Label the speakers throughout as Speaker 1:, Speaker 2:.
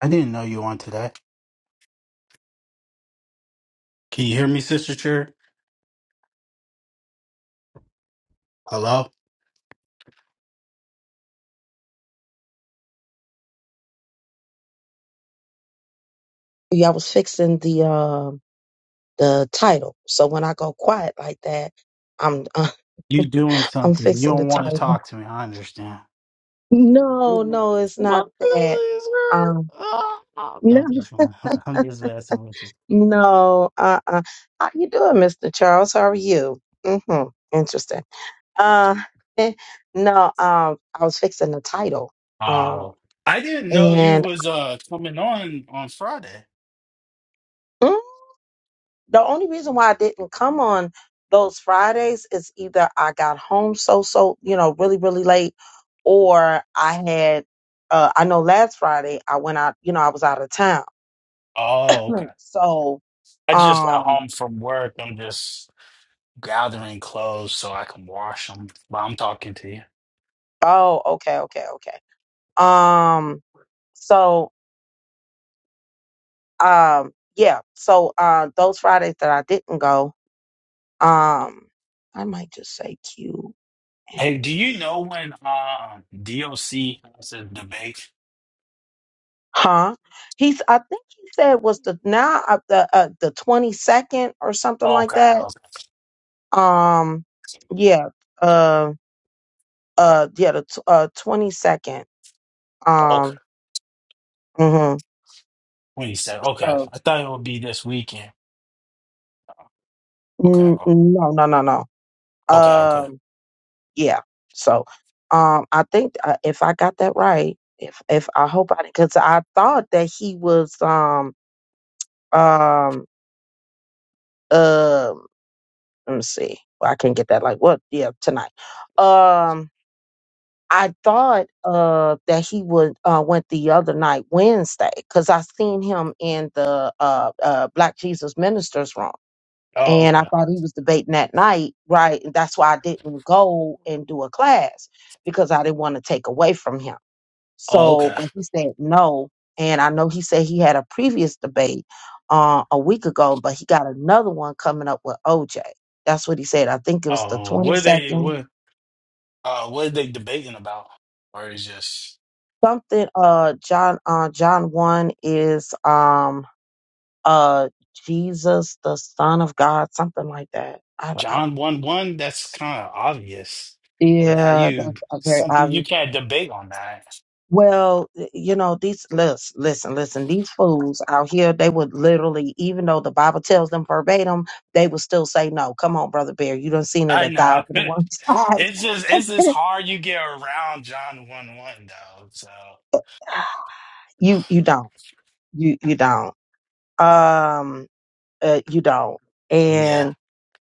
Speaker 1: I didn't know you wanted that. Can you hear me, Sister Chair? Hello?
Speaker 2: Yeah, I was fixing the uh, the title. So when I go quiet like that, I'm
Speaker 1: You doing
Speaker 2: I'm
Speaker 1: something. You
Speaker 2: fixing the
Speaker 1: don't want to
Speaker 2: title.
Speaker 1: talk to me. I understand.
Speaker 2: No, no, it's not
Speaker 1: What
Speaker 2: that.
Speaker 1: feelings hurt?
Speaker 2: Um,
Speaker 1: Ah, ah. No,
Speaker 2: no,
Speaker 1: I'm just, I'm just messing with you.
Speaker 2: no. Uh, uh How you doing, Mister Charles? How are you? Mm-hmm. Interesting. Uh, no. Um, I was fixing the title. Um,
Speaker 1: Oh. I didn't know you
Speaker 2: and
Speaker 1: was uh coming on on Friday.
Speaker 2: mm, the only reason why I didn't come on those Fridays is either I got home so so you know really really late, or I had uh, I know last Friday I went out you know I was out of town,
Speaker 1: Oh,
Speaker 2: Hmm.
Speaker 1: okay.
Speaker 2: so
Speaker 1: I just got
Speaker 2: um
Speaker 1: home from work. I'm just gathering clothes so I can wash them. But I'm talking to you.
Speaker 2: oh okay okay okay um so um yeah so uh those Fridays that I didn't go um I might just say Q
Speaker 1: Hey, do you know when uh, DOC has a debate?
Speaker 2: Huh? He's. I think he said was the now uh, the uh, the twenty second or something like
Speaker 1: Okay,
Speaker 2: that.
Speaker 1: okay.
Speaker 2: Um. Yeah. Uh. Uh. Yeah. The tw- uh twenty second.
Speaker 1: okay.
Speaker 2: Um. Mm-hmm.
Speaker 1: Wait a second. Okay.
Speaker 2: So.
Speaker 1: I thought it would be this weekend. Okay.
Speaker 2: mm,
Speaker 1: o-
Speaker 2: No. No. No. No.
Speaker 1: Okay. Okay.
Speaker 2: Um. Yeah. So. Um. I think uh, if I got that right, if if I hope I did because I thought that he was um um um. Let me see. Well, I can't get that. Like what? Yeah. Tonight. Um. I thought uh, that he would uh, went the other night Wednesday because I seen him in the uh, uh, Black Jesus Ministers room,
Speaker 1: Oh,
Speaker 2: and I
Speaker 1: okay.
Speaker 2: thought he was debating that night, right? And that's why I didn't go and do a class because I didn't want to take away from him.
Speaker 1: Oh,
Speaker 2: So,
Speaker 1: okay.
Speaker 2: but he said no, and I know he said he had a previous debate uh, a week ago, but he got another one coming up with OJ. That's what he said. I think it was the
Speaker 1: Oh, what are they
Speaker 2: 22nd
Speaker 1: what uh what are they debating about? Or is just
Speaker 2: something uh John uh John 1 is um uh Jesus the son of God something like that. I, I
Speaker 1: John one one? That's kinda obvious. With how
Speaker 2: yeah, that's
Speaker 1: you
Speaker 2: a very
Speaker 1: something you
Speaker 2: obvious.
Speaker 1: can't debate on that.
Speaker 2: Well, y- you know, these listen, listen, listen, these fools out here, they would literally, even though the Bible tells them verbatim, they would still say no. Come on, brother Bear, you done seen it
Speaker 1: I
Speaker 2: a
Speaker 1: know.
Speaker 2: thousand and one times.
Speaker 1: It's just it's just hard you get around John one one though. So
Speaker 2: you you don't. You you don't. Um uh, you don't. and.
Speaker 1: Yeah.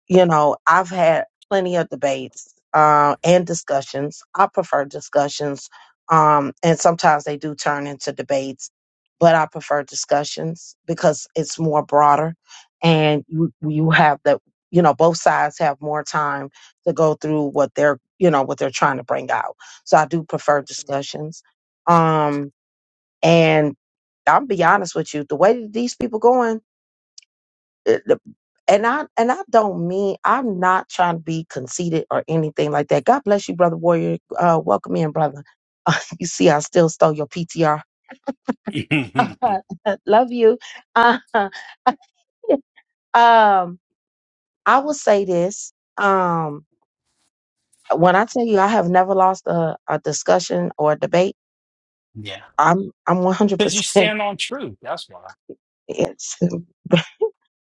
Speaker 2: you know, I've had plenty of debates uh, and discussions. I prefer discussions, um, and sometimes they do turn into debates, but I prefer discussions because it's more broader, and you you have the you know both sides have more time to go through what they're you know what they're trying to bring out. So I do prefer discussions, um, and I'll be honest with you, the way that these people going it- the- and I and I don't mean I'm not trying to be conceited or anything like that. God bless you, brother warrior. Uh, welcome in, brother. you see, I still stole your PTR.
Speaker 1: yeah.
Speaker 2: Love you. Uh, um, I will say this. Um, when I tell you I have never lost a, a discussion or a debate, I'm I'm 100
Speaker 1: Because you
Speaker 2: percent
Speaker 1: stand on truth, that's why.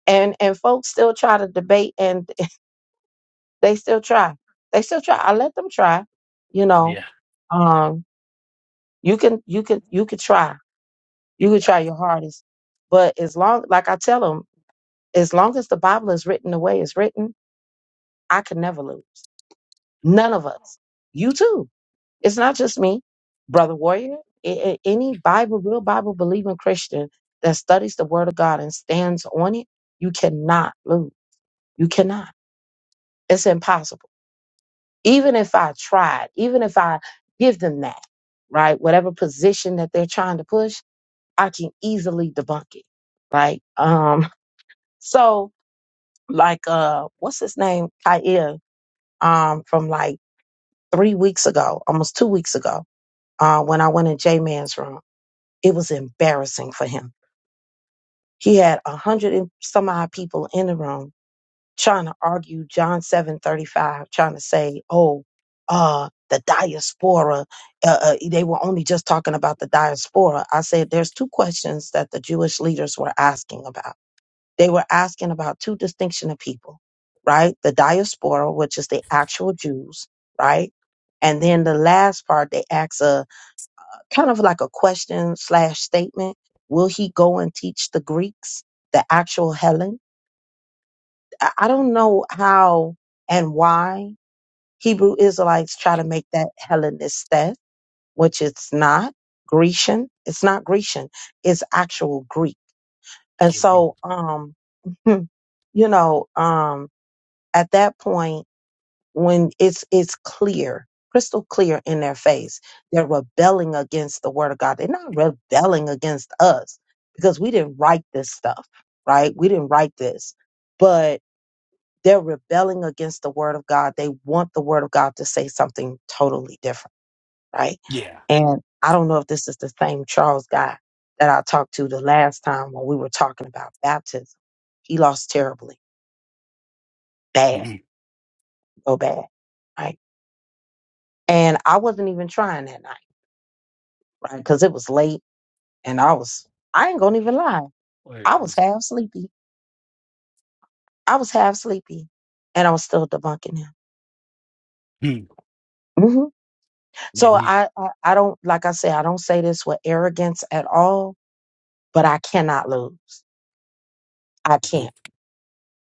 Speaker 2: and and folks still try to debate and they still try they still try i let them try you know
Speaker 1: Yeah.
Speaker 2: um, you can you can you could try you could
Speaker 1: Yeah.
Speaker 2: try your hardest but as long like i tell them as long as the bible is written the way it's written i can never lose none of us you too it's not just me brother warrior a- a- any bible real bible believing christian that studies the word of god and stands on it you cannot lose you cannot it's impossible even if i tried even if i give them that right whatever position that they're trying to push I can easily debunk it, right? Um, so like uh what's his name? Kair, um, from like three weeks ago, almost two weeks ago, uh, when I went in J Man's room, it was embarrassing for him. He had a hundred and some odd people in the room trying to argue John seven thirty five, trying to say, oh, uh, the diaspora, uh, uh, they were only just talking about the diaspora. I said, there's two questions that the Jewish leaders were asking about they were asking about two distinction of people, right? The diaspora, which is the actual Jews, right? And then the last part, they asked a kind of like a question slash statement. Will he go and teach the Greeks, the actual Helen? I I don't know how and why Hebrew Israelites try to make that Hellenistet, which it's not Grecian. It's not Grecian. It's actual Greek. And
Speaker 1: Mhm.
Speaker 2: so, um, you know, um, at that point when it's it's clear crystal clear in their face they're rebelling against the word of god they're not rebelling against us because we didn't write this stuff right we didn't write this but they're rebelling against the word of god they want the word of god to say something totally different right
Speaker 1: Yeah.
Speaker 2: and i don't know if this is the same charles guy that i talked to the last time when we were talking about baptism he lost terribly bad
Speaker 1: Mm-hmm.
Speaker 2: go bad right And I wasn't even trying that night, right? Because it was late and I was, I ain't gonna even lie.
Speaker 1: Where
Speaker 2: I
Speaker 1: it
Speaker 2: was
Speaker 1: is.
Speaker 2: half sleepy. I was half sleepy and I was still debunking him.
Speaker 1: it? Mm,
Speaker 2: hmm
Speaker 1: Yeah,
Speaker 2: So
Speaker 1: yeah.
Speaker 2: I, I, I don't, like I said, I don't say this with arrogance at all, but I cannot lose. I
Speaker 1: uh-huh,
Speaker 2: can't.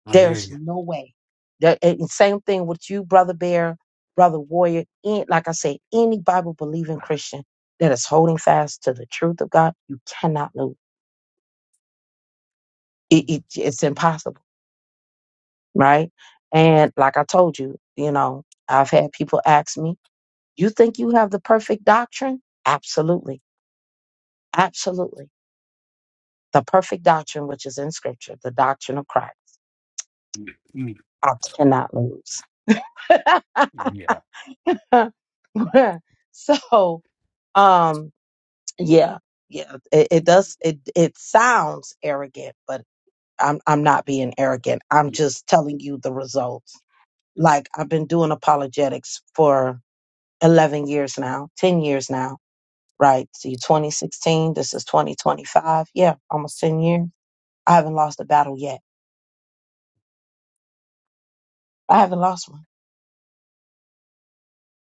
Speaker 1: I hear
Speaker 2: There's
Speaker 1: you.
Speaker 2: no way. That, and same thing with you, Brother Bear, Brother Warrior. Any, like I said, any Bible believing Christian that is holding fast to the truth of God, you cannot lose. It, it, it's impossible right? And like I told you, you know, I've had people ask me, "You think you have the perfect doctrine?" Absolutely, absolutely. The perfect doctrine, which is in Scripture, the doctrine of Christ,
Speaker 1: Mm,
Speaker 2: I cannot lose.
Speaker 1: mm, Yeah.
Speaker 2: so, um, yeah, yeah, it, it does. It it sounds arrogant, but I'm I'm not being arrogant. I'm
Speaker 1: mm,
Speaker 2: just telling you the results. Like I've been doing apologetics for 11 years now, 10 years now, right? So you 2016, this is 2025. Yeah, almost 10 years. I haven't lost a battle yet. I haven't lost one.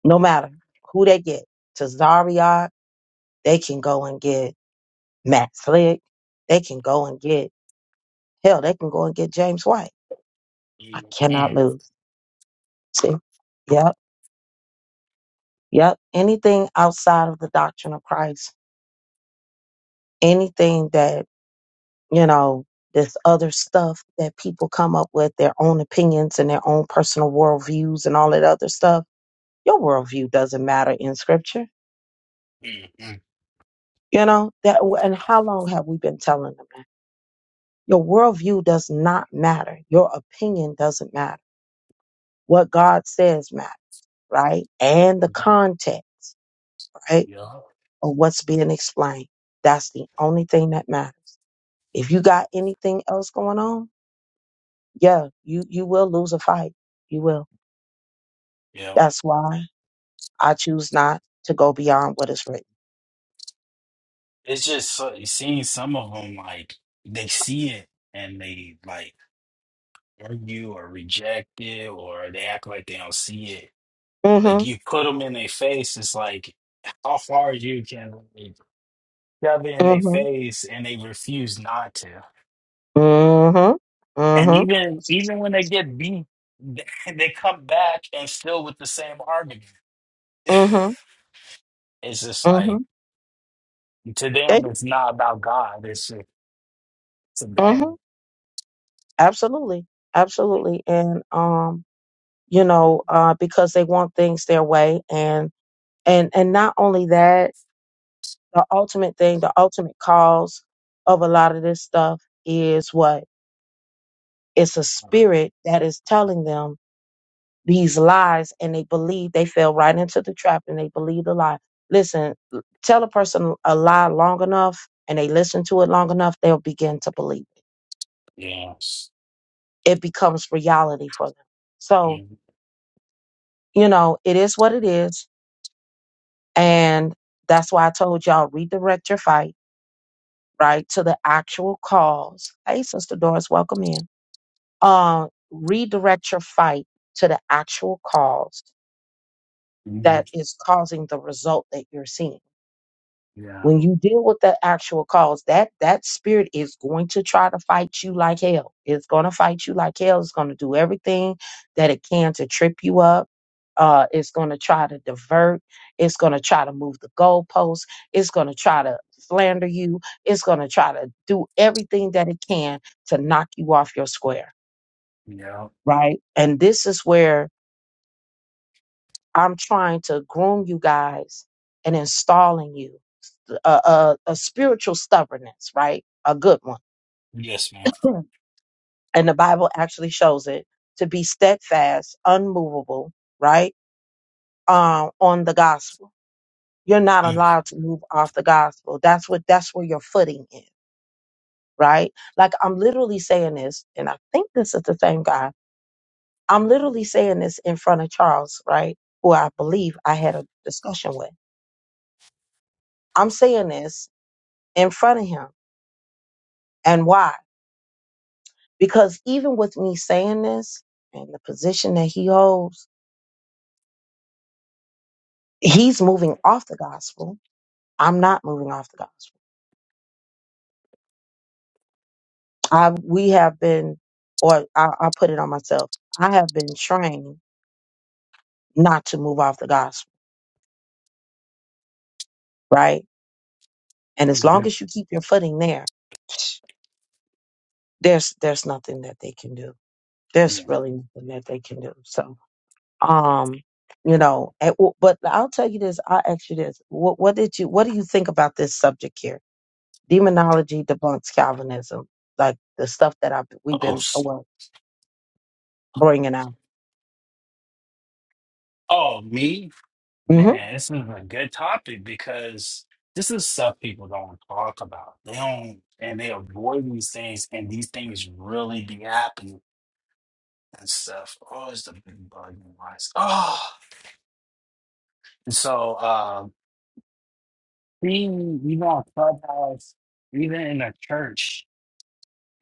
Speaker 2: No matter who they get to Zarya, they can go and get Matt Slick. They can go and get, hell, they can go and get James White. I
Speaker 1: mm,
Speaker 2: cannot lose. See? Yep. Yep. Anything outside of the doctrine of Christ, anything that you know, this other stuff that people come up with, their own opinions and their own personal worldviews and all that other stuff. Your worldview doesn't matter in scripture,
Speaker 1: mm, mm,
Speaker 2: you know, that and how long have we been telling them that? Your worldview does not matter. Your opinion doesn't matter. What God says matters, right? And the
Speaker 1: mm,
Speaker 2: context, right?
Speaker 1: Yeah.
Speaker 2: Of what's being explained. That's the only thing that matters. If you got anything else going on, yeah, you, you will lose a fight. You will
Speaker 1: Yeah.
Speaker 2: That's why I choose not to go beyond what is written.
Speaker 1: It's just so, seeing some of them like they see it and they like argue or reject it or they act like they don't see it. Like
Speaker 2: Mhm.
Speaker 1: you put them in their face, it's like how far you can like, shove it in their
Speaker 2: Mhm.
Speaker 1: face and they refuse not to.
Speaker 2: Mhm.
Speaker 1: And
Speaker 2: Mhm.
Speaker 1: even even when they get beat, they they come back and still with the same argument.
Speaker 2: Mhm.
Speaker 1: It's just like
Speaker 2: Mhm.
Speaker 1: to
Speaker 2: Okay.
Speaker 1: them, it's not about God. It's just, it's a game.
Speaker 2: Mhm. Absolutely. Absolutely. And um, you know, uh, because they want things their way, and and and not only that, the ultimate thing, the ultimate cause of a lot of this stuff is what it's a spirit that is telling them these lies and they believe they fell right into the trap and they believe the lie. Listen, tell a person a lie long enough and they listen to it long enough, they'll begin to believe
Speaker 1: Yes.
Speaker 2: it. It becomes reality for them. So,
Speaker 1: Mhm.
Speaker 2: you know, it is what it is. And that's why I told y'all redirect your fight, right, to the actual cause. Hey, Sister Doris, welcome in. Uh, redirect your fight to the actual cause that
Speaker 1: Mhm.
Speaker 2: is causing the result that you're seeing
Speaker 1: Yeah.
Speaker 2: When you deal with the actual cause, that that spirit is going to try to fight you like hell. It's going to fight you like hell. It's going to do everything that it can to trip you up. Uh, it's going to try to divert. It's going to try to move the goalposts. It's going to try to slander you. It's going to try to do everything that it can to knock you off your square,
Speaker 1: Yeah.
Speaker 2: right? And this is where I'm trying to groom you guys and installing you. a, a, a spiritual stubbornness, right? A good one.
Speaker 1: Yes, man.
Speaker 2: Mhm. And the Bible actually shows it to be steadfast, unmovable, right? Uh, on the gospel. You're not
Speaker 1: Mm.
Speaker 2: allowed to move off the gospel. That's what that's where your footing is, right? Like I'm literally saying this, and I think this is the same guy. I'm literally saying this in front of Charles, right? Who I believe I had a discussion with. I'm saying this in front of him. And why? Because even with me saying this and the position that he holds, he's moving off the gospel. I'm not moving off the gospel. I we have been, or I, I put it on myself. I have been trained not to move off the gospel, right? And as long
Speaker 1: Mhm.
Speaker 2: as you keep your footing there, there's there's nothing that they can do.
Speaker 1: Yeah.
Speaker 2: There's really nothing that they can do. So, um, you know, and w- but I'll tell you this. I'll ask you this. What what did you what do you think about this subject here? Demonology debunks Calvinism, like the stuff that I've we've
Speaker 1: Oh,
Speaker 2: been uh,
Speaker 1: s-
Speaker 2: well, bringing out.
Speaker 1: oh, me,
Speaker 2: hmm
Speaker 1: man. This is a good topic because this is stuff people don't talk about. They don't, and they avoid these things, and these things really be happening and stuff. Oh, it's the big bug in lies. Oh, and so um, being even on Clubhouse, even in a church,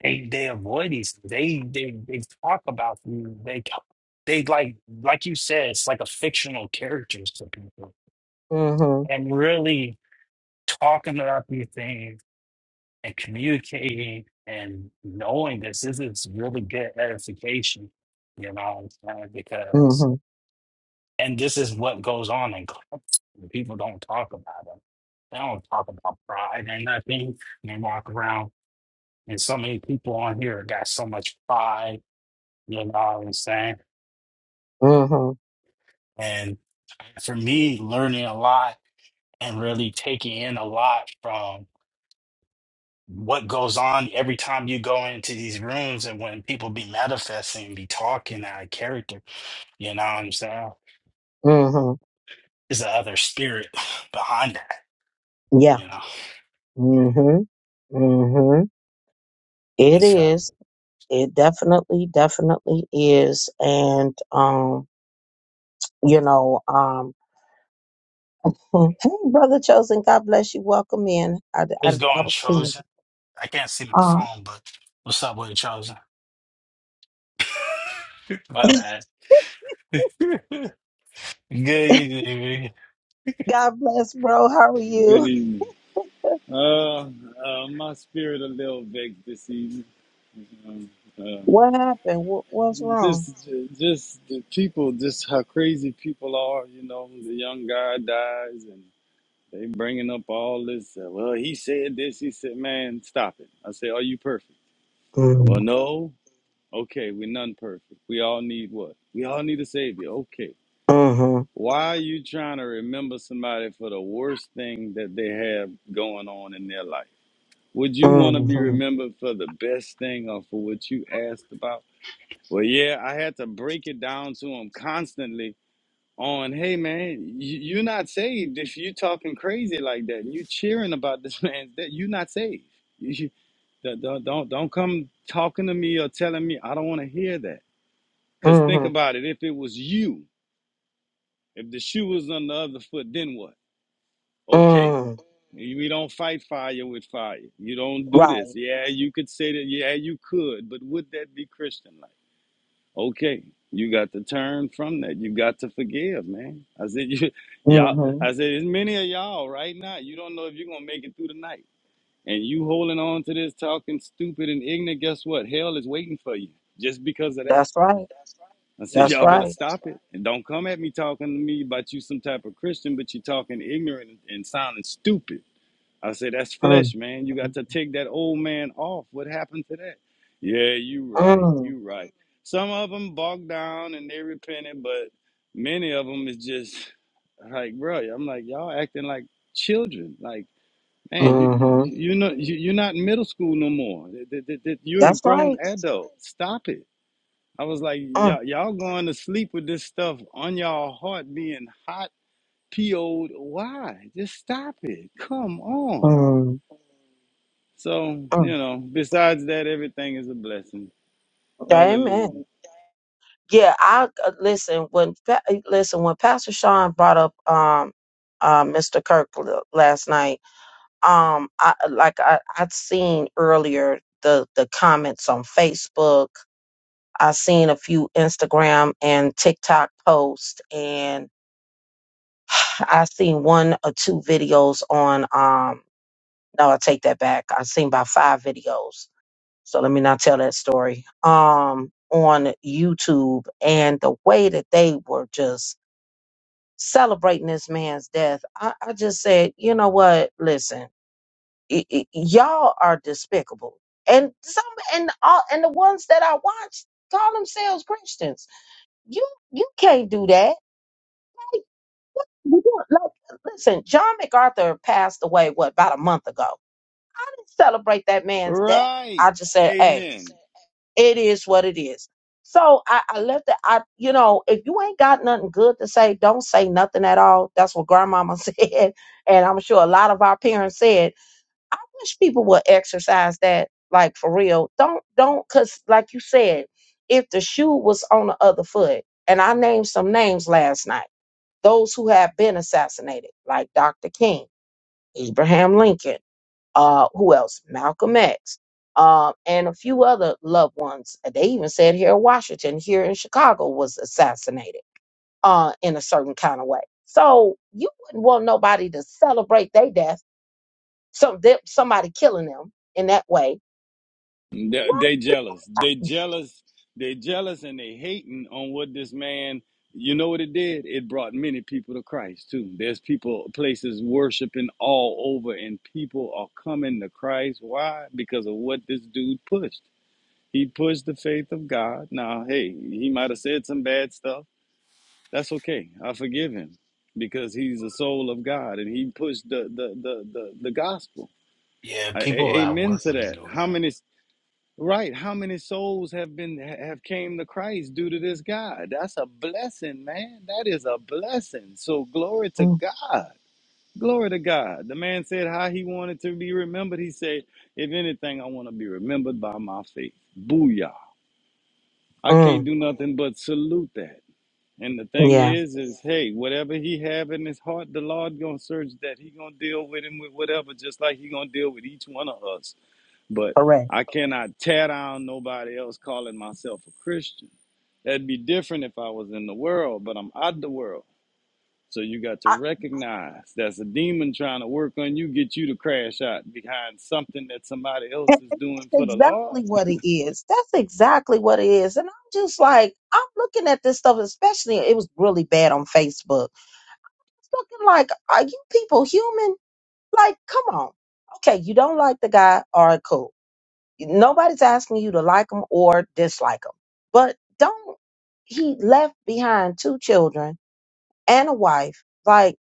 Speaker 1: they they avoid these. They they they talk about you. They talk- they like like you said, it's like a fictional characters to people,
Speaker 2: hmm
Speaker 1: and really talking about these things and communicating and knowing this, this is really good edification. You know what I'm saying?
Speaker 2: hmm
Speaker 1: And this is what goes on in clubs. People don't talk about it. They don't talk about pride and nothing. And they walk around, and so many people on here got so much pride. You know what I'm saying?
Speaker 2: hmm
Speaker 1: And for me, learning a lot and really taking in a lot from what goes on every time you go into these rooms and when people be manifesting, be talking out of character. You know what I'm saying?
Speaker 2: hmm
Speaker 1: Is the other spirit behind that?
Speaker 2: Yeah.
Speaker 1: You know,
Speaker 2: hmm hmm It
Speaker 1: and so.
Speaker 2: is. It definitely, definitely is. And um, you know, um, hmm. hey, brother chosen, God bless you. Welcome in. I I,
Speaker 1: It's
Speaker 2: I
Speaker 1: going
Speaker 2: was thinking,
Speaker 1: chosen. I can't see the
Speaker 2: uh,
Speaker 1: phone, but what's up with it, Charles? My bad. Good. evening.
Speaker 2: God bless, bro. How are
Speaker 3: Good
Speaker 2: you?
Speaker 3: evening. Uh, uh, my spirit a little vexed this evening. Um, uh,
Speaker 2: What happened? What, what's wrong?
Speaker 3: just, just the people, just how crazy people are. You know, the young guy dies, and they bringing up all this. Uh, well, he said this. He said, "Man, stop it." I say, "Are you perfect?"
Speaker 2: Mm-hmm.
Speaker 3: Well, no. Okay, we're none perfect. We all need what? We all need a savior. Okay.
Speaker 2: Mm-hmm.
Speaker 3: Why are you trying to remember somebody for the worst thing that they have going on in their life? Would you want to be
Speaker 2: Mm-hmm.
Speaker 3: remembered for the best thing or for what you asked about? Well, yeah, I had to break it down to him constantly on, hey, man, you, you're not saved if you talking crazy like that and you cheering about this man. That You're not saved. You, you- don't, don't, don't don't come talking to me or telling me. I don't want to hear that. Because think
Speaker 2: hmm
Speaker 3: about it. If it was you, if the shoe was on the other foot, then what? Okay
Speaker 2: Mm.
Speaker 3: We don't fight fire with fire. You don't do this.
Speaker 2: Right.
Speaker 3: Yeah, you could say that. Yeah, you could, but would that be Christian like? Okay, you got to turn from that. You got to forgive, man. I said, you, y'all.
Speaker 2: hmm
Speaker 3: I said, as many of y'all right now, you don't know if you're gonna make it through the night, and you holding on to this, talking stupid and ignorant. Guess what? Hell is waiting for you just because of that.
Speaker 2: That's right.
Speaker 3: I said,
Speaker 2: That's
Speaker 3: y'all better
Speaker 2: right.
Speaker 3: stop it and don't come at me talking to me about you some type of Christian, but you talking ignorant and sounding stupid. I said, that's
Speaker 2: Mm.
Speaker 3: flesh, man. You got to take that old man off. What happened to that? Yeah, you right.
Speaker 2: Mm.
Speaker 3: You right. Some of them bogged down and they repented, but many of them is just like, bro, I'm like, y'all acting like children. Like, man, you, you,
Speaker 2: hmm
Speaker 3: you know, you, you're not in middle school no more. Th- th- th- th- You're a
Speaker 2: That's
Speaker 3: grown
Speaker 2: right.
Speaker 3: adult. Stop it. I was like,
Speaker 2: Mm.
Speaker 3: y'all, y'all going to sleep with this stuff on y'all heart being hot, PO'd. Why? Just stop it. Come on.
Speaker 2: Mm.
Speaker 3: So,
Speaker 2: Mm.
Speaker 3: you know, besides that, everything is a blessing. Hallelujah.
Speaker 2: Amen. Yeah, I uh, listen when Pa- eh, listen when Pastor Sean brought up um uh Mr. Kirk l- last night. Um, I like I I'd seen earlier the the comments on Facebook. I seen a few Instagram and TikTok posts, and. I seen one or two videos on um no, I take that back. I seen about five videos. So let me not tell that story. Um on YouTube and the way that they were just celebrating this man's death, I, I just said, you know what, listen, y- y- y'all are despicable. And some and all and the ones that I watched call themselves Christians. You you can't do that We don't like listen, John MacArthur passed away what about a month ago. I didn't celebrate that man's death.
Speaker 3: Right.
Speaker 2: I just said, hey,
Speaker 3: Amen.
Speaker 2: it is what it is. So I, I left it. I you know, if you ain't got nothing good to say, don't say nothing at all. That's what grandmama said. And I'm sure a lot of our parents said. I wish people would exercise that like for real. Don't don't cause like you said, if the shoe was on the other foot, and I named some names last night those who have been assassinated, like Dr. King, Abraham Lincoln, uh, who else? Malcolm X, um, and a few other loved ones. They even said here Washington, here in Chicago, was assassinated uh, in a certain kind of way. So you wouldn't want nobody to celebrate their death, some them, somebody killing them in that way.
Speaker 3: They,
Speaker 2: What?
Speaker 3: they jealous. They jealous. They jealous and they hating on what this man, you know what it did? It brought many people to Christ too. There's people, places worshiping all over and people are coming to Christ. Why? Because of what this dude pushed. He pushed the faith of God. Now, hey, he might have said some bad stuff That's okay. I forgive him because he's the soul of God and he pushed the the the the, the gospel.
Speaker 1: Yeah,
Speaker 3: I, a-
Speaker 1: people at
Speaker 3: amen
Speaker 1: work
Speaker 3: to
Speaker 1: was
Speaker 3: that.
Speaker 1: doing
Speaker 3: How
Speaker 1: that.
Speaker 3: many right? How many souls have been have came to Christ due to this guy? That's a blessing, man. That is a blessing. So glory to
Speaker 2: Mm,
Speaker 3: God. Glory to God. The man said how he wanted to be remembered. He said, if anything, I want to be remembered by my faith. Booyah. I can't
Speaker 2: mm,
Speaker 3: do nothing but salute that. And the thing
Speaker 2: yeah,
Speaker 3: is, is hey, whatever he have in his heart, the Lord gonna search that. He gonna deal with him with whatever, just like he gonna deal with each one of us. But
Speaker 2: correct.
Speaker 3: I cannot tear down nobody else calling myself a Christian. That'd be different if I was in the world, but I'm out the world. So you got to recognize that's a demon trying to work on you, get you to crash out behind something that somebody else is doing for the Lord.
Speaker 2: exactly what it is. That's exactly what it is. And I'm just like, I'm looking at this stuff, especially it was really bad on Facebook. It's looking like, are you people human? Like, come on. Okay, you don't like the guy. All right, cool. Nobody's asking you to like him or dislike him. But don't, he left behind two children and a wife. Like,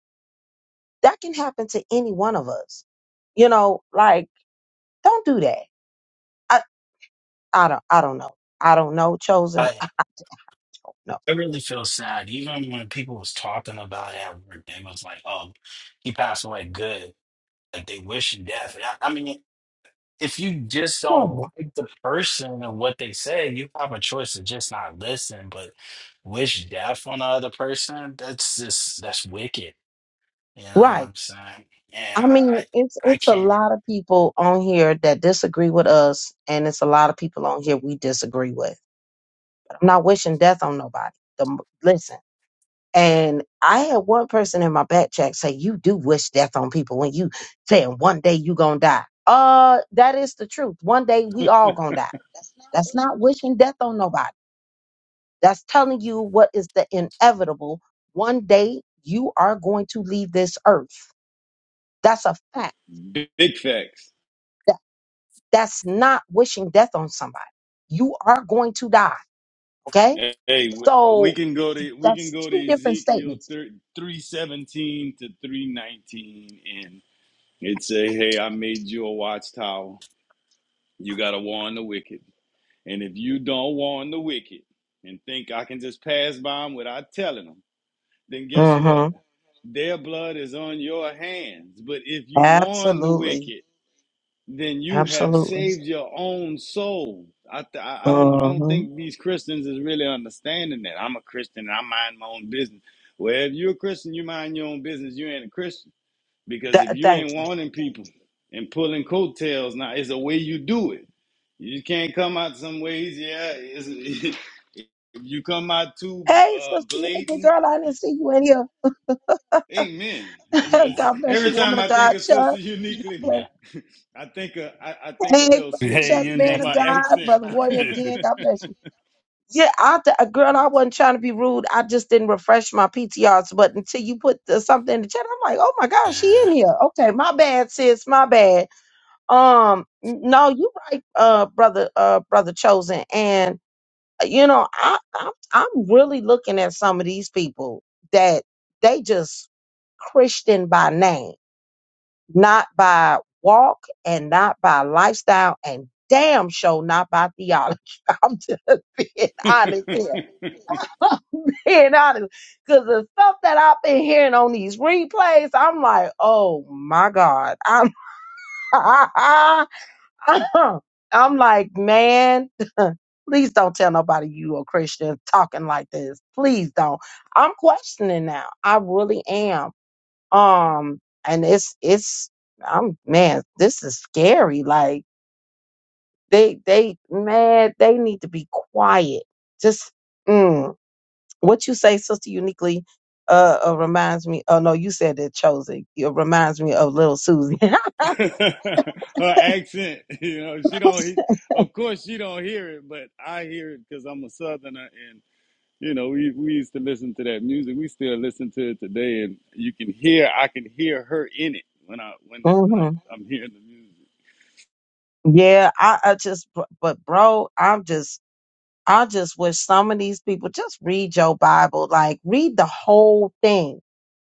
Speaker 2: that can happen to any one of us. You know, like, don't do that. I, I don't, I don't know. I don't know, chosen.
Speaker 1: I
Speaker 2: No,
Speaker 1: I really feel sad. Even when people was talking about it at work, they was like, "Oh, he passed away. Good." Like they wish him death. And I, I mean, if you just don't
Speaker 2: horrible.
Speaker 1: like the person and what they say, you have a choice to just not listen, but wish death on the other person. That's just that's wicked. You know what
Speaker 2: Right.
Speaker 1: I'm saying? Yeah,
Speaker 2: I
Speaker 1: I
Speaker 2: mean, it's
Speaker 1: I
Speaker 2: it's a
Speaker 1: can't.
Speaker 2: lot of people on here that disagree with us, and it's a lot of people on here we disagree with. But I'm not wishing death on nobody. The, m- listen, and I had one person in my back chat say, "You do wish death on people when you saying one day you gonna die." Uh, that is the truth. One day we all gonna die. That's not wishing death on nobody. That's telling you what is the inevitable. One day you are going to leave this earth. That's a fact
Speaker 3: Big facts.
Speaker 2: That's not wishing death on somebody. You are going to die. Okay.
Speaker 3: Hey, we we
Speaker 2: So
Speaker 3: can go to we can
Speaker 2: that's
Speaker 3: go
Speaker 2: two
Speaker 3: to
Speaker 2: different
Speaker 3: Ezekiel
Speaker 2: statements.
Speaker 3: three seventeen to three nineteen, and it say, "Hey, I made you a watchtower. You gotta warn the wicked, and if you don't warn the wicked, and think I can just pass by them without telling them, then guess what?
Speaker 2: hmm
Speaker 3: Their blood is on your hands. But if you warn the
Speaker 2: Absolutely.
Speaker 3: wicked." then you have
Speaker 2: Absolutely.
Speaker 3: saved your own soul. I, th- I I don't I don't
Speaker 2: hmm
Speaker 3: think these Christians is really understanding that. I'm a Christian and I mind my own business. Well, if you're a Christian, you mind your own business. You ain't a Christian because
Speaker 2: Th-
Speaker 3: if you
Speaker 2: thank
Speaker 3: ain't
Speaker 2: you.
Speaker 3: warning people and pulling coattails, now it's a way you do it. You can't come out some ways. Yeah, it's, if you come out too
Speaker 2: Hey,
Speaker 3: uh,
Speaker 2: sister, you nigga
Speaker 3: blatant,
Speaker 2: girl, I didn't see you in here.
Speaker 3: amen.
Speaker 1: Yeah,
Speaker 3: It's-
Speaker 2: God bless
Speaker 3: every
Speaker 2: you,
Speaker 3: time
Speaker 2: woman of
Speaker 3: I think
Speaker 2: God,
Speaker 3: of
Speaker 2: Chuck.
Speaker 3: Sister
Speaker 2: God
Speaker 3: Uniquely.
Speaker 2: bless-
Speaker 1: yeah.
Speaker 3: I think a, I, I think a
Speaker 2: Hey,
Speaker 3: little
Speaker 2: brother
Speaker 1: Hey,
Speaker 2: Chuck,
Speaker 3: Susie
Speaker 2: man
Speaker 3: from
Speaker 2: of
Speaker 3: her
Speaker 1: uniquely.
Speaker 2: God,
Speaker 3: accent.
Speaker 2: brother Warrior again. God bless you. Yeah, I d- uh, girl, I wasn't trying to be rude. I just didn't refresh my PTRs. But until you put the, something in the chat, I'm like, oh my gosh, she
Speaker 1: yeah,
Speaker 2: in here. Okay, my bad, sis, my bad. Um, n- no, you right, uh, brother, uh, brother chosen. And uh, you know, I, I'm, I'm really looking at some of these people that they just Christian by name, not by walk and not by lifestyle and damn show sure not by theology. I'm just being honest here being honest, because the stuff that I've been hearing on these replays, I'm like, oh my God. I'm, I'm like, man, please don't tell nobody you a Christian talking like this. Please don't. I'm questioning now. I really am. Um, and it's, it's, I'm, man, this is scary. Like they, they, man, they need to be quiet. Just, mm. What you say, Sister Uniquely, uh, uh reminds me. Oh no, you said it, Chosen. It reminds me of Little Susie.
Speaker 3: her accent, you know, she don't. He, of course, she don't hear it, but I hear it because I'm a Southerner, and you know, we we used to listen to that music. We still listen to it today, and you can hear. I can hear her in it when I when when
Speaker 2: hmm
Speaker 3: I'm, I'm hearing the music.
Speaker 2: Yeah, I, I just, br- but bro, I'm just, I just wish some of these people just read your Bible, like read the whole thing,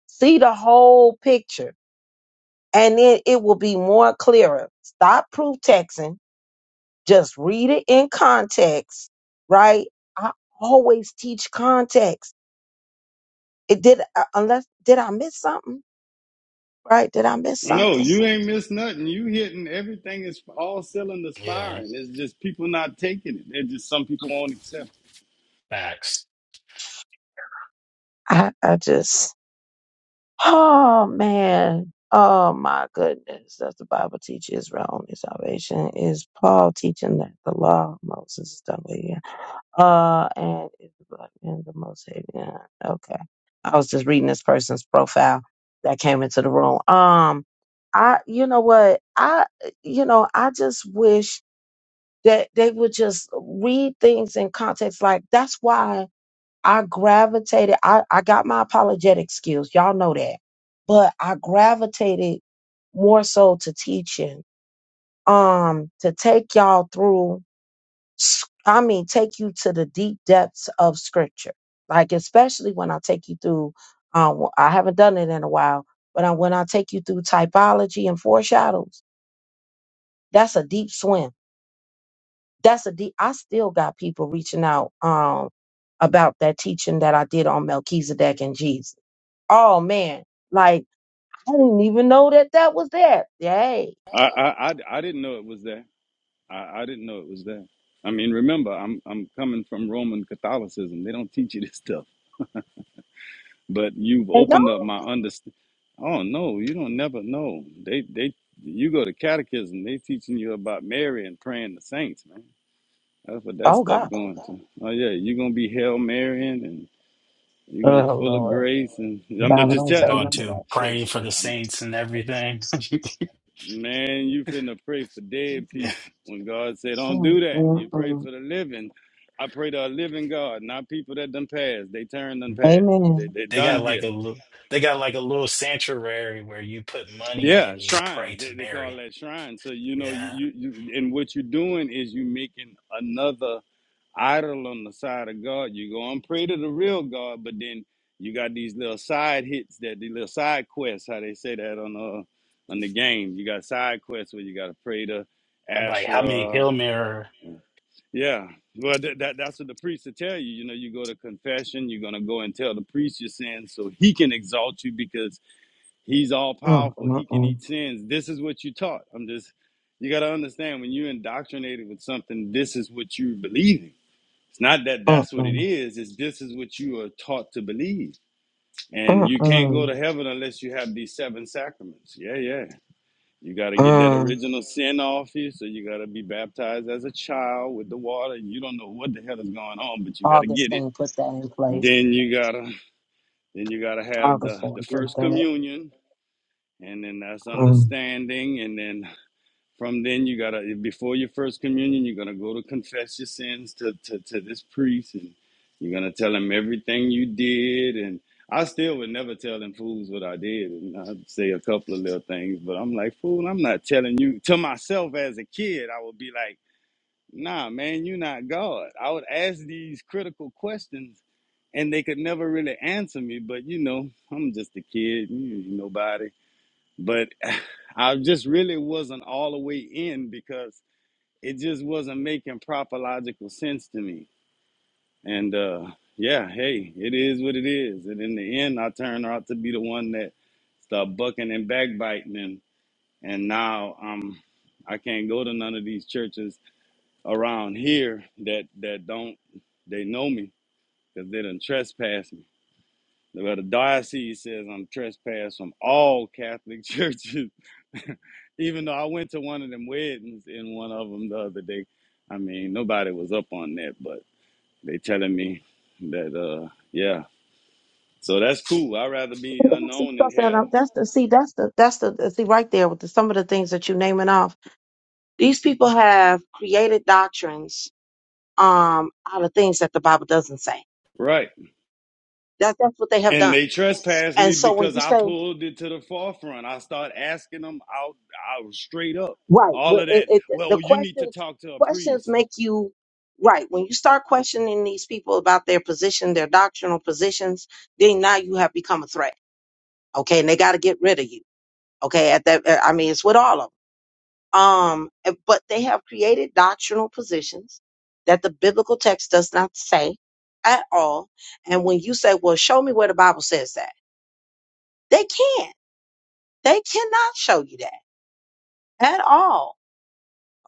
Speaker 2: see the whole picture, and then it will be more clearer. Stop proof texting, just read it in context, right? I always teach context. It did, uh, unless, did I miss something? right? Did I miss
Speaker 3: No,
Speaker 2: something?
Speaker 3: you ain't missed nothing. You hitting everything is all cylinders
Speaker 1: yeah,
Speaker 3: firing. It's just people not taking it. It's just some people won't accept. it.
Speaker 1: facts.
Speaker 2: I, I just, oh man, oh my goodness. Does the Bible teach Israel only salvation? Is Paul teaching that the law of Moses is done with you? Uh, and is the blood and the most hated? Yeah, Okay. I was just reading this person's profile that came into the room. Um, I, you know what? I, you know, I just wish that they would just read things in context. Like that's why I gravitated. I, I got my apologetic skills. Y'all know that. But I gravitated more so to teaching. Um, to take y'all through s- I mean, take you to the deep depths of scripture. Like especially when I take you through um I haven't done it in a while, but I, when I take you through typology and foreshadows, that's a deep swim. That's a deep I still got people reaching out um about that teaching that I did on Melchizedek and Jesus Oh man, like I didn't even know that that was that. Yay.
Speaker 3: I, I, I, I didn't know it was there. I, I didn't know it was there. I mean, remember, I'm I'm coming from Roman Catholicism. They don't teach you this stuff. But you've
Speaker 2: They
Speaker 3: opened up
Speaker 2: don't?
Speaker 3: my understanding. Oh no, you don't never know. They they you go to catechism. They teaching you about Mary and praying the saints, man. That's what that
Speaker 2: Oh
Speaker 3: stuff
Speaker 2: God.
Speaker 3: going to. Oh yeah, you're gonna be Hail Marrying you're gonna
Speaker 2: Oh
Speaker 3: full of
Speaker 2: Lord.
Speaker 3: grace, and
Speaker 2: The
Speaker 3: I'm, I'm
Speaker 2: Bible
Speaker 3: just
Speaker 2: don't
Speaker 1: I'm
Speaker 2: say
Speaker 3: telling. I'm,
Speaker 1: going
Speaker 2: none of
Speaker 1: to
Speaker 2: that.
Speaker 1: pray for the
Speaker 3: I'm-
Speaker 1: saints and everything.
Speaker 3: man, you finna pray for dead people. When God said, "Don't
Speaker 2: Mm,
Speaker 3: do that," you
Speaker 2: mm,
Speaker 3: pray
Speaker 2: mm.
Speaker 3: for the living. I pray to a living God, not people that done passed. They turned and passed. They
Speaker 2: Amen.
Speaker 3: they
Speaker 1: They
Speaker 3: done
Speaker 1: got like
Speaker 3: here.
Speaker 1: a little, they got like a little sanctuary where you put money
Speaker 3: Yeah,
Speaker 1: in, you pray
Speaker 3: shrines. They,
Speaker 1: to
Speaker 3: they call
Speaker 1: Mary.
Speaker 3: that shrine. So you know, you
Speaker 1: Yeah.
Speaker 3: you you- and what you're doing is you making another. idol on the side of God. You go and pray to the real God, but then you got these little side hits that the little side quests, how they say that on the on the game. You got side quests where you got to pray to
Speaker 1: Like, how many
Speaker 3: Asherah.
Speaker 1: Hail Mary?
Speaker 3: Yeah, well, that, that that's what the priest will tell you. You know, you go to confession, you're gonna go and tell the priest your sins, so he can exalt you because he's all
Speaker 2: Mm,
Speaker 3: powerful.
Speaker 2: mm,
Speaker 3: He can
Speaker 2: mm,
Speaker 3: eat sins. This is what you taught. I'm just, you gotta understand when you're indoctrinated with something, this is what you are believing. It's not that
Speaker 2: mm,
Speaker 3: that's what it
Speaker 2: mm,
Speaker 3: is. It's this is what you are taught to believe. And
Speaker 2: mm,
Speaker 3: you can't go
Speaker 2: mm,
Speaker 3: to heaven unless you have these seven sacraments. Yeah, yeah. You got to get that
Speaker 2: mm.
Speaker 3: original sin off you. So you got to be baptized as a child with the water. You don't know what the hell is going on, but you got to get it.
Speaker 2: Augustine put that in place.
Speaker 3: Then you got to then you got to have the the
Speaker 2: Augustine did
Speaker 3: first
Speaker 2: that.
Speaker 3: communion and then that's
Speaker 2: Um,
Speaker 3: understanding and then from then, you gotta before your first communion, you're gonna go to confess your sins to to, to this priest, and you're gonna tell him everything you did. And I still would never tell them fools what I did, and I'd say a couple of little things, but I'm like, fool, I'm not telling you. To myself as a kid, I would be like, nah, man, you're not God. I would ask these critical questions and they could never really answer me. But you know, I'm just a kid, you ain't nobody but I just really wasn't all the way in because it just wasn't making proper logical sense to me. And uh, yeah, hey, it is what it is. And in the end, I turned out to be the one that started bucking and backbiting, and and now um, I can't go to none of these churches around here that that don't they know me because they done trespass me. Well, the diocese says I'm trespassed from all Catholic churches Even though I went to one of them weddings in one of them the other day. I mean, nobody was up on that, but they telling me that, uh, yeah. So that's cool. I'd rather be
Speaker 2: that's the
Speaker 3: unknown in
Speaker 2: stuff that I'm,
Speaker 3: hell.
Speaker 2: that's the see that's the that's the see right there with the, some of the things that you're naming off. These people have created doctrines um out of things that the Bible doesn't say.
Speaker 3: Right.
Speaker 2: That that's what they have
Speaker 3: And
Speaker 2: done.
Speaker 3: they trespassed
Speaker 2: And
Speaker 3: me
Speaker 2: so when
Speaker 3: because
Speaker 2: you
Speaker 3: I
Speaker 2: say
Speaker 3: pulled it to the forefront. I start asking them out, out straight up.
Speaker 2: right,
Speaker 3: All of
Speaker 2: wh-
Speaker 3: that.
Speaker 2: it, it, the
Speaker 3: Well, you need to
Speaker 2: questions
Speaker 3: talk to a
Speaker 2: questions
Speaker 3: priest.
Speaker 2: make you right. When you start questioning these people about their position, their doctrinal positions, then now you have become a threat. Okay, and they got to get rid of you Okay, at that uh, I mean it's with all of them. Um, but they have created doctrinal positions that the biblical text does not say at all. And when you say, "Well, show me where the Bible says that," they can't. They cannot show you that at all.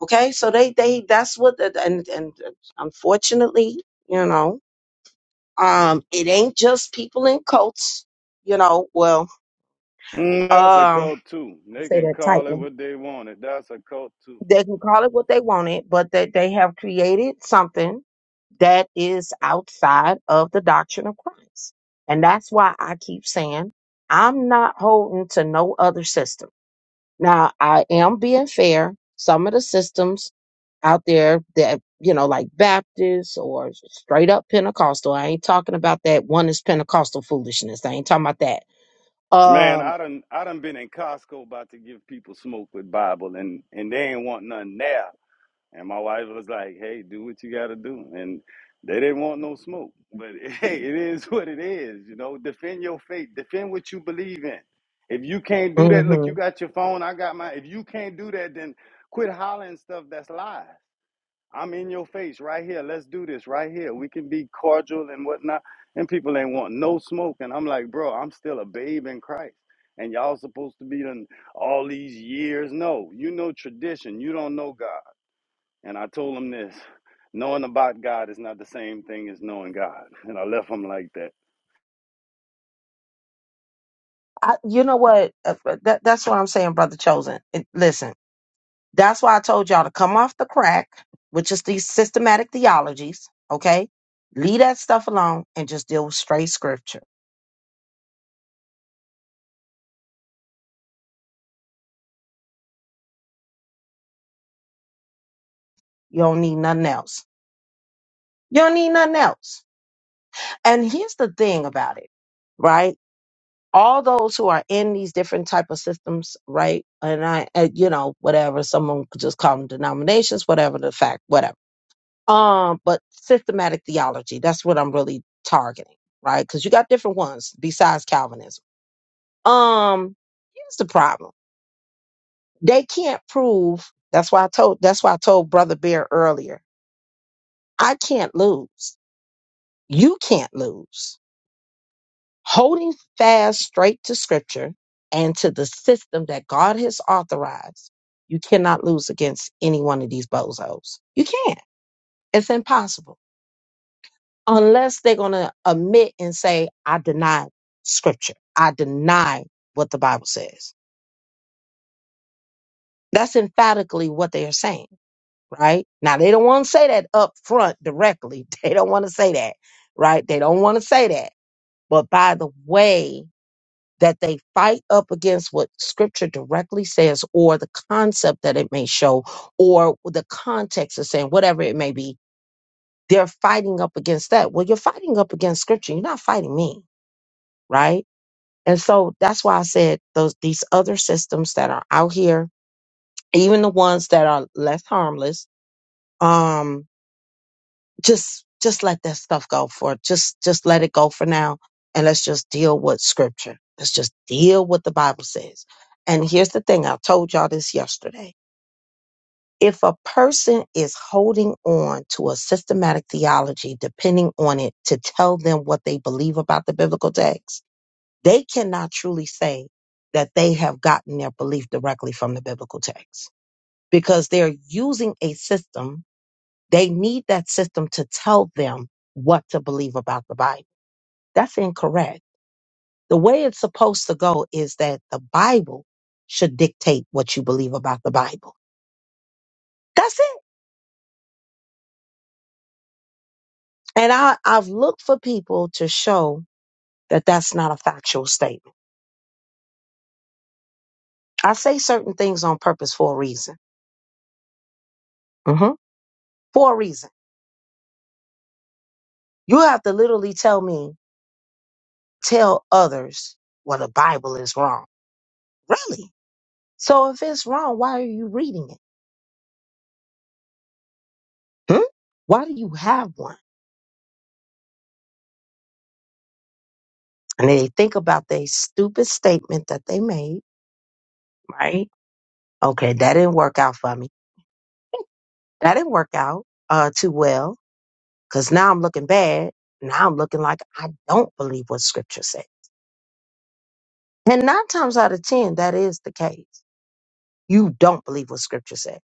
Speaker 2: Okay, so they they that's what the, and and uh, unfortunately, you know, um, it ain't just people in cults. You know, well,
Speaker 3: Mm, that's a
Speaker 2: um,
Speaker 3: cult too.
Speaker 2: I
Speaker 3: They
Speaker 2: say
Speaker 3: can
Speaker 2: that
Speaker 3: call it
Speaker 2: tightly
Speaker 3: what they want. It. That's a cult too.
Speaker 2: they can call it what they want it, but that they have created something that is outside of the doctrine of Christ. And that's why I keep saying I'm not holding to no other system. Now, I am being fair. Some of the systems out there that, you know, like Baptists or straight up Pentecostal, I ain't talking about that one is Pentecostal foolishness. I ain't talking about that.
Speaker 3: Man,
Speaker 2: Um,
Speaker 3: I done I done been in Costco about to give people smoke with Bible and and they ain't want nothing there. And my wife was like, "Hey, do what you got to do." And they didn't want no smoke, but hey, it is what it is. You know, defend your faith, defend what you believe in. If you can't do that, look, you
Speaker 2: mhm.
Speaker 3: got your phone, I got my. If you can't do that, then quit hollering stuff that's lies. I'm in your face right here. Let's do this right here. We can be cordial and whatnot. And people ain't want no smoke. And I'm like, bro, I'm still a babe in Christ. And y'all supposed to be done all these years. No, you know tradition. You don't know God. And I told him this knowing about God is not the same thing as knowing God. And I left him like that.
Speaker 2: I, you know what? Uh, uh, That, that's what I'm saying, brother chosen. It- listen. That's why I told y'all to come off the crack, which is these systematic theologies, okay? Leave that stuff alone and just deal with straight scripture. You don't need nothing else. You don't need nothing else. And here's the thing about it, right? All those who are in these different type of systems, right? And I, uh, you know, whatever, someone could just call them denominations, whatever the fact, whatever. Um, but systematic theology, that's what I'm really targeting, right? Because you got different ones besides Calvinism Um, here's the problem. They can't prove that's why I told that's why I told Brother Bear earlier. I can't lose. You can't lose. Holding fast straight to scripture and to the system that God has authorized, you cannot lose against any one of these bozos. You can't. It's impossible. Unless they're gonna admit and say, I deny scripture. I deny what the Bible says. That's emphatically what they are saying right? Now they don't want to say that up front directly. They don't want to say that, right? They don't want to say that. But by the way that they fight up against what scripture directly says or the concept that it may show or the context of saying whatever it may be, they're fighting up against that. Well, you're fighting up against scripture. You're not fighting me, right? And so that's why I said those these other systems that are out here, even the ones that are less harmless, um, just just let that stuff go for just just let it go for now and let's just deal with scripture let's just deal with the bible says and here's the thing i told y'all this yesterday if a person is holding on to a systematic theology depending on it to tell them what they believe about the biblical text they cannot truly say that they have gotten their belief directly from the biblical text because they're using a system they need that system to tell them what to believe about the Bible. That's incorrect. The way it's supposed to go is that the Bible should dictate what you believe about the Bible. That's it. And I, I've looked for people to show that that's not a factual statement. I say certain things on purpose for a reason. hmm For a reason. You have to literally tell me, tell others, well, the Bible is wrong. Really? So if it's wrong, why are you reading it? Hmm? Why do you have one? And they think about their stupid statement that they made, right? Okay, that didn't work out for me. That didn't work out uh, too well because now I'm looking bad. Now I'm looking like I don't believe what scripture says. And nine times out of 10, that is the case. You don't believe what scripture says.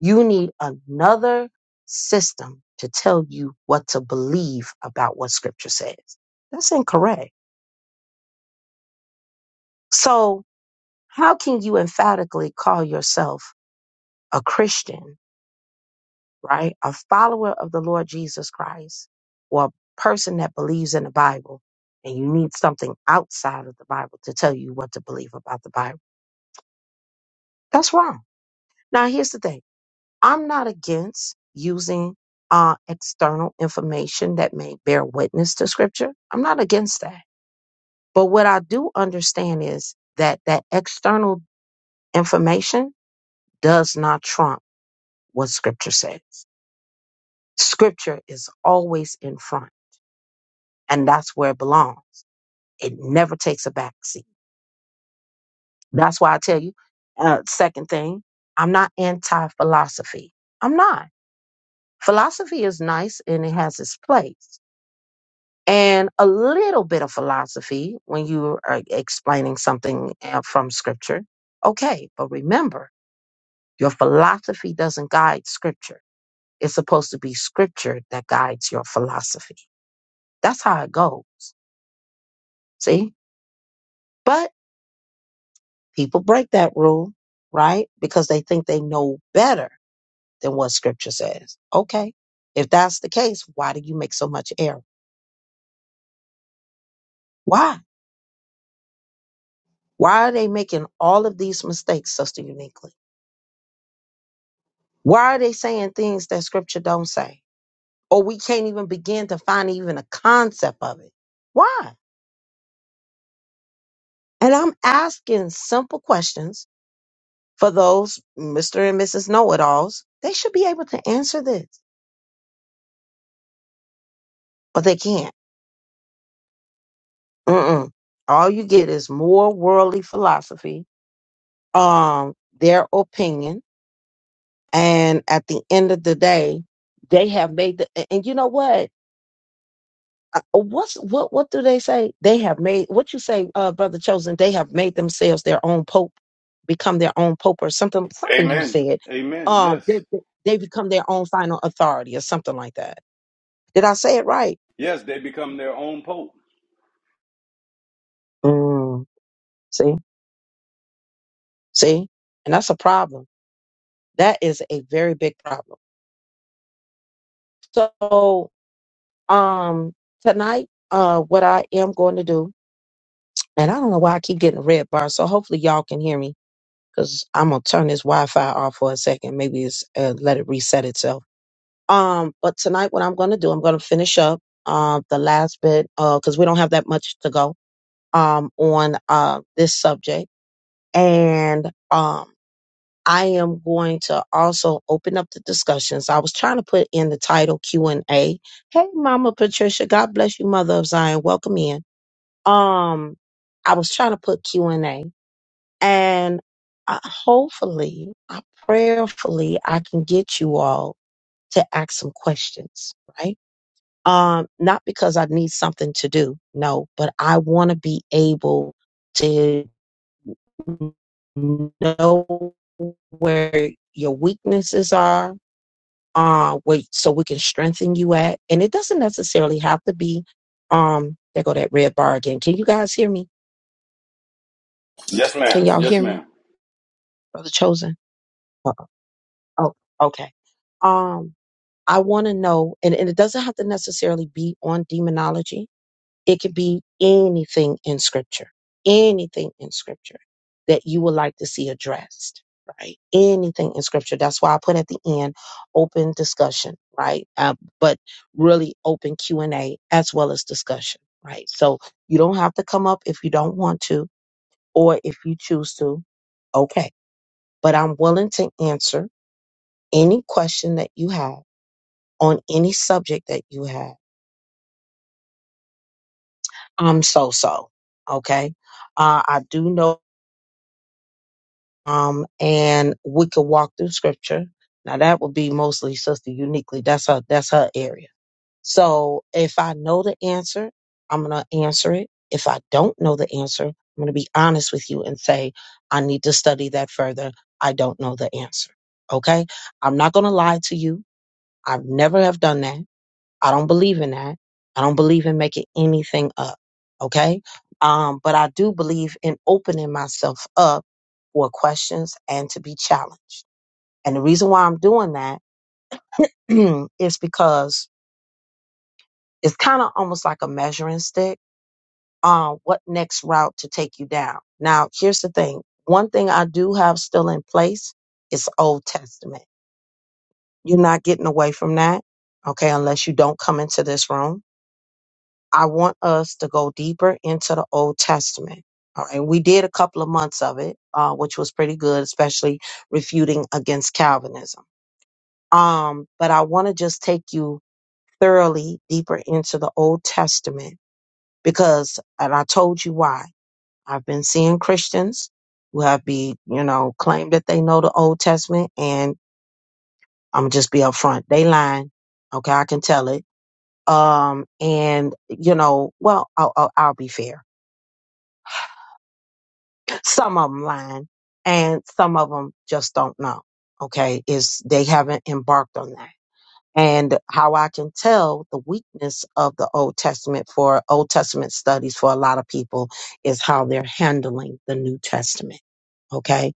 Speaker 2: You need another system to tell you what to believe about what scripture says. That's incorrect. So, how can you emphatically call yourself a Christian right? A follower of the Lord Jesus Christ or a person that believes in the Bible and you need something outside of the Bible to tell you what to believe about the Bible. That's wrong. Now, here's the thing I'm not against using uh, external information that may bear witness to Scripture. I'm not against that. But what I do understand is that that external information does not trump what Scripture says. Scripture is always in front, and that's where it belongs It never takes a back seat. That's why I tell you. Uh, second thing, I'm not anti philosophy. I'm not. Philosophy is nice and it has its place. And a little bit of philosophy when you are explaining something uh, from scripture. Okay, but remember, your philosophy doesn't guide scripture. It's supposed to be scripture that guides your philosophy. That's how it goes. See? But people break that rule, right? Because they think they know better than what scripture says. Okay. If that's the case, why do you make so much error? Why? Why are they making all of these mistakes, sister uniquely? Why are they saying things that scripture don't say? Or we can't even begin to find even a concept of it. Why? And I'm asking simple questions for those Mr. and Mrs. Know It Alls. They should be able to answer this, but they can't. Mm-mm. All you get is more worldly philosophy, um, their opinion, And at the end of the day, they have made the and and you know what? Uh, uh, What's what what do they say? They have made what you say, uh, brother chosen, they have made themselves their own pope, become their own pope or something something you
Speaker 3: Amen.
Speaker 2: said.
Speaker 3: Amen.
Speaker 2: Um
Speaker 3: Yes.
Speaker 2: they, they they become their own final authority or something like that. Did I say it right?
Speaker 3: Yes, they become their own pope.
Speaker 2: Mm, see, see? And that's a problem. That is a very big problem. So um tonight, uh what I am going to do And I don't know why I keep getting a red bar, so hopefully y'all can hear me because I'm gonna turn this Wi-Fi off for a second. Maybe it's uh, let it reset itself. Um, but tonight what I'm gonna do, I'm gonna finish up um the last bit uh because we don't have that much to go um on uh this subject, and um I am going to also open up the discussions. I was trying to put in the title Q and A. Hey, Mama Patricia, God bless you, Mother of Zion. Welcome in. Um, I was trying to put Q and A and I, hopefully, I prayerfully, I can get you all to ask some questions, right? Um, not because I need something to do, no, but I want to be able to know where your weaknesses are, uh, where, so we can strengthen you at. And it doesn't necessarily have to be, um, there go that red bar again. Can you guys hear me?
Speaker 3: Yes, ma'am.
Speaker 2: Can y'all
Speaker 3: Yes,
Speaker 2: hear me?
Speaker 3: ma'am.
Speaker 2: Brother Chosen? Uh-oh. okay. Um. I want to know, and, and it doesn't have to necessarily be on demonology. It could be anything in scripture, anything in scripture that you would like to see addressed, right? Anything in scripture. That's why I put at the end open discussion, right? Uh, but really open Q and A as well as discussion, right? So you don't have to come up if you don't want to, or if you choose to, okay. But I'm willing to answer any question that you have on any subject that you have I'm so so. Okay. Uh, I do know, um, and we could walk through scripture. Now that would be mostly sister uniquely. That's her, that's her area. So if I know the answer, I'm going to answer it. If I don't know the answer, I'm going to be honest with you and say, I need to study that further. I don't know the answer. Okay. I'm not going to lie to you. I've never have done that. I don't believe in that. I don't believe in making anything up. Okay. Um, but I do believe in opening myself up for questions and to be challenged. And the reason why I'm doing that is because it's kind of almost like a measuring stick on what next route to take you down. Now, here's the thing. One thing I do have still in place is Old Testament. You're not getting away from that. Okay. Unless you don't come into this room I want us to go deeper into the Old Testament. All right. We did a couple of months of it, uh, which was pretty good, especially refuting against Calvinism. Um, but I want to just take you thoroughly deeper into the Old Testament because, and I told you why. I've been seeing Christians who have be, you know, claim that they know the Old Testament, and I'm just be upfront. They lying. Okay, I can tell it. Um, and you know, well, I'll, I'll, I'll be fair Some of them lying and some of them just don't know. Okay. Is they haven't embarked on that. And how I can tell the weakness of the Old Testament for Old Testament studies for a lot of people is how they're handling the New Testament. Okay.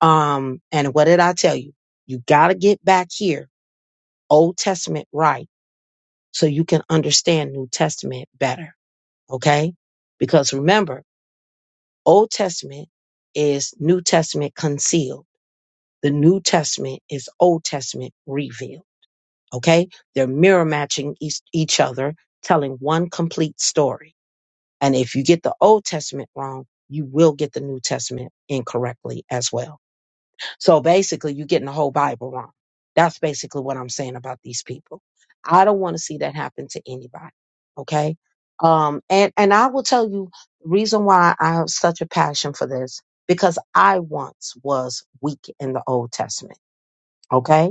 Speaker 2: Um, and what did I tell you? You got to get back here, Old Testament right, so you can understand New Testament better. Okay. Because remember, Old Testament is New Testament concealed The New Testament is Old Testament revealed. Okay? They're mirror matching each, each other, telling one complete story. And if you get the Old Testament wrong, you will get the New Testament incorrectly as well. So basically, you're getting the whole Bible wrong. That's basically what I'm saying about these people. I don't want to see that happen to anybody. Okay? Um, and, and I will tell you the reason why I have such a passion for this because I once was weak in the Old Testament. Okay.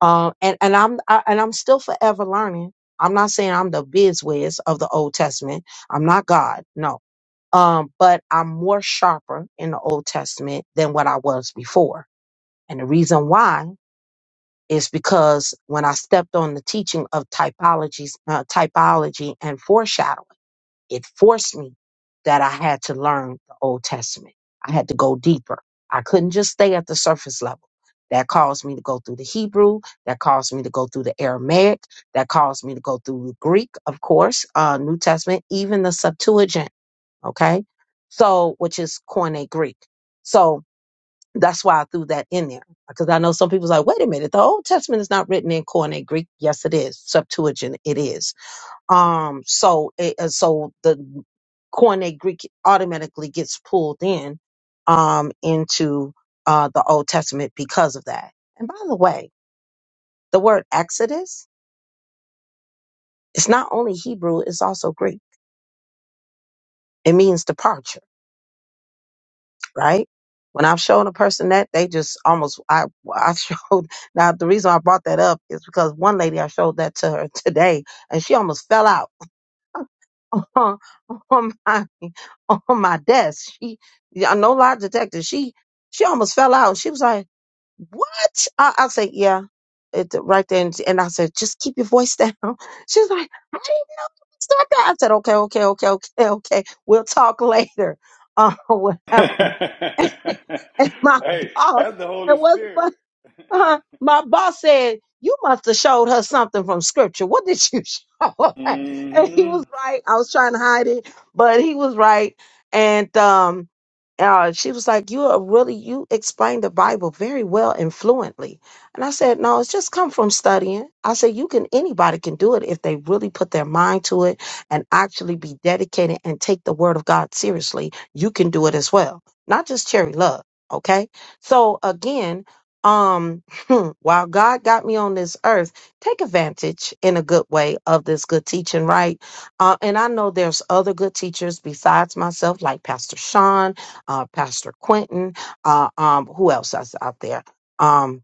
Speaker 2: Um, and and I'm I, and I'm still forever learning. I'm not saying I'm the bizwiz of the Old Testament. I'm not God, no. Um, but I'm more sharper in the Old Testament than what I was before. And the reason why is because when I stepped on the teaching of typologies, uh, typology and foreshadowing it forced me that I had to learn the Old Testament. I had to go deeper. I couldn't just stay at the surface level. That caused me to go through the Hebrew. That caused me to go through the Aramaic. That caused me to go through the Greek, of course, uh, New Testament, even the Septuagint. Okay. So, which is Koine Greek. So that's why I threw that in there because I know some people's like, wait a minute, the Old Testament is not written in Koine Greek. Yes, it is. Septuagint, it is. Um, so it, uh, so the Koine Greek automatically gets pulled in um, into uh, the Old Testament because of that. And by the way, the word Exodus it's not only Hebrew; it's also Greek. It means departure, right? When I've shown a person that, they just almost I I showed now the reason I brought that up is because one lady I showed that to her today, and she almost fell out on, on my on my desk. She, yeah, no lie detector. She she almost fell out. She was like, "What?" I, I said, "Yeah." It, right there." and and I said, "Just keep your voice down." She was like, "I didn't even start that." I said, "Okay, okay, okay, okay, okay. We'll talk later, uh,
Speaker 3: hey,
Speaker 2: whatever." And my boss,
Speaker 3: that's the
Speaker 2: it
Speaker 3: Holy
Speaker 2: was funny
Speaker 3: Spirit.
Speaker 2: uh-huh. My boss said, You must have showed her something from scripture. What did you show her? And he was
Speaker 3: mm
Speaker 2: right. I was trying to hide it, but he was right. And um uh, she was like, You are really you explained the Bible very well and fluently. And I said, No, it's just come from studying. I said, You can anybody can do it if they really put their mind to it and actually be dedicated and take the word of God seriously. You can do it as well. Not just cherry love. Okay. So again, um hmm, While God got me on this earth, take advantage in a good way of this good teaching, right? Uh, and I know there's other good teachers besides myself, like Pastor Sean, uh, Pastor Quentin, uh, um, who else is out there? Um,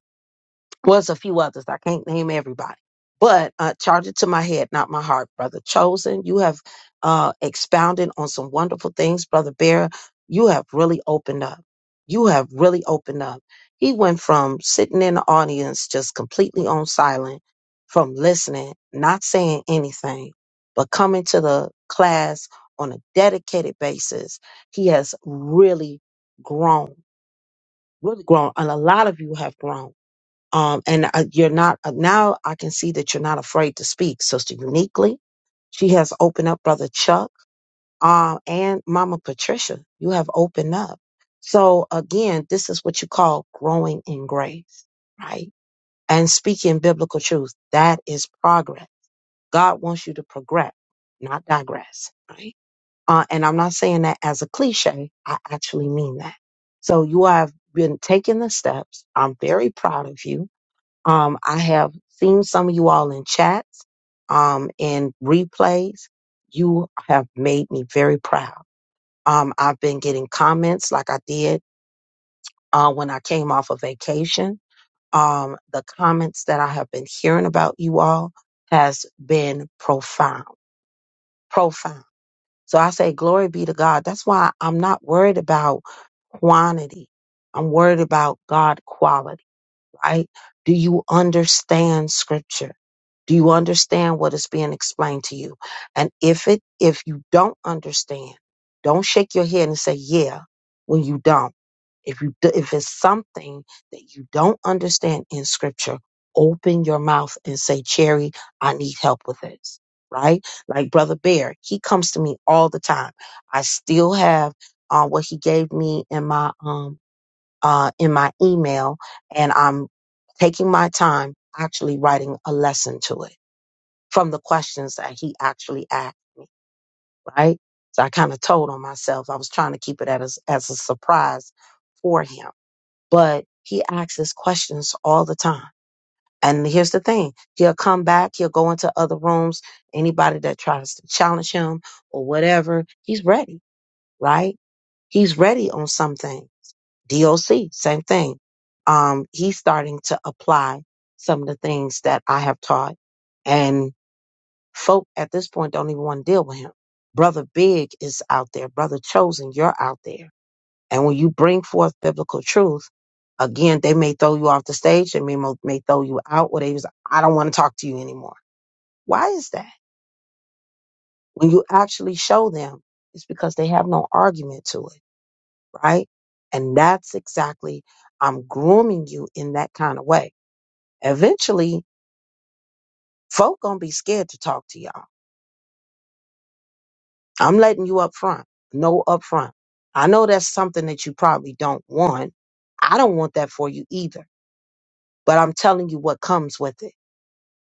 Speaker 2: was a few others. I can't name everybody, but uh, charge it to my head, not my heart, brother. Chosen, you have uh, expounded on some wonderful things, brother Bear. You have really opened up. You have really opened up. He went from sitting in the audience, just completely on silent, from listening, not saying anything, but coming to the class on a dedicated basis. He has really grown, really grown. And a lot of you have grown um, and uh, you're not uh, now i can see that you're not afraid to speak sister uniquely she has opened up brother chuck uh, and mama patricia you have opened up so again this is what you call growing in grace right and speaking biblical truth that is progress god wants you to progress not digress right uh, and i'm not saying that as a cliche i actually mean that so you have been taking the steps i'm very proud of you um, I have seen some of you all in chats um, and replays. You have made me very proud. Um, I've been getting comments like I did uh, when I came off of vacation. Um, the comments that I have been hearing about you all has been profound, profound. So I say, glory be to God. That's why I'm not worried about quantity. I'm worried about God quality right? Do you understand scripture? Do you understand what is being explained to you? And if it if you don't understand, don't shake your head and say yeah when you don't. If you do- if it's something that you don't understand in scripture, open your mouth and say, "Cherry, I need help with this." Right? Like brother Bear, he comes to me all the time. I still have uh, what he gave me in my um uh, in my email and I'm taking my time actually writing a lesson to it from the questions that he actually asked me, right? So I kind of told on myself. I was trying to keep it at as, as a surprise for him, but he asks his questions all the time. And here's the thing. He'll come back. He'll go into other rooms. Anybody that tries to challenge him or whatever, he's ready, right? He's ready on something. DOC, same thing. Um, he's starting to apply some of the things that I have taught. And folk at this point don't even want to deal with him. Brother Big is out there. Brother Chosen, you're out there. And when you bring forth biblical truth, again, they may throw you off the stage. They may, mo- may throw you out or they was, I don't want to talk to you anymore. Why is that? When you actually show them, it's because they have no argument to it right? And that's exactly I'm grooming you in that kind of way. Eventually, folk gonna be scared to talk to y'all. I'm letting you up front. No up front. I know that's something that you probably don't want. I don't want that for you either. But I'm telling you what comes with it.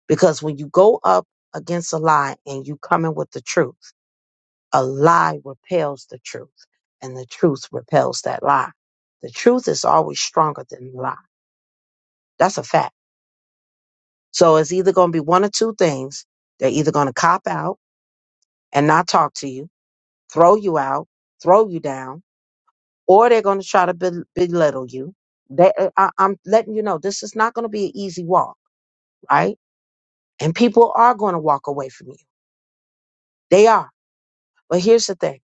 Speaker 2: Because when you go up against a lie and you come in with the truth, a lie repels the truth. And the truth repels that lie. The truth is always stronger than the lie. That's a fact. So it's either going to be one or two things. They're either going to cop out and not talk to you, throw you out, throw you down, or they're going to try to bel- belittle you. They, uh, I, I'm letting you know this is not going to be an easy walk, right? And people are going to walk away from you. They are. But here's the thing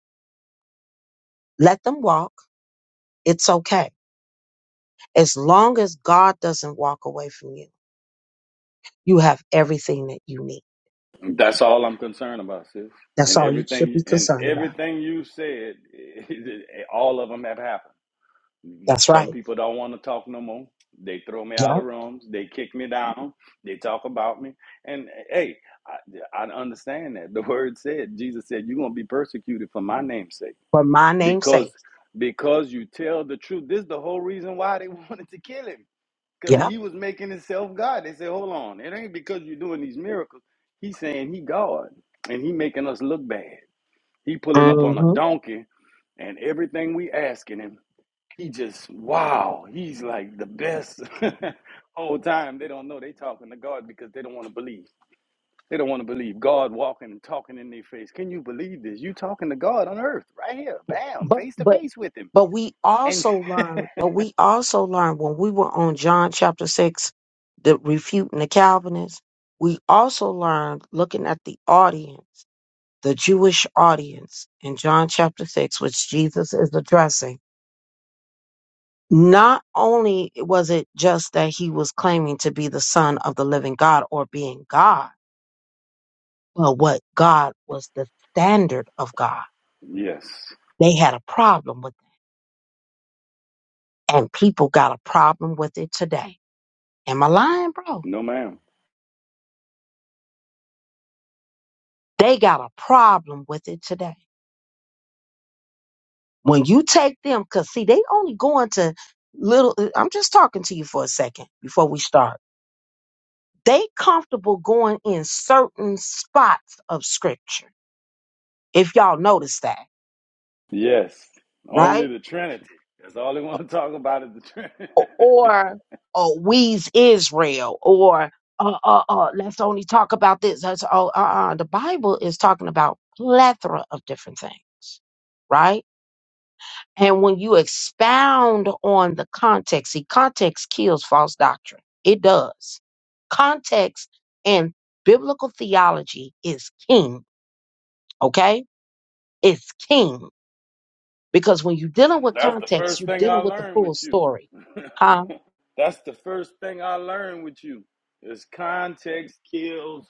Speaker 2: let them walk. It's okay. As long as God doesn't walk away from you, you have everything that you need.
Speaker 3: hmm That's all I'm concerned about, sis.
Speaker 2: That's
Speaker 3: And
Speaker 2: all you should
Speaker 3: everything
Speaker 2: be
Speaker 3: and
Speaker 2: concerned about.
Speaker 3: everything you said, all of them have happened.
Speaker 2: That's
Speaker 3: Some
Speaker 2: right.
Speaker 3: people don't want to talk no more. They throw me
Speaker 2: Yep.
Speaker 3: out of rooms. They kick me down. They talk about me. And hey, I, I understand that. The word said, Jesus said, "You're gonna be persecuted for my name's sake
Speaker 2: For my name's
Speaker 3: because
Speaker 2: sake.
Speaker 3: because you tell the truth." This is the whole reason why they wanted to kill him because
Speaker 2: Yep.
Speaker 3: he was making himself God. They said, hold on, it ain't because you're doing these miracles. He's saying he God, and he making us look bad. He pulling up on a
Speaker 2: Mhm.
Speaker 3: donkey, and everything we asking him, he just wow. He's like the best whole time. They don't know they talking to God because they don't want to believe. They don't want to believe God walking and talking in their face. Can you believe this? You talking to God on earth right here, bam,
Speaker 2: But
Speaker 3: face to
Speaker 2: but
Speaker 3: face with him.
Speaker 2: but we
Speaker 3: And
Speaker 2: also learn, but we also learn when we were on John chapter six, the refuting the Calvinists, we also learned looking at the audience, the Jewish audience in John chapter six, which Jesus is addressing. Not only was it just that he was claiming to be the son of the living God or being God, but what God was the standard of God.
Speaker 3: yes,
Speaker 2: They had a problem with it, and people got a problem with it today Am I lying, bro?
Speaker 3: no, ma'am.
Speaker 2: They got a problem with it today. When you take them, because see, they only going to little, uh, I'm just talking to you for a second before we start. They comfortable going in certain spots of scripture, if y'all notice that,
Speaker 3: Yes, only
Speaker 2: right?
Speaker 3: the Trinity. That's all they want to talk about is the Trinity.
Speaker 2: O- Or, or we's Israel, or, uh, uh, uh, let's only talk about this. That's, oh, uh, uh, the Bible is talking about plethora of different things, right? And when you expound on the context, see, context kills false doctrine. It does. Context and biblical theology is king, okay? It's king. Because when you're dealing with
Speaker 3: That's the
Speaker 2: context,
Speaker 3: first
Speaker 2: you're
Speaker 3: thing I
Speaker 2: dealing with the
Speaker 3: learned
Speaker 2: full
Speaker 3: with you.
Speaker 2: story. Huh?
Speaker 3: That's the first thing I learned with you. Is context kills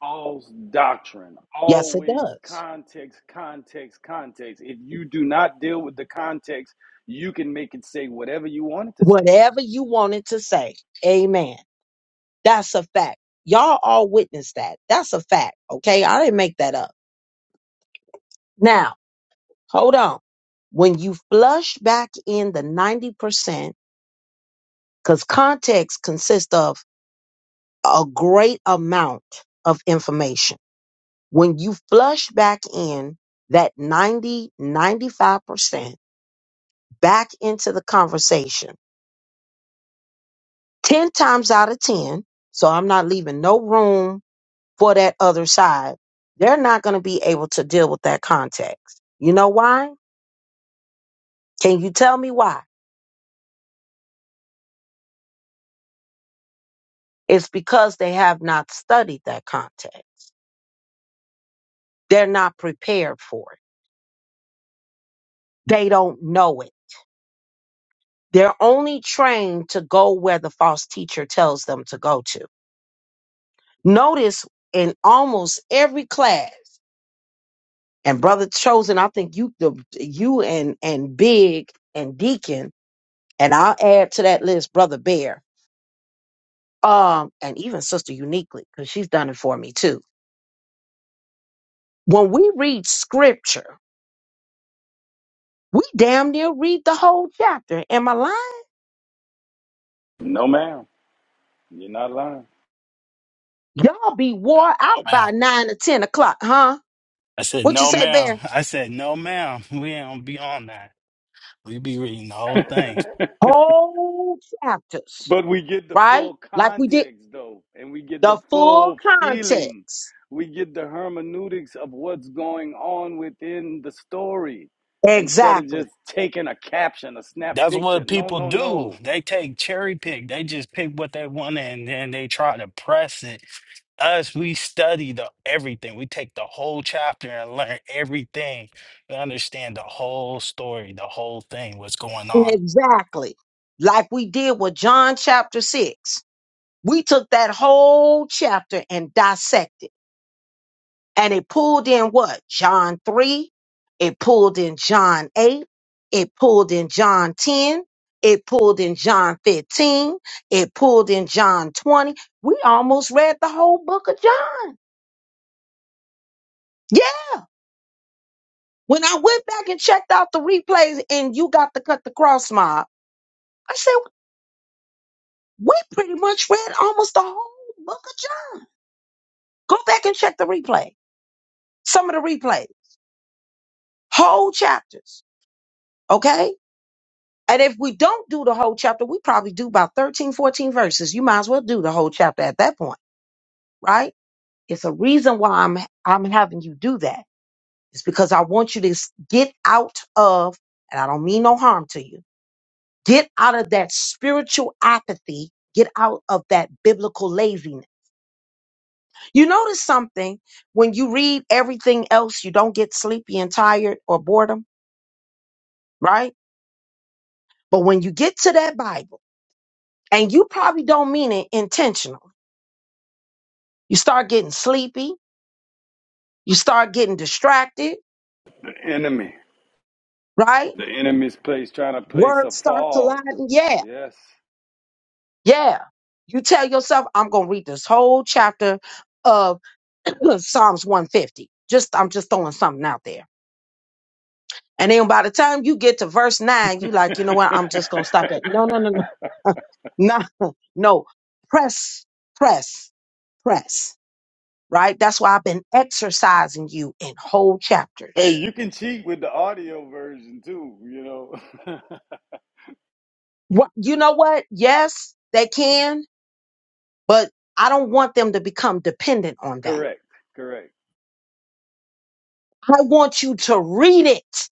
Speaker 3: false doctrine.
Speaker 2: Yes, it
Speaker 3: Always
Speaker 2: does.
Speaker 3: context, context, context. If you do not deal with the context, you can make it say whatever you want it to say.
Speaker 2: Whatever you wanted to say. Amen. That's a fact. Y'all all witnessed that. That's a fact, okay? I didn't make that up. Now, Hold on. When you flush back in the 90%, because context consists of a great amount of information. When you flush back in that ninety ninety-five percent back into the conversation, 10 times out of 10, so I'm not leaving no room for that other side, they're not going to be able to deal with that context. You know why? Can you tell me why? It's because they have not studied that context. They're not prepared for it. They don't know it. They're only trained to go where the false teacher tells them to go to. Notice in almost every class, and brother chosen, I think you, the, you and and Big and Deacon, and I'll add to that list brother Bear, um, and even sister Uniquely because she's done it for me too. When we read scripture, we damn near read the whole chapter. Am I lying?
Speaker 3: No, ma'am. You're not lying.
Speaker 2: Y'all be wore out
Speaker 1: No, ma'am.
Speaker 2: by nine or ten o'clock, huh?
Speaker 1: I said,
Speaker 2: What you
Speaker 1: no,
Speaker 2: say,
Speaker 1: ma'am.
Speaker 2: Bear?
Speaker 1: I said, no, ma'am. We ain't gonna be on that. We be reading the whole thing.
Speaker 2: Whole chapters,
Speaker 3: But we get the
Speaker 2: right?
Speaker 3: full
Speaker 2: Like we did
Speaker 3: context, though, and we get the
Speaker 2: the full
Speaker 3: full feeling.
Speaker 2: context.
Speaker 3: We get the hermeneutics of what's going on within the story instead of
Speaker 2: Exactly.
Speaker 3: just taking a caption, a snap
Speaker 1: That's
Speaker 3: picture.
Speaker 1: what
Speaker 3: No,
Speaker 1: people
Speaker 3: no,
Speaker 1: do.
Speaker 3: no.
Speaker 1: They take cherry pick. They just pick what they want and then they try to press it. Us, we study the everything. We take the whole chapter and learn everything. We understand the whole story, the whole thing, what's going on.
Speaker 2: Exactly. Like we did with John chapter 6. We took that whole chapter and dissected. And it pulled in what? John 3. It pulled in John 8. It pulled in John 10. It pulled in John 15. It pulled in John 20. We almost read the whole book of John. Yeah, When I went back and checked out the replays and you got to cut the cross mob, I said, we pretty much read almost the whole book of John. Go back and check the replay. Some of the replay, whole chapters. Okay. And if we don't do the whole chapter, we probably do about 13, 14 verses. You might as well do the whole chapter at that point, right? It's a reason why I'm, I'm having you do that. It's because I want you to s- get out of, and I don't mean no harm to you Get out of that spiritual apathy. Get out of that biblical laziness. You notice something when you read everything else, you don't get sleepy and tired or boredom, right? But when you get to that Bible, and you probably don't mean it intentionally, you start getting sleepy, you start getting distracted,
Speaker 3: The enemy.
Speaker 2: right?
Speaker 3: The enemy's place trying to place a
Speaker 2: Words start
Speaker 3: fog.
Speaker 2: colliding. Yeah,
Speaker 3: Yes.
Speaker 2: yeah. You tell yourself, I'm going to read this whole chapter of Psalms 150. Just, I'm just throwing something out there And then by the time you get to verse nine, you
Speaker 3: hey,
Speaker 2: like, you know what? I'm just gonna stop that. No, no, no, no, no, no. Press, press, press. Right. That's why I've been exercising you in whole chapters.
Speaker 3: you can cheat with the audio version too, you know.
Speaker 2: What you know? What? Yes, they can, but I don't want them to become dependent on that.
Speaker 3: correct, correct.
Speaker 2: I want you to read it.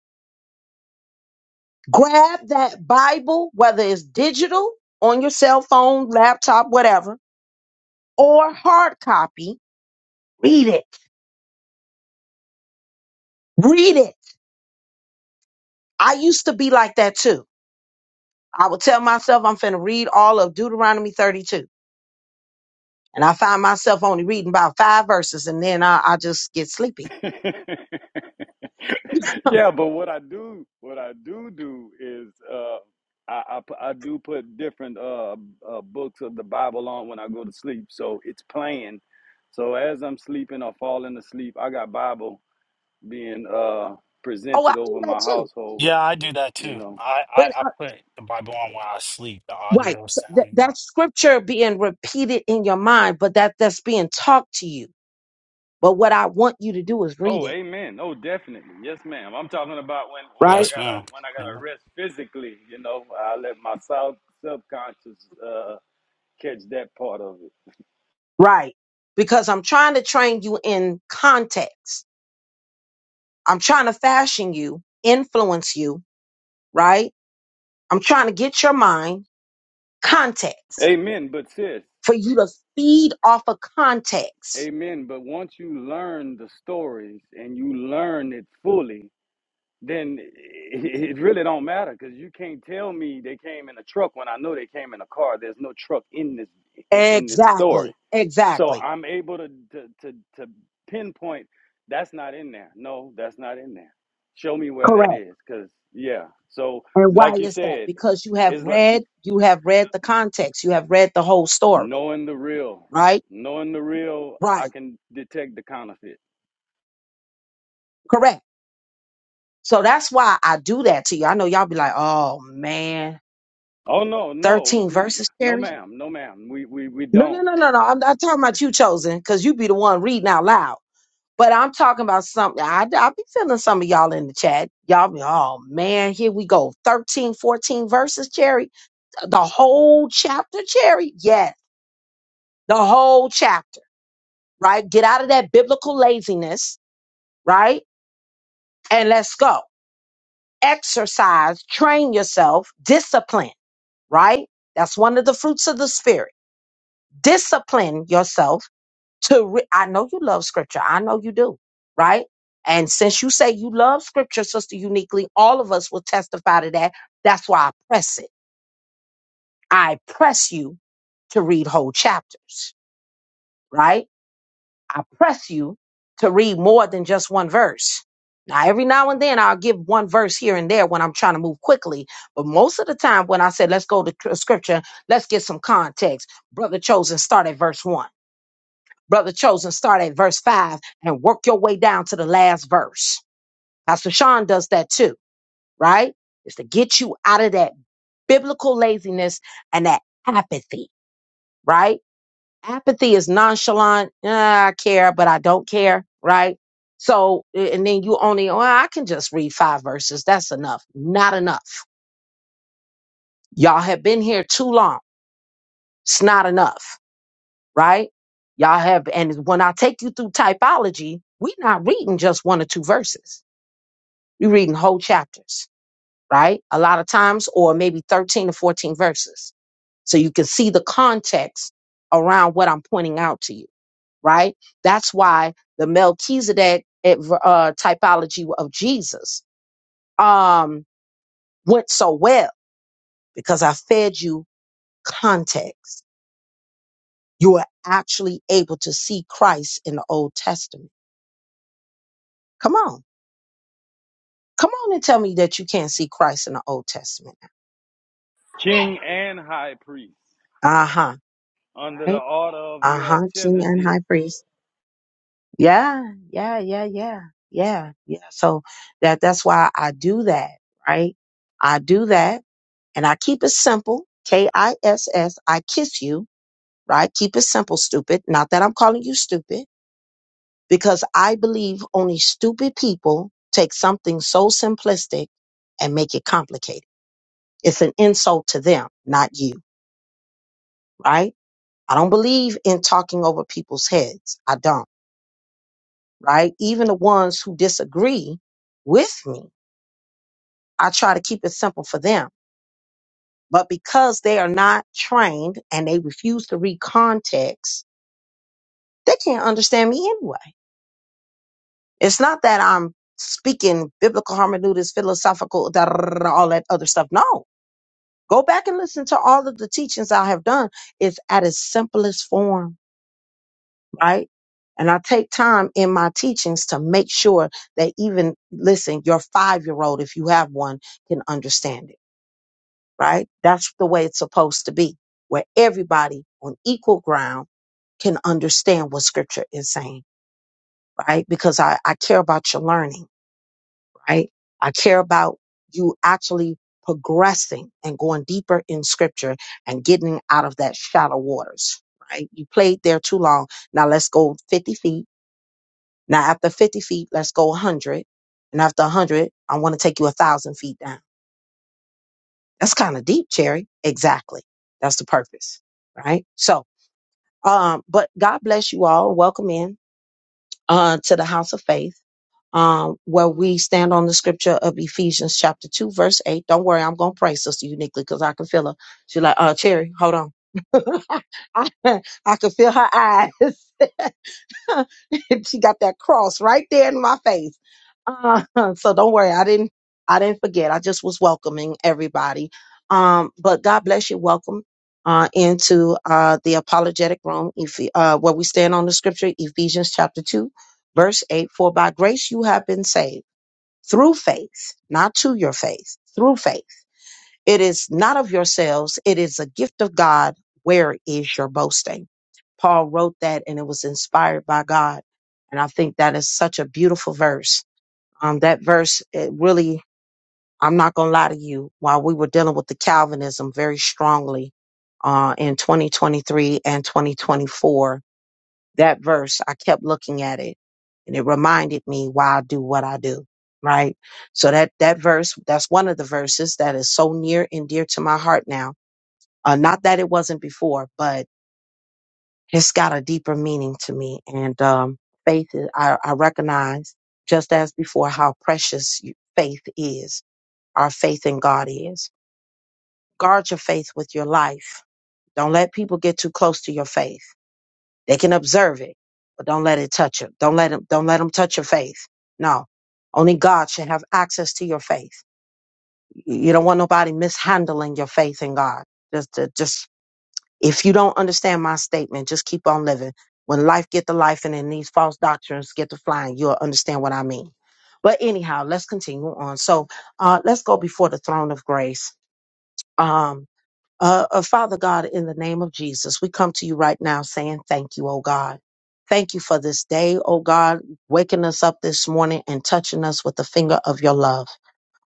Speaker 2: Grab that Bible, whether it's digital on your cell phone, laptop, whatever, or hard copy. Read it. Read it I used to be like that too. I would tell myself I'm finna read all of Deuteronomy 32. And I find myself only reading about five verses and then I, I just get sleepy.
Speaker 3: yeah, but what I do, what I do do is, uh, I, I pu- I do put different uh, uh books of the Bible on when I go to sleep, so it's playing. So as I'm sleeping or falling asleep, I got Bible being uh
Speaker 2: Oh, I
Speaker 3: presented over
Speaker 2: do that
Speaker 3: my
Speaker 2: too.
Speaker 3: household.
Speaker 1: Yeah, I do that
Speaker 3: You
Speaker 1: too.
Speaker 3: know.
Speaker 1: I
Speaker 2: But
Speaker 1: I, I
Speaker 2: I,
Speaker 1: put the Bible on while I sleep. The
Speaker 2: right,
Speaker 1: audio
Speaker 2: so that,
Speaker 1: sound. and my-
Speaker 2: that scripture being repeated in your mind, but that that's being talked to you. But what I want you to do is read
Speaker 3: Oh,
Speaker 2: it.
Speaker 3: amen. Oh, definitely. Yes, ma'am. I'm talking about when when I
Speaker 2: Right?
Speaker 1: Yes, ma'am.
Speaker 3: gotta when I gotta rest physically. You know, I let my sub subconscious uh catch that part of it.
Speaker 2: Right. Because I'm trying to train you in context. I'm trying to fashion you, influence you, right? I'm trying to get your mind context
Speaker 3: Amen, but sis,
Speaker 2: for you to feed off of context.
Speaker 3: amen. But once you learn the stories and you learn it fully, then it, it really don't matter because you can't tell me they came in a truck when I know they came in a car. There's no truck in this in, in this story,
Speaker 2: Exactly.
Speaker 3: so
Speaker 2: Exactly.
Speaker 3: I'm able to to to, to pinpoint that's not in there. No, that's not in there. Show me where that
Speaker 2: Correct.
Speaker 3: is, because yeah. So
Speaker 2: And why
Speaker 3: like you
Speaker 2: is that?
Speaker 3: said,
Speaker 2: Because you have
Speaker 3: it's like
Speaker 2: read, you have read the context. You have read the whole story,
Speaker 3: knowing the real
Speaker 2: right?
Speaker 3: knowing the real i
Speaker 2: Right.
Speaker 3: can detect the counterfeit
Speaker 2: Correct. So that's why I do that to you. I know y'all be like, oh man,
Speaker 3: Oh no, no,
Speaker 2: 13
Speaker 3: n-
Speaker 2: verses,
Speaker 3: no,
Speaker 2: Sherry.
Speaker 3: ma'am, no, ma'am. We we we
Speaker 2: No, no,
Speaker 3: don't.
Speaker 2: no, no, no. I'm not talking about you chosen because you be the one reading out loud. But I'm talking about something. I, I be feeling some of y'all in the chat. Y'all be, oh man, here we go. 13, 14 verses, Cherry. The whole chapter, Cherry. Yes, the whole chapter, right? Get out of that biblical laziness, right? And let's go. Exercise, train yourself, discipline, right? That's one of the fruits of the spirit. Discipline yourself to re- I know you love scripture. I know you do, right? And since you say you love scripture, sister uniquely, all of us will testify to that. That's why I press it. I press you to read whole chapters, right? I press you to read more than just one verse. Now, every now and then I'll give one verse here and there when I'm trying to move quickly. But most of the time, when I say, let's go to tr- scripture, let's get some context. Brother Chosen, start at verse one Brother Chosen, start at verse 5 and work your way down to the last verse. Pastor Sean does that too, right? It's to get you out of that biblical laziness and that apathy, right? Apathy is nonchalant. "Ah, I care, but I don't care, right? So, a- and then you only, oh, I can just read five verses. That's enough. Not enough. Y'all have been here too long. It's not enough, right? Y'all have, and when I take you through typology, we're not reading just one or two verses You're reading whole chapters, right? A lot of times, or maybe 13 to 14 verses. So you can see the context around what I'm pointing out to you, right? That's why the Melchizedek uh, typology of Jesus um, went so well because I fed you context. You are actually able to see Christ in the Old Testament. Come on. Come on and tell me that you can't see Christ in the Old Testament.
Speaker 3: King and high priest
Speaker 2: Uh huh.
Speaker 3: under the
Speaker 2: Right?
Speaker 3: order of
Speaker 2: Uh huh, king and
Speaker 3: Melchizedek,
Speaker 2: high priest. Yeah, yeah, yeah, yeah, yeah, yeah. So that that's why I do that, right? I do that and I keep it simple. K I S S, I kiss you, right? Keep it simple, stupid. Not that I'm calling you stupid, because I believe only stupid people take something so simplistic and make it complicated. It's an insult to them, not you, right? I don't believe in talking over people's heads. I don't. right? Even the ones who disagree with me, I try to keep it simple for them. But because they are not trained and they refuse to read context, they can't understand me anyway. It's not that I'm speaking biblical hermeneutics, philosophical, da, da, da, da, all that other stuff. No. Go back and listen to all of the teachings I have done. It's at its simplest form right? And I take time in my teachings to make sure that even, listen, your five year old, if you have one, can understand it, right? That's the way it's supposed to be, where everybody on equal ground can understand what scripture is saying, right? Because I, I care about your learning, right? I care about you actually progressing and going deeper in scripture and getting out of that shallow waters, right? You played there too long. Now let's go 50 feet Now, after 50 feet, let's go 100. And after 100, I want to take you 1,000 feet down. That's kind of deep, Cherry. Exactly. That's the purpose, right? So, um, but God bless you all. Welcome in uh, to the house of faith, um, where we stand on the scripture of Ephesians chapter 2, verse 8. Don't worry, I'm going to pray, Sister Uniquely, because I can feel her. She's like, uh, Cherry, hold on. I, I can feel her eyes. And she got that cross right there in my face. Uh, so don't worry, I didn't I didn't forget. I just was welcoming everybody. Um, but God bless you. Welcome uh, into uh, the apologetic room, if, uh, where we stand on the scripture, Ephesians chapter two, verse eight. For by grace you have been saved through faith, not to your faith, through faith it is not of yourselves, it is a gift of God. Where is your boasting? Paul wrote that and it was inspired by God. And I think that is such a beautiful verse. Um, that verse, it really, I'm not going to lie to you, while we were dealing with the Calvinism very strongly uh, in 2023 and 2024, that verse, I kept looking at it and it reminded me why I do what I do. Right. So that, that verse, that's one of the verses that is so near and dear to my heart now. Uh, not that it wasn't before, but it's got a deeper meaning to me. And, um, faith, is, I, I recognize just as before how precious you- faith is, our faith in God is. Guard your faith with your life. Don't let people get too close to your faith They can observe it, but don't let it touch them. Don't let them, don't let them touch your faith. No, only God should have access to your faith. You don't want nobody mishandling your faith in God. Just, to- just if you don't understand my statement, just keep on living. When life get to life and then these false doctrines get to flying, you'll understand what I mean. But anyhow, let's continue on. So uh, let's go before the throne of grace. Um, uh, uh, Father God, in the name of Jesus, we come to you right now saying thank you, oh God. Thank you for this day, oh God, waking us up this morning and touching us with the finger of your love.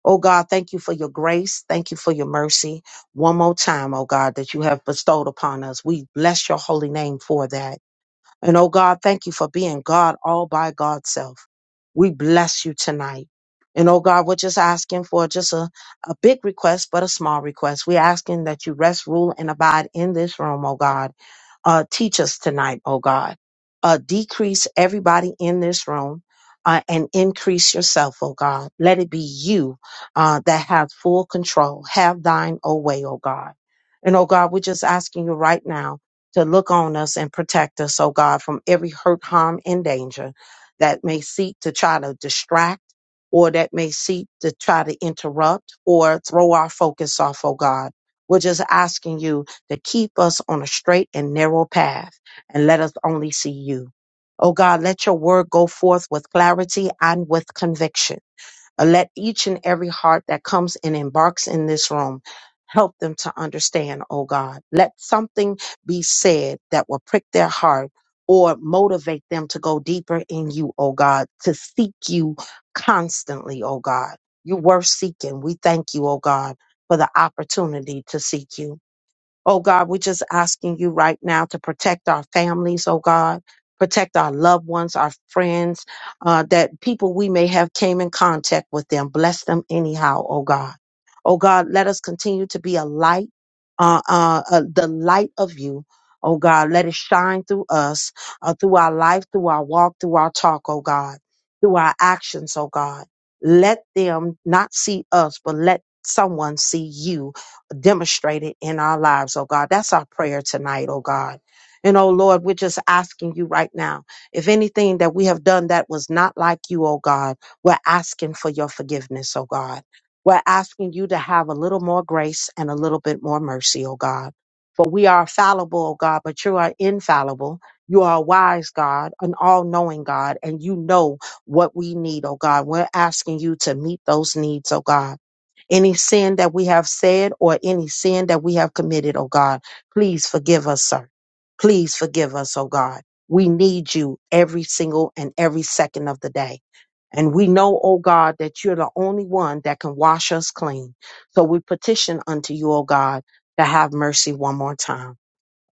Speaker 2: Oh God, thank you for your grace. Thank you for your mercy. One more time, oh God, that you have bestowed upon us. We bless your holy name for that. And oh God, thank you for being God all by God's self. We bless you tonight. And oh God, we're just asking for just a, a big request, but a small request. We're asking that you rest, rule, and abide in this room, oh God. Uh, teach us tonight, oh God. Uh, decrease everybody in this room. Uh, and increase yourself, oh God. Let it be you uh, that has full control. Have thine, oh way, oh God. And oh God, we're just asking you right now to look on us and protect us, oh God, from every hurt, harm, and danger that may seek to try to distract or that may seek to try to interrupt or throw our focus off, oh God. We're just asking you to keep us on a straight and narrow path and let us only see you. Oh God, let your word go forth with clarity and with conviction. Uh, Let each and every heart that comes and embarks in this room help them to understand, oh God. Let something be said that will prick their heart or motivate them to go deeper in you, oh God, to seek you constantly, oh God. You're worth seeking. We thank you, oh God, for the opportunity to seek you. Oh God, we're just asking you right now to protect our families, oh God. Protect our loved ones, our friends, uh, that people we may have came in contact with them. Bless them anyhow, oh God. Oh God, let us continue to be a light, uh, uh, uh, the light of you. Oh God, let it shine through us, uh, through our life, through our walk, through our talk, oh God, through our actions, oh God. Let them not see us, but let someone see you demonstrated in our lives, oh God. That's our prayer tonight, oh God. And oh Lord, we're just asking you right now. If anything that we have done that was not like you, oh God, we're asking for your forgiveness, oh God. We're asking you to have a little more grace and a little bit more mercy, oh God. For we are fallible, oh God, but you are infallible. You are a wise God, an all knowing God, and you know what we need, oh God. We're asking you to meet those needs, oh God. Any sin that we have said or any sin that we have committed, oh God, please forgive us, sir. Please forgive us, oh God. We need you every single and every second of the day. And we know, oh God, that you're the only one that can wash us clean. So we petition unto you, oh God, to have mercy one more time.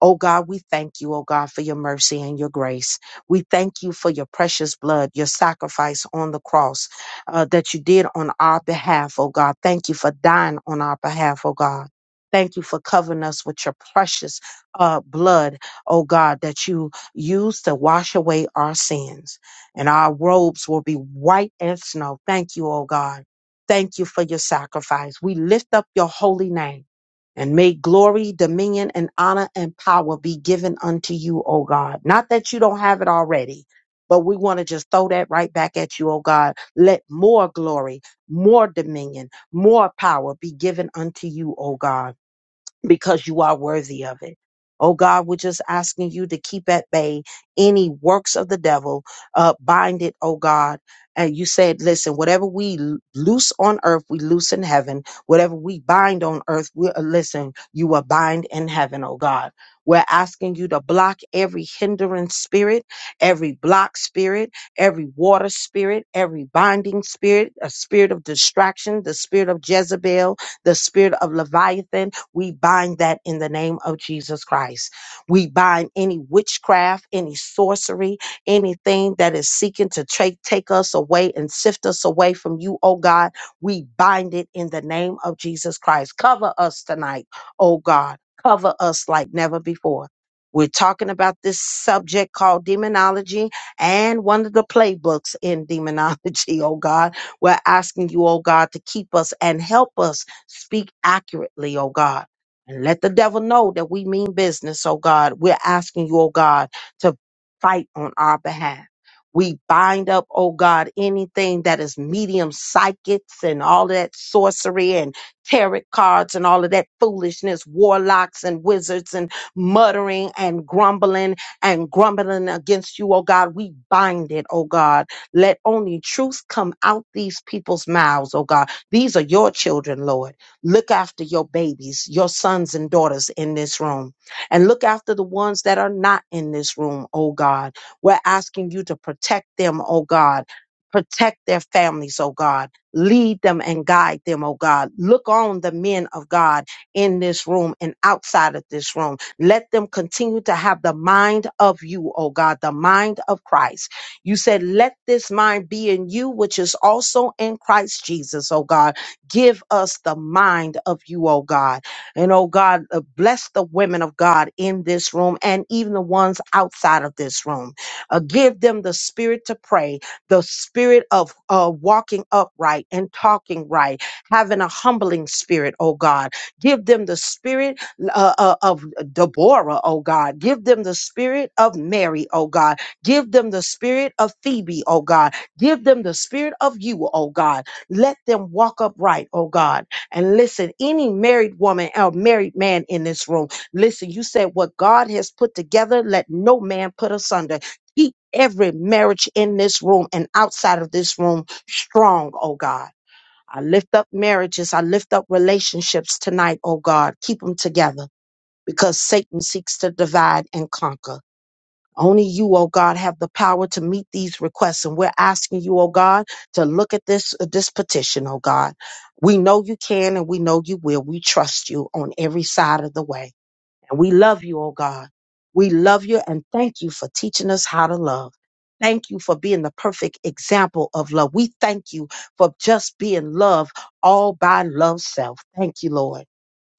Speaker 2: Oh God, we thank you, oh God, for your mercy and your grace. We thank you for your precious blood, your sacrifice on the cross uh, that you did on our behalf, oh God. Thank you for dying on our behalf, oh God. Thank you for covering us with your precious uh, blood, oh God, that you used to wash away our sins. And our robes will be white as snow. Thank you, oh God. Thank you for your sacrifice. We lift up your holy name. And may glory, dominion, and honor and power be given unto you, O God. Not that you don't have it already, but we want to just throw that right back at you, O God. Let more glory, more dominion, more power be given unto you, O God because you are worthy of it. Oh God, we're just asking you to keep at bay any works of the devil, uh, bind it, oh God. And you said, listen, whatever we l- loose on earth, we loose in heaven. Whatever we bind on earth, we uh, listen, you will bind in heaven, oh God. We're asking you to block every hindering spirit, every block spirit, every water spirit, every binding spirit, a spirit of distraction, the spirit of Jezebel, the spirit of Leviathan, we bind that in the name of Jesus Christ. We bind any witchcraft, any sorcery, anything that is seeking to take, take us away and sift us away from you, oh God. We bind it in the name of Jesus Christ. Cover us tonight, oh God. Cover us like never before. We're talking about this subject called demonology and one of the playbooks in demonology, oh God. We're asking you, oh God, to keep us and help us Speak accurately, oh God. And let the devil know that we mean business, oh God. We're asking you, oh God, to fight on our behalf. We bind up, oh God, anything that is medium psychics and all that sorcery and tarot cards and all of that foolishness, warlocks and wizards and muttering and grumbling and grumbling against you, oh God. We bind it, oh God. Let only truth come out these people's mouths, oh God. These are your children, Lord. Look after your babies, your sons and daughters in this room, and look after the ones that are not in this room, oh God. We're asking you to protect them, oh God. Protect their families, oh God. Lead them and guide them, oh God. Look on the men of God in this room and outside of this room. Let them continue to have the mind of you, oh God, the mind of Christ. You said, Let this mind be in you, which is also in Christ Jesus, oh God. Give us the mind of you, oh God. And oh God, uh, bless the women of God in this room and even the ones outside of this room. Uh, give them the spirit to pray, the spirit of uh, walking upright and talking right, having a humbling spirit, oh God. Give them the spirit uh, uh, of Deborah, oh God. Give them the spirit of Mary, oh God. Give them the spirit of Phoebe, oh God. Give them the spirit of you, oh God let them walk upright, oh God. And listen, any married woman or married man in this room, listen, you said what God has put together, let no man put asunder. Keep every marriage in this room and outside of this room strong, oh God. I lift up marriages. I lift up relationships tonight, oh God. Keep them together because Satan seeks to divide and conquer. Only you, oh God, have the power to meet these requests. And we're asking you, oh God, to look at this, uh, this petition, oh God. We know you can and we know you will. We trust you on every side of the way. And we love you, oh God. We love you and thank you for teaching us how to love. Thank you for being the perfect example of love. We thank you for just being love all by love self. Thank you, Lord.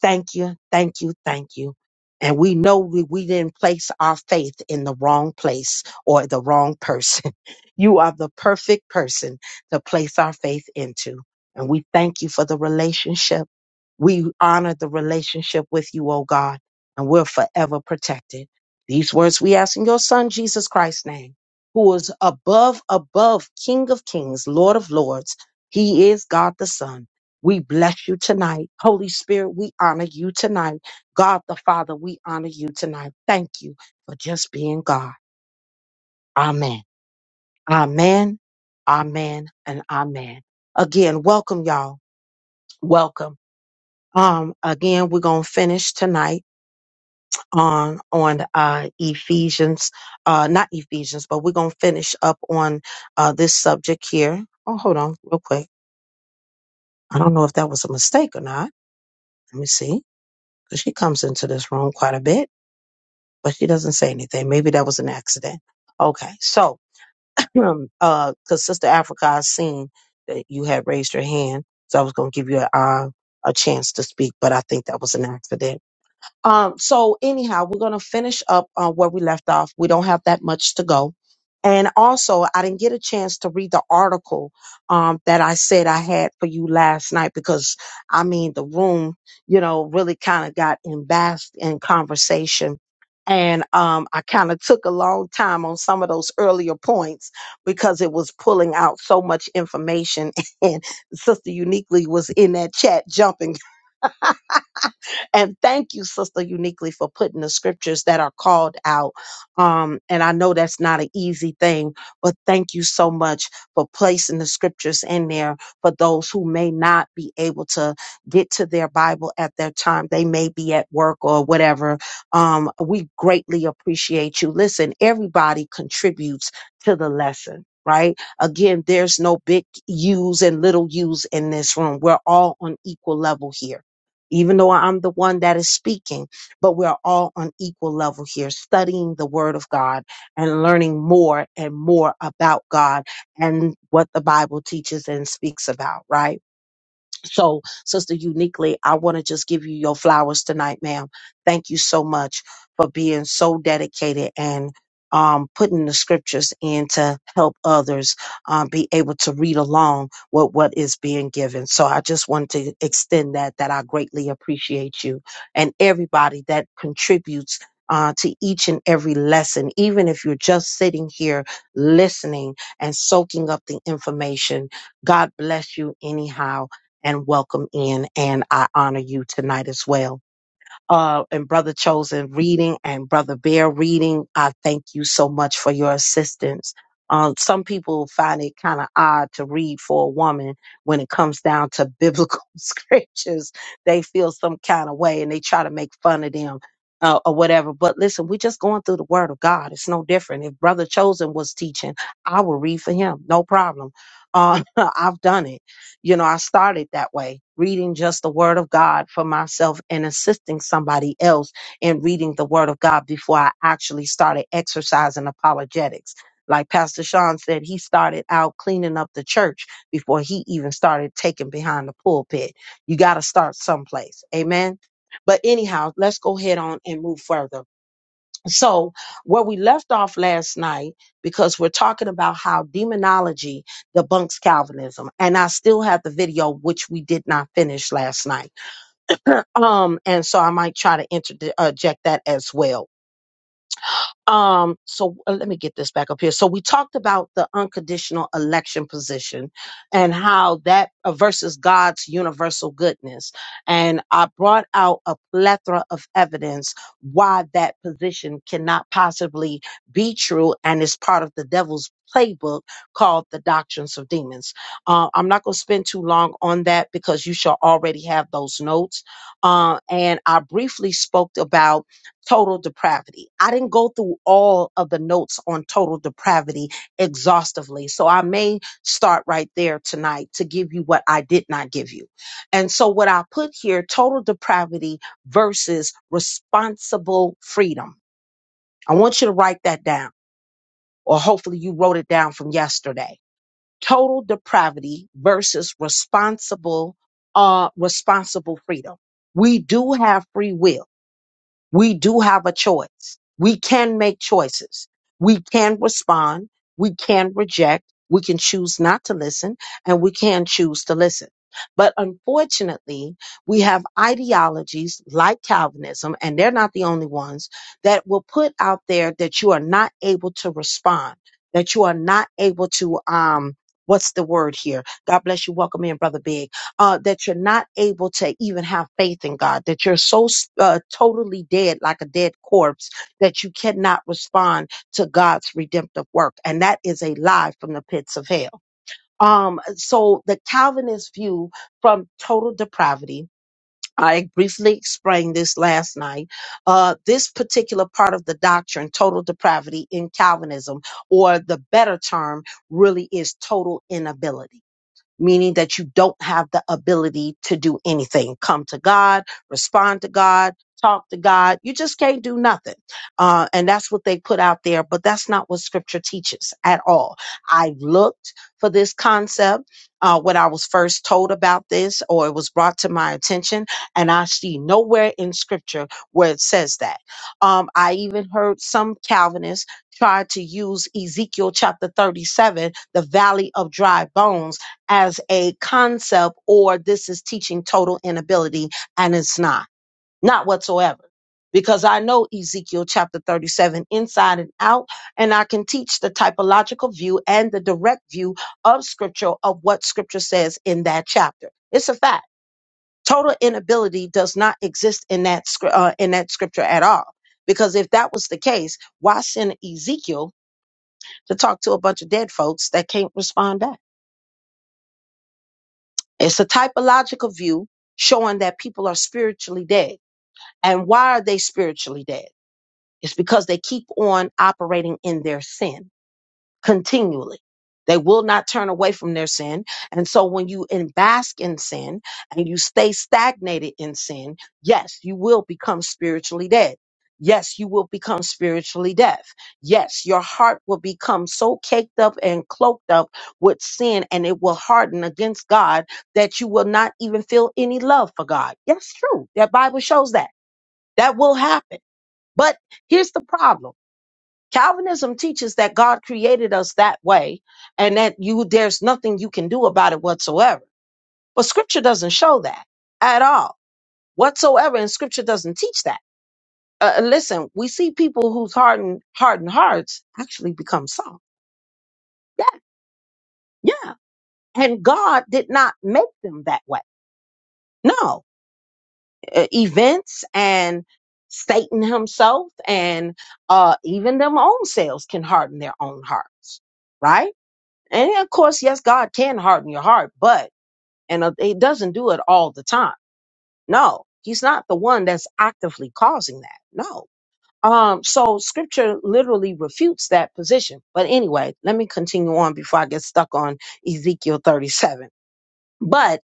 Speaker 2: Thank you, thank you, thank you. And we know we, we didn't place our faith in the wrong place or the wrong person. You are the perfect person to place our faith into. And we thank you for the relationship. We honor the relationship with you, O God, and we're forever protected. These words we ask in your Son, Jesus Christ's name, who is above, above, King of kings, Lord of lords. He is God the Son. We bless you tonight. Holy Spirit, we honor you tonight. God the Father, we honor you tonight. Thank you for just being God. Amen. Amen. Amen. And amen. Again, welcome, y'all. Welcome. Um, again, we're gonna finish tonight on on uh, Ephesians, uh, not Ephesians, but we're gonna finish up on uh, this subject here. Oh, hold on, real quick. I don't know if that was a mistake or not. Let me see, 'Cause she comes into this room quite a bit, but she doesn't say anything. Maybe that was an accident. Okay, so um, uh, because Sister Africa, I seen that you had raised your hand, so I was gonna give you a uh, a chance to speak, but I think that was an accident. Um, so anyhow, we're gonna finish up uh, where we left off. We don't have that much to go. And also, I didn't get a chance to read the article um, that I said I had for you last night because I mean the room, you know, really kind of got embarrassed in conversation. And um, I kind of took a long time on some of those earlier points because it was pulling out so much information. And Sister Uniquely was in that chat jumping and thank you, Sister Uniquely, for putting the scriptures that are called out. Um, and I know that's not an easy thing, but thank you so much for placing the scriptures in there for those who may not be able to get to their Bible at that time. They may be at work or whatever. Um, we greatly appreciate you. Listen, everybody contributes to the lesson. Right. Again, there's no big U's and little U's in this room. We're all on equal level here even though I'm the one that is speaking, but we're all on equal level here, studying the Word of God and learning more and more about God and what the Bible teaches and speaks about, right? So, Sister Uniquely, I want to just give you your flowers tonight, ma'am. Thank you so much for being so dedicated and um, putting the scriptures in to help others um, be able to read along with what is being given. So, I just wanted to extend that, that I greatly appreciate you and everybody that contributes. Uh, to each and every lesson, even if you're just sitting here listening and soaking up the information, God bless you anyhow and welcome in. And I honor you tonight as well. Uh, and Brother Chosen reading and Brother Bear reading, I thank you so much for your assistance. Um, some people find it kind of odd to read for a woman when it comes down to biblical scriptures. They feel some kind of way and they try to make fun of them uh, or whatever. But listen, we're just going through the word of God. It's no different. If Brother Chosen was teaching, I would read for him. No problem. Uh, I've done it you know, I started that way, reading just the word of God for myself and assisting somebody else in reading the word of God before I actually started exercising apologetics. Like Pastor Sean said, he started out cleaning up the church before he even started taking behind the pulpit. You got to start someplace. Amen. But anyhow, let's go ahead on and move further. So, where we left off last night, because we're talking about how demonology debunks Calvinism, and I still have the video which we did not finish last night. Um, and so I might try to interject that as well. Um, so uh, let me get this back up here. So we talked about the unconditional election position and how that uh, versus God's universal goodness. And I brought out a plethora of evidence why that position cannot possibly be true and is part of the devil's playbook called the doctrines of demons. Uh, I'm not going to spend too long on that because you shall already have those notes. Uh, and I briefly spoke about total depravity. I didn't go through all of the notes on total depravity exhaustively. So I may start right there tonight to give you what I did not give you. And so what I put here, total depravity versus responsible freedom. I want you to write that down, or hopefully you wrote it down from yesterday. Total depravity versus responsible, uh, responsible freedom. We do have free will we do have a choice. We can make choices. We can respond. We can reject. We can choose not to listen and we can choose to listen. But unfortunately, we have ideologies like Calvinism, and they're not the only ones that will put out there that you are not able to respond, that you are not able to, um, what's the word here? God bless you. Welcome in, Brother Big uh, that you're not able to even have faith in God, that you're so uh, totally dead, like a dead corpse, that you cannot respond to God's redemptive work. And that is a lie from the pits of hell. Um, so the Calvinist view from total depravity. I briefly explained this last night. Uh, this particular part of the doctrine, total depravity in Calvinism, or the better term, really is total inability meaning that you don't have the ability to do anything. Come to God, respond to God, talk to God. You just can't do nothing. Uh, and that's what they put out there, but that's not what scripture teaches at all. I looked for this concept uh, when I was first told about this or it was brought to my attention, and I see nowhere in scripture where it says that. Um, I even heard some Calvinists try to use Ezekiel chapter 37, the valley of dry bones as a concept or this is teaching total inability and it's not not whatsoever because i know ezekiel chapter 37 inside and out and i can teach the typological view and the direct view of scripture of what scripture says in that chapter it's a fact total inability does not exist in that scr- uh, in that scripture at all because if that was the case why send ezekiel to talk to a bunch of dead folks that can't respond back It's a typological view showing that people are spiritually dead. And why are they spiritually dead? It's because they keep on operating in their sin continually. They will not turn away from their sin. And so when you in bask in sin and you stay stagnated in sin, yes, you will become spiritually dead. Yes, you will become spiritually deaf. Yes, your heart will become so caked up and cloaked up with sin and it will harden against God that you will not even feel any love for God. That's true. That Bible shows that. That will happen. But here's the problem. Calvinism teaches that God created us that way and that you there's nothing you can do about it whatsoever. But scripture doesn't show that at all. Whatsoever and scripture doesn't teach that. Uh, uh, listen, we see people whose hardened hardened hearts actually become soft. Yeah. Yeah. And God did not make them that way. No. Uh, events and Satan himself and uh even them own selves can harden their own hearts, right? And of course, yes, God can harden your heart, but, and uh, he doesn't do it all the time. No, he's not the one that's actively causing that. No. Um, so scripture literally refutes that position. But anyway, let me continue on before I get stuck on Ezekiel 37. But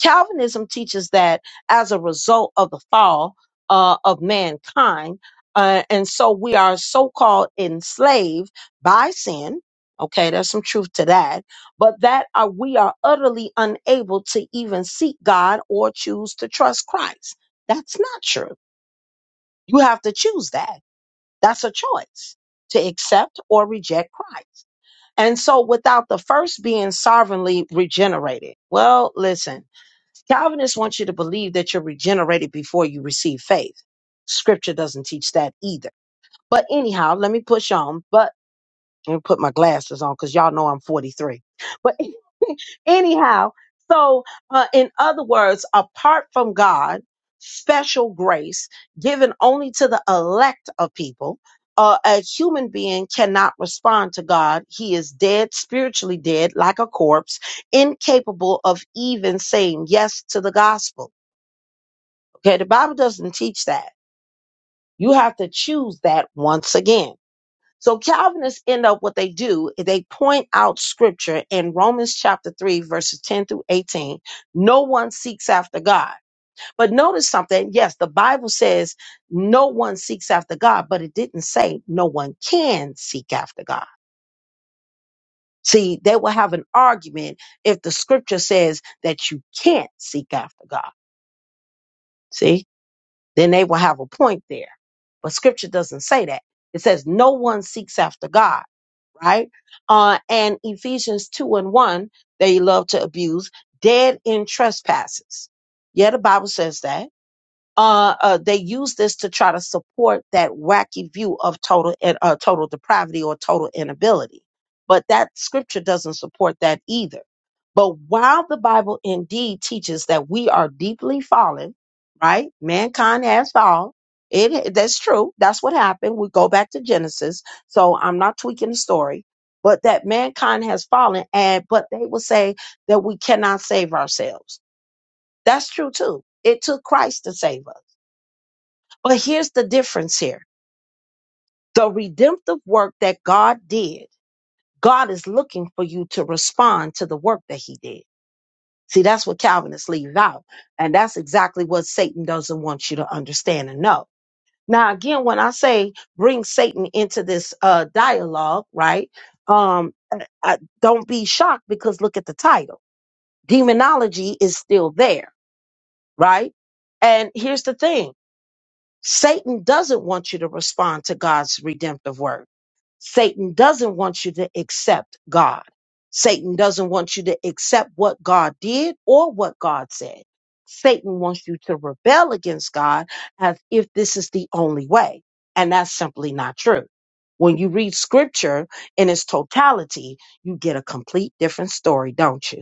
Speaker 2: Calvinism teaches that as a result of the fall uh, of mankind, uh, and so we are so called enslaved by sin. Okay, there's some truth to that, but that uh, we are utterly unable to even seek God or choose to trust Christ. That's not true. You have to choose that. That's a choice to accept or reject Christ. And so without the first being sovereignly regenerated, well, listen, Calvinists want you to believe that you're regenerated before you receive faith. Scripture doesn't teach that either. But anyhow, let me push on. But let me put my glasses on because y'all know I'm 43. But anyhow, so uh, in other words, apart from God, special grace given only to the elect of people, uh, a human being cannot respond to God. He is dead, spiritually dead, like a corpse, incapable of even saying yes to the gospel Okay, the Bible doesn't teach that. You have to choose that once again. So Calvinists end up what they do, is they point out scripture in Romans chapter 3, verses 10 through 18. No one seeks after God. But notice something. Yes, the Bible says no one seeks after God, but it didn't say no one can seek after God. See, they will have an argument if the scripture says that you can't seek after God. See? then they will have a point there. But scripture doesn't say that. It says no one seeks after God, right? Uh, and Ephesians 2 and 1, they love to abuse, dead in trespasses. Yeah, the Bible says that uh, uh, they use this to try to support that wacky view of total uh, total depravity or total inability. But that scripture doesn't support that either. But while the Bible indeed teaches that we are deeply fallen, right? Mankind has fallen. It that's true. That's what happened. We go back to Genesis, so I'm not tweaking the story. But that mankind has fallen, and but they will say that we cannot save ourselves. That's true too. It took Christ to save us. But here's the difference here the redemptive work that God did, God is looking for you to respond to the work that He did. See, that's what Calvinists leave out. And that's exactly what Satan doesn't want you to understand and know. Now, again, when I say bring Satan into this uh, dialogue, right? Um, I, I- don't be shocked because look at the title. Demonology is still there, right? And here's the thing Satan doesn't want you to respond to God's redemptive word. Satan doesn't want you to accept God. Satan doesn't want you to accept what God did or what God said. Satan wants you to rebel against God as if this is the only way. And that's simply not true. When you read scripture in its totality, you get a complete different story, don't you?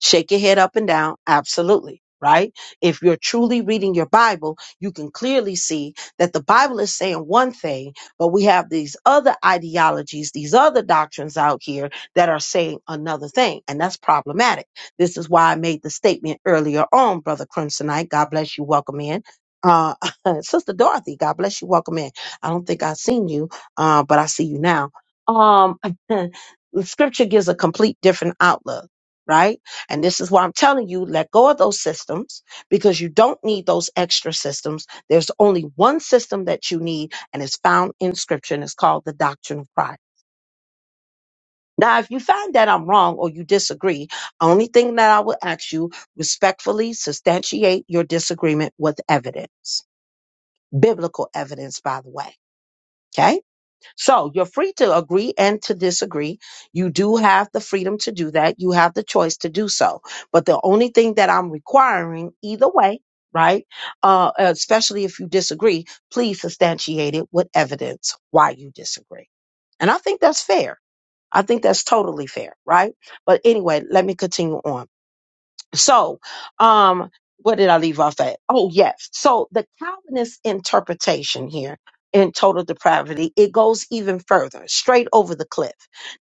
Speaker 2: Shake your head up and down. Absolutely. Right? If you're truly reading your Bible, you can clearly see that the Bible is saying one thing, but we have these other ideologies, these other doctrines out here that are saying another thing. And that's problematic. This is why I made the statement earlier on, Brother Crimsonite. God bless you. Welcome in. Uh, Sister Dorothy, God bless you. Welcome in. I don't think I've seen you, uh, but I see you now. Um, the scripture gives a complete different outlook, right? And this is why I'm telling you, let go of those systems because you don't need those extra systems. There's only one system that you need, and it's found in scripture, and it's called the doctrine of Christ. Now, if you find that I'm wrong or you disagree, only thing that I will ask you respectfully substantiate your disagreement with evidence, biblical evidence, by the way. Okay. So you're free to agree and to disagree. You do have the freedom to do that. You have the choice to do so. But the only thing that I'm requiring, either way, right? Uh, especially if you disagree, please substantiate it with evidence why you disagree. And I think that's fair. I think that's totally fair, right? But anyway, let me continue on. So, um, what did I leave off at? Oh, yes. So the Calvinist interpretation here in total depravity, it goes even further, straight over the cliff,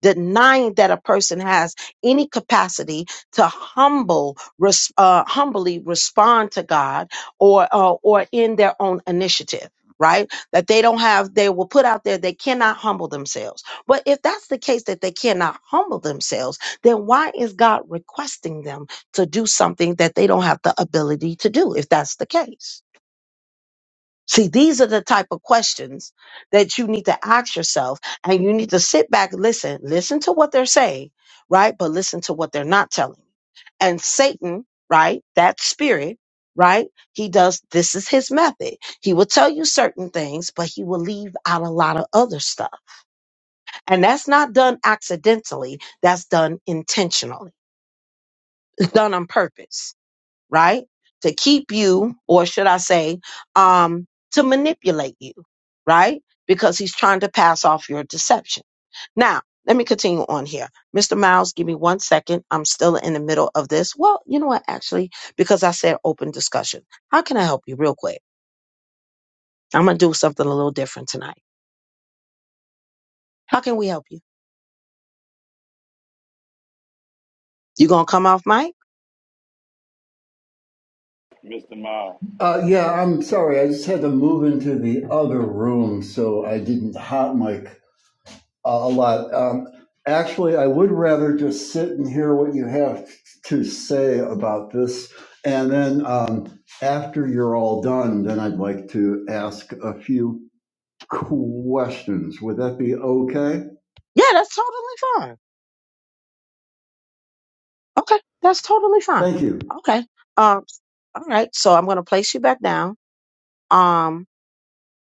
Speaker 2: denying that a person has any capacity to humble, res- uh, humbly respond to God or, uh, or in their own initiative. Right? That they don't have, they will put out there, they cannot humble themselves. But if that's the case that they cannot humble themselves, then why is God requesting them to do something that they don't have the ability to do if that's the case. See, these are the type of questions that you need to ask yourself and you need to sit back, listen, listen to what they're saying, right? But listen to what they're not telling. And Satan, right? That spirit, right? He does, this is his method. He will tell you certain things, but he will leave out a lot of other stuff. And that's not done accidentally. That's done intentionally. It's done on purpose right? To keep you, or should I say, um, to manipulate you, right? Because he's trying to pass off your deception. Now, let me continue on here. Mr. Miles, give me one second. I'm still in the middle of this. Well, you know what, actually, because I said open discussion. How can I help you real quick? I'm going to do something a little different tonight. How can we help you? You going to come off mic?
Speaker 3: Mister Miles.
Speaker 4: Uh, yeah, I'm sorry. I just had to move into the other room, so I didn't hot mic a a lot. Um, actually, I would rather just sit and hear what you have to say about this, and then um, after you're all done, then I'd like to ask a few questions. Would that be okay?
Speaker 2: Yeah, that's totally fine. Okay, that's totally fine.
Speaker 4: Thank you.
Speaker 2: Okay. Um, all right. So I'm going to place you back down. Um,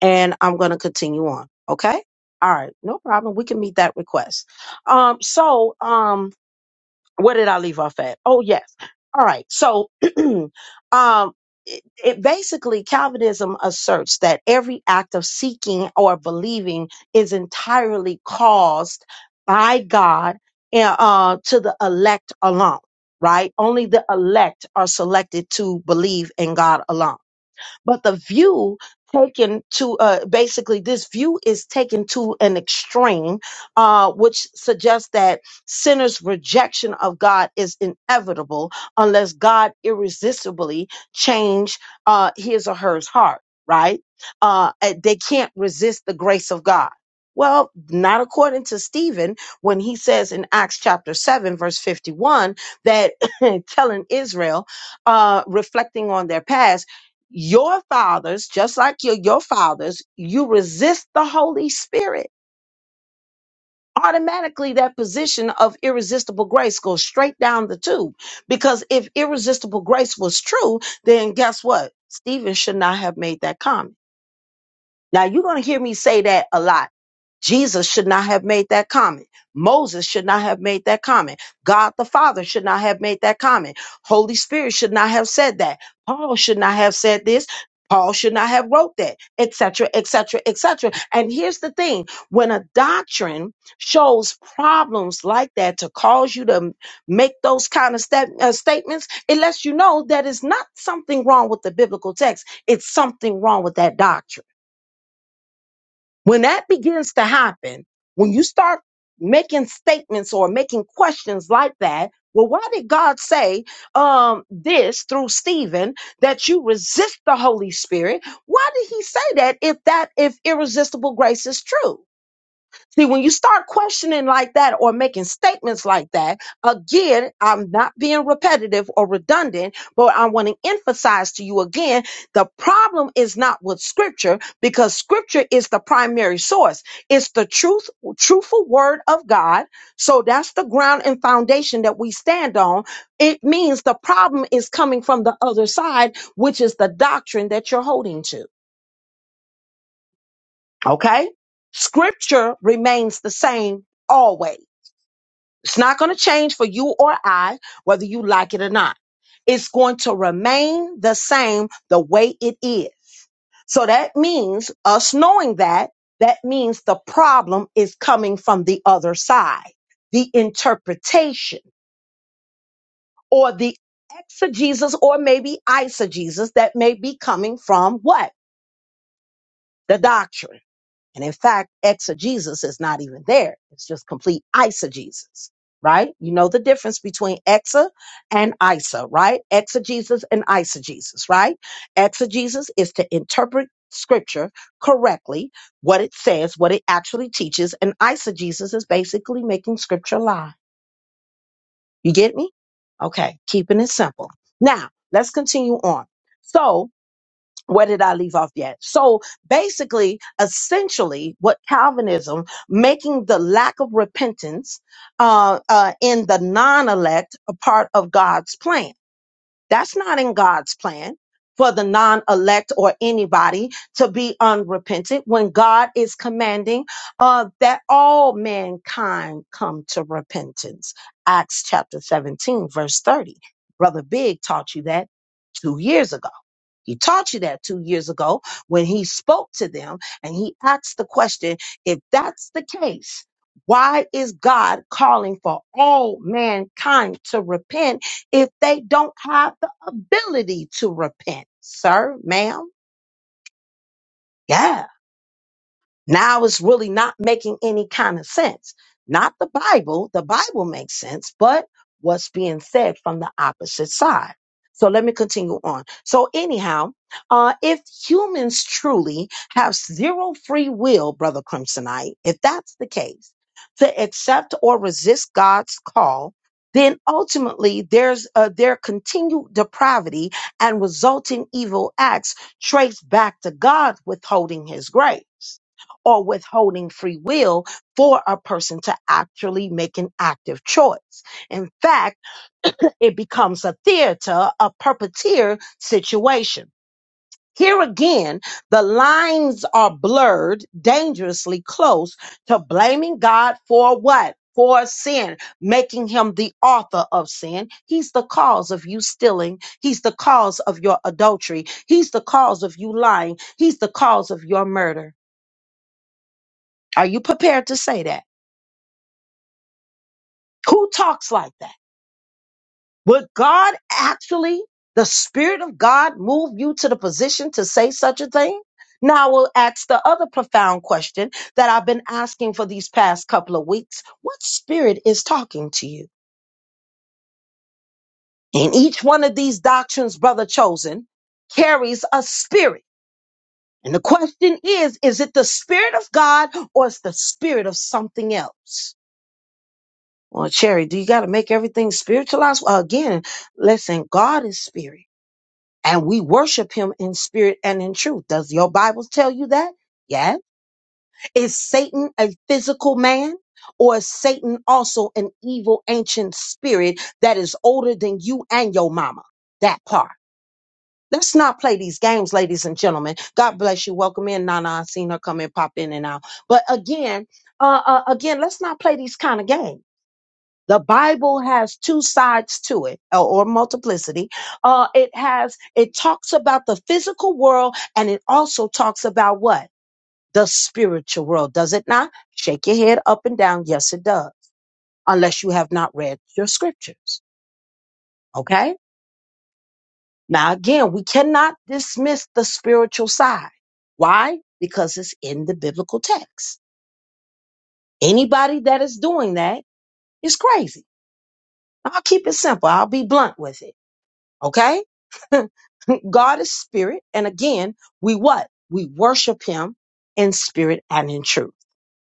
Speaker 2: and I'm going to continue on. Okay. All right. No problem. We can meet that request. Um, so, um, where did I leave off at? Oh, yes. All right. So, um, it, it basically Calvinism asserts that every act of seeking or believing is entirely caused by God and, uh, to the elect alone. Right? Only the elect are selected to believe in God alone but the view taken to uh, basically this view is taken to an extreme uh, which suggests that sinners rejection of god is inevitable unless god irresistibly change uh, his or her heart right uh, eh, they can't resist the grace of god well not according to stephen when he says in acts chapter 7 verse 51 that telling israel uh, reflecting on their past your fathers, just like your, your fathers, you resist the Holy Spirit. Automatically, that position of irresistible grace goes straight down the tube. Because if irresistible grace was true, then guess what? Stephen should not have made that comment. Now you're going to hear me say that a lot. Jesus should not have made that comment. Moses should not have made that comment. God the Father should not have made that comment. Holy Spirit should not have said that. Paul should not have said this. Paul should not have wrote that, etc., etc., etc. And here's the thing: when a doctrine shows problems like that to cause you to m- make those kind of stat- uh, statements, it lets you know that it's not something wrong with the biblical text; it's something wrong with that doctrine. When that begins to happen, when you start making statements or making questions like that, well, why did God say um, this through Stephen that you resist the Holy Spirit? Why did He say that if that if irresistible grace is true? See, when you start questioning like that or making statements like that, again, I'm not being repetitive or redundant, but I want to emphasize to you again the problem is not with scripture because scripture is the primary source. It's the truth, truthful word of God. So that's the ground and foundation that we stand on. It means the problem is coming from the other side, which is the doctrine that you're holding to. Okay? Scripture remains the same always. It's not going to change for you or I, whether you like it or not. It's going to remain the same the way it is. So that means us knowing that, that means the problem is coming from the other side, the interpretation or the exegesis or maybe eisegesis that may be coming from what? The doctrine. And in fact, exegesis is not even there. It's just complete eisegesis, right? You know the difference between exa and isa, right? Exegesis and eisegesis, right? Exegesis is to interpret scripture correctly, what it says, what it actually teaches, and eisegesis is basically making scripture lie. You get me? Okay, keeping it simple. Now, let's continue on. So, where did I leave off yet? So basically, essentially, what Calvinism making the lack of repentance uh, uh, in the non-elect a part of God's plan. That's not in God's plan for the non-elect or anybody to be unrepentant when God is commanding uh, that all mankind come to repentance. Acts chapter 17, verse 30. Brother Big taught you that two years ago. He taught you that two years ago when he spoke to them and he asked the question if that's the case, why is God calling for all mankind to repent if they don't have the ability to repent, sir, ma'am? Yes. Now it's really not making any kind of sense. Not the Bible, the Bible makes sense, but what's being said from the opposite side. So let me continue on. So, anyhow, uh, if humans truly have zero free will, Brother Crimsonite, if that's the case, to accept or resist God's call, then ultimately there's uh, their continued depravity and resulting evil acts traced back to God withholding his grace or withholding free will for a person to actually make an active choice. In fact, it becomes a theater, a puppeteer situation. Here again, the lines are blurred dangerously close to blaming God for what? For sin, making him the author of sin. He's the cause of you stealing. He's the cause of your adultery. He's the cause of you lying. He's the cause of your murder. Are you prepared to say that? Who talks like that? Would God actually, the Spirit of God, move you to the position to say such a thing? Now we'll ask the other profound question that I've been asking for these past couple of weeks. What spirit is talking to you? And each one of these doctrines, brother chosen, carries a spirit. And the question is, is it the spirit of God or is the spirit of something else? Well, Cherry, do you got to make everything spiritualized? Well, again, listen, God is spirit and we worship him in spirit and in truth. Does your Bible tell you that? Yeah. Is Satan a physical man? Or is Satan also an evil ancient spirit that is older than you and your mama? That part. Let's not play these games, ladies and gentlemen. God bless you. Welcome in, Nana. I seen her come in, pop in and out. But again, uh, uh again, let's not play these kind of games. The Bible has two sides to it, or, or multiplicity. Uh, it has, it talks about the physical world and it also talks about what? The spiritual world, does it not? Shake your head up and down. Yes, it does. Unless you have not read your scriptures. Okay. Now, again, we cannot dismiss the spiritual side. Why? Because it's in the biblical text. Anybody that is doing that is crazy. I'll keep it simple. I'll be blunt with it. Okay? God is spirit. And again, we what? We worship him in spirit and in truth.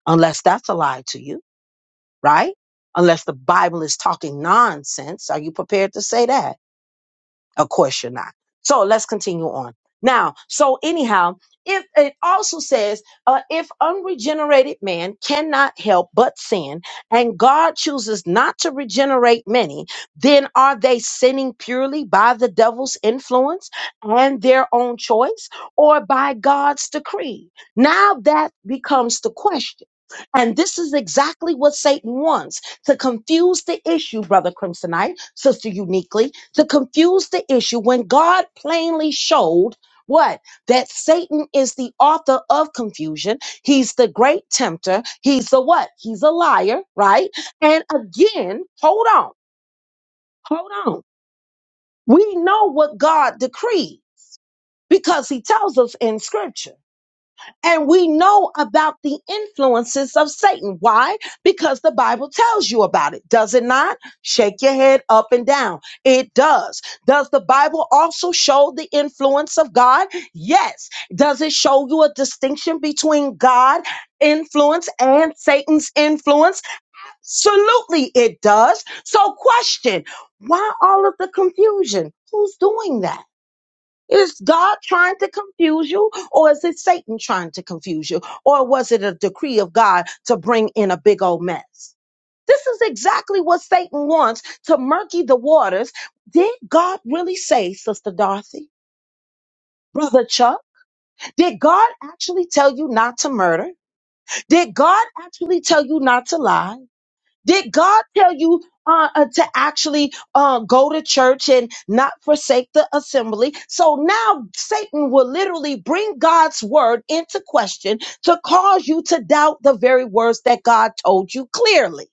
Speaker 2: Unless that's a lie to you, right? Unless the Bible is talking nonsense. Are you prepared to say that? Of course you're not. So let's continue on. Now, so anyhow, if it also says, uh, if unregenerated man cannot help but sin, and God chooses not to regenerate many, then are they sinning purely by the devil's influence and their own choice, or by God's decree? Now that becomes the question. And this is exactly what Satan wants to confuse the issue, Brother Crimsonite, Sister Uniquely, to confuse the issue when God plainly showed what? That Satan is the author of confusion. He's the great tempter. He's the what? He's a liar, right? And again, hold on, hold on. We know what God decreed because he tells us in scripture. And we know about the influences of Satan. Why? Because the Bible tells you about it, does it not? Shake your head up and down. It does. Does the Bible also show the influence of God? Yes. Does it show you a distinction between God influence and Satan's influence? Absolutely, it does. So, question why all of the confusion? Who's doing that? Is God trying to confuse you, or is it Satan trying to confuse you, or was it a decree of God to bring in a big old mess? This is exactly what Satan wants to murky the waters. Did God really say, Sister Dorothy? Brother Chuck, did God actually tell you not to murder? Did God actually tell you not to lie? Did God tell you uh, uh, to actually uh, go to church and not forsake the assembly? So now Satan will literally bring God's word into question to cause you to doubt the very words that God told you clearly.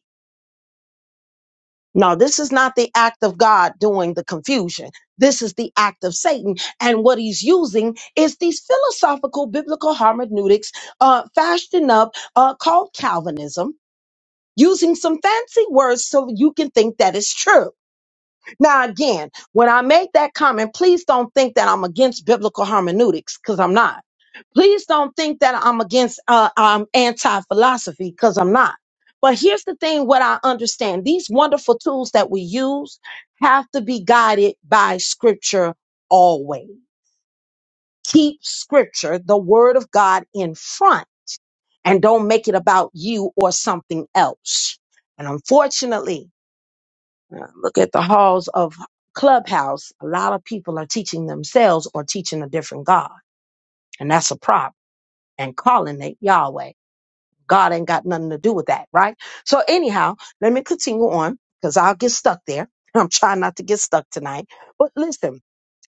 Speaker 2: No, this is not the act of God doing the confusion. This is the act of Satan. And what he's using is these philosophical biblical hermeneutics uh, fashioned up uh, called Calvinism using some fancy words so you can think that it's true. Now, again, when I make that comment, please don't think that I'm against biblical hermeneutics because I'm not. Please don't think that I'm against uh, um, anti philosophy because I'm not. But here's the thing what I understand these wonderful tools that we use have to be guided by scripture always. Keep scripture, the word of God, in front and don't make it about you or something else. And unfortunately, Uh, Look at the halls of Clubhouse. A lot of people are teaching themselves or teaching a different God, and that's a problem. and calling it Yahweh. God ain't got nothing to do with that, right? So, anyhow, let me continue on because I'll get stuck there. I'm trying not to get stuck tonight. But listen,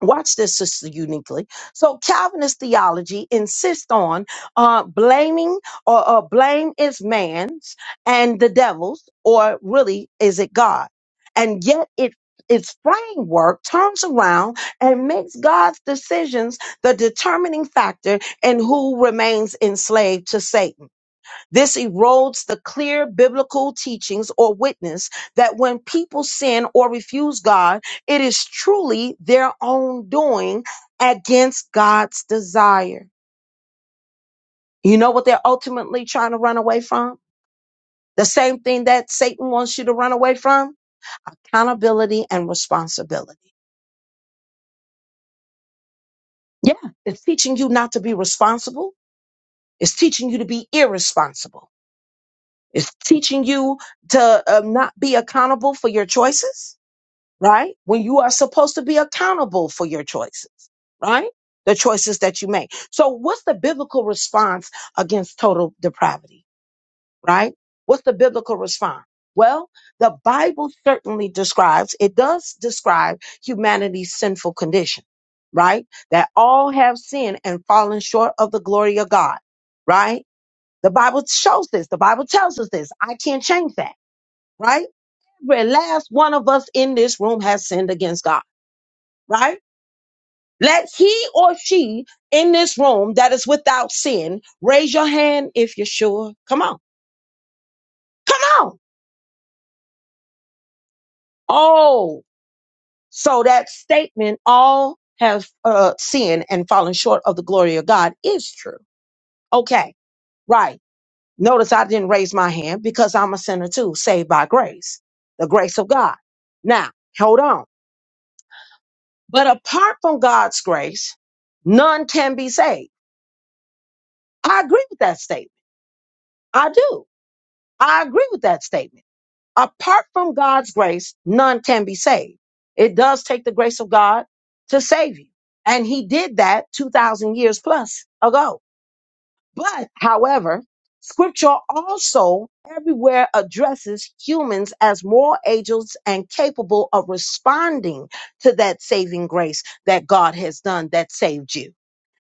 Speaker 2: Watch this, sister, uniquely. So Calvinist theology insists on uh, blaming or uh, blame is man's and the devil's, or really is it God? And yet it its framework turns around and makes God's decisions the determining factor in who remains enslaved to Satan. This erodes the clear biblical teachings or witness that when people sin or refuse God, it is truly their own doing against God's desire. You know what they're ultimately trying to run away from? The same thing that Satan wants you to run away from? Accountability and responsibility. Yeah, it's teaching you not to be responsible. It's teaching you to be irresponsible. It's teaching you to um, not be accountable for your choices right? When you are supposed to be accountable for your choices, right? The choices that you make. So what's the biblical response against total depravity, right? What's the biblical response? Well, the Bible certainly describes, it does describe humanity's sinful condition, right? That all have sinned and fallen short of the glory of God, right? The Bible shows this. The Bible tells us this. I can't change that, right? Every last one of us in this room has sinned against God right? Let he or she in this room that is without sin raise your hand if you're sure. Come on. Come on. Oh, so that statement, all have uh, sinned and fallen short of the glory of God, is true. Okay, right. Notice I didn't raise my hand because I'm a sinner too, saved by grace, the grace of God. Now, hold on. But apart from God's grace, none can be saved. I agree with that statement. I do. I agree with that statement. apart from God's grace, none can be saved. It does take the grace of God to save you. And he did that 2000 years plus ago. But however, scripture also everywhere addresses humans as moral agents and capable of responding to that saving grace that God has done that saved you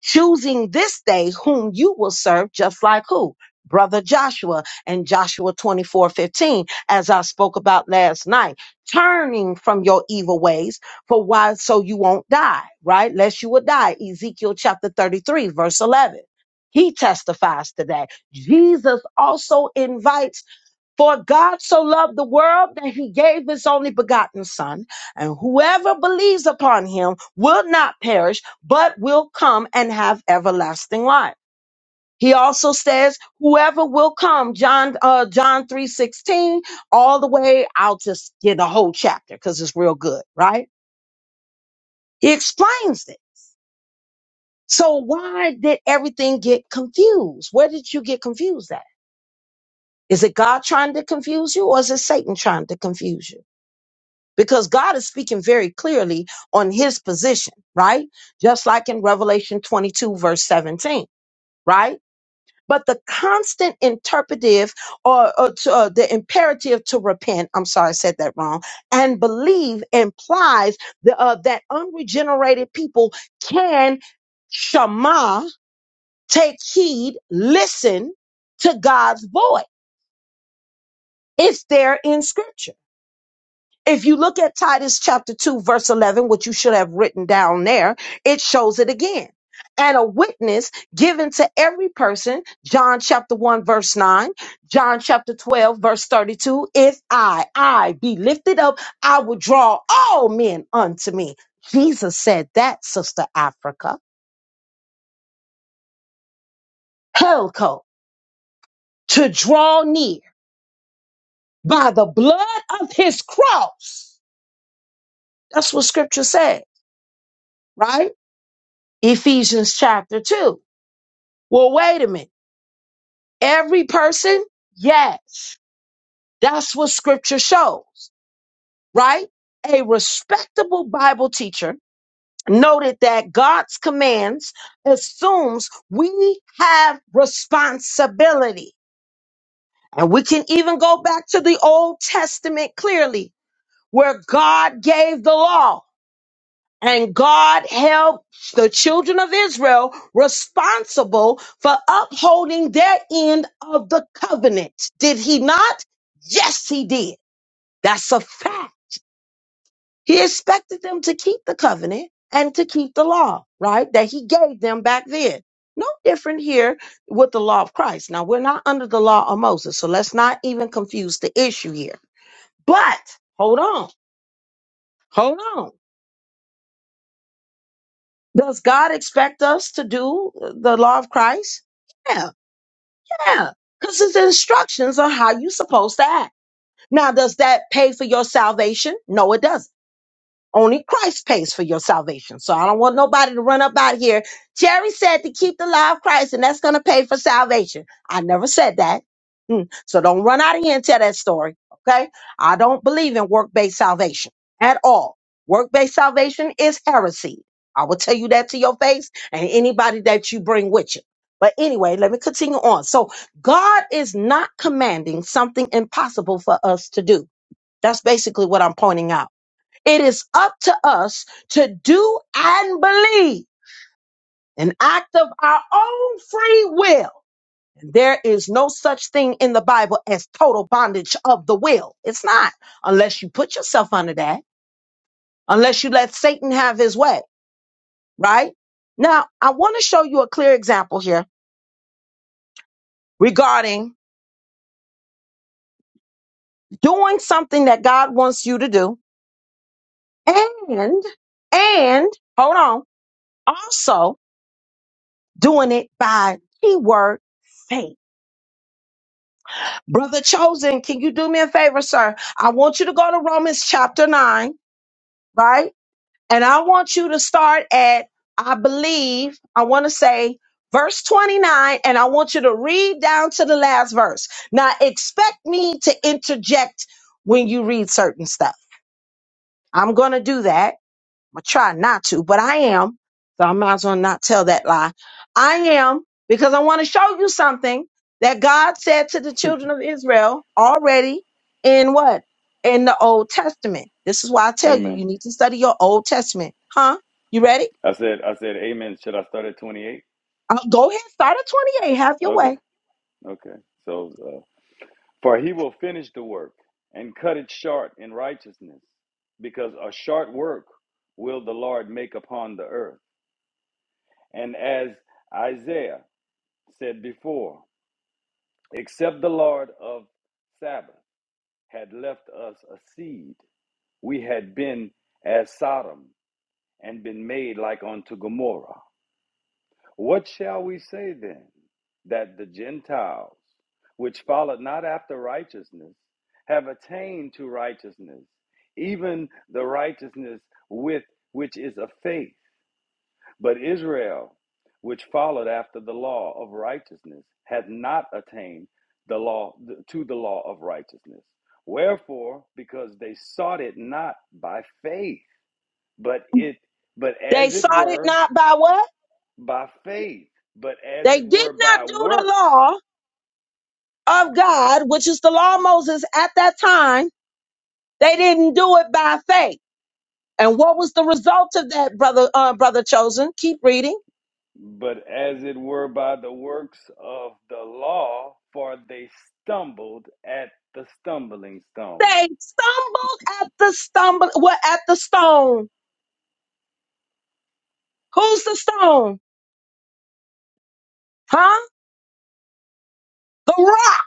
Speaker 2: choosing this day whom you will serve, just like who? Brother Joshua and Joshua 24 15, as I spoke about last night, turning from your evil ways for why, so you won't die, right? Lest you will die. Ezekiel chapter 33, verse 11. He testifies to that. Jesus also invites for God so loved the world that he gave his only begotten Son, and whoever believes upon him will not perish, but will come and have everlasting life. He also says, whoever will come, John, uh, John 3 16, all the way, I'll just get a whole chapter because it's real good, right? He explains it. So why did everything get confused? Where did you get confused at? Is it God trying to confuse you or is it Satan trying to confuse you? because God is speaking very clearly on his position, right? Just like in Revelation 22, verse 17, right? But the constant interpretive or, or to, uh, the imperative to repent, I'm sorry, I said that wrong, and believe implies the, uh, that unregenerated people can shema, take heed, listen to God's voice. It's there in scripture If you look at Titus chapter 2, verse 11, which you should have written down there, it shows it again. And a witness given to every person, John chapter 1, verse 9, John chapter 12, verse 32. If I, I be lifted up, I will draw all men unto me. Jesus said that, Sister Africa. Helco, to draw near by the blood of his cross. That's what scripture says, right? Ephesians chapter 2. Well, wait a minute. Every person? Yes. That's what scripture shows, right? A respectable Bible teacher noted that God's commands assumes we have responsibility. And we can even go back to the Old Testament clearly where God gave the law. And God held the children of Israel responsible for upholding their end of the covenant. Did he not? Yes, he did. That's a fact. He expected them to keep the covenant and to keep the law, right? That he gave them back then. No different here with the law of Christ. Now, we're not under the law of Moses, so let's not even confuse the issue here. But hold on, hold on. Does God expect us to do the law of Christ? Yeah, yeah. Because his instructions on how you're supposed to act. Now, does that pay for your salvation? No, it doesn't. Only Christ pays for your salvation. So I don't want nobody to run up out here. Jerry said to keep the law of Christ, and that's going to pay for salvation. I never said that. Mm. So don't run out of here and tell that story. Okay. I don't believe in work based salvation at all. Work based salvation is heresy. I will tell you that to your face and anybody that you bring with you. But anyway, let me continue on. So God is not commanding something impossible for us to do. That's basically what I'm pointing out. It is up to us to do and believe an act of our own free will. There is no such thing in the Bible as total bondage of the will. It's not unless you put yourself under that, unless you let Satan have his way, right? Now, I want to show you a clear example here regarding doing something that God wants you to do and, and hold on, also doing it by keyword faith Brother Chosen, can you do me a favor, sir? I want you to go to Romans chapter 9, right? And I want you to start at, I believe, I want to say verse 29, and I want you to read down to the last verse. Now, expect me to interject when you read certain stuff. I'm going to do that I try not to, but I am. So I might as well not tell that lie. I am because I want to show you something that God said to the children of Israel already in what? In the Old Testament. This is why I tell you,
Speaker 3: Amen.
Speaker 2: you need to study your Old Testament. Huh? You ready?
Speaker 3: I said, I said, Amen. Should I start at twenty-eight?
Speaker 2: Uh, go ahead, start at 28. Have your
Speaker 3: Okay,
Speaker 2: way.
Speaker 3: okay. So, uh, for he will finish the work and cut it short in righteousness, because a short work will the Lord make upon the earth. And as Isaiah said before, except the Lord of Sabbath had left us a seed. We had been as Sodom and been made like unto Gomorrah. What shall we say then? That the Gentiles, which followed not after righteousness, have attained to righteousness, even the righteousness with which is of faith. But Israel, which followed after the law of righteousness, hath not attained the law to the law of righteousness. Wherefore, because they sought it not by faith, but it but
Speaker 2: They
Speaker 3: as it
Speaker 2: sought it
Speaker 3: were
Speaker 2: not by what?
Speaker 3: by faith, but as
Speaker 2: They
Speaker 3: it
Speaker 2: did
Speaker 3: were
Speaker 2: not
Speaker 3: by
Speaker 2: do the
Speaker 3: works,
Speaker 2: law of God, which is the law of Moses at that time. They didn't do it by faith. And what was the result of that, brother, uh, brother chosen? Keep reading.
Speaker 3: but as it were by the works of the law, for they stumbled at the stumbling stone.
Speaker 2: They stumbled at the stumble, well, at the stone. Who's the stone? Huh? The rock.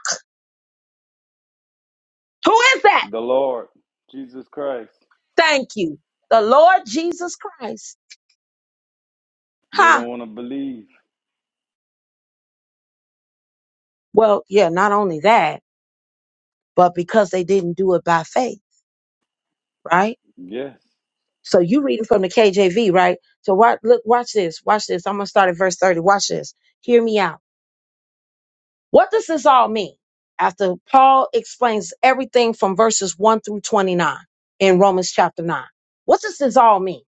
Speaker 2: Who is that?
Speaker 3: The Lord Jesus Christ,
Speaker 2: Thank you. The Lord Jesus Christ.
Speaker 3: they
Speaker 2: Huh?
Speaker 3: don't want to believe.
Speaker 2: Well, yeah, not only that, but because they didn't do it by faith, right?
Speaker 3: Yes.
Speaker 2: So you reading from the KJV, right? So watch, look, watch this, watch this. I'm going to start at verse 30. Watch this. Hear me out. What does this all mean? After Paul explains everything from verses 1 through 29 in Romans chapter 9, what does this all mean?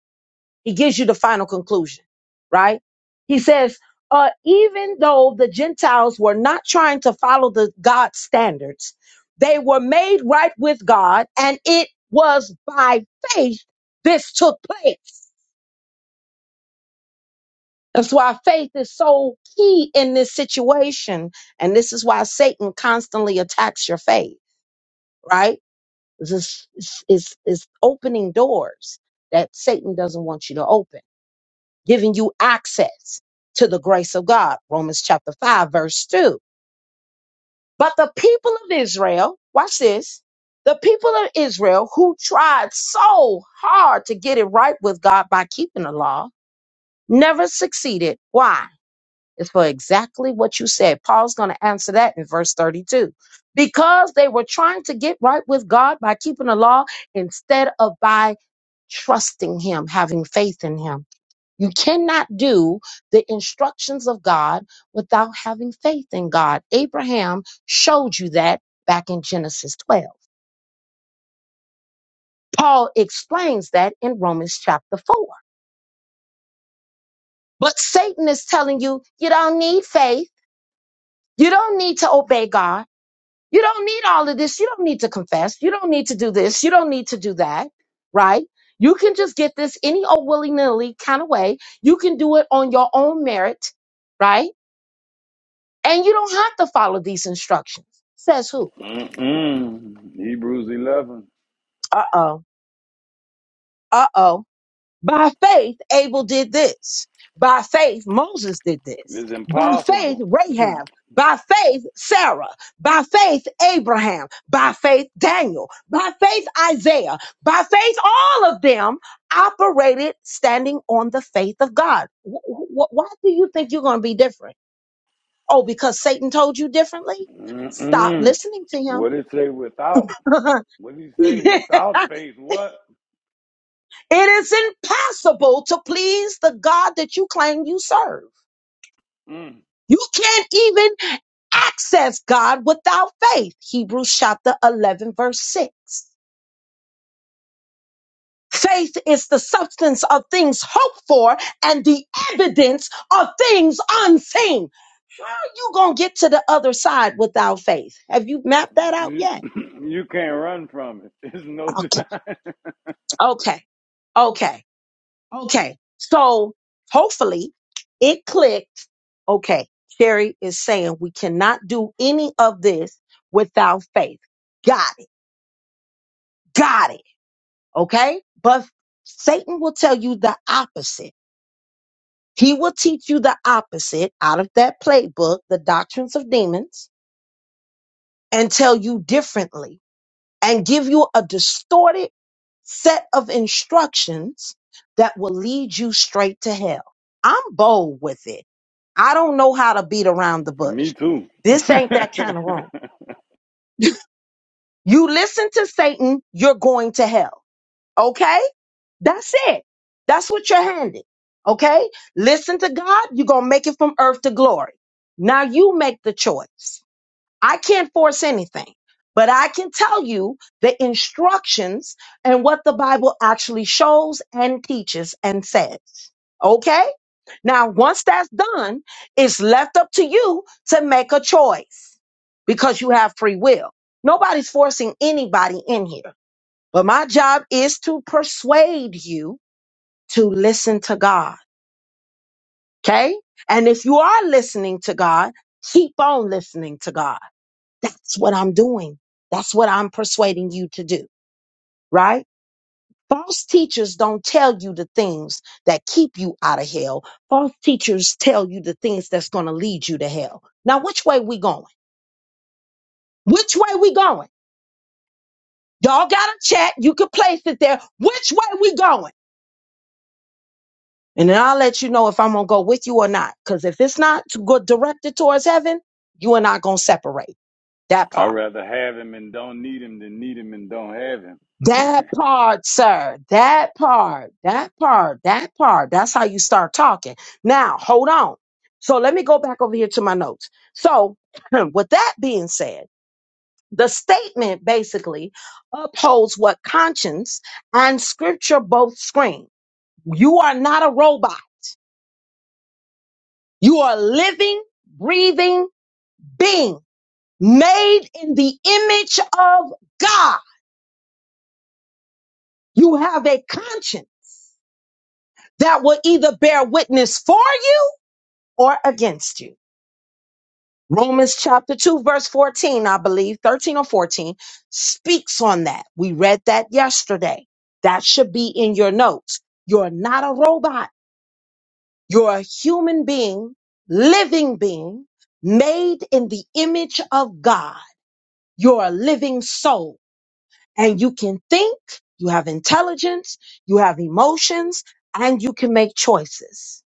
Speaker 2: He gives you the final conclusion, right? He says, uh, even though the Gentiles were not trying to follow the God standards, they were made right with God, and it was by faith this took place. That's why faith is so key in this situation. And this is why Satan constantly attacks your faith right? It's, it's, it's, it's it's opening doors that Satan doesn't want you to open, giving you access to the grace of God. Romans chapter 5, verse 2. But the people of Israel, watch this. The people of Israel who tried so hard to get it right with God by keeping the law never succeeded. Why? is for exactly what you said. Paul's going to answer that in verse 32. Because they were trying to get right with God by keeping the law instead of by trusting Him, having faith in Him. You cannot do the instructions of God without having faith in God. Abraham showed you that back in Genesis 12. Paul explains that in Romans chapter 4. But Satan is telling you, you don't need faith. You don't need to obey God. You don't need all of this. You don't need to confess. You don't need to do this. You don't need to do that, right? You can just get this any old willy nilly kind of way. You can do it on your own merit, right? And you don't have to follow these instructions. Says who?
Speaker 3: Mm-mm. Hebrews 11.
Speaker 2: Uh oh. Uh oh. By faith, Abel did this. By faith, Moses did this.
Speaker 3: It's
Speaker 2: By faith,
Speaker 3: impossible.
Speaker 2: Rahab. By faith, Sarah. By faith, Abraham. By faith, Daniel. By faith, Isaiah. By faith, all of them operated standing on the faith of God. Wh- wh- Why do you think you're going to be different? Oh, because Satan told you differently? Stop
Speaker 3: Mm-mm.
Speaker 2: listening to
Speaker 3: What did it say without? What did he say
Speaker 2: him.
Speaker 3: without faith? What?
Speaker 2: It is impossible to please the God that you claim you serve.
Speaker 3: Mm.
Speaker 2: You can't even access God without faith. Hebrews chapter 11, verse 6. Faith is the substance of things hoped for and the evidence of things unseen. How are you going to get to the other side without faith? Have you mapped that out
Speaker 3: You,
Speaker 2: yet?
Speaker 3: you can't run from it. There's no
Speaker 2: Okay.
Speaker 3: denying.
Speaker 2: Okay. Okay. Okay. So hopefully it clicked. Okay. Sherry is saying we cannot do any of this without faith. Got it. Got it Okay. But Satan will tell you the opposite. He will teach you the opposite out of that playbook, the doctrines of demons, and tell you differently and give you a distorted set of instructions that will lead you straight to hell. I'm bold with it. I don't know how to beat around the
Speaker 3: Me
Speaker 2: bush.
Speaker 3: too.
Speaker 2: This ain't that kind of room. You listen to Satan, you're going to hell. Okay? That's it. That's what you're handed. Okay? Listen to God. You're going to make it from earth to glory. Now you make the choice. I can't force anything, but I can tell you the instructions and what the Bible actually shows and teaches and says. Okay? Now, once that's done, it's left up to you to make a choice because you have free will. Nobody's forcing anybody in here, but my job is to persuade you to listen to God. Okay. And if you are listening to God, keep on listening to God. That's what I'm doing. That's what I'm persuading you to do. Right. False teachers don't tell you the things that keep you out of hell. False teachers tell you the things that's going to lead you to hell. Now, which way we going? Which way we going? Y'all got to chat. You can place it there. Which way we going? And then I'll let you know if I'm going to go with you or not. Because if it's not to go directed towards heaven, you are not going to separate. That
Speaker 3: I'd
Speaker 2: part.
Speaker 3: rather have him and don't need him than need him and don't have him.
Speaker 2: That part, sir. That part. That part. That part. That's how you start talking. Now, hold on. So let me go back over here to my notes. So, with that being said, the statement basically upholds what conscience and scripture both scream. You are not a robot. You are a living, breathing being made in the image of God. You have a conscience that will either bear witness for you or against you. Romans chapter 2, verse 14, I believe, 13 or 14, speaks on that. We read that yesterday. That should be in your notes. You're not a robot. You're a human being, living being, made in the image of God. You're a living soul and you can think, you have intelligence, you have emotions, and you can make choices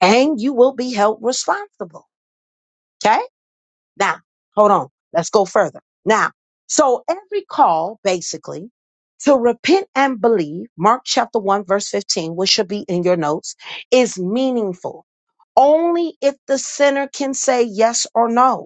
Speaker 2: and you will be held responsible. Okay. Now, hold on. Let's go further. Now, so every call basically to repent and believe, Mark chapter one, verse 15, which should be in your notes is meaningful only if the sinner can say yes or no.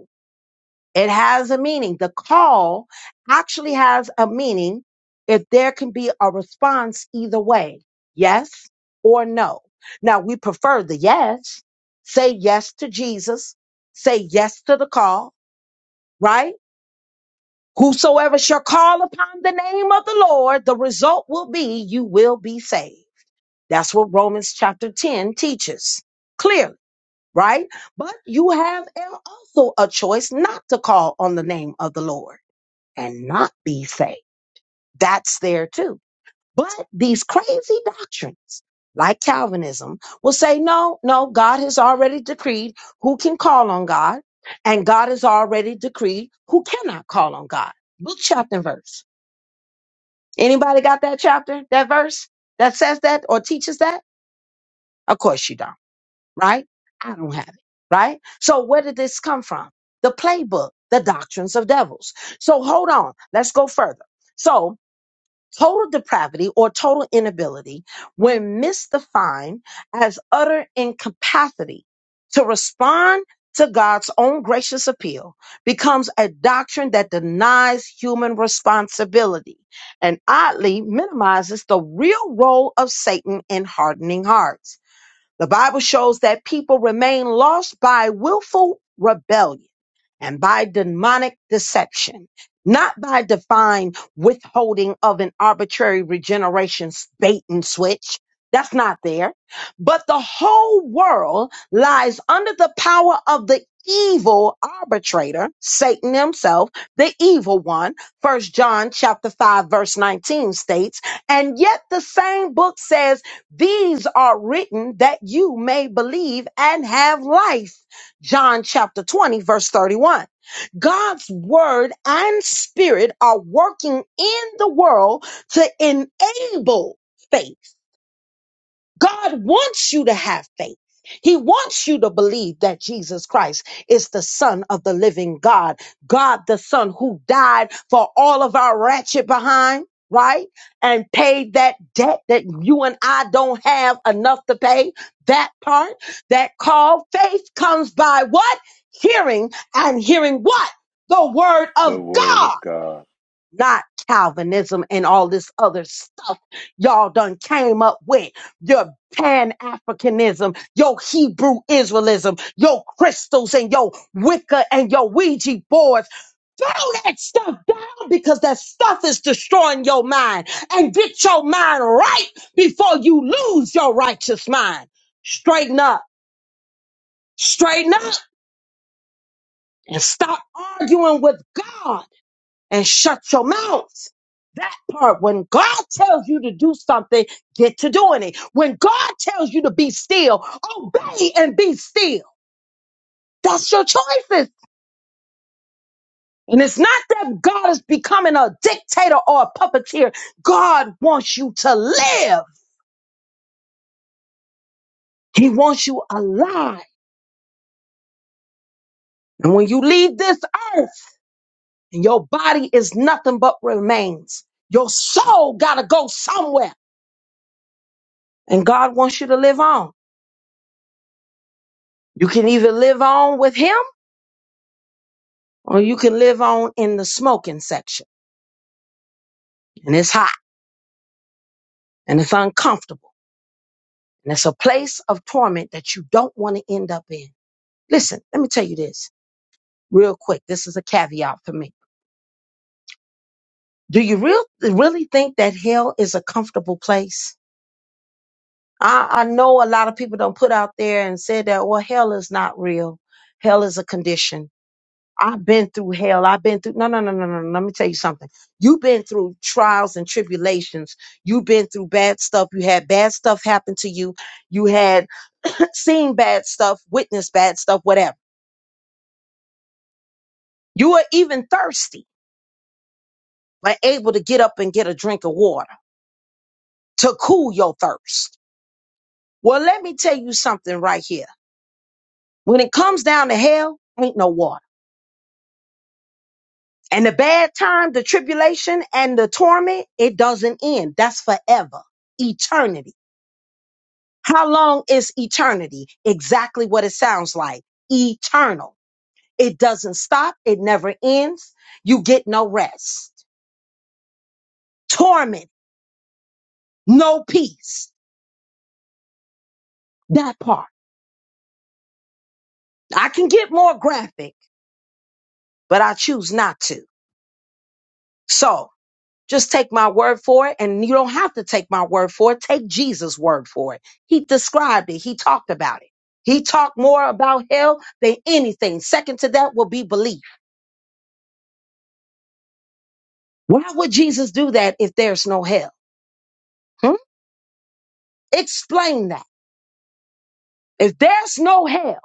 Speaker 2: It has a meaning. The call actually has a meaning if there can be a response either way, yes or no. Now, we prefer the yes. Say yes to Jesus. Say yes to the call, right? Whosoever shall call upon the name of the Lord, the result will be you will be saved. That's what Romans chapter 10 teaches clearly, right? But you have also a choice not to call on the name of the Lord and not be saved. That's there too. But these crazy doctrines, like Calvinism, will say, no, no, God has already decreed who can call on God, and God has already decreed who cannot call on God. Book, chapter, and verse. Anybody got that chapter, that verse that says that or teaches that? Of course you don't, right? I don't have it, right? So where did this come from? The playbook, the doctrines of devils. So hold on, let's go further. So total depravity or total inability when misdefined as utter incapacity to respond to God's own gracious appeal becomes a doctrine that denies human responsibility and oddly minimizes the real role of Satan in hardening hearts. The Bible shows that people remain lost by willful rebellion and by demonic deception, not by divine withholding of an arbitrary regeneration's bait and switch. That's not there. But the whole world lies under the power of the evil arbitrator, Satan himself, the evil one. First John chapter 5 verse 19 states, and yet the same book says these are written that you may believe and have life. John chapter 20, verse 31. God's word and spirit are working in the world to enable faith. God wants you to have faith. He wants you to believe that Jesus Christ is the Son of the living God, God the Son who died for all of our ratchet behind, right? And paid that debt that you and I don't have enough to pay. That part, that call, faith comes by what? Hearing and hearing what? The word
Speaker 3: The
Speaker 2: of
Speaker 3: word of
Speaker 2: God
Speaker 3: God.
Speaker 2: not Calvinism and all this other stuff y'all done came up with. Your Pan Africanism, your Hebrew Israelism, your crystals and your Wicca and your Ouija boards. Throw that stuff down because that stuff is destroying your mind. And get your mind right before you lose your righteous mind. Straighten up, straighten up, and stop arguing with God and shut your mouth. That part, when God tells you to do something, get to doing it. When God tells you to be still, obey and be still. That's your choices. And it's not that God is becoming a dictator or a puppeteer. God wants you to live. He wants you alive. And when you leave this earth and your body is nothing but remains, your soul got to go somewhere. And God wants you to live on. You can either live on with Him or you can live on in the smoking section and it's hot and it's uncomfortable and it's a place of torment that you don't want to end up in. Listen, let me tell you this real quick. This is a caveat for me. Do you real, really think that hell is a comfortable place? I, I know a lot of people don't put out there and said that, well, hell is not real. Hell is a condition I've been through hell. I've been through no, no, no, no, no. no. Let me tell you something. You've been through trials and tribulations. You've been through bad stuff. You had bad stuff happen to you. You had seen bad stuff, witnessed bad stuff, whatever. You were even thirsty, but able to get up and get a drink of water to cool your thirst. Well, let me tell you something right here. When it comes down to hell, ain't no water. And the bad time, the tribulation, and the torment, it doesn't end. That's forever, eternity. How long is eternity? Exactly what it sounds like. Eternal. It doesn't stop. It never ends. You get no rest. Torment. No peace. That part. I can get more graphic, but I choose not to. So just take my word for it. And you don't have to take my word for it. Take Jesus' word for it. He described it. He talked about it. He talked more about hell than anything. Second to that will be belief. Why would Jesus do that if there's no hell? Hmm? Explain that. If there's no hell,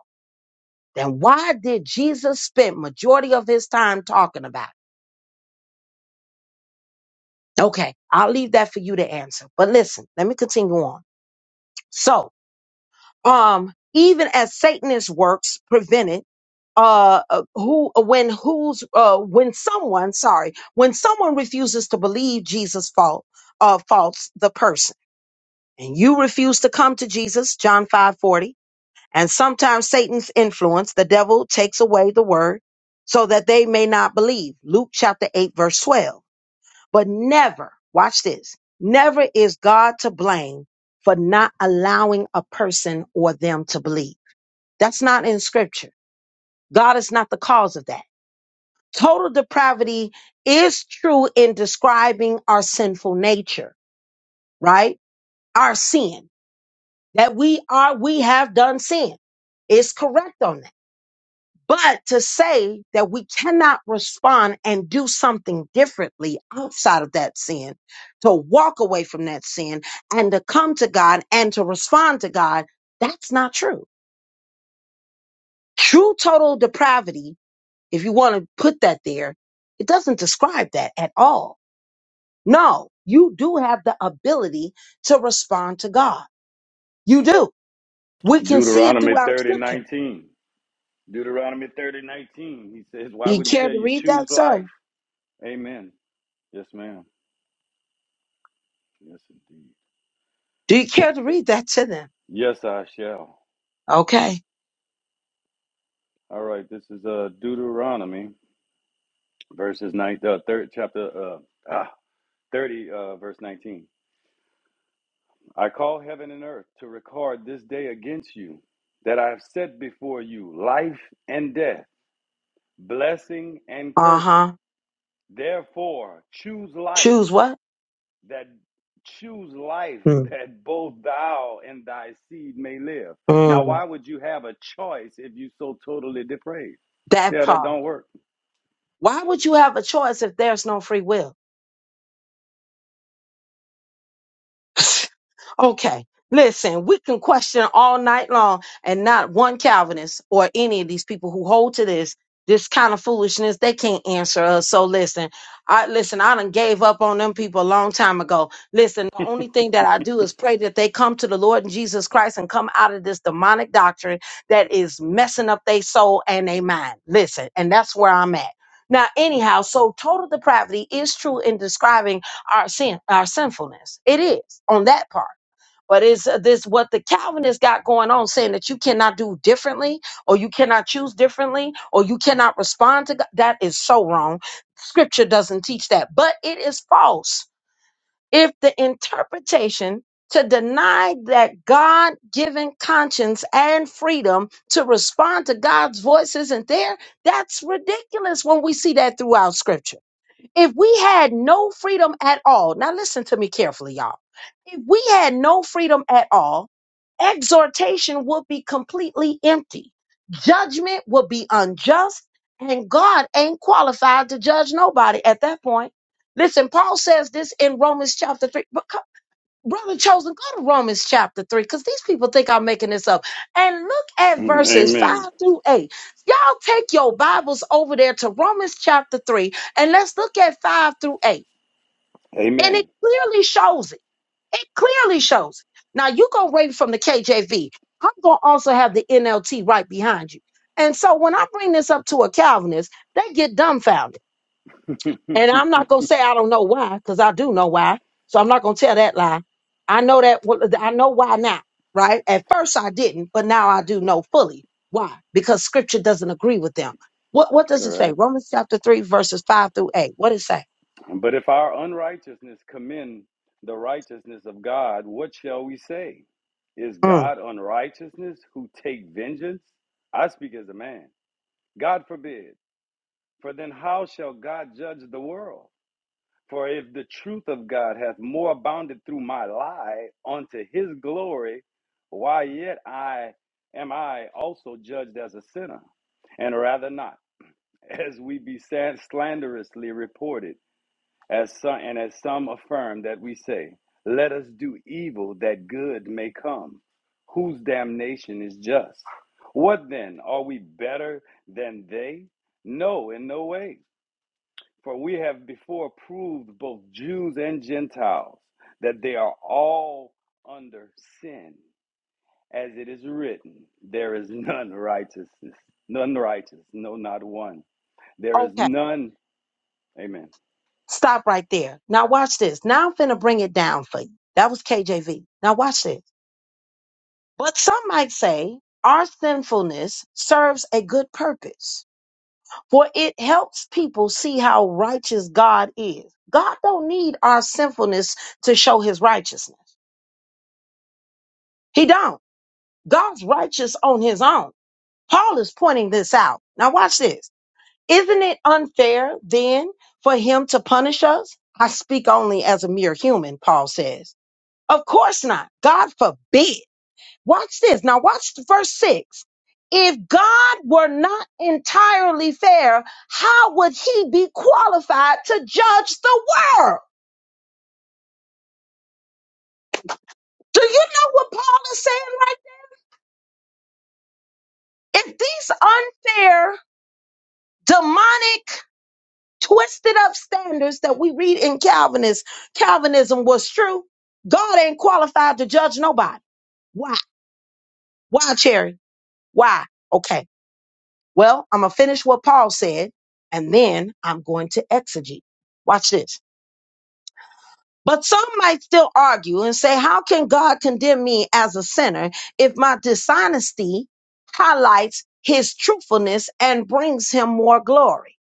Speaker 2: then why did Jesus spend majority of his time talking about it? Okay, I'll leave that for you to answer. But listen, let me continue on. So, um, even as Satanist works prevented, uh, uh, who when who's uh when someone sorry when someone refuses to believe Jesus fault uh faults the person and you refuse to come to Jesus John five forty And sometimes Satan's influence, the devil takes away the word so that they may not believe. Luke chapter 8, verse 12. But never, watch this, never is God to blame for not allowing a person or them to believe. That's not in scripture. God is not the cause of that. Total depravity is true in describing our sinful nature, right? Our sin, that we are, we have done sin. It's correct on that. But to say that we cannot respond and do something differently outside of that sin, to walk away from that sin and to come to God and to respond to God, that's not true. True total depravity, if you want to put that there, it doesn't describe that at all. No, you do have the ability to respond to God. You do. We can see it
Speaker 3: Deuteronomy
Speaker 2: throughout
Speaker 3: 30
Speaker 2: scripture.
Speaker 3: 19. Deuteronomy 30 19. He says, why
Speaker 2: Do you
Speaker 3: would he
Speaker 2: care
Speaker 3: tell
Speaker 2: to
Speaker 3: you
Speaker 2: read
Speaker 3: choose
Speaker 2: that,
Speaker 3: life?
Speaker 2: sir?
Speaker 3: Amen. Yes, ma'am. Yes, indeed.
Speaker 2: Do you care to read that to them?
Speaker 3: Yes, I shall.
Speaker 2: Okay.
Speaker 3: All right. This is uh Deuteronomy verses nine, uh, third chapter, uh, ah, thirty, uh, verse nineteen. I call heaven and earth to record this day against you, that I have set before you life and death, blessing and
Speaker 2: Uh huh.
Speaker 3: cursing. Therefore, choose life
Speaker 2: Choose what?
Speaker 3: that choose life
Speaker 2: Mm,
Speaker 3: that both thou and thy seed may live. Now,
Speaker 2: mm.
Speaker 3: why would you have a choice if you so totally depraved? See
Speaker 2: That
Speaker 3: how that
Speaker 2: part.
Speaker 3: don't work?
Speaker 2: Why would you have a choice if there's no free will? Okay, listen, we can question all night long, and not one Calvinist or any of these people who hold to this this kind of foolishness. They can't answer us. So listen, I listen. I done gave up on them people a long time ago. Listen, the only thing that I do is pray that they come to the Lord and Jesus Christ and come out of this demonic doctrine that is messing up their soul and their mind. Listen, and that's where I'm at. Now, anyhow, so total depravity is true in describing our sin, our sinfulness. It is on that part. But is this what the Calvinists got going on, saying that you cannot do differently, or you cannot choose differently, or you cannot respond to God? That is so wrong. Scripture doesn't teach that, but it is false. If the interpretation to deny that God given conscience and freedom to respond to God's voice isn't there, that's ridiculous when we see that throughout Scripture. If we had no freedom at all, now listen to me carefully, y'all. If we had no freedom at all, exhortation would be completely empty, judgment would be unjust, and God ain't qualified to judge nobody at that point. Listen, Paul says this in Romans chapter 3. Brother Chosen, go to Romans chapter 3 because these people think I'm making this up. And look at
Speaker 3: Mm,
Speaker 2: verses 5
Speaker 3: Amen.
Speaker 2: through 8. Y'all take your Bibles over there to Romans chapter 3 and let's look at 5 through 8. And it
Speaker 3: Amen.
Speaker 2: clearly shows it. It clearly shows it. Now, you go read from the KJV. I'm going to also have the NLT right behind you. And so when I bring this up to a Calvinist, they get dumbfounded and I'm not gonna say I don't know why, because I do know why. So I'm not gonna tell that lie. I know that well, I know why now, right? At first I didn't, but now I do know fully why, because Scripture doesn't agree with them. What What does it say?
Speaker 3: Correct.
Speaker 2: Romans chapter three, verses five through eight. What it say?
Speaker 3: But if our unrighteousness commend the righteousness of God, what shall we say? Is
Speaker 2: Mm.
Speaker 3: God unrighteousness who take vengeance? I speak as a man. God forbid. For then how shall God judge the world? For if the truth of God hath more abounded through my lie unto his glory, why yet I am I also judged as a sinner? And rather not, as we be san- slanderously reported, as some, and as some affirm that we say, let us do evil that good may come, whose damnation is just. What then? Are we better than they? No, in no way. For we have before proved both Jews and Gentiles that they are all under sin. As it is written, there is none righteousness, none righteous, no, not one. There is
Speaker 2: Okay,
Speaker 3: none. Amen.
Speaker 2: stop right there. Now watch this. Now I'm finna bring it down for you. That was KJV. Now watch this. But some might say our sinfulness serves a good purpose for it helps people see how righteous God is. God don't need our sinfulness to show his righteousness. He don't. God's righteous on his own. Paul is pointing this out. Now watch this. Isn't it unfair then for him to punish us? I speak only as a mere human, Paul says. Of course not. God forbid. Watch this. Now, watch the verse 6. If God were not entirely fair, how would he be qualified to judge the world? Do you know what Paul is saying right there? if these unfair, demonic, twisted up standards that we read in Calvinist, Calvinism was true, God ain't qualified to judge nobody. Why? Why, Cherry? Why? Okay. Well, I'm going to finish what Paul said, and then I'm going to exegete. Watch this. But some might still argue and say, how can God condemn me as a sinner if my dishonesty highlights his truthfulness and brings him more glory?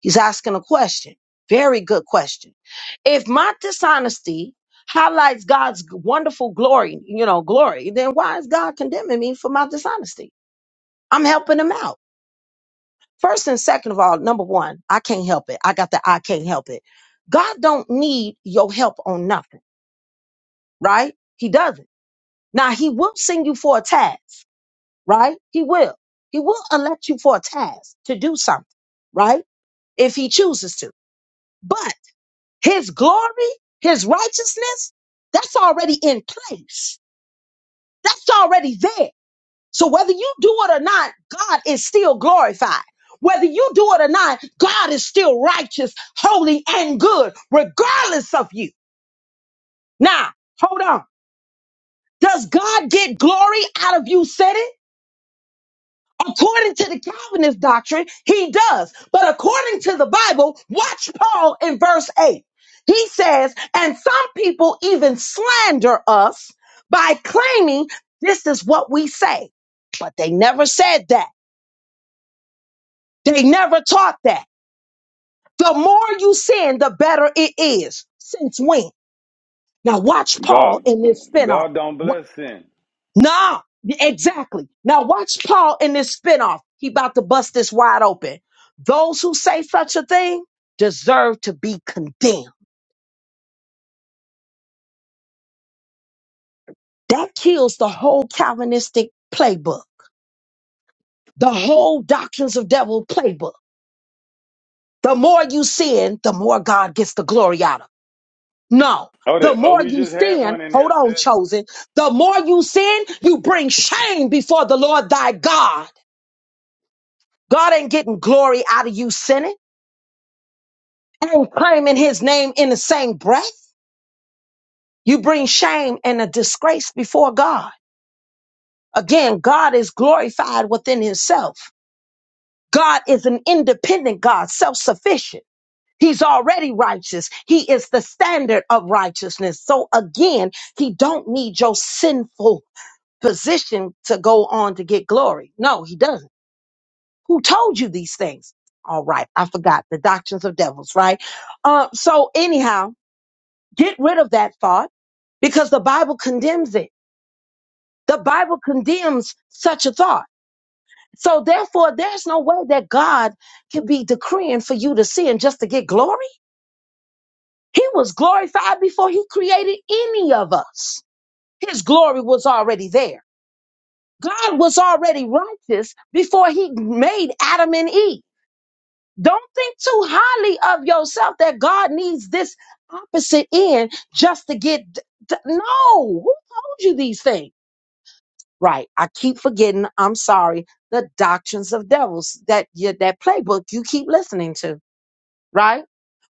Speaker 2: He's asking a question. Very good question. If my dishonesty highlights God's wonderful glory, you know, glory, then why is God condemning me for my dishonesty? I'm helping him out. First and second of all, number one, I can't help it. I got the I can't help it. God don't need your help on nothing. right? He doesn't. Now he will send you for a task, right? He will. He will elect you for a task to do something, right? If he chooses to. But his glory, his righteousness, that's already in place. That's already there. So whether you do it or not, God is still glorified. Whether you do it or not, God is still righteous, holy, and good, regardless of you. Now, hold on. Does God get glory out of you sinning? According to the Calvinist doctrine, he does. But according to the Bible, watch Paul in verse 8. He says, and some people even slander us by claiming this is what we say. But they never said that. They never taught that. The more you sin, the better it is. Since when? Now watch Paul
Speaker 3: God,
Speaker 2: in this spinoff.
Speaker 3: God don't bless sin.
Speaker 2: No, exactly. Now watch Paul in this spinoff. He about to bust this wide open. Those who say such a thing deserve to be condemned. That kills the whole Calvinistic playbook, the whole doctrines of devil playbook. The more you sin, the more God gets the glory out of. it. No,
Speaker 3: Oh, the,
Speaker 2: the
Speaker 3: oh,
Speaker 2: more
Speaker 3: we
Speaker 2: you
Speaker 3: just had
Speaker 2: sin,
Speaker 3: one in here,
Speaker 2: hold on,
Speaker 3: sis.
Speaker 2: chosen. The more you sin, you bring shame before the Lord thy God. God ain't getting glory out of you sinning. and claiming his name in the same breath, you bring shame and a disgrace before God. Again, God is glorified within himself. God is an independent God, self sufficient. He's already righteous. He is the standard of righteousness. So again, he don't need your sinful position to go on to get glory. No, he doesn't. Who told you these things? All right. I forgot the doctrines of devils, right? Uh, so anyhow, get rid of that thought because the Bible condemns it. The Bible condemns such a thought. So therefore, there's no way that God can be decreeing for you to sin just to get glory. He was glorified before he created any of us. His glory was already there. God was already righteous before he made Adam and Eve. Don't think too highly of yourself that God needs this opposite end just to get. no, who told you these things? Right. I keep forgetting, I'm sorry, the doctrines of devils, that yeah, that playbook you keep listening to, right?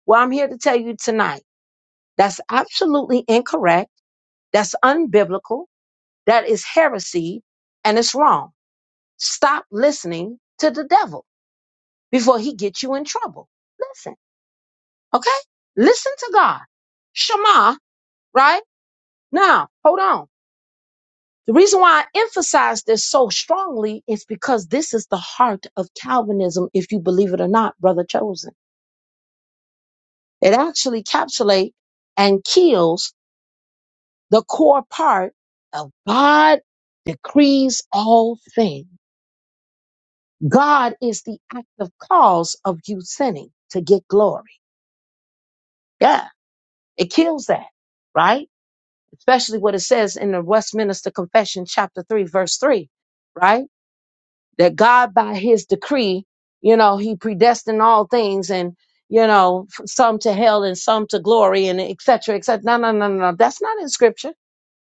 Speaker 2: Well, I'm here to tell you tonight, that's absolutely incorrect. That's unbiblical. That is heresy and it's wrong. Stop listening to the devil before he gets you in trouble. Listen, okay? Listen to God. Shema, right? Now, hold on. The reason why I emphasize this so strongly is because this is the heart of Calvinism, if you believe it or not, brother chosen. It actually capsulates and kills the core part of God decrees all things. God is the active cause of you sinning to get glory. Yeah, it kills that, right? Especially what it says in the Westminster Confession, chapter 3, verse 3, right? that God, by his decree, you know, he predestined all things and, you know, f- some to hell and some to glory and et cetera, et cetera. No, no, no, no, no. That's not in scripture.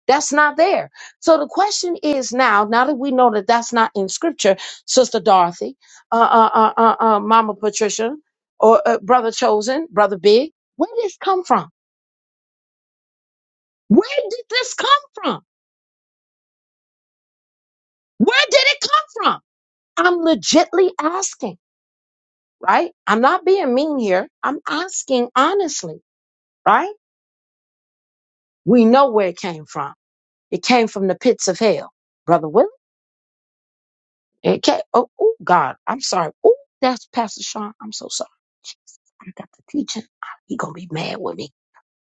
Speaker 2: That's not there. So the question is now, now that we know that that's not in scripture, Sister Dorothy, uh, uh, uh, uh, uh, Mama Patricia, or uh, Brother Chosen, Brother Big, where did this come from? Where did this come from? Where did it come from? I'm legitly asking. right? I'm not being mean here. I'm asking honestly, right? We know where it came from. It came from the pits of hell, brother Willie. It came. Oh, oh God, I'm sorry. Oh, that's Pastor Sean. I'm so sorry. Jesus, I got the teaching. He gonna be mad with me.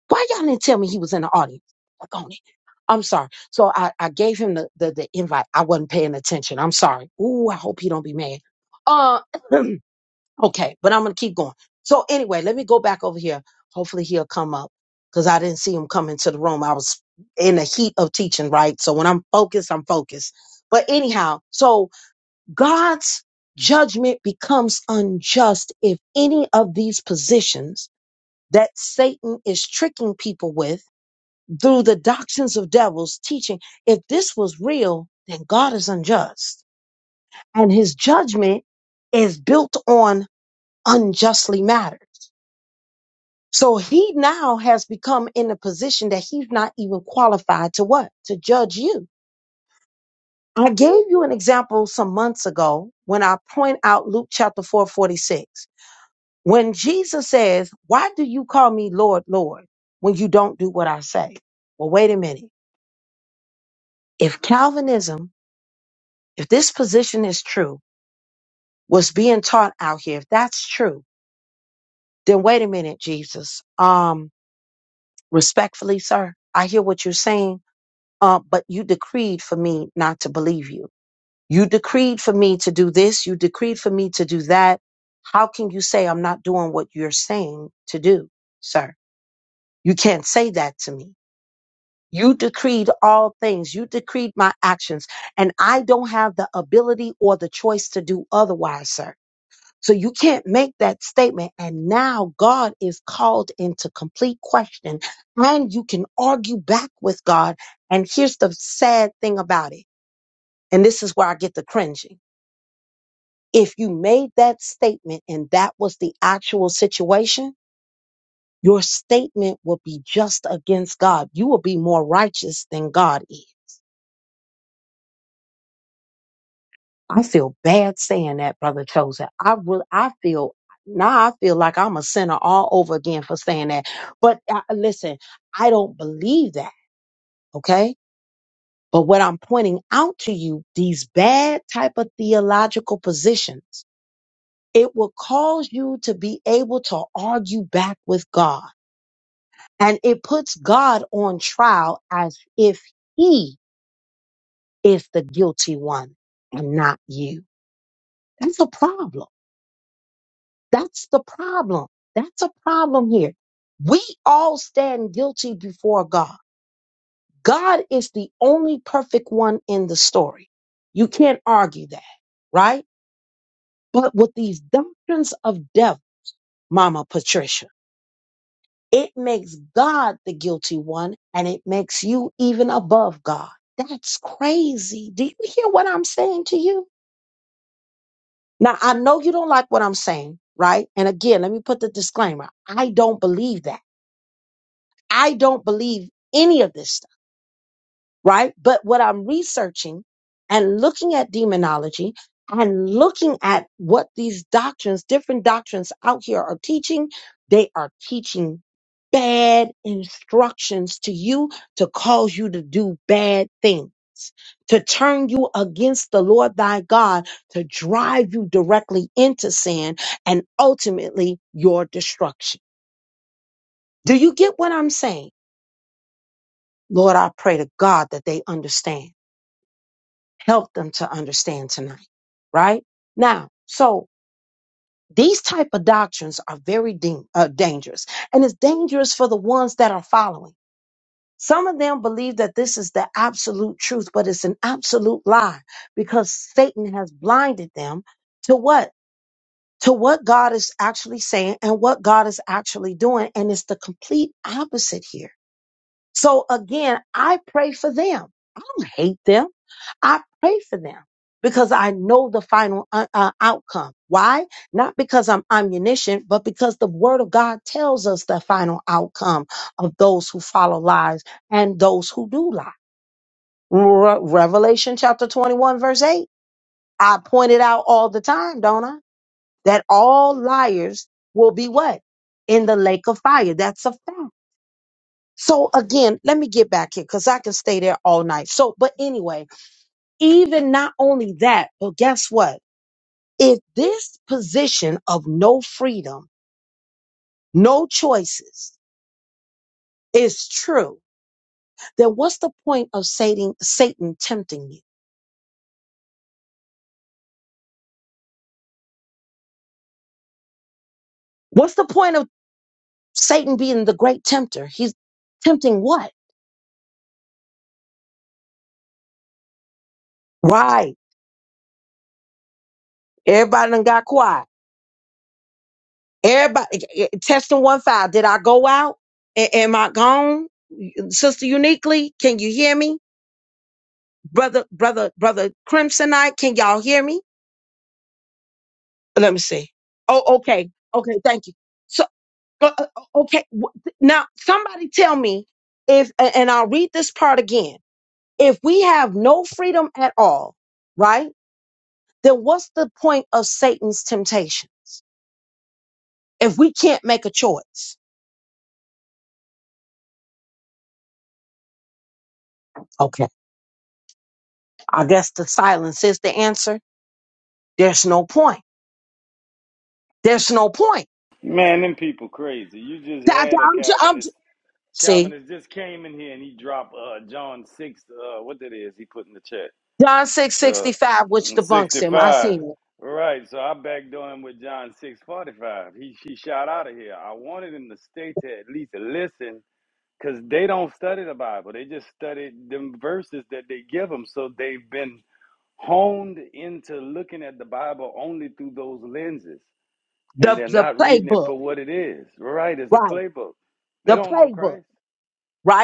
Speaker 2: Why y'all didn't tell me he was in the audience? Look on it. I'm sorry. So I, I gave him the, the the invite. I wasn't paying attention. I'm sorry. Ooh, I hope he don't be mad. Uh, Okay, but I'm gonna keep going. So anyway, let me go back over here. Hopefully he'll come up because I didn't see him come into the room. I was in the heat of teaching, right? So when I'm focused, I'm focused. But anyhow, so God's judgment becomes unjust if any of these positions that Satan is tricking people with through the doctrines of devils teaching, if this was real, then God is unjust. And his judgment is built on unjustly matters. So he now has become in a position that he's not even qualified to what? To judge you. I gave you an example some months ago when I point out Luke chapter 4:46, When Jesus says, Why do you call me Lord, Lord, when you don't do what I say? Well, wait a minute. If Calvinism, if this position is true, was being taught out here, if that's true, then wait a minute, Jesus. Um, respectfully, sir, I hear what you're saying uh, but you decreed for me not to believe you. You decreed for me to do this. You decreed for me to do that. How can you say I'm not doing what you're saying to do, sir? You can't say that to me. You decreed all things. You decreed my actions and I don't have the ability or the choice to do otherwise, sir. So you can't make that statement. And now God is called into complete question and you can argue back with God. And here's the sad thing about it. And this is where I get the cringing. If you made that statement and that was the actual situation, your statement will be just against God. You will be more righteous than God is. I feel bad saying that, brother chosen. I really, I feel now I feel like I'm a sinner all over again for saying that. But uh, listen, I don't believe that. Okay. But what I'm pointing out to you, these bad type of theological positions It will cause you to be able to argue back with God. And it puts God on trial as if he is the guilty one and not you. That's a problem. That's the problem. That's a problem here. We all stand guilty before God. God is the only perfect one in the story. You can't argue that, right? But with these doctrines of death, Mama Patricia. It makes God the guilty one and it makes you even above God. That's crazy. Do you hear what I'm saying to you? Now, I know you don't like what I'm saying, right? And again, let me put the disclaimer I don't believe that. I don't believe any of this stuff. right? But what I'm researching and looking at demonology and looking at what these doctrines, different doctrines out here are teaching, they are teaching bad instructions to you to cause you to do bad things. To turn you against the Lord thy God, to drive you directly into sin and ultimately your destruction. Do you get what I'm saying? Lord, I pray to God that they understand. help them to understand tonight right now so these type of doctrines are very dang- uh, dangerous and it's dangerous for the ones that are following some of them believe that this is the absolute truth but it's an absolute lie because satan has blinded them to what to what god is actually saying and what god is actually doing and it's the complete opposite here so again, I pray for them. I don't hate them. I pray for them because I know the final uh, uh, outcome. Why? Not because I'm omniscient, but because the word of God tells us the final outcome of those who follow lies and those who do lie. Re- Revelation chapter 21 verse 8. I point it out all the time, don't I? That all liars will be what? In the lake of fire. That's a fact. So again, let me get back here because I can stay there all night. So, but anyway, even not only that, but guess what? If this position of no freedom, no choices is true, then what's the point of Satan, Satan tempting you? What's the point of Satan being the great tempter? He's tempting what? Right. Everybody done got quiet. Everybody eh, eh, eh, testing one five. Did I go out? A- am I gone? Sister Uniquely, can you hear me? brother, brother, brother Crimsonite. Can y'all hear me? Let me see. Oh, okay, okay, thank you. So, uh, uh, okay, wh- now somebody tell me if, a- and I'll read this part again. If we have no freedom at all, right? Then what's the point of Satan's temptations if we can't make a choice? Okay, I guess the silence is the answer. There's no point. There's no point.
Speaker 3: Man, them people crazy. You just
Speaker 2: Th-
Speaker 3: had
Speaker 2: th-
Speaker 3: a
Speaker 2: I'm, ju- I'm ju-
Speaker 3: Calvinist.
Speaker 2: see
Speaker 3: Calvinist just came in here and he dropped uh, John six. Uh, what that is? He put in the chat.
Speaker 2: John six
Speaker 3: Uh,
Speaker 2: sixty five, which debunks him. I
Speaker 3: 65.
Speaker 2: seen it.
Speaker 3: Right. So I'm him with John 645. He she shot out of here. I wanted him to stay to at least listen because they don't study the Bible. They just study them verses that they give them. So they've been honed into looking at the Bible only through those lenses. And
Speaker 2: the
Speaker 3: they're
Speaker 2: the
Speaker 3: not reading it
Speaker 2: playbook,
Speaker 3: for what it is. Right. It's a
Speaker 2: right?
Speaker 3: playbook. They
Speaker 2: The
Speaker 3: don't know
Speaker 2: playbook,
Speaker 3: Christ.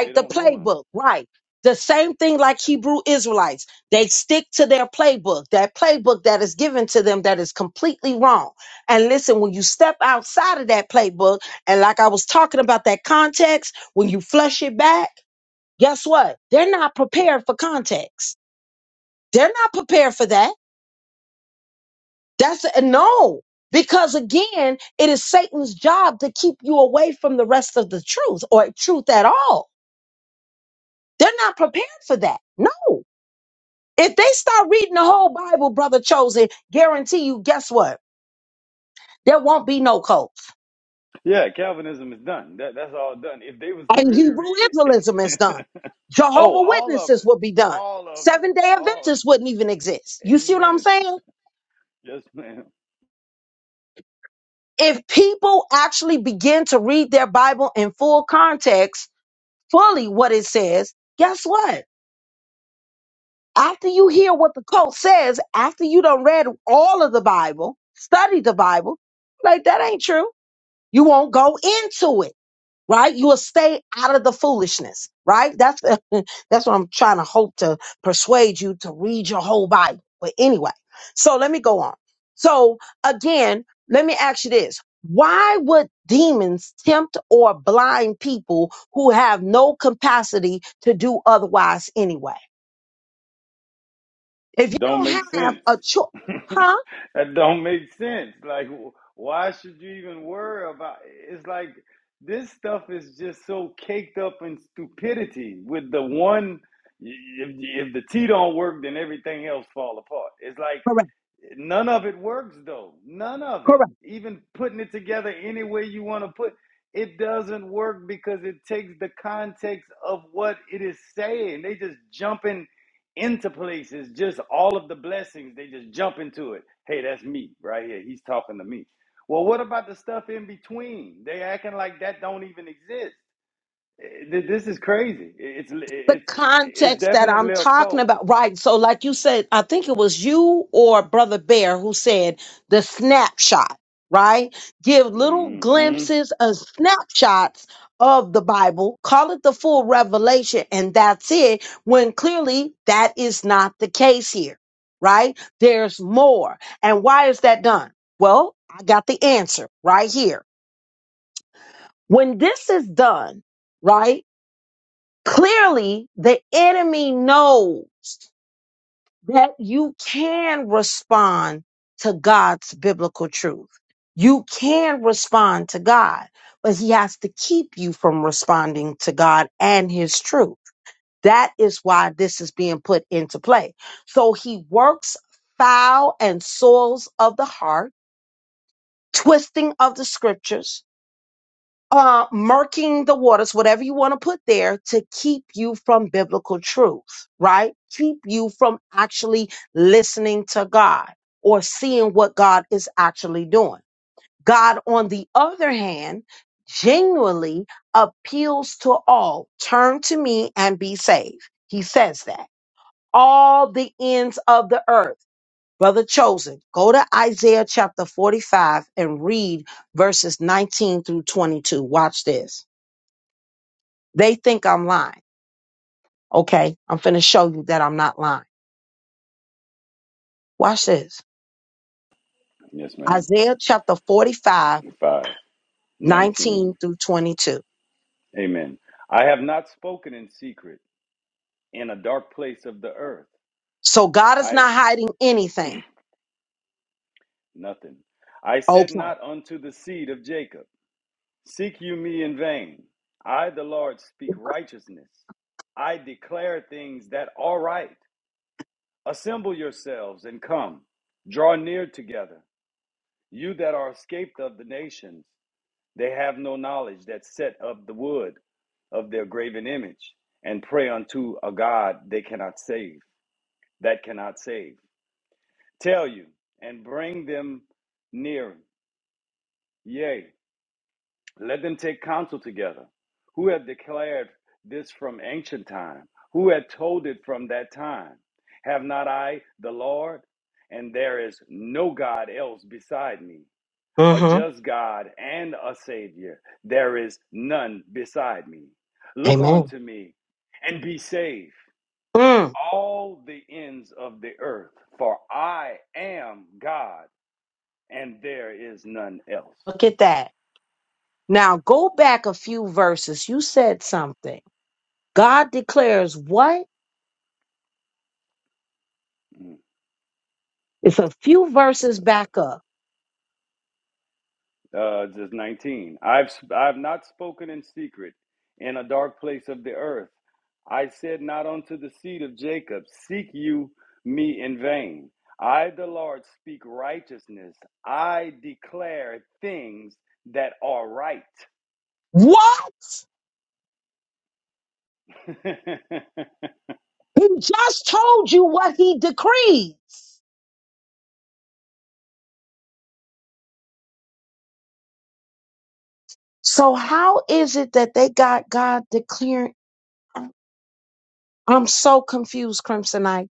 Speaker 3: They
Speaker 2: The
Speaker 3: don't know him.
Speaker 2: playbook, right? The same thing like Hebrew Israelites. They stick to their playbook, that playbook that is given to them that is completely wrong. And listen, when you step outside of that playbook, and like I was talking about that context, when you flush it back, guess what? They're not prepared for context. They're not prepared for that. That's a, no, because again, it is Satan's job to keep you away from the rest of the truth or truth at all. They're not prepared for that. No. If they start reading the whole Bible, brother chosen, guarantee you, guess what? There won't be no cults.
Speaker 3: Yeah, Calvinism is done. That, that's all done. If they was to
Speaker 2: And
Speaker 3: really
Speaker 2: Hebrew
Speaker 3: read
Speaker 2: Israelism is
Speaker 3: it,
Speaker 2: done.
Speaker 3: Oh,
Speaker 2: Jehovah
Speaker 3: all of
Speaker 2: Witnesses
Speaker 3: it.
Speaker 2: will be done.
Speaker 3: All of it.
Speaker 2: Seven day
Speaker 3: All
Speaker 2: Adventists wouldn't even exist. You see what I'm
Speaker 3: amen.
Speaker 2: saying?
Speaker 3: Yes, ma'am.
Speaker 2: If people actually begin to read their Bible in full context, fully what it says, guess what? After you hear what the cult says, after you done read all of the Bible, study the Bible, like that ain't true. You won't go into it right? You will stay out of the foolishness, right? That's that's what I'm trying to hope to persuade you to read your whole Bible. But anyway, so let me go on. So again, let me ask you this. Why would demons tempt or blind people who have no capacity to do otherwise anyway? If you
Speaker 3: Don't
Speaker 2: don't
Speaker 3: make
Speaker 2: have
Speaker 3: sense.
Speaker 2: a choice, huh?
Speaker 3: that don't make sense. Like wh- why should you even worry about it's like this stuff is just so caked up in stupidity with the one if, if the T don't work then everything else fall apart. It's like
Speaker 2: Correct.
Speaker 3: None of it works though. None of
Speaker 2: Correct.
Speaker 3: it. Even putting it together any way you want to put it doesn't work because it takes the context of what it is saying. They just jumping into places, just all of the blessings, they just jump into it. Hey, that's me right here. He's talking to me. Well, what about the stuff in between? They acting like that don't even exist. Eh, th- This is crazy. It's
Speaker 2: the
Speaker 3: it's it's
Speaker 2: context that I'm
Speaker 3: definitely a
Speaker 2: talking
Speaker 3: cult.
Speaker 2: about. Right. So, like you said, I think it was you or Brother Bear who said the snapshot, right? Give little
Speaker 3: mm hmm
Speaker 2: glimpses of snapshots of the Bible, call it the full revelation, and that's it, when clearly that is not the case here, right? There's more. And why is that done? Well, I got the answer right here. When this is done, right? Clearly, the enemy knows that you can respond to God's biblical truth. You can respond to God, but He has to keep you from responding to God and His truth. That is why this is being put into play. So He works foul and soils of the heart, twisting of the scriptures, uh, murking the waters, whatever you want to put there, to keep you from biblical truth, right? Keep you from actually listening to God or seeing what God is actually doing. God, on the other hand, genuinely appeals to all turn to me and be saved. He says that. All the ends of the earth. Brother Chosen, go to Isaiah chapter 45 and read verses 19 through 22. Watch this. They think I'm lying. Okay, I'm finna show you that I'm not lying. Watch this.
Speaker 3: Yes, ma'am.
Speaker 2: Isaiah chapter 45,
Speaker 3: Five.
Speaker 2: 19
Speaker 3: 19.
Speaker 2: through 22.
Speaker 3: Amen. I have not spoken in secret in a dark place of the earth.
Speaker 2: So God is
Speaker 3: I
Speaker 2: not hiding anything.
Speaker 3: nothing. I said
Speaker 2: Okay.
Speaker 3: not unto the seed of Jacob, Seek you me in vain. I, the Lord, speak righteousness. I declare things that are right. Assemble yourselves and come. Draw near together. You that are escaped of the nations, they have no knowledge that set up the wood of their graven image and pray unto a God they cannot save. that cannot save. Tell you and bring them near. Yea, let them take counsel together. Who have declared this from ancient time? Who had told it from that time? Have not I the Lord? And there is no God else beside me, a
Speaker 2: Mm-hmm.
Speaker 3: just God and a Savior. There is none beside me. Look
Speaker 2: Amen.
Speaker 3: unto me and be saved
Speaker 2: Mm,
Speaker 3: all the ends of the earth, for I am God and there is none else.
Speaker 2: look at that. Now go back a few verses. You said something. God declares what?
Speaker 3: Mm.
Speaker 2: It's a few verses back up.
Speaker 3: Uh, just 19. I've, I've not spoken in secret in a dark place of the earth. I said not unto the seed of Jacob, Seek you me in vain. I, the Lord, speak righteousness. I declare things that are right.
Speaker 2: What? He just told you what he decrees. So how is it that they got God declaring? I'm so confused, Crimsonite.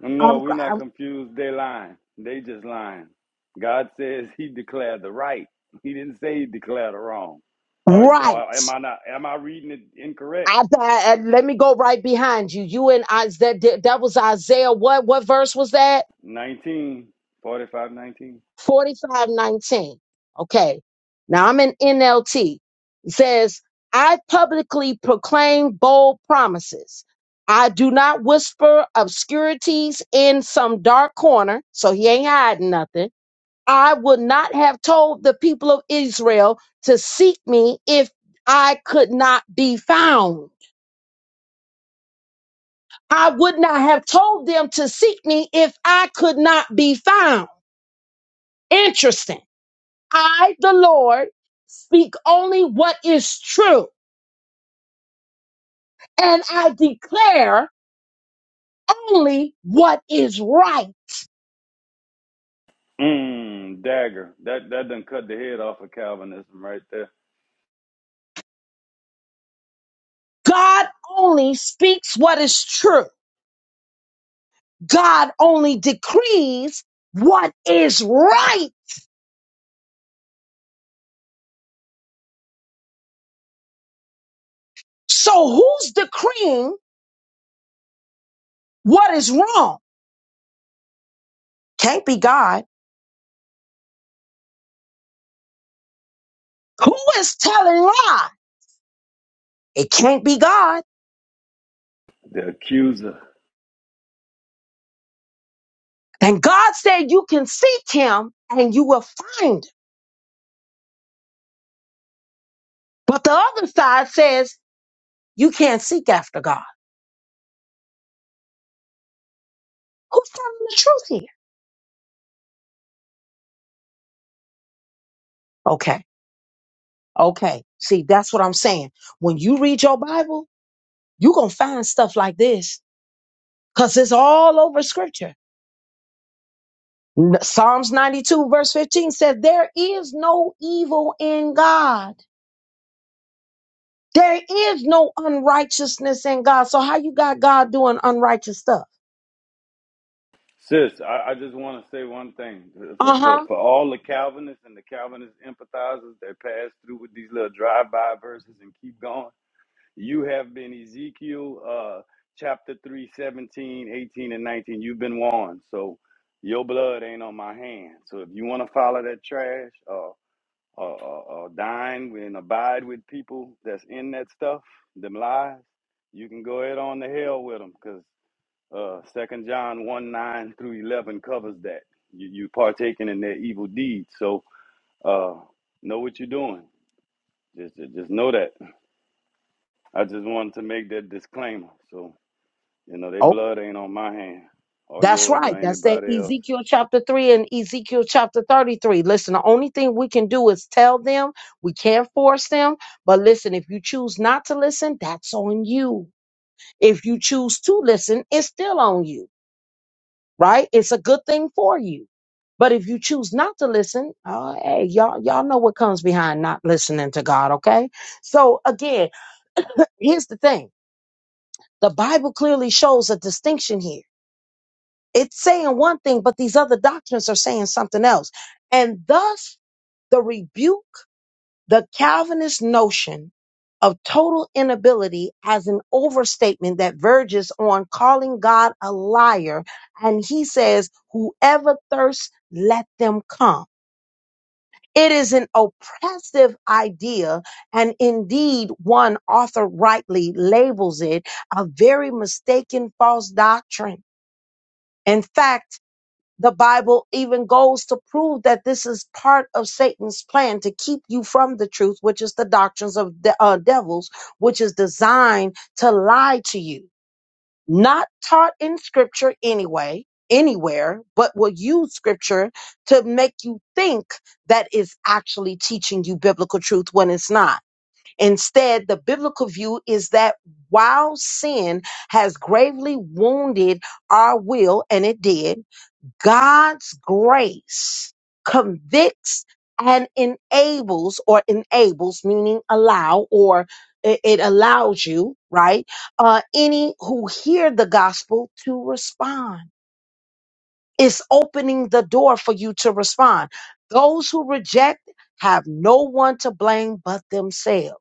Speaker 3: No,
Speaker 2: I'm,
Speaker 3: we're not
Speaker 2: I'm
Speaker 3: confused. They lying. They just lying. God says He declared the right. He didn't say He declared the wrong. Or, is,
Speaker 2: right.
Speaker 3: or am I not? Am I reading it incorrect?
Speaker 2: I, I- I- let me go right behind you. You and Isaiah. That, that was Isaiah. What what verse was that?
Speaker 3: 19, forty-five, 19.
Speaker 2: Forty five nineteen. Okay. Now I'm in NLT. It says, "I publicly proclaim bold promises. I do not whisper obscurities in some dark corner. So he ain't hiding nothing." I would not have told the people of Israel to seek me if I could not be found. I would not have told them to seek me if I could not be found. Interesting. I, the Lord, speak only what is true, and I declare only what is right.
Speaker 3: Mmm, dagger. That that done cut the head off of Calvinism right there.
Speaker 2: God only speaks what is true. God only decrees what is right. So who's decreeing What is wrong? Can't be God. Who is telling lie? It can't be God.
Speaker 3: The accuser.
Speaker 2: And God said you can seek him and you will find him. But the other side says you can't seek after God. Who's telling the truth here? Okay. Okay. See, that's what I'm saying. When you read your Bible, you're going to find stuff like this because it's all over scripture. N- Psalms 92 verse 15 says there is no evil in God. There is no unrighteousness in God. So how you got God doing unrighteous stuff?
Speaker 3: Sis, I, I just want to say one thing. For, for,
Speaker 2: Uh-huh.
Speaker 3: for all the Calvinists and the Calvinist empathizers that pass through with these little drive-by verses and keep going, You have been Ezekiel uh, chapter 3, 17, 18, and 19. You've been warned. So your blood ain't on my hand. So if you want to follow that trash or, or, or, or dine with and abide with people that's in that stuff, them lies, you can go ahead on to hell with them because uh, 2 John 1, 9 through 11 covers that. You, you partaking in their evil deeds. So uh, know what you're doing. Just, just just know that. I just wanted to make that disclaimer. So. You know, their
Speaker 2: Oh,
Speaker 3: blood ain't on my hand or
Speaker 2: that's
Speaker 3: yours or
Speaker 2: right. That's that
Speaker 3: anybody else.
Speaker 2: Ezekiel chapter 3 and Ezekiel chapter 33. Listen, the only thing we can do is tell them. We can't force them. But listen, if you choose not to listen, that's on you. If you choose to listen, it's still on you, right? It's a good thing for you. But if you choose not to listen, oh, hey, y'all, y'all know what comes behind not listening to God, okay? So again, here's the thing the bible clearly shows a distinction here it's saying one thing but these other doctrines are saying something else and thus the rebuke the calvinist notion of total inability as an overstatement that verges on calling god a liar and he says whoever thirsts let them come It is an oppressive idea, and indeed, one author rightly labels it a very mistaken false doctrine. In fact, the Bible even goes to prove that this is part of Satan's plan to keep you from the truth, which is the doctrines of the uh, devils, which is designed to lie to you not taught in scripture anyway, anywhere, but will use scripture to make you think that is actually teaching you biblical truth when it's not. Instead, the biblical view is that while sin has gravely wounded our will, and it did, God's grace convicts and enables, or enables, meaning allow, or it, it allows you, right? Uh, any who hear the gospel to respond. It's opening the door for you to respond. Those who reject have no one to blame but themselves,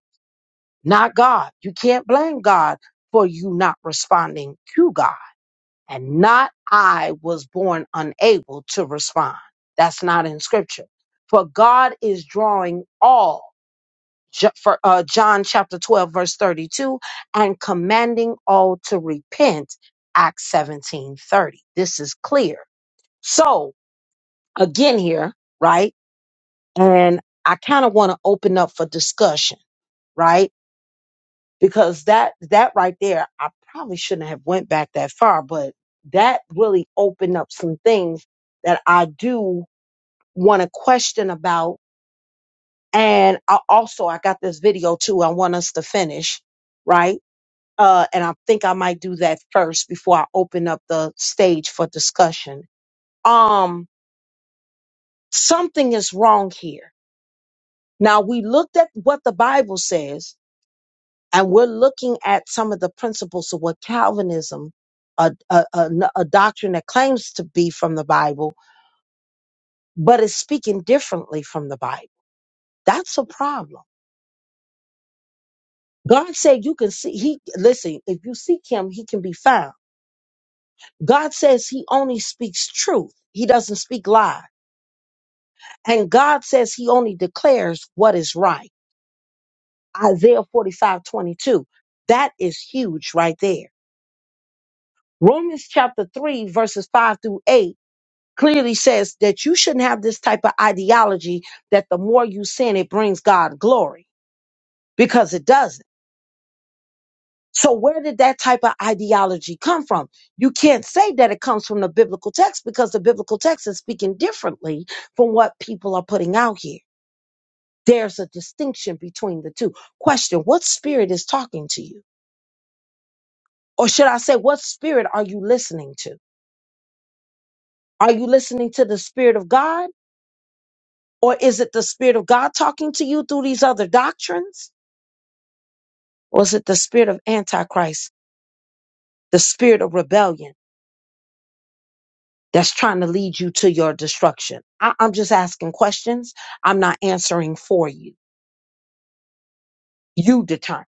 Speaker 2: not God. You can't blame God for you not responding to God and not I was born unable to respond. That's not in scripture. For God is drawing all, Ju- for, uh, John chapter 12, verse 32, and commanding all to repent, Acts 17 30. This is clear. So, again, here, right? And I kind of want to open up for discussion, right? because that that right there i probably shouldn't have went back that far but that really opened up some things that i do want to question about and I also i got this video too i want us to finish right uh, and i think i might do that first before i open up the stage for discussion um something is wrong here now we looked at what the bible says and we're looking at some of the principles of what Calvinism, a a, a, a doctrine that claims to be from the Bible, but is speaking differently from the Bible. That's a problem. God said you can see, he, listen, if you seek him, he can be found. God says he only speaks truth. He doesn't speak lies. And God says he only declares what is right. Isaiah 45:22. That is huge right there. Romans chapter 3, verses 5 through 8 clearly says that you shouldn't have this type of ideology that the more you sin, it brings God glory because it doesn't. So where did that type of ideology come from? You can't say that it comes from the biblical text because the biblical text is speaking differently from what people are putting out here. There's a distinction between the two. Question, what spirit is talking to you? Or should I say, what spirit are you listening to? Are you listening to the spirit of God? Or is it the spirit of God talking to you through these other doctrines? Or is it the spirit of Antichrist, the spirit of rebellion that's trying to lead you to your destruction? I- I'm just asking questions. I'm not answering for you. You determine.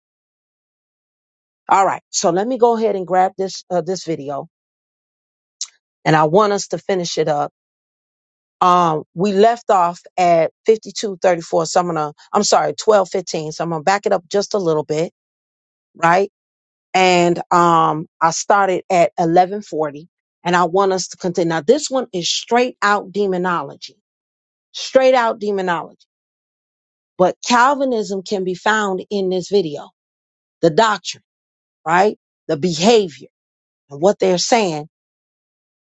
Speaker 2: All right. So let me go ahead and grab this uh, this video, and I want us to finish it up. Um, we left off at 52:34. So I'm gonna, I'm sorry, 12:15. So I'm gonna back it up just a little bit, right? And um, I started at 11:40, and I want us to continue. Now this one is straight out demonology straight out demonology. But Calvinism can be found in this video. The doctrine, right? The behavior and what they're saying,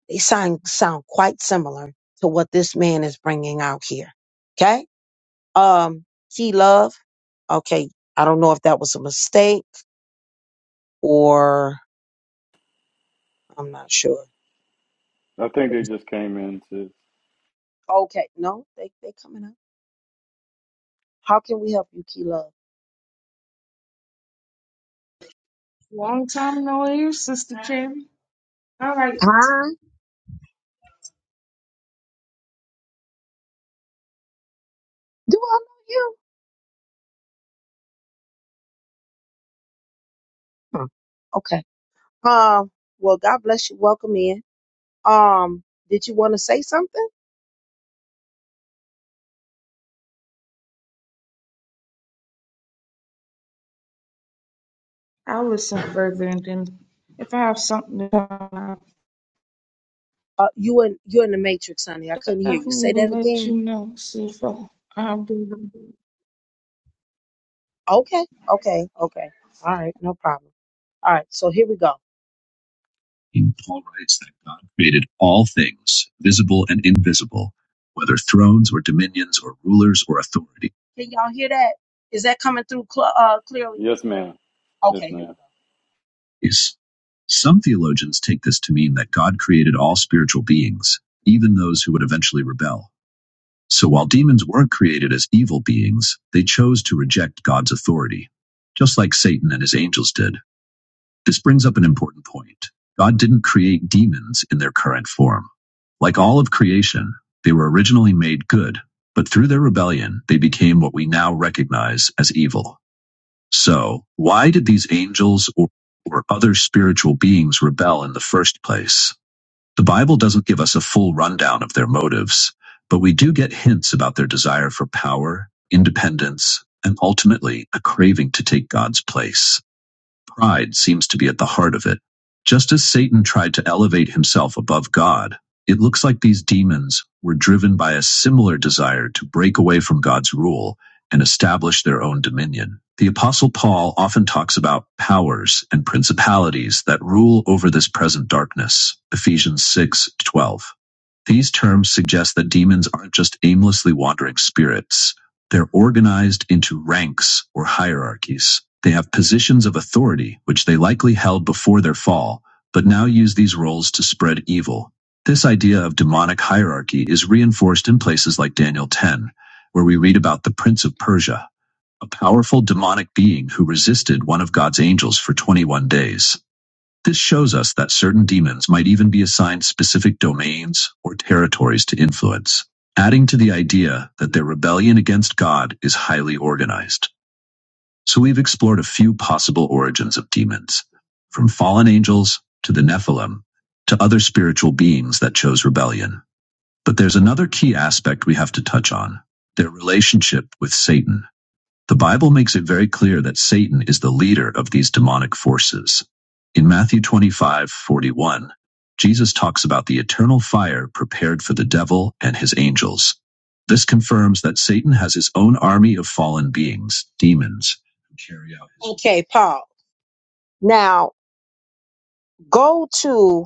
Speaker 2: they sound, sound quite similar to what this man is bringing out here. Okay. Um, key love. Okay. I don't know if that was a mistake or I'm not sure.
Speaker 3: I think they just came in to,
Speaker 2: Okay. No, they, they coming up. How can we help you, key love?
Speaker 5: Long time no hear, Sister Cherry. All right,
Speaker 2: Huh? Do I know you? Huh. Okay. Um, well, God bless you. Welcome in. Um, did you want to say something?
Speaker 5: I'll listen further, and then if I have something to tell, I'll
Speaker 2: Uh, you in you're in the matrix, honey. I couldn't hear you.
Speaker 5: definitely
Speaker 2: Say
Speaker 5: will
Speaker 2: that
Speaker 5: let you
Speaker 2: again.
Speaker 5: know. See if I, I'll do.
Speaker 2: Okay, okay, okay. All right, no problem. All right, so here we go. Paul writes that God created all things, visible and invisible, whether thrones or dominions or rulers or authority. Can y'all hear that? Is that coming through cl- uh, clearly?
Speaker 3: yes, ma'am. Yes,
Speaker 2: Okay, here we
Speaker 3: madam
Speaker 2: go. Yes. Some theologians take this to mean that God created all spiritual beings, even those who would eventually rebel. So while demons weren't created as evil beings, they chose to reject God's authority, just like Satan and his angels did. This brings up an important point. God didn't create demons in their current form. Like all of creation, they were originally made good, but through their rebellion, they became what we now recognize as evil. So, why did these angels or, or other spiritual beings rebel in the first place? The Bible doesn't give us a full rundown of their motives, but we do get hints about their desire for power, independence, and ultimately a craving to take God's place. Pride seems to be at the heart of it. Just as Satan tried to elevate himself above God, it looks like these demons were driven by a similar desire to break away from God's rule and establish their own dominion. The Apostle Paul often talks about powers and principalities that rule over this present darkness. Ephesians 6:12). These terms suggest that demons aren't just aimlessly wandering spirits. They're organized into ranks or hierarchies. They have positions of authority, which they likely held before their fall, but now use these roles to spread evil. This idea of demonic hierarchy is reinforced in places like Daniel 10, where we read about the Prince of Persia, a powerful demonic being who resisted one of God's angels for 21 days. This shows us that certain demons might even be assigned specific domains or territories to influence, adding to the idea that their rebellion against God is highly organized. So we've explored a few possible origins of demons, from fallen angels to the Nephilim to other spiritual beings that chose rebellion. But there's another key aspect we have to touch on their relationship with Satan. The Bible makes it very clear that Satan is the leader of these demonic forces. In Matthew 25 41, Jesus talks about the eternal fire prepared for the devil and his angels. This confirms that Satan has his own army of fallen beings, demons, who carry out his. Okay, Paul. Now go to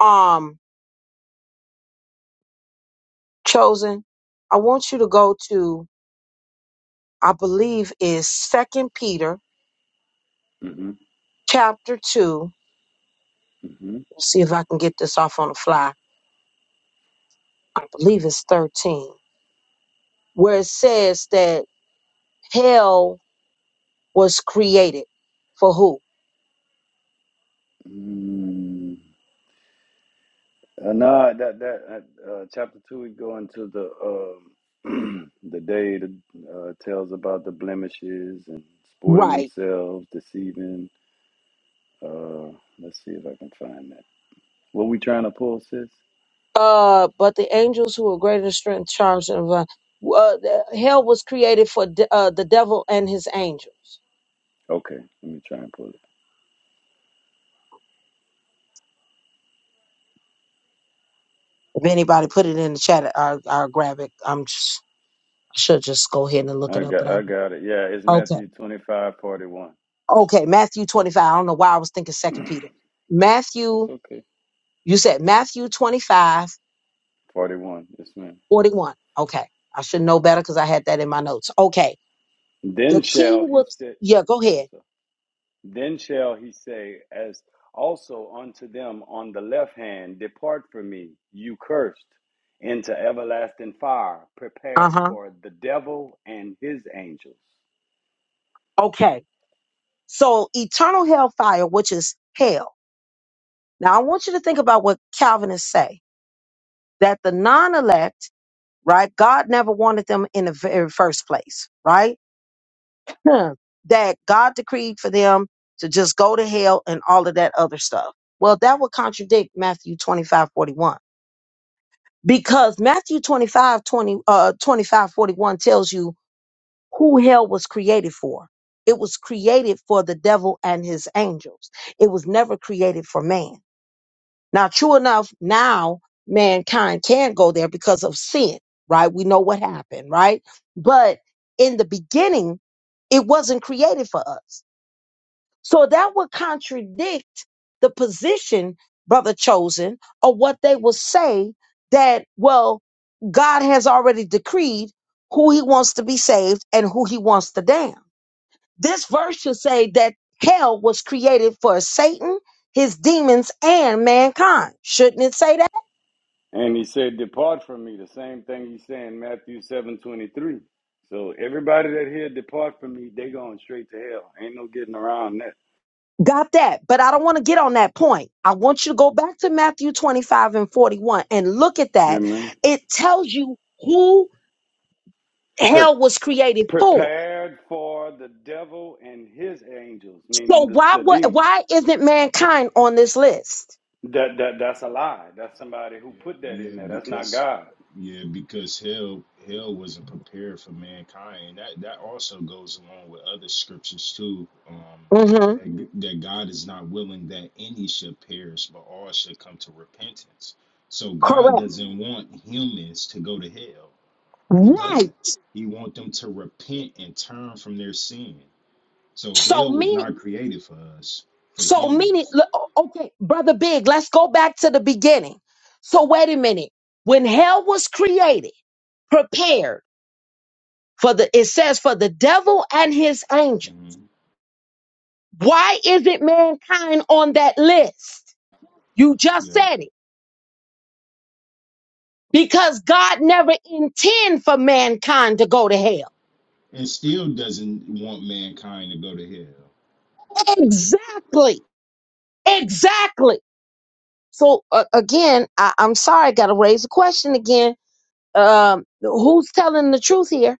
Speaker 2: um chosen. I want you to go to I believe is Second Peter
Speaker 3: Mm-hmm.
Speaker 2: chapter two.
Speaker 3: Mm-hmm.
Speaker 2: Let's see if I can get this off on the fly. I believe it's 13, where it says that hell was created for who?
Speaker 3: Mm. Uh, no, that, that, uh, uh, chapter two, we go into the, um, the day that uh, tells about the blemishes and sporting
Speaker 2: Right.
Speaker 3: themselves, deceiving. Uh, let's see if I can find that. What we trying to pull, sis?
Speaker 2: Uh, but the angels who are greater in strength, charms, and divine- uh, the- hell was created for de- uh, the devil and his angels.
Speaker 3: Okay, let me try and pull it.
Speaker 2: If anybody put it in the chat, I'll, I'll grab it. I'm just, I should just go ahead and look
Speaker 3: I
Speaker 2: it up, but
Speaker 3: got, I
Speaker 2: I'm
Speaker 3: got it. Yeah, it's
Speaker 2: okay.
Speaker 3: Matthew 25, 41.
Speaker 2: Okay, Matthew 25. I don't know why I was thinking Second Peter.
Speaker 3: That's
Speaker 2: Matthew,
Speaker 3: okay.
Speaker 2: you said Matthew 25
Speaker 3: 41. Yes, ma'am.
Speaker 2: 41. Okay. I should know better because I had that in my notes. Okay.
Speaker 3: Then
Speaker 2: The king
Speaker 3: shall he
Speaker 2: would,
Speaker 3: sit.
Speaker 2: yeah, go
Speaker 3: Oh, I'm
Speaker 2: ahead.
Speaker 3: sorry. Then shall he say, as also unto them on the left hand, Depart from me, you cursed, into everlasting fire,
Speaker 2: Uh
Speaker 3: prepared
Speaker 2: huh.
Speaker 3: for the devil and his angels.
Speaker 2: Okay. So eternal hellfire, which is hell. Now I want you to think about what Calvinists say that the non elect, right? God never wanted them in the very first place, right? Hmm. That God decreed for them to just go to hell and all of that other stuff. Well, that would contradict Matthew 25 41 because Matthew 25 20 uh, 25 41 tells you who hell was created for. It was created for the devil and his angels. It was never created for man. Now, true enough, now mankind can go there because of sin, right? We know what happened, right? But in the beginning, it wasn't created for us. So that would contradict the position, brother chosen, or what they will say that, well, God has already decreed who he wants to be saved and who he wants to damn. This verse should say that hell was created for Satan, his demons, and mankind. Shouldn't it say that?
Speaker 3: And he said, Depart from me. The same thing he's saying Matthew seven twenty three. So everybody that here depart from me, they going straight to hell. Ain't no getting around that.
Speaker 2: Got that. But I don't want to get on that point. I want you to go back to Matthew 25 and 41 and look at that.
Speaker 3: Amen.
Speaker 2: It tells you who hell was created for.
Speaker 3: prepared for the devil and his angels, meaning
Speaker 2: So
Speaker 3: the,
Speaker 2: why
Speaker 3: the
Speaker 2: wa-
Speaker 3: demons.
Speaker 2: why isn't mankind on this list?
Speaker 3: That that that's a lie. That's somebody who
Speaker 6: Yeah,
Speaker 3: put that in
Speaker 6: yeah,
Speaker 3: there. That's not
Speaker 6: because
Speaker 3: God.
Speaker 6: yeah, because hell hell wasn't prepared for mankind. And that that also goes along with other scriptures too. Um
Speaker 2: hmm
Speaker 6: that, that God is not willing that any should perish, but all should come to repentance. So God
Speaker 2: Correct.
Speaker 6: doesn't want humans to go to hell. He
Speaker 2: Right.
Speaker 6: doesn't. He want them to repent and turn from their sin. So
Speaker 2: So
Speaker 6: hell was
Speaker 2: meaning
Speaker 6: not created for us, for
Speaker 2: So meaning,
Speaker 6: humans.
Speaker 2: l- okay, brother Big, let's go back to the beginning. So wait a minute. When hell was created, prepared for the, it says for the devil and his angel.
Speaker 6: hmm
Speaker 2: Why isn't mankind on that list? You just said it. Because God never intend for mankind to go to hell.
Speaker 6: and still doesn't want mankind to go to hell.
Speaker 2: Exactly. Exactly. So uh, again, I, I'm sorry, I got to raise the question again. Um, who's telling the truth here?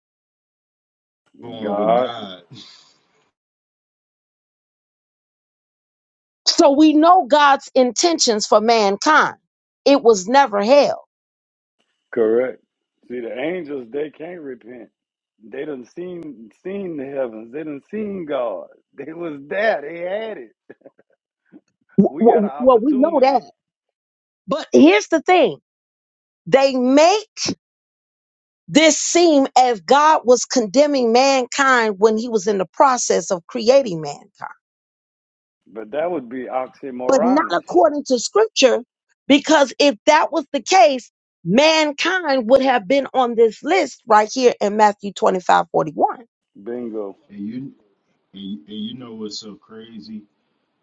Speaker 6: Going with
Speaker 3: God,
Speaker 6: God,
Speaker 2: So we know God's intentions for mankind. It was never hell.
Speaker 3: correct. See, the angels they can't repent. They done seen seen the heavens. They done seen God. They was there. They had it.
Speaker 2: W-
Speaker 3: We got an
Speaker 2: w- Well, we know
Speaker 3: opportunity,
Speaker 2: that. But here's the thing they make this seem as God was condemning mankind when he was in the process of creating mankind.
Speaker 3: but that would be
Speaker 2: but not
Speaker 3: oxymoronish.
Speaker 2: according to scripture, because if that was the case, mankind would have been on this list right here in Matthew twenty-five forty-one. 41.
Speaker 3: Bingo.
Speaker 6: and you and, and you know what's so crazy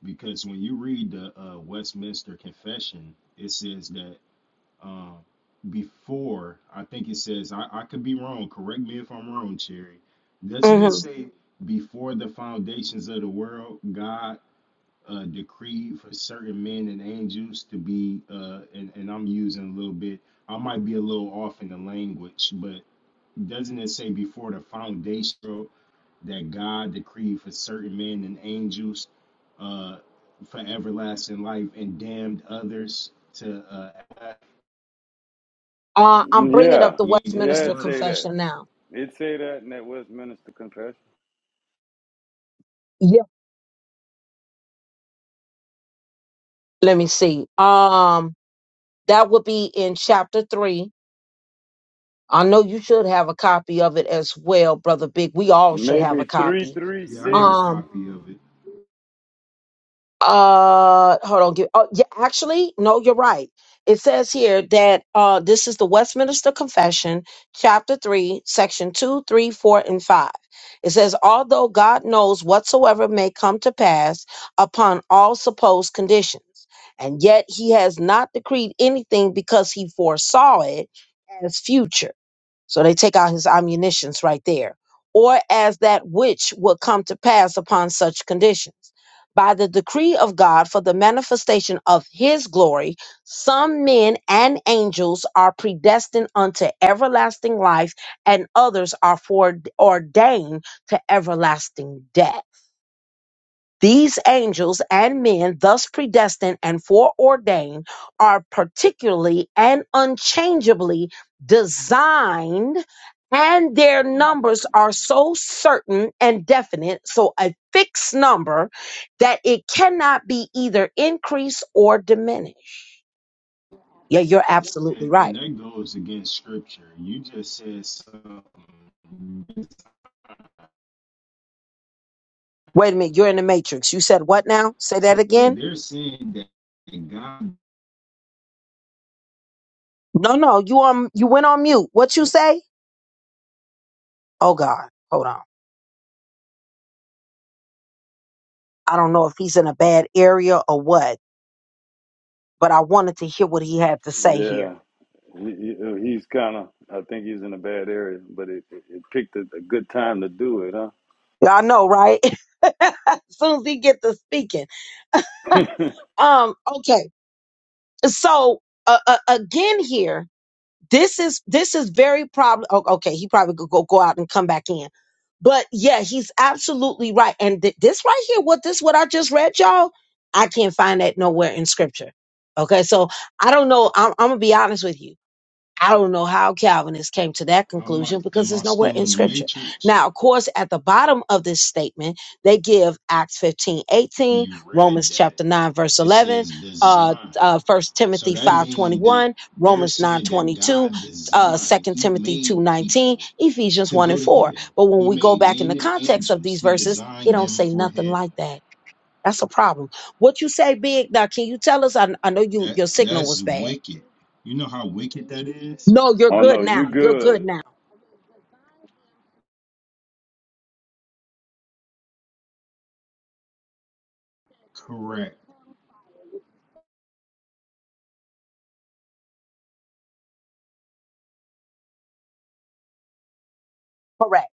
Speaker 6: because when you read the uh, Westminster Confession, it says that um, before I think it says I, I could be wrong. Correct me if I'm wrong, Cherry. Doesn't it
Speaker 2: hmm
Speaker 6: say before the foundations of the world, God? uh, decreed for certain men and angels to be, uh, and, and I'm using a little bit, I might be a little off in the language, but doesn't it say before the foundation that God decreed for certain men and angels uh, for everlasting life and damned others to uh,
Speaker 2: Uh, I'm bringing up
Speaker 3: Yeah,
Speaker 2: the
Speaker 6: created the
Speaker 3: yeah.
Speaker 2: Westminster
Speaker 3: It
Speaker 6: world?
Speaker 3: say that.
Speaker 2: Confession now.
Speaker 3: It say that in that Westminster Confession.
Speaker 2: Yeah. Let me see. Um, that would be in chapter 3. I know you should have a copy of it as well, brother Big. We all should have a
Speaker 3: Maybe three,
Speaker 2: copy.
Speaker 3: three,
Speaker 6: Yeah, I got a
Speaker 3: six.
Speaker 2: Um,
Speaker 6: copy of it.
Speaker 2: uh, hold on. Give, oh, yeah, actually, no, you're right. It says here that uh, this is the Westminster Confession, chapter three, section two, three, four, and five. It says, although God knows whatsoever may come to pass upon all supposed conditions, and yet He has not decreed anything because He foresaw it as future so they take out his ammunitions right there. Or as that which will come to pass upon such conditions. By the decree of God for the manifestation of his glory, some men and angels are predestined unto everlasting life, and others are foreordained to everlasting death these angels and men, thus predestined and foreordained, are particularly and unchangeably designed, and their
Speaker 6: Um,
Speaker 2: numbers are so certain and definite, so a fixed number, that it cannot be either increased or diminished. Yeah, you're absolutely
Speaker 6: and, and
Speaker 2: right.
Speaker 6: that goes against scripture. You just said something
Speaker 2: Wait a minute, you're in the matrix. You said what now? Say that
Speaker 6: So
Speaker 2: again.
Speaker 6: they're saying that God,
Speaker 2: No, no, you um, you went on mute. What you say? Oh God, hold on. I don't know if he's in a bad area or what, but I wanted to hear what he had to say here.
Speaker 3: Yeah, he, he- uh, he's kind of. I think he's in a bad area, but it, it, it picked a, a good time to do it, huh?
Speaker 2: Y'all know, right? as soon as he get to speaking. Um, okay. So uh, uh, again, here, this is this is very problem. Oh, okay, he probably could go go out and come back in, but yeah, he's absolutely right. And th- this right here, what this what I just read, y'all, I can't find that nowhere in scripture. Okay, so I don't know. I'm, I'm gonna be honest with you. I don't know how Calvinists came to that
Speaker 6: I
Speaker 2: conclusion
Speaker 6: might,
Speaker 2: because
Speaker 6: am I
Speaker 2: there's nowhere
Speaker 6: still
Speaker 2: in
Speaker 6: in the
Speaker 2: scripture.
Speaker 6: matrix?
Speaker 2: Now, of course, at the bottom of this statement, they give Acts 15
Speaker 6: After
Speaker 2: 18,
Speaker 6: you
Speaker 2: Romans
Speaker 6: read that,
Speaker 2: chapter 9, verse
Speaker 6: it
Speaker 2: 11,
Speaker 6: says
Speaker 2: uh,
Speaker 6: designed.
Speaker 2: uh, 1
Speaker 6: So
Speaker 2: Timothy
Speaker 6: that
Speaker 2: 5 twenty
Speaker 6: means that
Speaker 2: one,
Speaker 6: they're
Speaker 2: Romans 9,
Speaker 6: saying that
Speaker 2: twenty-two,
Speaker 6: God
Speaker 2: uh,
Speaker 6: designed,
Speaker 2: 2
Speaker 6: He
Speaker 2: Timothy 2
Speaker 6: made
Speaker 2: 19,
Speaker 6: people
Speaker 2: Ephesians
Speaker 6: to
Speaker 2: 1
Speaker 6: go
Speaker 2: and
Speaker 6: to
Speaker 2: 4.
Speaker 6: hell.
Speaker 2: But when
Speaker 6: He
Speaker 2: we go
Speaker 6: made
Speaker 2: back in the
Speaker 6: men and
Speaker 2: context of
Speaker 6: angels.
Speaker 2: these
Speaker 6: He
Speaker 2: verses, it
Speaker 6: designed
Speaker 2: don't
Speaker 6: them
Speaker 2: say
Speaker 6: for
Speaker 2: nothing
Speaker 6: hell.
Speaker 2: like that. That's a problem. What you say, Big, now can you tell us? I, I know you
Speaker 6: That
Speaker 2: your signal
Speaker 6: that's
Speaker 2: was bad.
Speaker 6: wicked. You know how wicked that is?
Speaker 2: No, you're
Speaker 3: oh
Speaker 2: good
Speaker 3: no, you
Speaker 2: now. You're good
Speaker 3: good,
Speaker 2: now.
Speaker 6: Correct.
Speaker 2: Correct.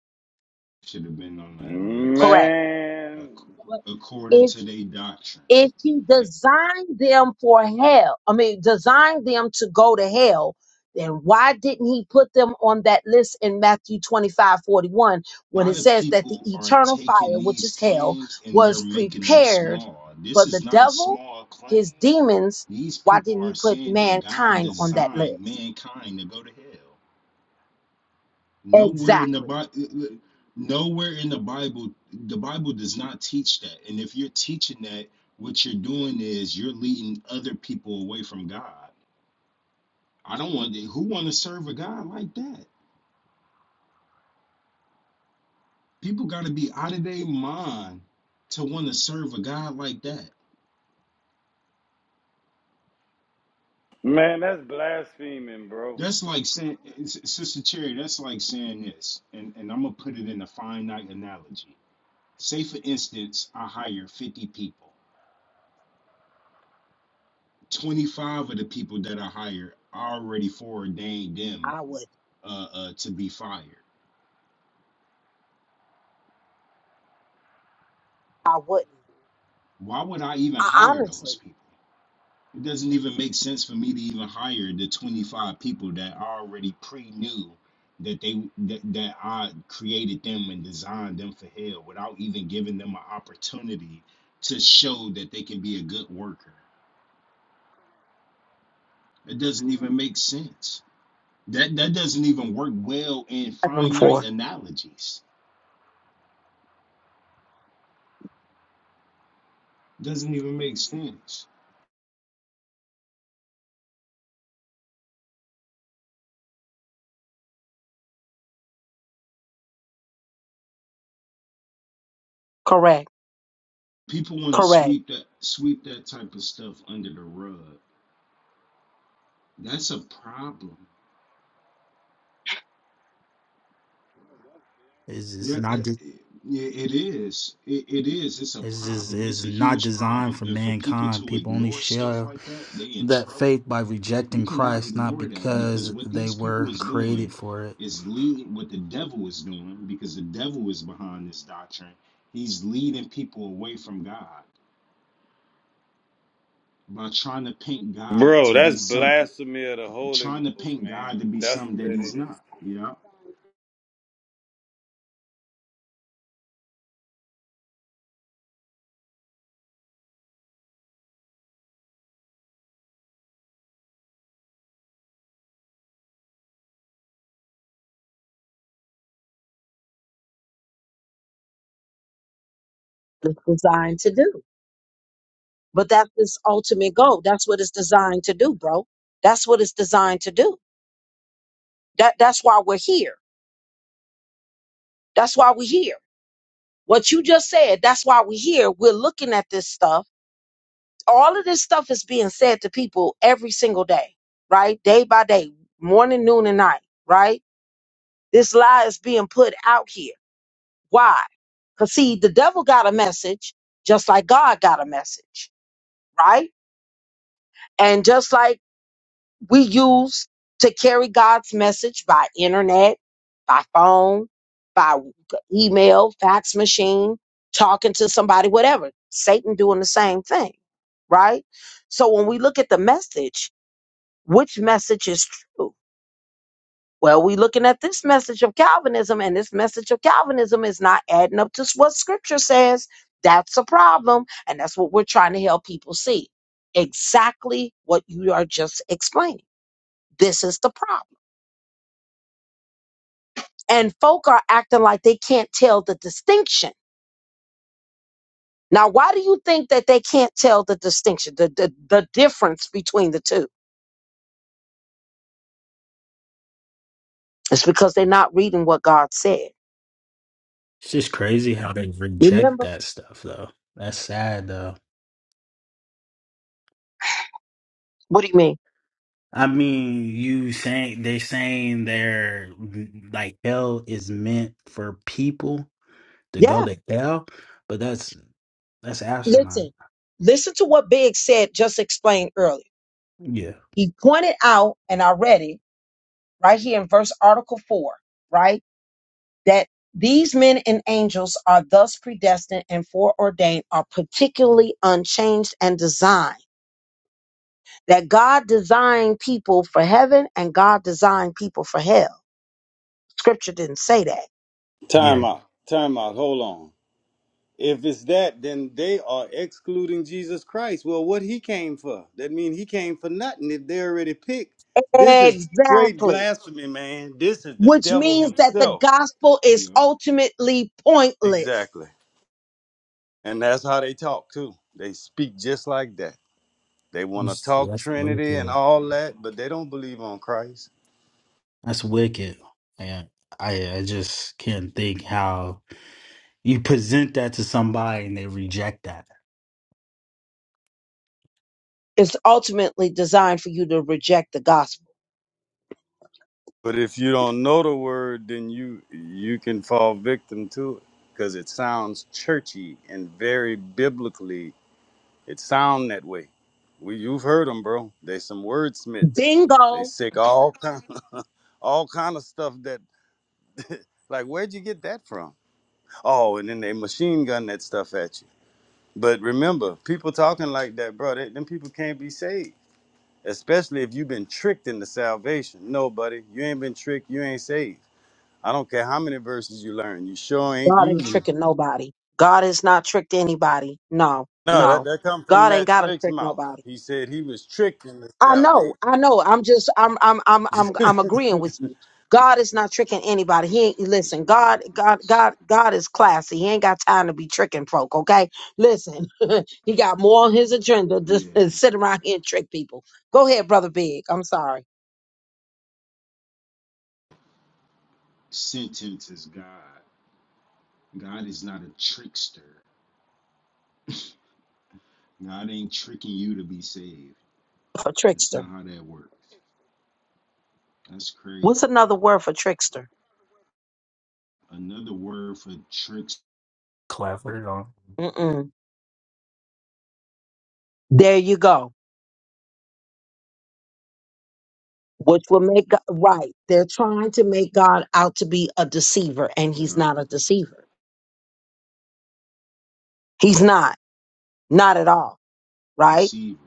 Speaker 6: Should have been on that list.
Speaker 2: Correct.
Speaker 6: Ac-
Speaker 3: man?
Speaker 2: But
Speaker 6: According
Speaker 2: if
Speaker 6: to their doctrine.
Speaker 2: if he designed them for hell, I mean designed them to go to hell, then why didn't he put them on that list in Matthew 25 41
Speaker 6: a
Speaker 2: when it
Speaker 6: lot of
Speaker 2: says that the
Speaker 6: people are
Speaker 2: eternal
Speaker 6: taking
Speaker 2: fire, which
Speaker 6: these
Speaker 2: is hell,
Speaker 6: claims and they're
Speaker 2: was
Speaker 6: making them
Speaker 2: prepared
Speaker 6: small. This
Speaker 2: for the
Speaker 6: is not a
Speaker 2: devil,
Speaker 6: small claim.
Speaker 2: his demons?
Speaker 6: These
Speaker 2: Why
Speaker 6: people
Speaker 2: didn't he
Speaker 6: are
Speaker 2: put
Speaker 6: saying that God
Speaker 2: mankind on that
Speaker 6: designed
Speaker 2: list?
Speaker 6: mankind to go to hell. Nowhere in the
Speaker 2: Exactly.
Speaker 6: Bible, nowhere in the Bible, the Bible does not teach that. And if you're teaching that, what you're doing is you're leading other people away from God. I don't want to, who want to serve a God like that? People got to be out of their mind to want to serve a God like that
Speaker 3: Man, that's blaspheming, bro.
Speaker 6: That's like saying, Sister Cherry, that's like saying this, and, and I'm going to put it in a finite analogy. Say, for instance, I hire 50 people. 25 of the people that I hire I already foreordained them
Speaker 2: I would.
Speaker 6: uh, uh, to be fired.
Speaker 2: I wouldn't.
Speaker 6: Why would I even
Speaker 2: I
Speaker 6: hire those
Speaker 2: honestly.
Speaker 6: people? It doesn't even make sense for me to even hire the 25 people that I already pre-knew that they that, that I created them and designed them for hell without even giving them an opportunity to show that they can be a good worker. It doesn't even make sense. That that doesn't even work well in
Speaker 2: I'm
Speaker 6: finite
Speaker 2: for.
Speaker 6: analogies. It Doesn't even make sense.
Speaker 2: Correct.
Speaker 6: People want to
Speaker 2: Correct.
Speaker 6: sweep that sweep that type of stuff under the rug. That's a problem
Speaker 1: It's it's
Speaker 6: Yeah, it,
Speaker 1: not
Speaker 6: its
Speaker 1: de-
Speaker 6: it is. It, it is. It's a
Speaker 1: it's just
Speaker 6: problem. It's
Speaker 1: it's
Speaker 6: a
Speaker 1: not
Speaker 6: huge
Speaker 1: designed
Speaker 6: problem.
Speaker 1: for
Speaker 6: And for people
Speaker 1: mankind.
Speaker 6: to
Speaker 1: People only
Speaker 6: ignore stuff
Speaker 1: share
Speaker 6: like that, they in
Speaker 1: that
Speaker 6: trouble.
Speaker 1: faith by
Speaker 6: You
Speaker 1: rejecting
Speaker 6: cannot
Speaker 1: Christ, not
Speaker 6: ignore that because
Speaker 1: because
Speaker 6: what
Speaker 1: they
Speaker 6: these
Speaker 1: were
Speaker 6: people is
Speaker 1: created
Speaker 6: doing
Speaker 1: for it.
Speaker 6: is leading what the devil is doing because the devil is behind this doctrine. He's leading people away from God by trying to paint God
Speaker 3: Bro,
Speaker 6: to be
Speaker 3: that's
Speaker 6: some,
Speaker 3: blasphemy of the Holy
Speaker 6: trying to
Speaker 3: Ghost,
Speaker 6: paint
Speaker 3: man.
Speaker 6: God to be
Speaker 3: That's
Speaker 6: something
Speaker 3: what
Speaker 6: that
Speaker 3: that
Speaker 6: he's
Speaker 3: is.
Speaker 6: not. Yeah,
Speaker 2: it's designed to do. But that's its ultimate goal. That's what it's designed to do, bro. That's what it's designed to do. That that's why we're here. That's why we're here. What you just said, that's why we're here. We're looking at this stuff. All of this stuff is being said to people every single day, right? Day by day, morning, noon, and night, right? This lie is being put out here. Why? Because see, the devil got a message, just like God got a message, right? And just like we use to carry God's message by internet, by phone, by email, fax machine, talking to somebody, whatever. Satan doing the same thing, right? So when we look at the message, which message is true? Well, we looking at this message of Calvinism, and this message of Calvinism is not adding up to what Scripture says. That's a problem, and that's what we're trying to help people see. Exactly what you are just explaining. This is the problem and folk are acting like they can't tell the distinction. Now, why do you think that they can't tell the distinction, the, the, the difference between the two? It's because they're not reading what God said.
Speaker 1: It's just crazy how they reject
Speaker 2: Remember?
Speaker 1: that stuff though. That's sad though.
Speaker 2: What do you mean?
Speaker 1: I mean, you saying they're saying they're like hell is meant for people to
Speaker 2: Yeah.
Speaker 1: go to hell, but that's that's
Speaker 2: Listen,
Speaker 1: asinine.
Speaker 2: listen to what Big said, just explained earlier.
Speaker 1: Yeah.
Speaker 2: He pointed out, and I read it right here in verse article four, right? That these men and angels are thus predestined and foreordained, are particularly unchanged and designed that God designed people for heaven and God designed people for hell. Scripture didn't say that.
Speaker 3: Time
Speaker 1: Yeah.
Speaker 3: out. Time out. Hold on. If it's that, then they are excluding Jesus Christ. Well, what he came for? That means he came for nothing if they already picked. This is straight
Speaker 2: Exactly.
Speaker 3: blasphemy, man. This is the
Speaker 2: Which
Speaker 3: devil
Speaker 2: means that the
Speaker 3: himself.
Speaker 2: gospel is
Speaker 6: yeah.
Speaker 2: ultimately pointless.
Speaker 3: Exactly. And that's how they talk too. They speak just like that. They want to
Speaker 1: That's
Speaker 3: talk
Speaker 1: that's
Speaker 3: Trinity and all that, but they don't believe on Christ.
Speaker 1: That's wicked. And I I just can't think how you present that to somebody and they reject that.
Speaker 2: Is ultimately designed for you to reject the gospel.
Speaker 3: But if you don't know the word, then you you can fall victim to it because it sounds churchy and very biblically It sound that way. We you've heard them, bro. They some wordsmiths. They
Speaker 2: Bingo.
Speaker 3: say all kind, all kind of stuff that like where'd you get that from? Oh, and then they machine gun that stuff at you. But remember, people talking like that, bro, they, them people can't be saved. Especially if you've been tricked into salvation. No, buddy, you ain't been tricked. You ain't saved. I don't care how many verses you learn. You sure ain't
Speaker 2: God ain't
Speaker 3: using.
Speaker 2: tricking nobody. God is not tricked anybody. No,
Speaker 3: No, that
Speaker 2: no.
Speaker 3: that come from
Speaker 2: God ain't
Speaker 3: Matt
Speaker 2: gotta
Speaker 3: Slick's
Speaker 2: trick
Speaker 3: mouth.
Speaker 2: nobody.
Speaker 3: He said he was tricked into
Speaker 2: I know,
Speaker 3: salvation.
Speaker 2: I know. I'm just, I'm, I'm, I'm, I'm, I'm agreeing with you. God is not tricking anybody. He ain't
Speaker 6: That's
Speaker 2: listen. God, God,
Speaker 6: ridiculous.
Speaker 2: God, God is classy. He ain't got time to be tricking folk. Okay, listen. he got more on his agenda than to
Speaker 6: Yeah,
Speaker 2: sit around here and trick people. Go ahead, brother Big. I'm sorry
Speaker 6: Sentence is God. God is not a trickster. God ain't tricking you to be saved.
Speaker 2: for
Speaker 6: That's
Speaker 2: trickster.
Speaker 6: not how that works. That's
Speaker 2: What's
Speaker 6: crazy.
Speaker 2: another word for trickster?
Speaker 6: Another word for trickster,
Speaker 1: Clever.
Speaker 2: Mm-mm. There you go. Which will make God, right. They're trying to make God out to be a deceiver, and he's not a deceiver. He's not, not at all. Right
Speaker 6: deceiver.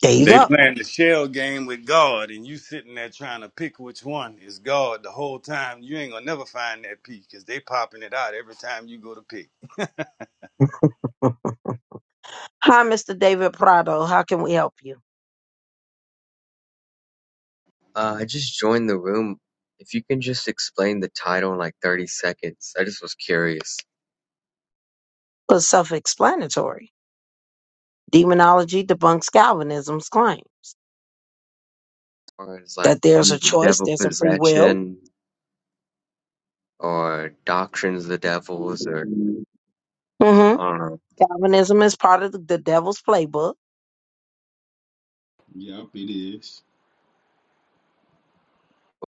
Speaker 2: There you
Speaker 3: They
Speaker 2: go.
Speaker 3: playing the shell game with God, and you sitting there trying to pick which one is God the whole time. You ain't gonna never find that peace because they popping it out every time you go to pick.
Speaker 2: Hi, Mr. David Prado. How can we help you?
Speaker 7: Uh, I just joined the room. If you can just explain the title in like 30 seconds, I just was curious.
Speaker 2: It's self explanatory. Demonology debunks Calvinism's claims
Speaker 7: Or it's like
Speaker 2: that there's a choice,
Speaker 7: devil
Speaker 2: there's a free will.
Speaker 7: possession or doctrines of the devils or
Speaker 2: hmm
Speaker 7: I don't know.
Speaker 2: Calvinism is part of the, the devil's playbook.
Speaker 6: Yep, it is.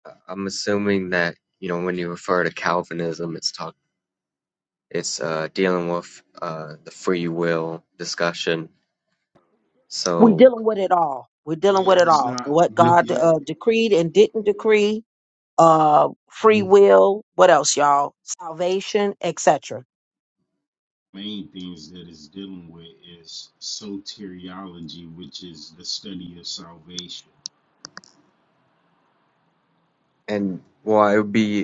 Speaker 7: I- am assuming that, you know, when you refer to Calvinism, it's talk it's uh dealing with uh the free will discussion.
Speaker 2: We're
Speaker 7: So
Speaker 2: dealing with it all. We're dealing
Speaker 6: Yeah,
Speaker 2: with it
Speaker 6: it's
Speaker 2: all.
Speaker 6: not.
Speaker 2: What
Speaker 6: Yeah,
Speaker 7: Mhm,
Speaker 2: God
Speaker 6: yeah.
Speaker 2: uh, decreed and didn't decree, uh, free
Speaker 7: mhm.
Speaker 2: will, what else, y'all? Salvation, etc.
Speaker 6: Main things that it's dealing with is soteriology, which is the study of salvation.
Speaker 7: and well, it would be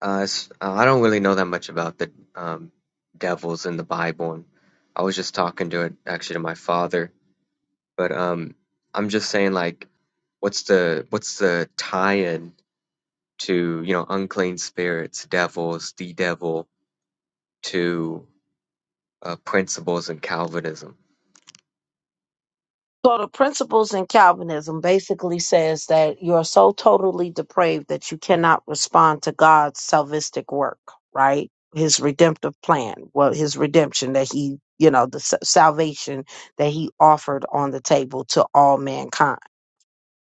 Speaker 7: Uh, it's, uh, I don't really know that much about the um, devils in the Bible, and I was just talking to it actually to my father. But um, I'm just saying, like, what's the what's the tie-in to you know unclean spirits, devils, the devil, to uh, principles in Calvinism?
Speaker 2: So the principles in Calvinism basically says that you are so totally depraved that you cannot respond to God's salvistic work, right? His redemptive plan, well, his redemption that he, you know, the sa- salvation that he offered on the table to all mankind.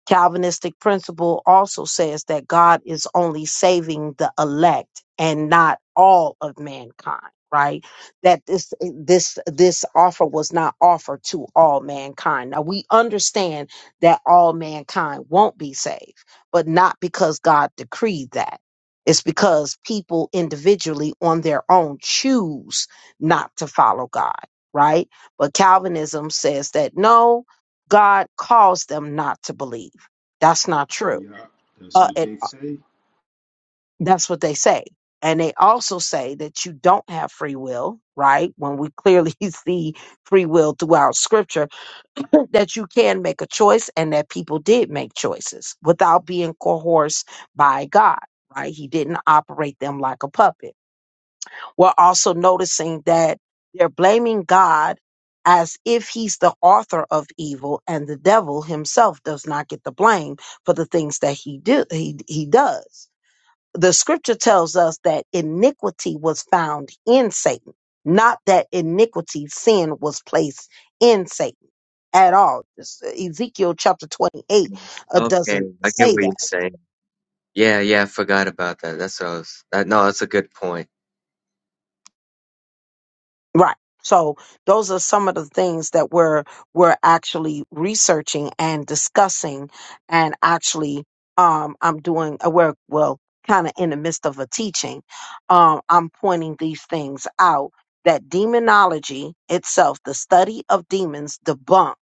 Speaker 2: Calvinistic principle also says that God is only saving the elect and not all of mankind, right? That this this this offer was not offered to all mankind. Now we understand that all mankind won't be saved, but not because God decreed that. It's because people individually on their own choose not to follow God, right? But Calvinism says that no, God caused them not to believe that's not true.
Speaker 6: Yep, that's
Speaker 2: Uh,
Speaker 6: what
Speaker 2: it,
Speaker 6: they
Speaker 2: uh,
Speaker 6: say.
Speaker 2: that's what they say. And they also say that you don't have free will, right? When we clearly see free will throughout scripture, that you can make a choice and that people did make choices without being coerced by God, right? He didn't operate them like a puppet. We're also noticing that they're blaming God as if he's the author of evil and the devil himself does not get the blame for the things that he do he he does the scripture tells us that iniquity was found in Satan, not that iniquity, sin was placed in Satan at all. This- uh, Ezekiel chapter 28 uh,
Speaker 7: Okay,
Speaker 2: doesn't
Speaker 7: I get
Speaker 2: say
Speaker 7: what
Speaker 2: that.
Speaker 7: you're saying. Yeah, yeah, I forgot about that. That's what I was. That, no, that's a good point.
Speaker 2: Right. So those are some of the things that we're we're actually researching and discussing, and actually, um, I'm doing a work well, kind of in the midst of a teaching. Um, I'm pointing these things out that demonology itself, the study of demons, debunks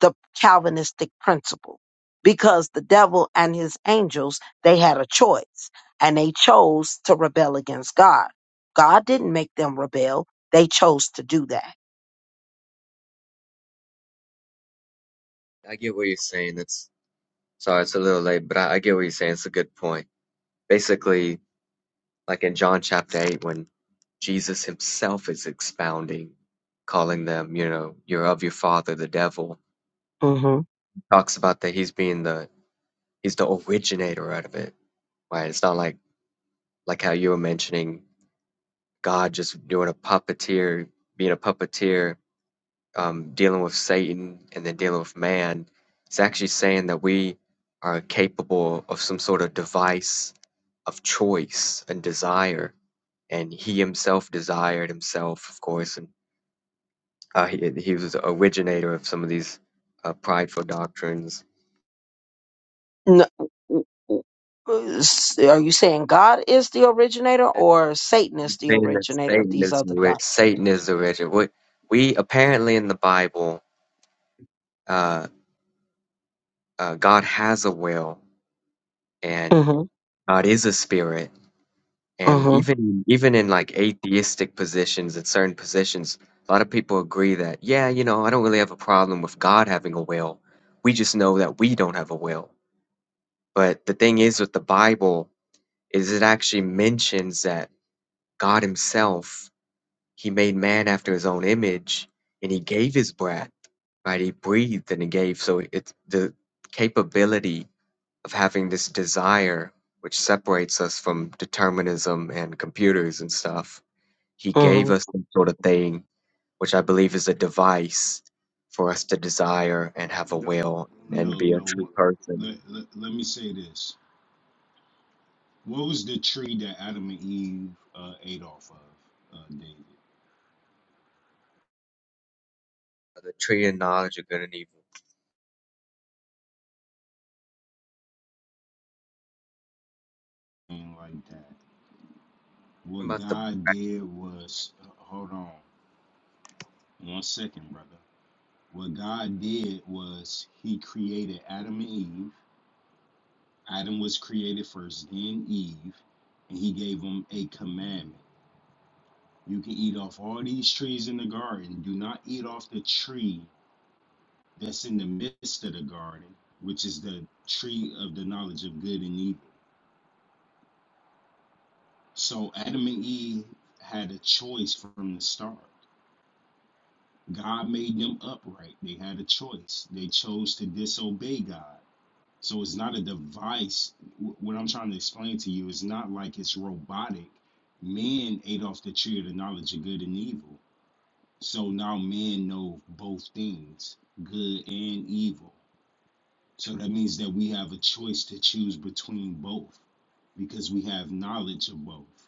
Speaker 2: the Calvinistic principle because the devil and his angels, they had a choice and they chose to rebel against God. God didn't make them rebel. They chose to do that.
Speaker 7: I get what you're saying. That's sorry, it's a little late, but I, I get what you're saying. It's a good point. Basically. Like in John chapter 8, when Jesus himself is expounding, calling them, you know, you're of your father, the devil.
Speaker 2: Mm-hmm.
Speaker 7: Talks about that he's being the he's the originator out of it. Right? It's not like like how you were mentioning God just doing a puppeteer, being a puppeteer, um, dealing with Satan and then dealing with man. It's actually saying that we are capable of some sort of device of choice and desire. And he himself desired himself, of course, and Uh, he, he was the originator of some of these uh, prideful doctrines.
Speaker 2: N- w- w- s- Are you saying God is the originator
Speaker 7: That
Speaker 2: or Satan is
Speaker 7: he's
Speaker 2: the
Speaker 7: Saying that
Speaker 2: originator of
Speaker 7: Satan
Speaker 2: these
Speaker 7: is
Speaker 2: other
Speaker 7: the ori-
Speaker 2: doctrines?
Speaker 7: Satan is the origin. We, we apparently in the Bible, uh, uh, God has a will, and
Speaker 2: hmm
Speaker 7: God is a spirit. And
Speaker 2: hmm
Speaker 7: even even in like atheistic positions, in certain positions, a lot of people agree that yeah, you know, I don't really have a problem with God having a will. We just know that we don't have a will. But the thing is with the Bible is it actually mentions that God Himself, He made man after His own image, and He gave His breath, right? He breathed and He gave. So it's the capability of having this desire, which separates us from determinism and computers and stuff. He
Speaker 2: hmm
Speaker 7: gave us some sort of thing, which I believe is a device for us to desire and have a
Speaker 6: No,
Speaker 7: will and
Speaker 6: no,
Speaker 7: be a true
Speaker 6: no.
Speaker 7: person.
Speaker 6: Let, let, let me say this. What was the tree that Adam and Eve uh, ate off of, uh, David?
Speaker 7: The tree and knowledge of good and evil.
Speaker 6: And like that.
Speaker 7: What
Speaker 6: What
Speaker 7: about the
Speaker 6: God did was, uh, hold on one second, brother. What God did was he created Adam and Eve. Adam was created first, then Eve, and he gave them a commandment. You can eat off all these trees in the garden. Do not eat off the tree that's in the midst of the garden, which is the tree of the knowledge of good and evil So Adam and Eve had a choice from the start. God made them upright. They had a choice. They chose to disobey God. So it's not a device. What I'm trying to explain to you is not like it's robotic. Man ate off the tree of the knowledge of good and evil. So now men know both things, good and evil. So that means that we have a choice to choose between both because we have knowledge of both.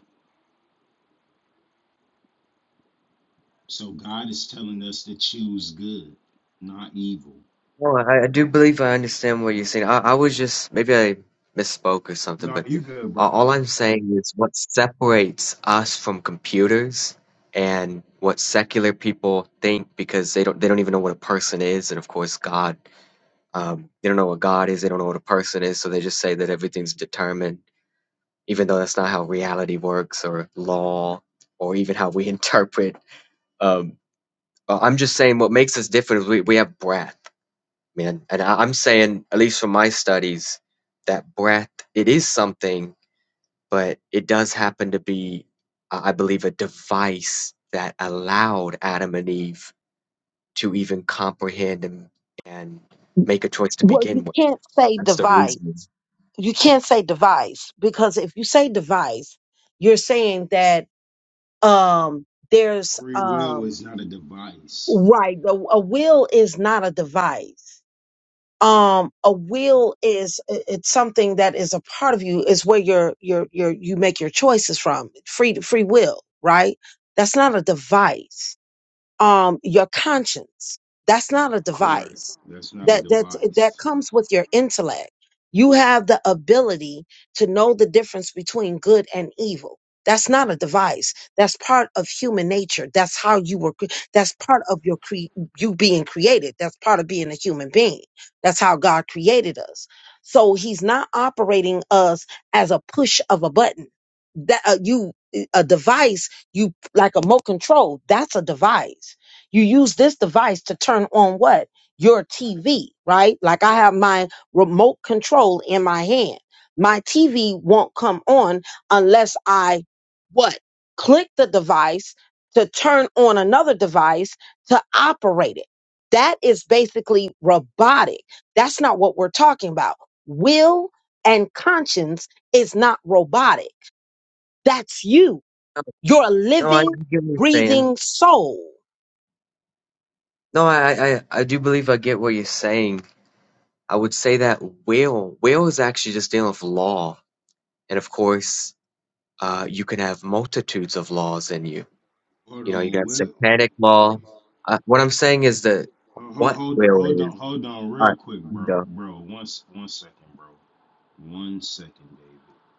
Speaker 6: So God is telling us to choose good, not evil.
Speaker 7: No, I, I do believe I understand what you're saying. I, I was just maybe I misspoke or something,
Speaker 6: No,
Speaker 7: but
Speaker 6: you good,
Speaker 7: a-
Speaker 6: brother.
Speaker 7: all I'm saying is what separates us from computers and what secular people think because they don't they don't even know what a person is, and of course God, um, they don't know what God is, they don't know what a person is, so they just say that everything's determined, even though that's not how reality works or law or even how we interpret. Um, I- I'm just saying what makes us different is we, we have breath man. And I, I'm saying, at least from my studies, that breath, it is something, but it does happen to be, I I believe, a device that allowed Adam and Eve to even comprehend and, and make a choice to
Speaker 2: Well, you
Speaker 7: begin with.
Speaker 2: can't say
Speaker 7: That's the
Speaker 2: devise.
Speaker 7: reason.
Speaker 2: You can't say devise because if you say devise, you're saying that um, there's
Speaker 6: Free will
Speaker 2: um,
Speaker 6: is not a device.
Speaker 2: right. A, a will is not a device. um a will is i- it's something that is a part of you is where your your your you make your choices from free free will right that's not a device um, your conscience. That's not a
Speaker 6: Correct.
Speaker 2: device.
Speaker 6: That's not a
Speaker 2: That that that
Speaker 6: device.
Speaker 2: comes with your intellect. You have the ability to know the difference between good and evil. That's not a device. That's part of human nature. That's how you were. cre- That's part of your cre- you being created. That's part of being a human being. That's how God created us. So He's not operating us as a push of a button. That uh, you a device you like a remote control. That's a device. You use this device to turn on what? Your TV, right? Like I have my remote control in my hand. My TV won't come on unless I what? Click the device to turn on another device to operate it. That is basically robotic. That's not what we're talking about. Will and conscience is not robotic. That's you.
Speaker 7: No,
Speaker 2: You're a
Speaker 7: no, I I
Speaker 2: living,
Speaker 7: get what you're saying.
Speaker 2: breathing soul.
Speaker 7: No, I, I, I do believe I get what you're saying. I would say that will, will is actually just dealing with law. And of course, uh, you can have multitudes of laws in you
Speaker 6: Hold
Speaker 7: You know, you
Speaker 6: on,
Speaker 7: got
Speaker 6: Will.
Speaker 7: satanic law. Uh, what I'm saying is that
Speaker 6: Hold,
Speaker 7: what
Speaker 6: hold,
Speaker 7: will
Speaker 6: hold
Speaker 7: is,
Speaker 6: on, hold on,
Speaker 7: uh,
Speaker 6: real quick,
Speaker 7: you
Speaker 6: bro,
Speaker 7: know.
Speaker 6: bro. One, one second, bro. One second, David.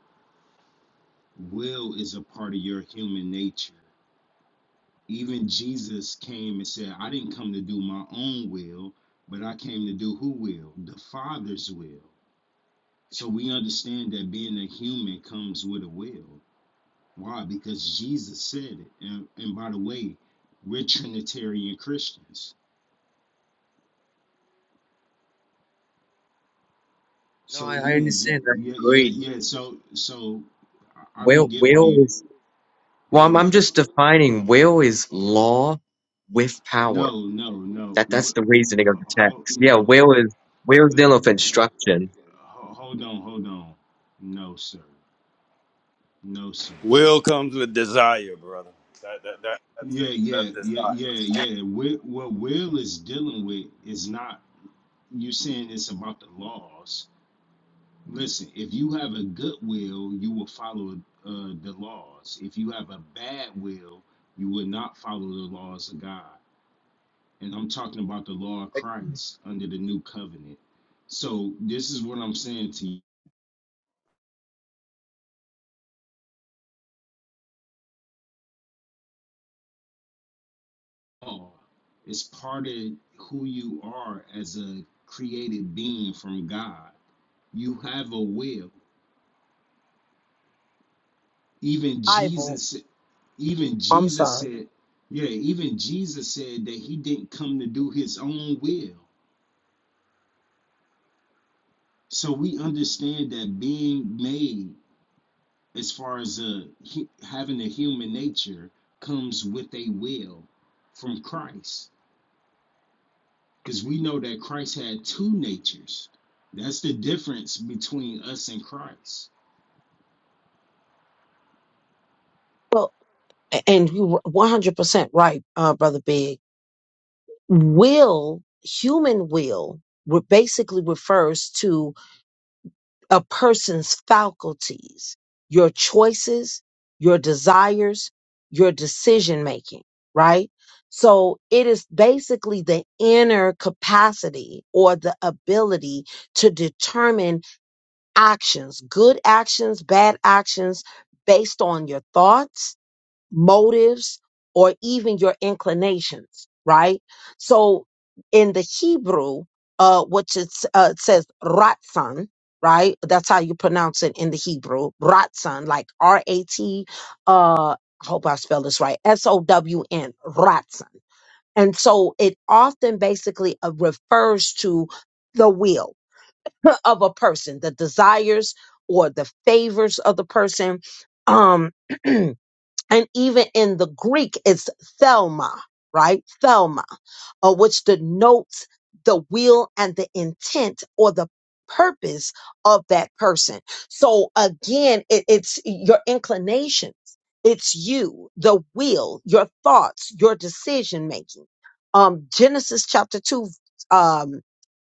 Speaker 6: Will is a part of your human nature. Even Jesus came and said, "I didn't come to do my own will, but I came to do who will? The Father's will." So we understand that being a human comes with a will. Why? Because Jesus said it. And, and by the way, we're Trinitarian Christians.
Speaker 7: No, I,
Speaker 6: So
Speaker 7: I
Speaker 6: even
Speaker 7: understand. I
Speaker 6: yeah
Speaker 7: agree.
Speaker 6: yeah yeah. So so I don't
Speaker 7: Will,
Speaker 6: get why
Speaker 7: will
Speaker 6: you
Speaker 7: is. Well,
Speaker 6: go
Speaker 7: I'm, I'm
Speaker 6: ahead.
Speaker 7: just defining will is law with power.
Speaker 6: No no no.
Speaker 7: That that's the reasoning of
Speaker 6: Uh,
Speaker 7: the
Speaker 6: hold
Speaker 7: text. Yeah,
Speaker 6: no.
Speaker 7: will is will is dealing
Speaker 6: Let-
Speaker 7: with instruction.
Speaker 6: hold on hold on. No sir. No sir.
Speaker 3: Will comes with desire, brother. That, that, that, that's,
Speaker 6: Yeah
Speaker 3: that's
Speaker 6: yeah yeah yeah
Speaker 3: desire.
Speaker 6: yeah. Wi- What Will is dealing with is not you're saying it's about the laws. Listen, if you have a good will, you will follow uh, the laws. If you have a bad will, you will not follow the laws of God. And I'm talking about the law of Christ under the new covenant. So this is what I'm saying to you all. It's part of who you are as a created being from God. You have a will. Even
Speaker 2: Ivo.
Speaker 6: Jesus even
Speaker 2: I'm
Speaker 6: Jesus
Speaker 2: sorry.
Speaker 6: said, yeah, even Jesus said that he didn't come to do his own will. So we understand that being made, as far as uh, hu- having a human nature, comes with a will from Christ. Because we know that Christ had two natures. That's the difference between us and Christ.
Speaker 2: Well, a- and you are 100% right, uh, Brother Big. Will, human will, re- basically refers to a person's faculties, your choices, your desires, your decision making, right? So it is basically the inner capacity or the ability to determine actions, good actions, bad actions, based on your thoughts, motives, or even your inclinations, right? So in the Hebrew, uh, which it's, uh, it says ratzon, right? That's how you pronounce it in the Hebrew, ratzon, like R A T, uh, I hope I spell this right, S O W N, ratzon. And so it often basically uh, refers to the will of a person, the desires or the favors of the person. Um, and even in the Greek, it's Thelma, right? Thelma, uh, which denotes the will and the intent or the purpose of that person. So again, it, it's your inclinations. It's you, the will, your thoughts, your decision making. Um, Genesis chapter two, Um,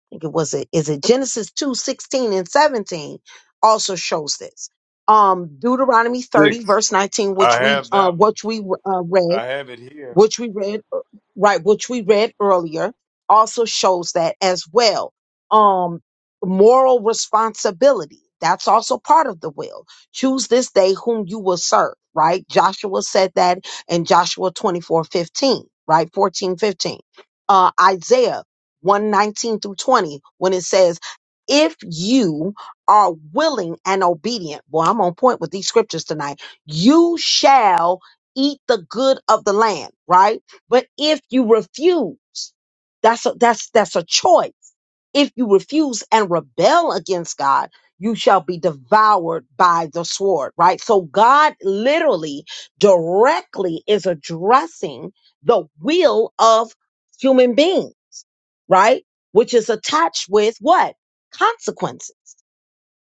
Speaker 2: think it was it is it Genesis 2 16 and 17 also shows this. Um Deuteronomy 30,
Speaker 3: Six.
Speaker 2: verse 19,
Speaker 3: I
Speaker 2: which we
Speaker 3: have
Speaker 2: uh
Speaker 3: that one.
Speaker 2: which we uh read
Speaker 3: I have it here.
Speaker 2: which we read uh, right which we read earlier also shows that as well um moral responsibility that's also part of the will choose this day whom you will serve right joshua said that in joshua 24 15, right 14 15. uh isaiah 119 through 20 when it says if you are willing and obedient well i'm on point with these scriptures tonight you shall eat the good of the land, right? But if you refuse, that's a, that's that's a choice. If you refuse and rebel against God, you shall be devoured by the sword, right? So God literally directly is addressing the will of human being, right? Which is attached with what? Consequences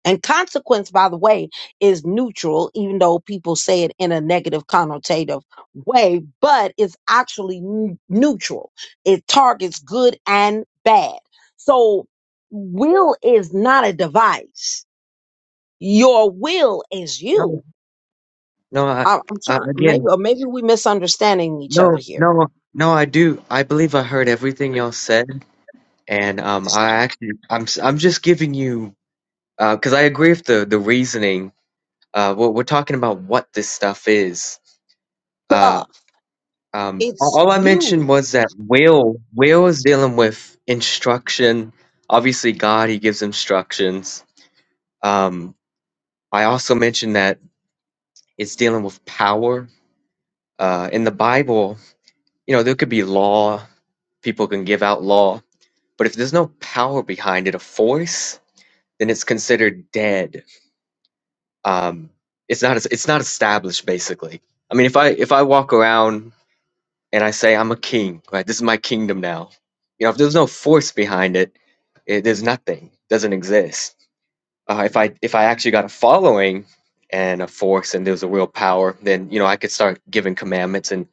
Speaker 2: and consequence, by the way, is neutral, even though people say it in a negative connotative way, but it's actually n- neutral. It targets good and bad. So will is not a device. Your will is
Speaker 7: No,
Speaker 2: you.
Speaker 7: no. I,
Speaker 2: I- I'm
Speaker 7: I
Speaker 2: trying, maybe,
Speaker 7: again,
Speaker 2: or maybe we misunderstanding each
Speaker 7: no,
Speaker 2: other here.
Speaker 7: no, no. I do. I believe I heard everything y'all said, and um, I actually, I'm, s- I'm just giving you, uh, because I agree with the the reasoning Uh, we're, we're talking about what this stuff is. Uh,
Speaker 2: Love,
Speaker 7: um, all
Speaker 2: it's
Speaker 7: all I
Speaker 2: you.
Speaker 7: mentioned was that Will Will is dealing with instruction. Obviously, God He gives instructions. Um, I also mentioned that it's dealing with power. Uh, in the Bible, you know, there could be law. People can give out law, but if there's no power behind it, a force, then it's considered dead. Um, it's not. It's not established. Basically, I mean, if I if I walk around and I say I'm a king, right? This is my kingdom now. You know, if there's no force behind it, it there's nothing, doesn't exist. Uh, if I if I actually got a following and a force and there's a real power, then you know I could start giving commandments and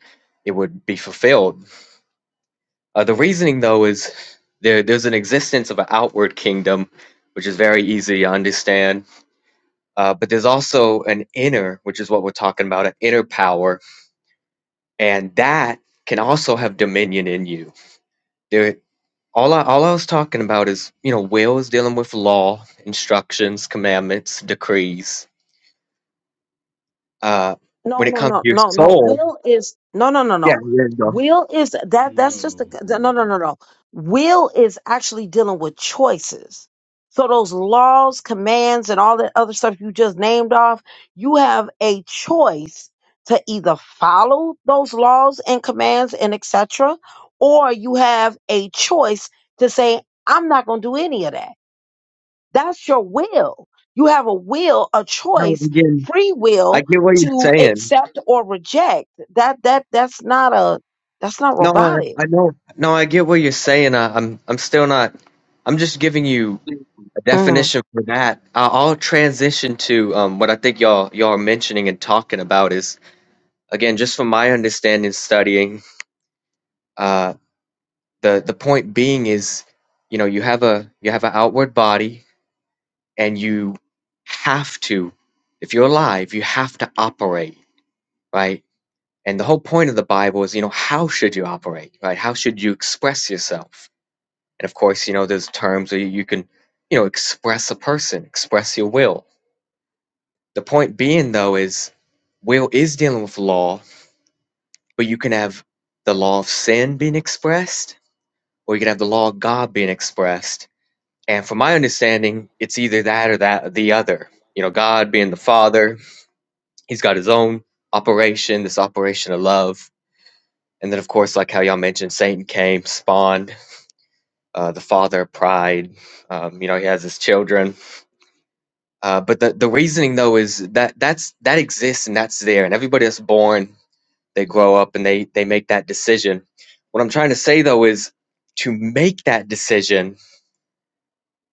Speaker 7: it would be fulfilled. Uh, the reasoning though is there there's an existence of an outward kingdom, which is very easy to understand. Uh, but there's also an inner, which is what we're talking about, an inner power, and that can also have dominion in you There. All I all I was talking about is, you know, will is dealing with law, instructions, commandments, decrees. Uh,
Speaker 2: No,
Speaker 7: when it
Speaker 2: no,
Speaker 7: comes to
Speaker 2: no,
Speaker 7: your
Speaker 2: no, no.
Speaker 7: soul,
Speaker 2: Will is no, no, no,
Speaker 7: yeah,
Speaker 2: no.
Speaker 7: there you go.
Speaker 2: Will is that that's just
Speaker 6: No,
Speaker 2: the no, no,
Speaker 6: bro.
Speaker 2: no, no. Will is actually dealing with choices. So those laws, commands, and all that other stuff you just named off, you have a choice to either follow those laws and commands and etc., or you have a choice to say, I'm not going to do any of that. That's your will. You have a will, a
Speaker 7: No,
Speaker 2: choice,
Speaker 7: again,
Speaker 2: free
Speaker 7: I
Speaker 2: will
Speaker 7: get what you're
Speaker 2: to
Speaker 7: saying.
Speaker 2: accept or reject. That that that's not a that's not
Speaker 7: No, I,
Speaker 2: robotic.
Speaker 7: I know. No, I get what you're saying. I, I'm I'm still not. I'm just giving you a
Speaker 2: Mm,
Speaker 7: definition for that. I- I'll transition to um, what I think y'all y'all are mentioning and talking about is again just from my understanding studying. Uh, the the point being is you know you have a you have an outward body and you have to if you're alive you have to operate right and the whole point of the bible is you know how should you operate right how should you express yourself and of course you know there's terms where you can you know express a person express your will the point being though is will is dealing with law but you can have the law of sin being expressed or you can have the law of god being expressed And from my understanding, it's either that or that or the other. You know, God being the Father, He's got His own operation, this operation of love. And then, of course, like how y'all mentioned, Satan came, spawned uh, the Father of Pride. Um, you know, He has His children. Uh, but the, the reasoning though is that that's that exists and that's there, and everybody that's born, they grow up and they they make that decision. What I'm trying to say though is to make that decision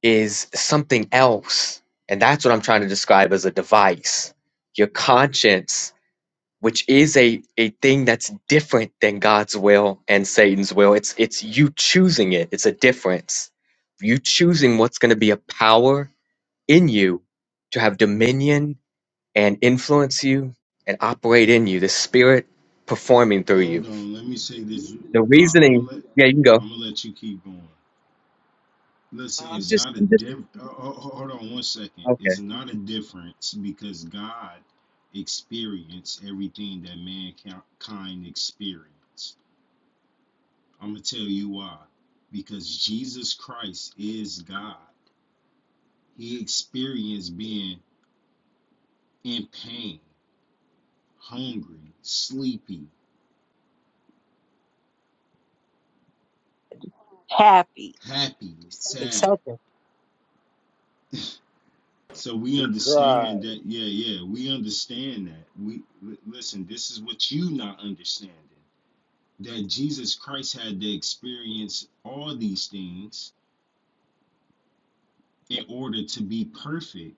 Speaker 7: is something else. And that's what I'm trying to describe as a device. Your conscience, which is a, a thing that's different than God's will and Satan's will. It's it's you choosing it. It's a difference. You choosing what's going to be a power in you to have dominion and influence you and operate in you, the spirit performing through
Speaker 6: Hold
Speaker 7: you.
Speaker 6: on. Let me say this.
Speaker 7: The
Speaker 6: I, I'm gonna
Speaker 7: reasoning,
Speaker 6: let
Speaker 7: yeah, you can go.
Speaker 6: I'm gonna let you keep going. Listen,
Speaker 7: I'm
Speaker 6: it's
Speaker 7: just
Speaker 6: not a
Speaker 7: I'm just
Speaker 6: diff. Oh, oh, hold on one second.
Speaker 7: okay.
Speaker 6: It's not a difference because God experienced everything that mankind experienced. I'm gonna tell you why. Because Jesus Christ is God. He experienced being in pain, hungry, sleepy,
Speaker 2: happy,
Speaker 6: happy, sad.
Speaker 2: accepting.
Speaker 6: So we
Speaker 3: He
Speaker 6: understand
Speaker 3: cried.
Speaker 6: that. Yeah, yeah, we understand that. We listen. This is what you not understanding. that Jesus Christ had to experience all these things in order to be perfect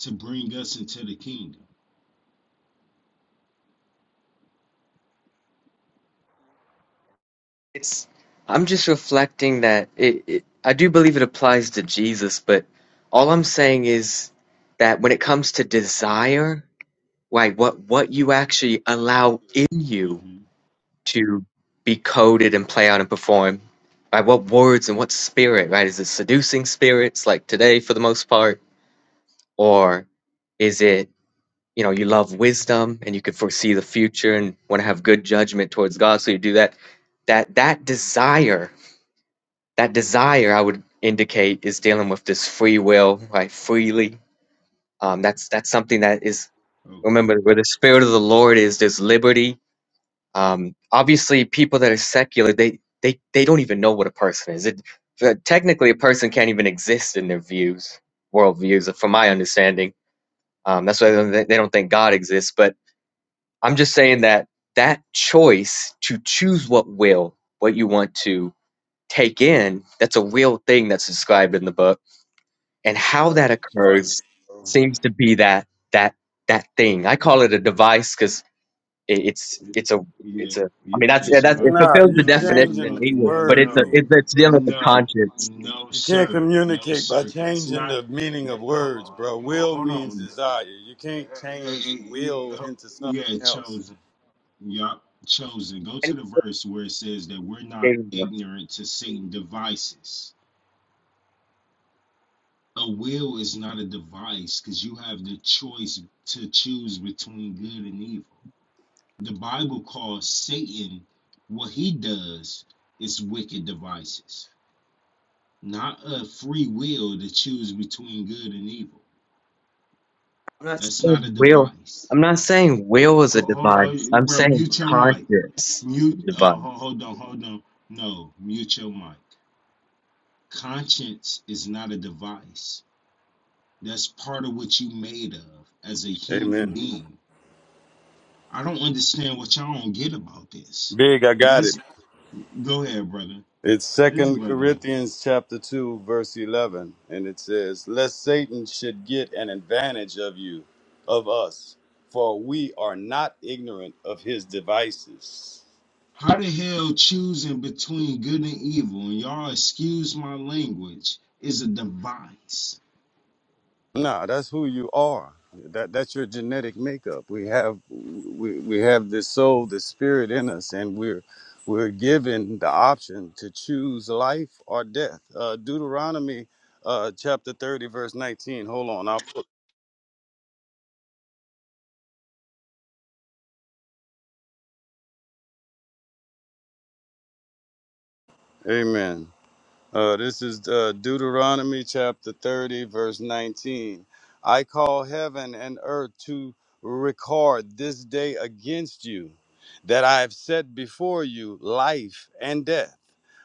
Speaker 6: to bring us into the kingdom.
Speaker 7: It's I'm just reflecting that it, it I do believe it applies to Jesus, but all I'm saying is that when it comes to desire, like what what you actually allow in you
Speaker 6: hmm
Speaker 7: to be coded and play out and perform, by what words and what spirit, right? Is it seducing spirits like today for the most part, or is it you know you love wisdom and you can foresee the future and want to have good judgment towards God, so you do that. That that desire that desire I would indicate is dealing with this free will, right? Freely. Um, that's that's something that is
Speaker 6: Okay.
Speaker 7: remember where the spirit of the Lord is. There's liberty. Um, obviously, people that are secular, they they they don't even know what a person is. It uh, technically a person can't even exist in their views, worldviews, uh, from my understanding. Um, that's why they don't they don't think God exists. But I'm just saying that that choice to choose what will, what you want to take in, that's a real thing that's described in the book and how
Speaker 3: That's
Speaker 7: that occurs
Speaker 3: choice. bro.
Speaker 7: seems to be that that that thing. I call it a device because it's it's a it's
Speaker 6: Yeah.
Speaker 7: a. I
Speaker 6: yeah.
Speaker 7: mean that's yeah,
Speaker 6: It's
Speaker 7: that's
Speaker 6: not.
Speaker 7: it
Speaker 6: A,
Speaker 3: Nah,
Speaker 7: fulfills the
Speaker 3: you
Speaker 6: no. No.
Speaker 7: definition
Speaker 3: changing
Speaker 7: in
Speaker 6: No.
Speaker 3: the
Speaker 7: English,
Speaker 6: No.
Speaker 7: but
Speaker 3: word
Speaker 7: it's a
Speaker 6: No.
Speaker 7: it's,
Speaker 3: meaning,
Speaker 7: it's dealing
Speaker 3: bro.
Speaker 7: with the
Speaker 6: No.
Speaker 7: conscience.
Speaker 6: No,
Speaker 3: You can't
Speaker 6: sir. No,
Speaker 3: communicate by
Speaker 6: sir. That's
Speaker 3: changing
Speaker 6: not.
Speaker 3: the meaning of
Speaker 6: That. ho-
Speaker 3: words, bro. Will
Speaker 6: Hold
Speaker 3: means
Speaker 6: on.
Speaker 3: desire. You can't
Speaker 6: Uh, uh,
Speaker 3: change will
Speaker 6: uh, uh,
Speaker 3: into
Speaker 6: Yeah.
Speaker 3: something else.
Speaker 6: Chosen. Yup. Chosen. Go to the verse where it says that we're not
Speaker 7: I'm
Speaker 6: ignorant to Satan devices A will is not a device because you have the choice to choose between good and evil. The Bible calls Satan what he does is wicked devices, not a free will to choose between good and evil.
Speaker 7: not
Speaker 6: That's
Speaker 7: saying
Speaker 6: not a
Speaker 7: will.
Speaker 6: device.
Speaker 7: I'm not saying will is
Speaker 6: Oh,
Speaker 7: a
Speaker 6: ho
Speaker 7: device.
Speaker 6: ho-
Speaker 7: I'm
Speaker 6: bro,
Speaker 7: saying
Speaker 6: mute your mic.
Speaker 7: conscience is a
Speaker 6: Mute. Uh,
Speaker 7: device.
Speaker 6: ho, hold on, hold on. No, mute your mic. Conscience is not a device. That's part of what you made of as a human
Speaker 3: Amen.
Speaker 6: being I don't understand what y'all don't get about this.
Speaker 3: Big, I got it.
Speaker 6: That's go ahead, brother.
Speaker 3: It's
Speaker 6: This
Speaker 3: Second
Speaker 6: brother.
Speaker 3: Corinthians chapter two, verse eleven, and it says, "Lest Satan should get an advantage of you, of us, for we are not ignorant of his devices."
Speaker 6: How the hell choosing between good and evil, and y'all excuse my language, is a device.
Speaker 3: No, that's who you are. That that's your genetic makeup. We have we we have this soul, this spirit in us, and we're we're given the option to choose life or death. Uh, Deuteronomy uh, chapter thirty, verse nineteen. Hold on, I'll. put. Amen. Uh, this is uh, Deuteronomy chapter 30, verse 19. I call heaven and earth to record this day against you, that I have set before you life and death,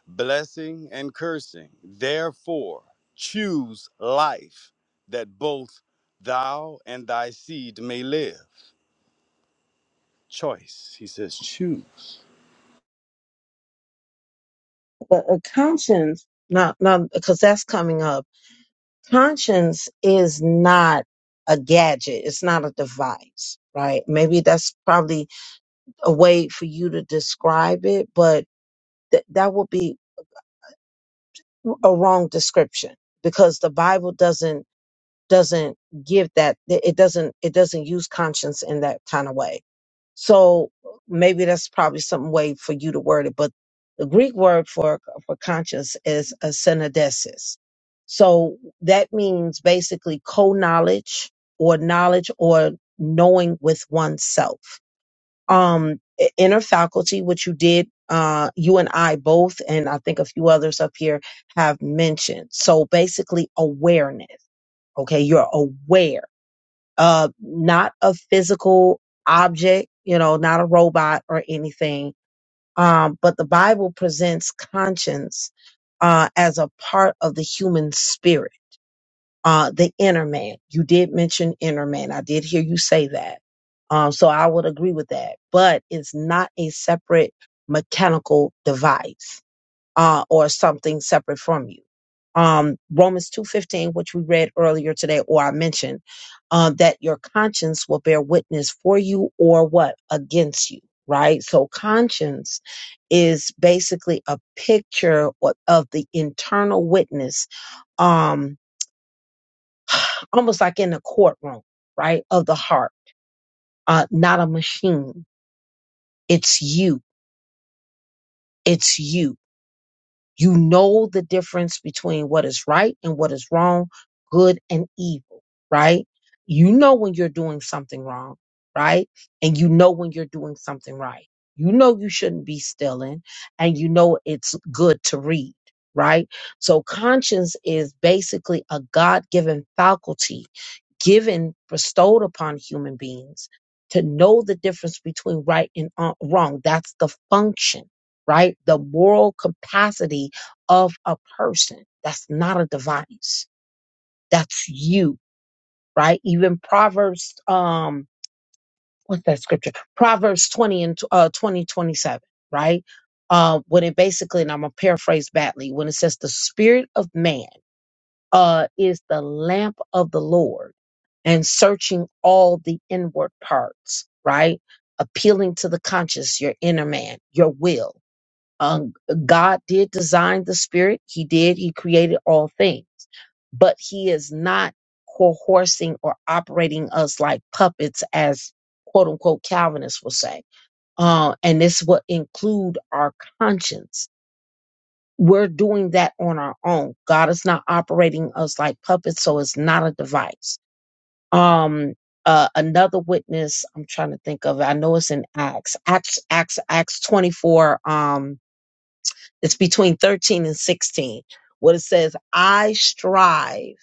Speaker 3: blessing and cursing. Therefore, choose life, that both thou and thy seed may live. Choice, he says, choose.
Speaker 2: But a conscience, not not because that's coming up. Conscience is not a gadget. It's not a device, right? Maybe that's probably a way for you to describe it, but th- that would be a wrong description because the Bible doesn't doesn't give that it doesn't it doesn't use conscience in that kind of way so maybe that's probably some way for you to word it but the greek word for for conscience is a synodesis so that means basically co-knowledge or knowledge or knowing with oneself um i- inner faculty which you did uh you and i both and i think a few others up here have mentioned so basically awareness Okay. You're aware of not a physical object, you know, not a robot or anything. Um, but the Bible presents conscience, uh, as a part of the human spirit, uh, the inner man. You did mention inner man. I did hear you say that. Um, so I would agree with that, but it's not a separate mechanical device uh, or something separate from you. Um, Romans 2.15, which we read earlier today, or I mentioned, uh, that your conscience will bear witness for you or what? Against you, right? So conscience is basically a picture o- of the internal witness, um, almost like in a courtroom, right? Of the heart, uh, not a machine. It's you. It's you You know the difference between what is right and what is wrong, good and evil, right? You know when you're doing something wrong, right? And you know when you're doing something right. You know you shouldn't be stealing and you know it's good to read, right? So conscience is basically a God-given faculty given, bestowed upon human beings to know the difference between right and uh, wrong. That's the function right? The moral capacity of a person. That's not a device. That's you, right? Even Proverbs, um, what's that scripture? Proverbs 20 and uh, 20, twenty-seven, right? Uh, when it basically, and I'm going to paraphrase badly, when it says the spirit of man uh, is the lamp of the Lord and searching all the inward parts, right? Appealing to the conscious, your inner man, your will um, God did design the spirit. He did. He created all things, but he is not coercing or operating us like puppets as quote unquote Calvinists will say. Uh, and this will include our conscience. We're doing that on our own. God is not operating us like puppets. So it's not a device. Um, uh, another witness, I'm trying to think of it. I know it's in Acts, Acts, Acts, Acts 24. Um, it's between 13 and 16. What it says, I strive.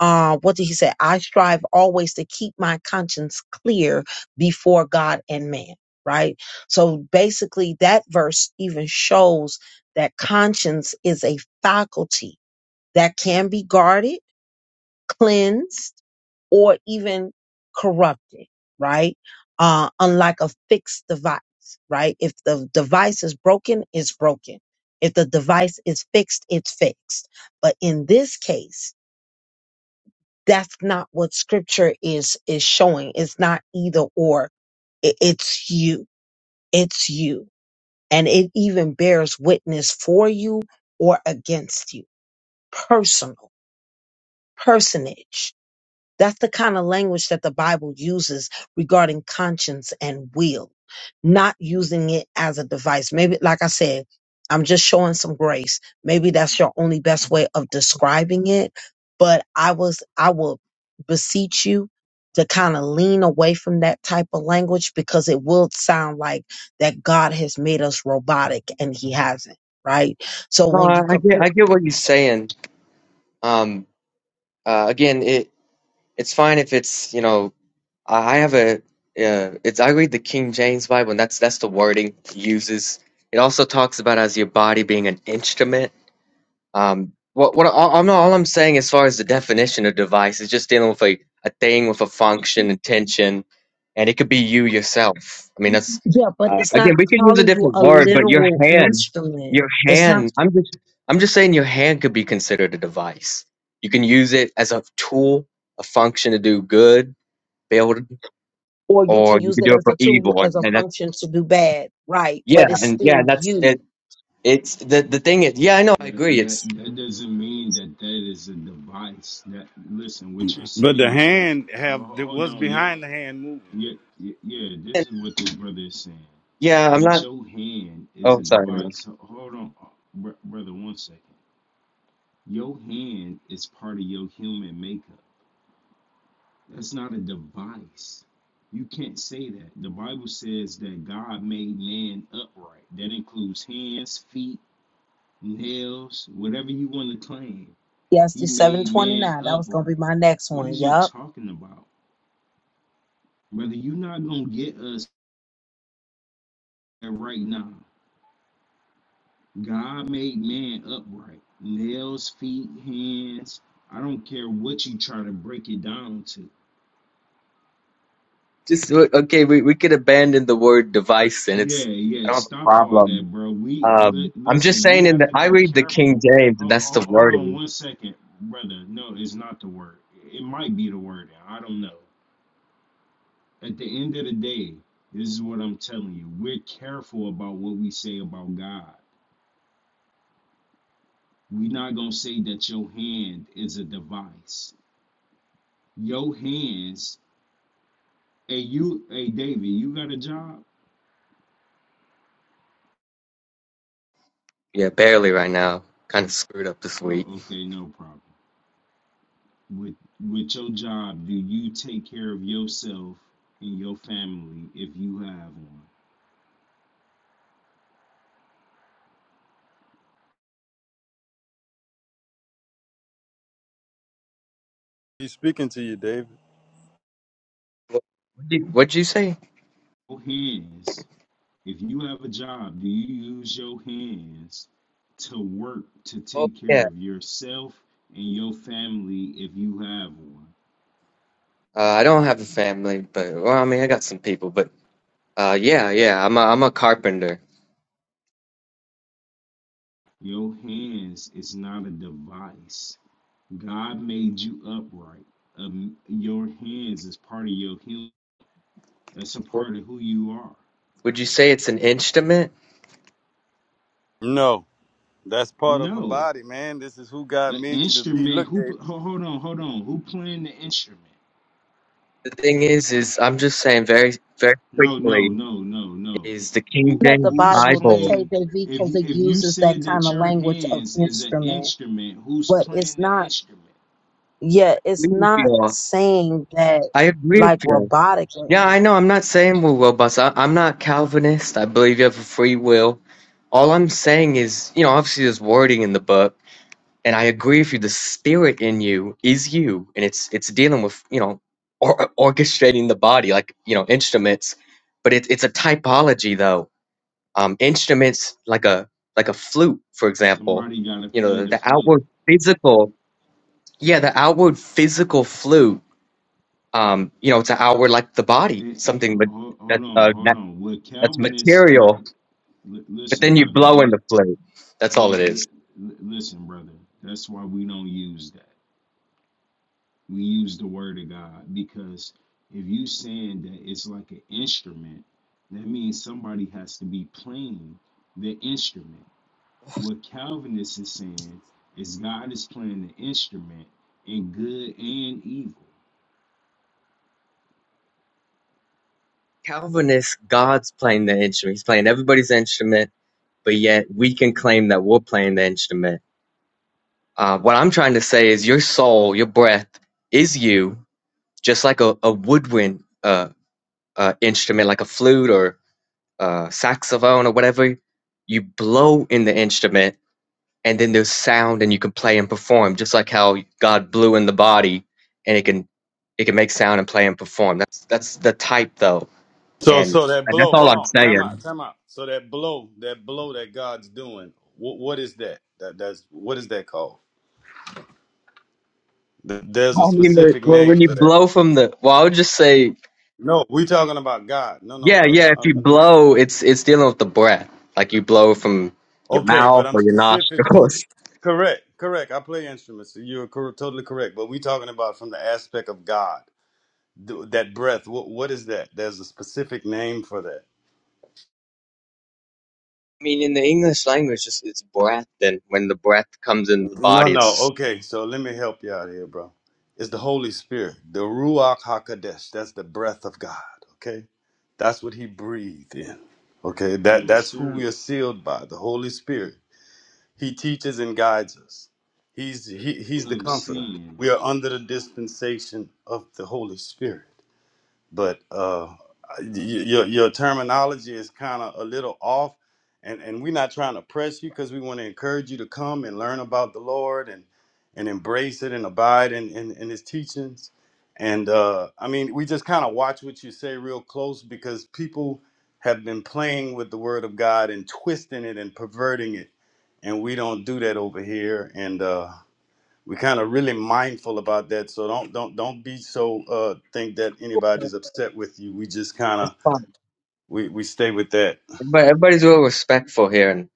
Speaker 2: Uh, what did he say? I strive always to keep my conscience clear before God and man, right? So basically, that verse even shows that conscience is a faculty that can be guarded cleansed or even corrupted, right? Uh, unlike a fixed device, right? If the device is broken, it's broken. If the device is fixed, it's fixed. But in this case, that's not what scripture is, is showing. It's not either or. It- it's you. It's you. And it even bears witness for you or against you. Personal, personage. That's the kind of language that the Bible uses regarding conscience and will, not using it as a device. Maybe, like I said, I'm just showing some grace. Maybe that's your only best way of describing it. But I was, I will beseech you to kind of lean away from that type of language because it will sound like that God has made us robotic and he hasn't, right? So
Speaker 7: No,
Speaker 2: when
Speaker 7: I,
Speaker 2: you
Speaker 7: I get
Speaker 2: compare,
Speaker 7: I get what you're saying. Um, uh, again, it it's fine if it's you know I have a uh, it's I read the King James Bible, and that's that's the wording it uses. It also talks about as your body being an instrument. Um, what what all, I'm all I'm saying as far as the definition of device is just dealing with a, a thing with a function intention, and it could be you yourself. I mean that's
Speaker 2: yeah, but
Speaker 7: uh,
Speaker 2: it's not
Speaker 7: again we could use a
Speaker 2: calling you
Speaker 7: different
Speaker 2: a
Speaker 7: word, but your
Speaker 2: literal
Speaker 7: hand,
Speaker 2: instrument.
Speaker 7: your
Speaker 2: It's not
Speaker 7: hand. I'm just I'm just saying your hand could be considered a device. You can use it as a tool, a function to do good, build
Speaker 2: or you can
Speaker 7: or you
Speaker 2: use
Speaker 7: could
Speaker 2: it
Speaker 7: do it
Speaker 2: as
Speaker 7: for
Speaker 2: a tool,
Speaker 7: evil, and,
Speaker 2: as a
Speaker 7: and that's
Speaker 2: function to do bad, right?
Speaker 7: yeah,
Speaker 2: But it's
Speaker 7: and
Speaker 2: still
Speaker 7: yeah, that's
Speaker 2: you.
Speaker 7: it. It's the the thing is, yeah, I know, I
Speaker 6: That,
Speaker 7: agree.
Speaker 6: that
Speaker 7: It's
Speaker 6: that doesn't mean that that is a device. That listen, what you're
Speaker 3: But the
Speaker 6: saying is that.
Speaker 3: hand
Speaker 6: Oh,
Speaker 3: have that
Speaker 6: hold
Speaker 3: was
Speaker 6: on, yo.
Speaker 3: behind the hand moving.
Speaker 6: Yeah, yeah, yeah, this is what this brother is saying.
Speaker 7: yeah, I'm
Speaker 6: That
Speaker 7: not.
Speaker 6: your hand is
Speaker 7: Oh,
Speaker 6: a
Speaker 7: sorry. no.
Speaker 6: device. Ho- Hold on, uh, br- brother. One second. Your hand is part of your human makeup. That's not a device. You can't say that. The Bible says that God made man upright. That includes hands, feet, nails, whatever you want to claim.
Speaker 2: Yes,
Speaker 6: He
Speaker 2: the
Speaker 6: made
Speaker 2: 729.
Speaker 6: man
Speaker 2: That was going to be
Speaker 6: upright.
Speaker 2: my next
Speaker 6: What
Speaker 2: one.
Speaker 6: is you
Speaker 2: Yup.
Speaker 6: talking about? Brother, you're not going to get us there right now. God made man upright. Nails, feet, hands. I don't care what you try to break it down to.
Speaker 7: Just o- okay. We we could abandon the word device, and
Speaker 6: Yeah,
Speaker 7: it's I
Speaker 6: yeah.
Speaker 7: don't have a
Speaker 6: Stop all
Speaker 7: problem.
Speaker 6: that, bro. We li
Speaker 7: Um, I'm just
Speaker 6: listen. We
Speaker 7: saying, in
Speaker 6: have
Speaker 7: the
Speaker 6: to
Speaker 7: I
Speaker 6: be
Speaker 7: read the King
Speaker 6: careful.
Speaker 7: James, and
Speaker 6: Ho
Speaker 7: that's
Speaker 6: ho
Speaker 7: the
Speaker 6: hold on
Speaker 7: wording.
Speaker 6: one second, brother. No, it's not the word. It might be the word. I don't know. At the end of the day, this is what I'm telling you. We're careful about what we say about God. We're not gonna say that your hand is a device. Your hands. Hey, you. Hey, David. You got a job?
Speaker 7: Yeah, barely right now. Kind of screwed up this week.
Speaker 6: Oh, okay. No problem. with with your job do you take care of yourself and your family if you have one
Speaker 3: He's speaking to you, David.
Speaker 7: What what'd you, what'd you say?
Speaker 6: your hands if you have a job do you use your hands to work to
Speaker 7: Oh
Speaker 6: take
Speaker 7: yeah,
Speaker 6: care of yourself and your family if you have one
Speaker 7: uh, I don't have a family, but well, I mean, I got some people, but uh, yeah, yeah, I'm a I'm a carpenter.
Speaker 6: your hands is not a device god made you upright um, your hands is part of your healing that's a part of who you are
Speaker 7: Would you say it's an instrument?
Speaker 3: No, that's part of a
Speaker 6: no
Speaker 3: body, man. This is who God
Speaker 6: An
Speaker 3: made you to be.
Speaker 6: instrument?
Speaker 3: Look,
Speaker 6: Who?
Speaker 3: Dave.
Speaker 6: Hold on, hold on. Who playing the instrument?
Speaker 7: The thing is, is I'm just saying very, very
Speaker 6: No, no,
Speaker 7: quickly,
Speaker 6: no, no, no.
Speaker 7: is the King
Speaker 6: Who?
Speaker 2: That the
Speaker 7: James
Speaker 6: Who's
Speaker 2: Bible, the
Speaker 7: Bible.
Speaker 6: playing?
Speaker 2: KJV,
Speaker 6: If
Speaker 2: because
Speaker 6: you-
Speaker 2: it
Speaker 6: if you
Speaker 2: uses that
Speaker 6: said
Speaker 2: kind
Speaker 6: that
Speaker 2: of
Speaker 6: your
Speaker 2: language of
Speaker 6: hands is an
Speaker 2: instrument,
Speaker 6: instrument, who's
Speaker 2: but it's
Speaker 6: playing the
Speaker 2: not,
Speaker 6: instrument?
Speaker 2: yeah, it's
Speaker 7: agree with
Speaker 2: not
Speaker 7: y'all.
Speaker 2: saying that
Speaker 7: I agree with
Speaker 2: like
Speaker 7: you.
Speaker 2: robotic or
Speaker 7: Yeah, I
Speaker 2: anything.
Speaker 7: know. I'm not saying we're robots. I, I'm not Calvinist. I believe you have a free will. All I'm saying is, you know, obviously there's wording in the book, and I agree with you. The spirit in you is you, and it's it's dealing with, you know, or, orchestrating the body, like you know, instruments. But it, it's a typology, though um, instruments like a like a flute, for example.
Speaker 6: Somebody got to
Speaker 7: You know,
Speaker 6: play
Speaker 7: the,
Speaker 6: the
Speaker 7: the
Speaker 6: flute.
Speaker 7: outward physical, yeah, the outward physical flute. Um, you know, it's an outward like the body,
Speaker 6: Eh, eh,
Speaker 7: something
Speaker 6: ho-
Speaker 7: ma-
Speaker 6: ho-
Speaker 7: that,
Speaker 6: hold
Speaker 7: uh,
Speaker 6: on, hold
Speaker 7: that
Speaker 6: on. What
Speaker 7: that's
Speaker 6: Calvinists? Li,
Speaker 7: material.
Speaker 6: li-
Speaker 7: But
Speaker 6: listen,
Speaker 7: then you
Speaker 6: brother.
Speaker 7: blow in
Speaker 6: That
Speaker 7: the flute. That's all
Speaker 6: yeah.
Speaker 7: it
Speaker 6: Li,
Speaker 7: is.
Speaker 6: li- listen, brother. That's why we don't use that. We use the word of God because if you saying that it's like an instrument, that means somebody has to be playing the instrument. What Calvinists is saying is God is playing the instrument in good and evil.
Speaker 7: Calvinist, God's playing the instrument. He's playing everybody's instrument, but yet we can claim that we're playing the instrument. Uh, what I'm trying to say is, your soul, your breath, is you, just like a, a woodwind. Uh. uh, instrument like a flute or uh, saxophone or whatever, you blow in the instrument and then there's sound and you can play and perform just like how God blew in the body and it can it can make sound and play and perform. That's that's the type though.
Speaker 3: So,
Speaker 7: And,
Speaker 3: so that
Speaker 7: and that's
Speaker 3: blow.
Speaker 7: all
Speaker 3: Hold
Speaker 7: I'm
Speaker 3: on. Time out.
Speaker 7: saying.
Speaker 3: Time out. So that blow, that blow that God's doing. What, what is that? That that's what is that called? Th- There's a
Speaker 7: I mean, where,
Speaker 3: specific
Speaker 7: when
Speaker 3: name
Speaker 7: you
Speaker 3: for that.
Speaker 7: blow from the well, I would just say
Speaker 3: No, we talking about God. No, no,
Speaker 7: yeah,
Speaker 3: brother.
Speaker 7: yeah. If you
Speaker 3: I'm, I'm just
Speaker 7: blow, it's it's dealing with the breath, like you blow from your
Speaker 3: okay, but
Speaker 7: mouth
Speaker 3: I'm
Speaker 7: or your
Speaker 3: specific.
Speaker 7: nostrils.
Speaker 3: Correct. Correct. I play instruments. So you're cor- totally correct. But we talking about from the aspect of God. Th- That breath. What, what is that? There's a specific name for that.
Speaker 7: I mean, in the English language, it's, it's breath, and when the breath comes in the
Speaker 3: No,
Speaker 7: body, it's
Speaker 3: no.
Speaker 7: just
Speaker 3: Okay, so let me help you out here, bro. It's the Holy Spirit, the Ruach Hakodesh. That's the breath of God. Okay, that's what He breathed in. Okay, that
Speaker 6: Yes,
Speaker 3: that's who
Speaker 6: sir.
Speaker 3: we are sealed by, the Holy Spirit. He teaches and guides us. He's he, He's the
Speaker 6: Of
Speaker 3: Comforter.
Speaker 6: sin.
Speaker 3: We are under the dispensation of the Holy Spirit but uh, y- your your terminology is kind of a little off, and and we're not trying to press you because we want to encourage you to come and learn about the Lord and and embrace it and abide in in, in His teachings. And uh, I mean, we just kind of watch what you say real close because people have been playing with the Word of God and twisting it and perverting it, and we don't do that over here. And uh, we're kind of really mindful about that so don't don't don't be so uh think that
Speaker 7: cool.
Speaker 3: anybody's upset with you we just kind
Speaker 7: It's
Speaker 3: of
Speaker 7: fine.
Speaker 3: we we stay with that
Speaker 7: But everybody's real respectful here, and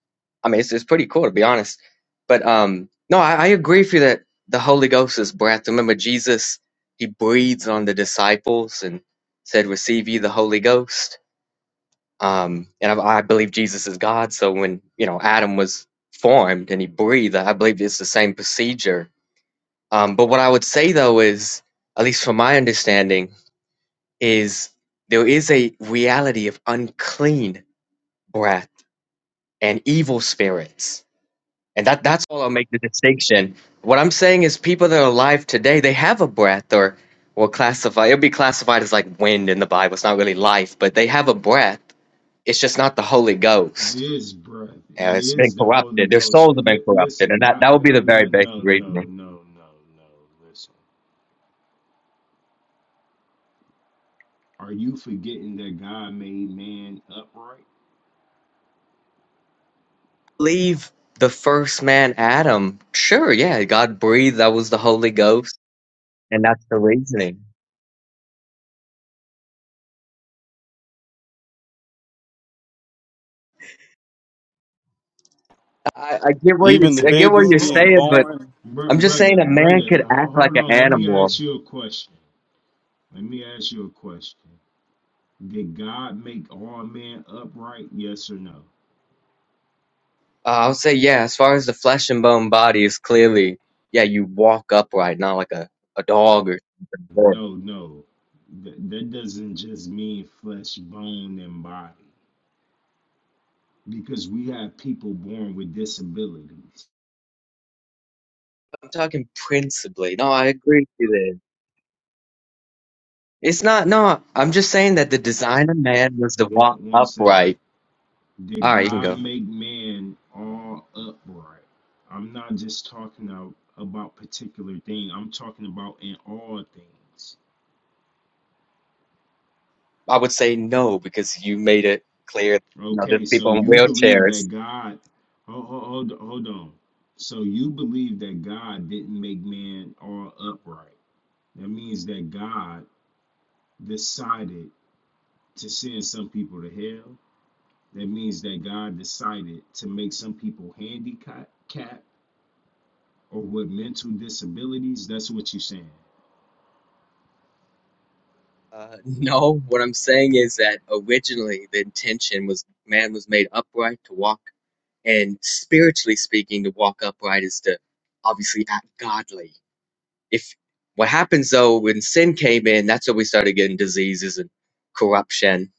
Speaker 7: I mean, it's it's pretty cool to be honest. But um, no, I, I agree with you that the Holy Ghost is breath. Remember, Jesus he breathes on the disciples and said, "Receive ye the Holy Ghost." Um, and I, I believe Jesus is God. So when you know Adam was formed and he breathed, I believe it's the same procedure Um, but what I would say though is, at least from my understanding, is there is a reality of unclean breath and evil spirits. And that, that's all I'll make the distinction. What I'm saying is people that are alive today, they have a breath or or classify it'll be classified as like wind in the Bible. It's not really life, but they have a breath. It's just not the Holy
Speaker 6: It
Speaker 7: Ghost.
Speaker 6: is breath.
Speaker 7: Uh,
Speaker 6: It
Speaker 7: it's been
Speaker 6: is the Holy
Speaker 7: corrupted. Their
Speaker 6: Ghost.
Speaker 7: souls have been
Speaker 6: Li-
Speaker 7: corrupted. And
Speaker 6: listen,
Speaker 7: that,
Speaker 6: God.
Speaker 7: that would be
Speaker 6: Uh,
Speaker 7: the very
Speaker 6: no,
Speaker 7: basic
Speaker 6: no,
Speaker 7: reason.
Speaker 6: no, no, no, no. Listen. Are you forgetting that God made man upright?
Speaker 7: believe the first man, Adam, sure, yeah, God breathed. That was the Holy Ghost, and that's the reasoning. I, I get what you
Speaker 3: even the
Speaker 7: I get what
Speaker 3: baby's
Speaker 7: you're
Speaker 3: being
Speaker 6: Oh.
Speaker 7: saying, but
Speaker 3: born
Speaker 6: Br-
Speaker 7: I'm just saying
Speaker 6: brother,
Speaker 7: a man
Speaker 6: brother,
Speaker 7: could
Speaker 6: ho-
Speaker 7: act like
Speaker 6: hold
Speaker 7: an
Speaker 6: on. Let me
Speaker 7: animal.
Speaker 6: ask you a question. Let me ask you a question. Did God make all men upright? Yes or no?
Speaker 7: Uh, I'll say, yeah, as far as the flesh and bone body is clearly, yeah, you walk upright, not like a, a dog or something. Or-
Speaker 6: No, no. Th- that doesn't just mean flesh, bone, and body. Because we have people born with disabilities.
Speaker 7: I'm talking principally. No, I agree with you there. It's not, no, I'm just saying that the design of man was to walk
Speaker 6: One, one second.
Speaker 7: upright.
Speaker 6: Did
Speaker 7: All right, you can
Speaker 6: God
Speaker 7: go.
Speaker 6: make man all upright? I'm not just talking out about particular thing. I'm talking about in all things.
Speaker 7: I would say no because you made it clear, you know, there's
Speaker 6: Okay, so
Speaker 7: people in
Speaker 6: you believe
Speaker 7: wheelchairs.
Speaker 6: that God, hold, hold, hold on. So you believe that God didn't make man all upright. That means that God decided to send some people to hell. That means that God decided to make some people handicapped or with mental disabilities. That's what you're saying.
Speaker 7: Uh, no, what I'm saying is that originally the intention was man was made upright to walk, and spiritually speaking, to walk upright is to obviously act godly. If what happens though when sin came in, that's when we started getting diseases and corruption.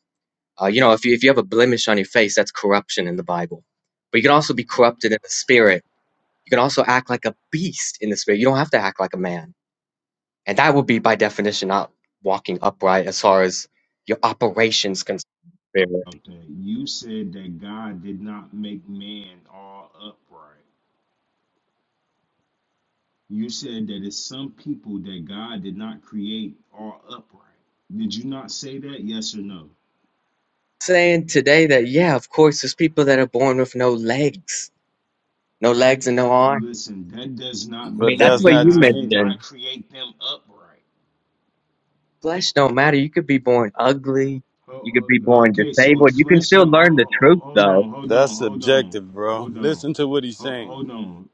Speaker 7: Uh, you know, if you if you have a blemish on your face, that's corruption in the Bible. But you can also be corrupted in the spirit. You can also act like a beast in the spirit. You don't have to act like a man And that would be by definition not walking upright as far as your operations concerned.
Speaker 6: Okay, you said that God did not make man all upright. You said that it's some people that God did not create are upright. Did you not say that? Yes or no?
Speaker 7: Saying today that yeah, of course, there's people that are born with no legs, no legs and no arms.
Speaker 6: Listen, that does not
Speaker 7: I
Speaker 3: but
Speaker 7: mean,
Speaker 6: mean
Speaker 7: that's
Speaker 3: that's
Speaker 7: what
Speaker 6: that
Speaker 3: not
Speaker 7: you
Speaker 6: God did
Speaker 3: change
Speaker 7: mentioned.
Speaker 6: not create them upright.
Speaker 7: Flesh don't matter. You could be born ugly. You could
Speaker 6: Oh,
Speaker 7: be
Speaker 6: oh,
Speaker 7: born
Speaker 6: okay, so if
Speaker 7: disabled. You can
Speaker 6: flesh
Speaker 7: still
Speaker 6: don't, oh,
Speaker 7: learn the
Speaker 6: oh, oh,
Speaker 7: truth
Speaker 6: hold
Speaker 7: though.
Speaker 6: on, hold
Speaker 3: that's
Speaker 6: on, hold on,
Speaker 3: subjective bro
Speaker 6: hold on,
Speaker 3: listen to what he's saying
Speaker 6: hold on,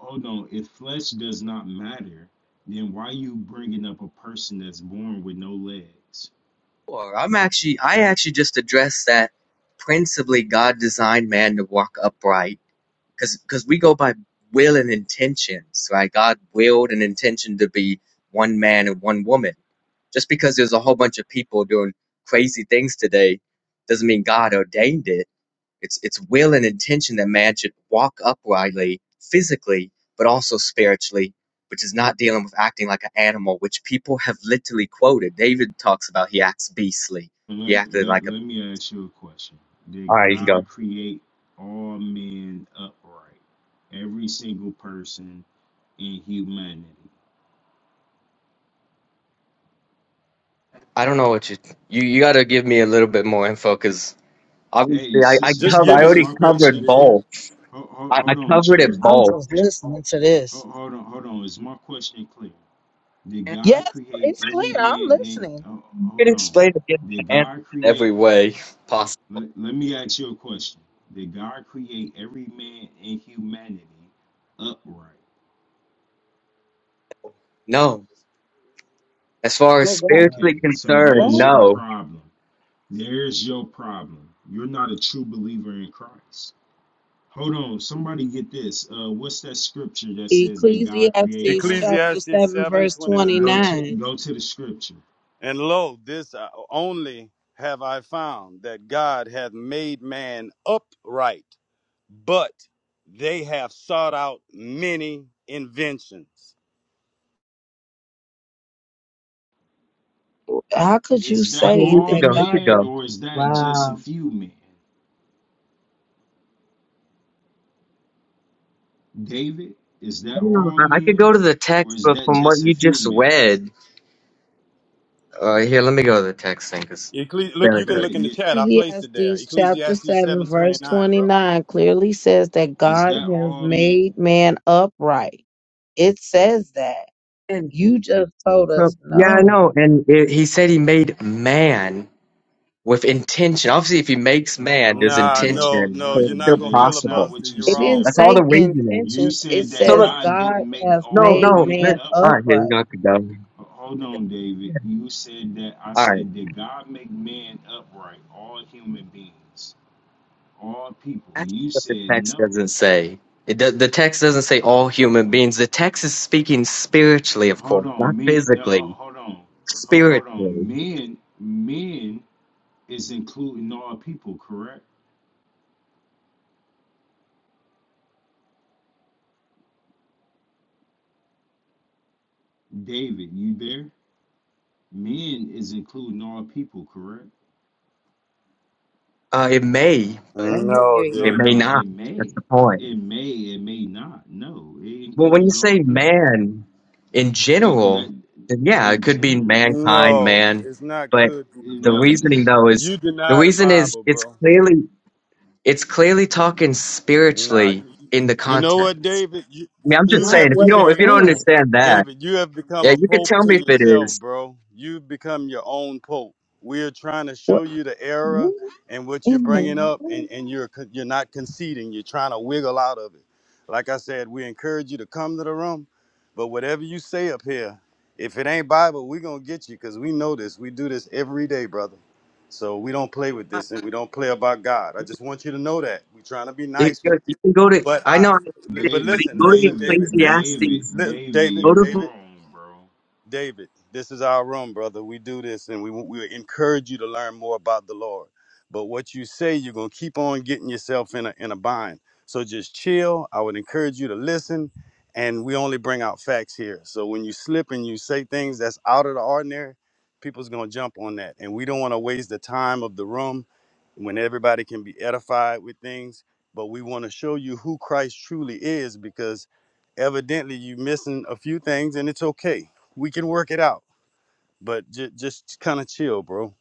Speaker 6: hold on. If flesh does not matter, then why are you bringing up a person that's born with no legs?
Speaker 7: Sure. I'm actually I actually just addressed that principally God designed man to walk upright because because we go by will and intentions, right? God willed an intention to be one man and one woman. Just because there's a whole bunch of people doing crazy things today doesn't mean God ordained it. It's it's will and intention that man should walk uprightly physically, but also spiritually, which is not dealing with acting like an animal, which people have literally quoted. David talks about he acts beastly. He
Speaker 6: Let,
Speaker 7: acted
Speaker 6: let,
Speaker 7: like a.
Speaker 6: let me ask you a question.
Speaker 7: All
Speaker 6: Did
Speaker 7: right, you can
Speaker 6: God
Speaker 7: go.
Speaker 6: create all men upright? Every single person in humanity?
Speaker 7: I don't know what you you, you got to give me a little bit more info because
Speaker 6: Hey,
Speaker 7: obviously I I,
Speaker 6: Sister
Speaker 3: just
Speaker 7: cover,
Speaker 3: give
Speaker 7: I
Speaker 6: Cherry,
Speaker 3: him
Speaker 6: is
Speaker 3: the
Speaker 7: already
Speaker 6: my
Speaker 3: scripture
Speaker 7: covered
Speaker 6: question
Speaker 3: big
Speaker 6: clear?
Speaker 7: both.
Speaker 6: Hold, hold,
Speaker 7: I, I
Speaker 6: hold on,
Speaker 7: covered it
Speaker 6: Chosen.
Speaker 2: I'm
Speaker 7: both.
Speaker 2: just
Speaker 6: Cho-
Speaker 2: listening to this.
Speaker 6: ho- hold on, hold on. Is my question clear? Did
Speaker 7: And
Speaker 6: God
Speaker 2: Yes,
Speaker 6: create
Speaker 2: it's clear.
Speaker 6: every
Speaker 2: I'm
Speaker 6: man in.
Speaker 2: listening.
Speaker 6: oh,
Speaker 7: you
Speaker 6: hold
Speaker 7: can
Speaker 6: on.
Speaker 7: explain it in
Speaker 6: Did
Speaker 7: an-
Speaker 6: God
Speaker 7: every
Speaker 6: create.
Speaker 7: way possible.
Speaker 6: Let, let me ask you a question. Did God create every man in humanity upright?
Speaker 7: No, as far as
Speaker 2: Oh, God.
Speaker 6: Okay,
Speaker 7: spiritually
Speaker 6: so
Speaker 7: concerned,
Speaker 6: there's
Speaker 2: What?
Speaker 6: your
Speaker 7: no.
Speaker 6: problem. There's your problem. You're not a true believer in Christ. Hold on, somebody get this. Uh, what's that scripture that says that God created
Speaker 2: Ecclesiastes
Speaker 6: all?
Speaker 2: chapter
Speaker 3: ecclesiastes
Speaker 2: 7,
Speaker 3: seven
Speaker 2: verse
Speaker 3: twenty nine.
Speaker 6: Go to
Speaker 2: 29.
Speaker 6: go to the scripture.
Speaker 3: and lo this I- only have i found that god hath made man upright but they have sought out many inventions.
Speaker 2: How could you
Speaker 6: Is that
Speaker 7: Okay,
Speaker 2: say
Speaker 7: he
Speaker 6: all
Speaker 7: could
Speaker 2: that
Speaker 7: go. He
Speaker 2: God?
Speaker 7: could
Speaker 6: men,
Speaker 7: go.
Speaker 6: or is that just a
Speaker 2: Wow.
Speaker 6: few men? David, is
Speaker 7: I
Speaker 6: that
Speaker 7: don't know.
Speaker 6: all
Speaker 7: I I could
Speaker 6: men,
Speaker 7: go to the
Speaker 6: or
Speaker 7: text,
Speaker 6: is
Speaker 7: but
Speaker 6: that
Speaker 7: from what
Speaker 6: just a
Speaker 7: you
Speaker 6: few
Speaker 7: just
Speaker 6: men?
Speaker 7: read, uh, here, let me go to the text thing because
Speaker 3: Ecclesi-
Speaker 7: I
Speaker 3: look,
Speaker 7: barely
Speaker 3: you can
Speaker 6: Yeah,
Speaker 7: heard.
Speaker 3: look in the
Speaker 6: yeah.
Speaker 3: chat. I placed it there.
Speaker 2: Ecclesiastes chapter
Speaker 3: Ecclesiastes
Speaker 2: 7, verse
Speaker 3: 729, bro.
Speaker 2: 29 clearly says that
Speaker 6: Is
Speaker 2: God
Speaker 6: that
Speaker 2: has
Speaker 6: all men?
Speaker 2: made man upright. It says that.
Speaker 7: And
Speaker 2: You just told us
Speaker 7: so, yeah, I
Speaker 2: no.
Speaker 7: know. And it, he said he made man with intention. Obviously, if he makes man, there's
Speaker 6: Hold
Speaker 3: Nah,
Speaker 6: on, brother,
Speaker 3: no,
Speaker 7: intention,
Speaker 3: no,
Speaker 7: so
Speaker 3: you're
Speaker 6: brother,
Speaker 7: it's
Speaker 3: not
Speaker 7: still
Speaker 3: gonna
Speaker 6: brother. That's not
Speaker 7: possible.
Speaker 3: filibuster.
Speaker 6: what you
Speaker 3: You're
Speaker 2: It
Speaker 3: wrong,
Speaker 2: didn't
Speaker 6: said,
Speaker 7: That's all
Speaker 3: bro.
Speaker 2: say
Speaker 6: bro.
Speaker 7: the reasoning.
Speaker 6: You
Speaker 2: intentions, it
Speaker 6: said
Speaker 7: So
Speaker 6: that
Speaker 2: says
Speaker 7: look,
Speaker 6: God
Speaker 2: God
Speaker 6: didn't make
Speaker 2: has
Speaker 7: no,
Speaker 6: all
Speaker 2: made
Speaker 7: no.
Speaker 6: men
Speaker 7: Let,
Speaker 2: man
Speaker 7: all
Speaker 6: upright.
Speaker 7: right, here you
Speaker 2: upright.
Speaker 7: go, Kadam.
Speaker 6: Hold on, David. You said that I
Speaker 7: All right,
Speaker 6: said did God make man upright? All human beings, all people.
Speaker 7: that's
Speaker 6: You
Speaker 7: what the
Speaker 6: said
Speaker 7: text
Speaker 6: no.
Speaker 7: doesn't say. It do, the text doesn't say all human beings. The text is speaking spiritually, of
Speaker 6: Hold
Speaker 7: course, not
Speaker 6: on, men. No,
Speaker 7: physically.
Speaker 6: ho- hold on. Ho- Hold
Speaker 7: Spiritually
Speaker 6: on, men. Men is including all people, correct? David, you there? Men is including all people, correct?
Speaker 7: Uh, it may,
Speaker 2: I
Speaker 7: but
Speaker 2: hear
Speaker 3: No,
Speaker 2: you.
Speaker 7: it
Speaker 6: No,
Speaker 7: may
Speaker 3: David.
Speaker 6: no. It
Speaker 7: not.
Speaker 6: may.
Speaker 7: That's the point.
Speaker 6: It may. It may not. No, it
Speaker 7: Well, when you
Speaker 6: includes all
Speaker 7: say
Speaker 6: people.
Speaker 7: man in
Speaker 6: That, that
Speaker 7: general, then yeah, it
Speaker 6: in
Speaker 7: could be
Speaker 6: general,
Speaker 7: mankind,
Speaker 3: No,
Speaker 7: man.
Speaker 3: it's not
Speaker 7: But
Speaker 3: could be,
Speaker 6: you
Speaker 7: the
Speaker 3: bro.
Speaker 7: reasoning though is
Speaker 3: You
Speaker 7: the
Speaker 3: deny the
Speaker 7: reason is
Speaker 3: Bible,
Speaker 7: it's
Speaker 3: bro.
Speaker 7: clearly it's clearly talking
Speaker 3: Nah,
Speaker 7: spiritually
Speaker 3: you,
Speaker 7: in the
Speaker 3: you know what,
Speaker 7: context.
Speaker 3: David? You
Speaker 7: I mean, I'm
Speaker 3: you
Speaker 7: just
Speaker 2: Not
Speaker 7: saying
Speaker 3: have
Speaker 7: if you
Speaker 2: what
Speaker 7: don't
Speaker 2: it's
Speaker 7: if you
Speaker 3: became
Speaker 7: don't
Speaker 2: saying.
Speaker 7: understand that,
Speaker 3: David, you have become
Speaker 7: yeah,
Speaker 3: a
Speaker 7: you could
Speaker 3: pope
Speaker 7: tell
Speaker 3: to
Speaker 7: me if it
Speaker 3: yourself,
Speaker 7: is.
Speaker 3: bro. You've become your own pope. We are trying to show
Speaker 2: What,
Speaker 3: you the error
Speaker 2: what
Speaker 3: and what you're
Speaker 2: in
Speaker 3: bringing
Speaker 2: the
Speaker 3: up, and,
Speaker 2: world?
Speaker 3: and you're con- you're not conceding. You're trying to wiggle out of it. Like I said, we encourage you to come to the room, but whatever you say up here, if it ain't Bible, we're gonna get you because we know this. We do this every day, brother. So we don't play with
Speaker 7: Uh,
Speaker 3: this, and we don't play about God. I just want you to know that we're trying to be
Speaker 7: You,
Speaker 3: nice with
Speaker 7: you
Speaker 3: you,
Speaker 7: you can go to
Speaker 3: but
Speaker 7: I
Speaker 3: I,
Speaker 7: know I get
Speaker 3: but
Speaker 7: it, but
Speaker 6: David,
Speaker 7: you
Speaker 3: listen,
Speaker 7: go to
Speaker 3: listen,
Speaker 6: David,
Speaker 3: David, listen,
Speaker 7: Ecclesiastes.
Speaker 6: David,
Speaker 3: li-
Speaker 6: David,
Speaker 3: David,
Speaker 7: Go
Speaker 6: you're
Speaker 7: to
Speaker 3: David,
Speaker 6: wrong, bro.
Speaker 3: David, this is our room, brother. We do this and we, we encourage you to learn more about the Lord. But what you say, you're going to keep on getting yourself in a, in a bind. So just chill. I would encourage you to listen. And we only bring out facts here. So when you slip and you say things that's out of the ordinary, people's going to jump on that. And we don't want to waste the time of the room when everybody can be edified with things. But we want to show you who Christ truly is because evidently you're missing a few things and it's okay we can work it out. But j- just kind of chill, bro.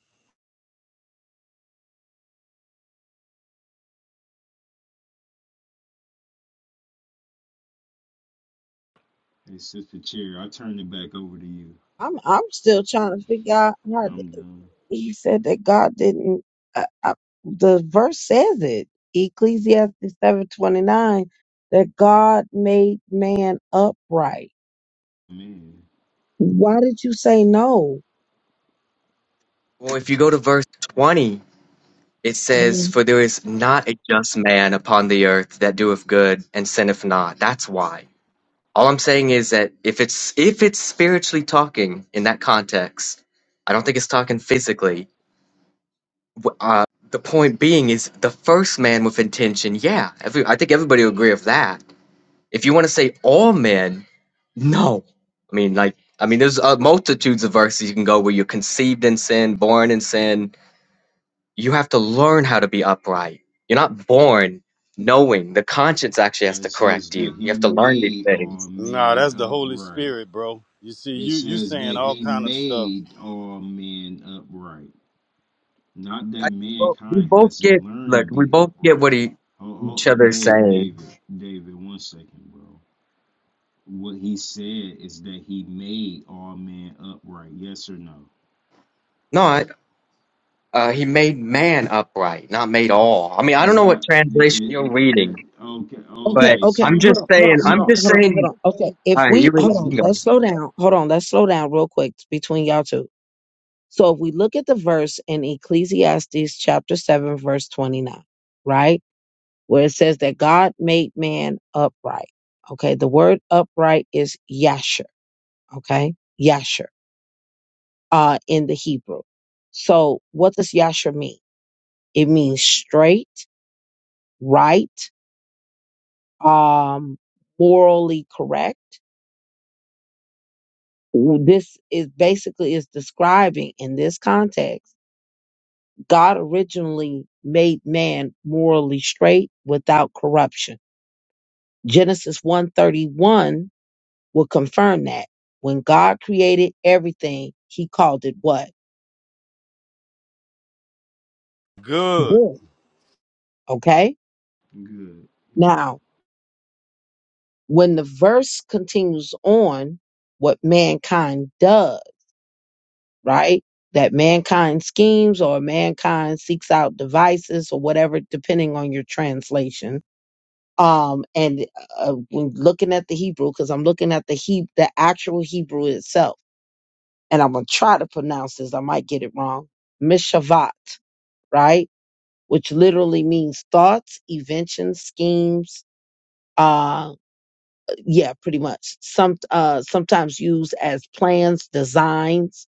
Speaker 6: Hey, Sister Cherry, I turn it back over to you.
Speaker 2: I'm, I'm still trying to figure out how.
Speaker 6: I'm done.
Speaker 2: he said that God didn't. I, I, the verse says it, Ecclesiastes seven twenty nine, that God made man upright.
Speaker 6: Man.
Speaker 2: Why did you say no?
Speaker 7: well, if you go to verse twenty. It says,
Speaker 2: Mhm.
Speaker 7: For there is not a just man upon the earth that doeth good and sinneth not. That's why. All I'm saying is that if it's if it's spiritually talking in that context, I don't think it's talking physically. W- Uh, the point being is the first man with intention. Yeah, every, I think everybody will agree with that. If you want to say all men, no. I mean, like, I mean, there's uh, multitudes of verses you can go where you're conceived in sin, born in sin, you have to learn how to be upright. You're not born knowing. The conscience actually has
Speaker 6: Uh, it
Speaker 7: to
Speaker 6: says
Speaker 7: correct
Speaker 6: that
Speaker 7: you. You
Speaker 6: he
Speaker 7: have to learn these
Speaker 6: made all
Speaker 7: things.
Speaker 3: Nah,
Speaker 6: men
Speaker 3: that's the Holy
Speaker 6: upright.
Speaker 3: Spirit, bro. You see,
Speaker 6: It
Speaker 3: you you
Speaker 6: says that
Speaker 3: saying all
Speaker 6: he
Speaker 3: kind of stuff.
Speaker 6: made all men upright. Not
Speaker 7: I,
Speaker 6: that
Speaker 7: well, we
Speaker 6: mankind
Speaker 7: both
Speaker 6: has to
Speaker 7: get
Speaker 6: learn to
Speaker 7: look. We
Speaker 6: be
Speaker 7: both get
Speaker 6: upright.
Speaker 7: what he,
Speaker 6: Oh, oh,
Speaker 7: each
Speaker 6: oh
Speaker 7: other is
Speaker 6: David,
Speaker 7: saying.
Speaker 6: David, David, one second, bro. What he said is that he made all men upright. Yes or no?
Speaker 7: Not uh, he made man upright, not made all. I mean, I don't
Speaker 6: Is
Speaker 7: know what
Speaker 6: that it,
Speaker 7: translation
Speaker 6: it,
Speaker 7: you're
Speaker 6: that
Speaker 7: reading,
Speaker 6: okay?
Speaker 2: Okay,
Speaker 7: but
Speaker 6: Okay,
Speaker 2: okay,
Speaker 6: so
Speaker 7: I'm
Speaker 6: if
Speaker 2: hold
Speaker 6: it
Speaker 7: just
Speaker 2: on, hold on,
Speaker 7: saying.
Speaker 2: hold
Speaker 7: I'm
Speaker 2: on,
Speaker 6: so
Speaker 7: just
Speaker 2: hold on, hold
Speaker 7: saying.
Speaker 2: on. Okay, if
Speaker 7: All right,
Speaker 2: we
Speaker 7: you,
Speaker 2: hold
Speaker 6: it's
Speaker 2: on,
Speaker 7: you
Speaker 6: good.
Speaker 7: can
Speaker 2: let's slow down. Hold on, let's slow down real quick between y'all two. So if we look at the verse in Ecclesiastes chapter seven, verse twenty nine, right? where it says that God made man upright. Okay, the word upright is yasher. Okay, yasher uh, in the Hebrew. So what does yasher mean? It means straight, right, um, morally correct. This is basically is describing in this context. God originally made man morally straight without corruption. Genesis 131 will confirm that. When God created everything, he called it what?
Speaker 3: Good.
Speaker 2: Good. Okay?
Speaker 6: Yep.
Speaker 2: Now, when the verse continues on what mankind does, right? That mankind schemes or mankind seeks out devices or whatever, depending on your translation. Um, and uh, uh, when looking at the Hebrew, because I'm looking at the he- the actual Hebrew itself, and I'm gonna try to pronounce this. I might get it wrong. Mishavat, right? which literally means thoughts, inventions, schemes. Uh, yeah, pretty much. Some uh, sometimes used as plans, designs,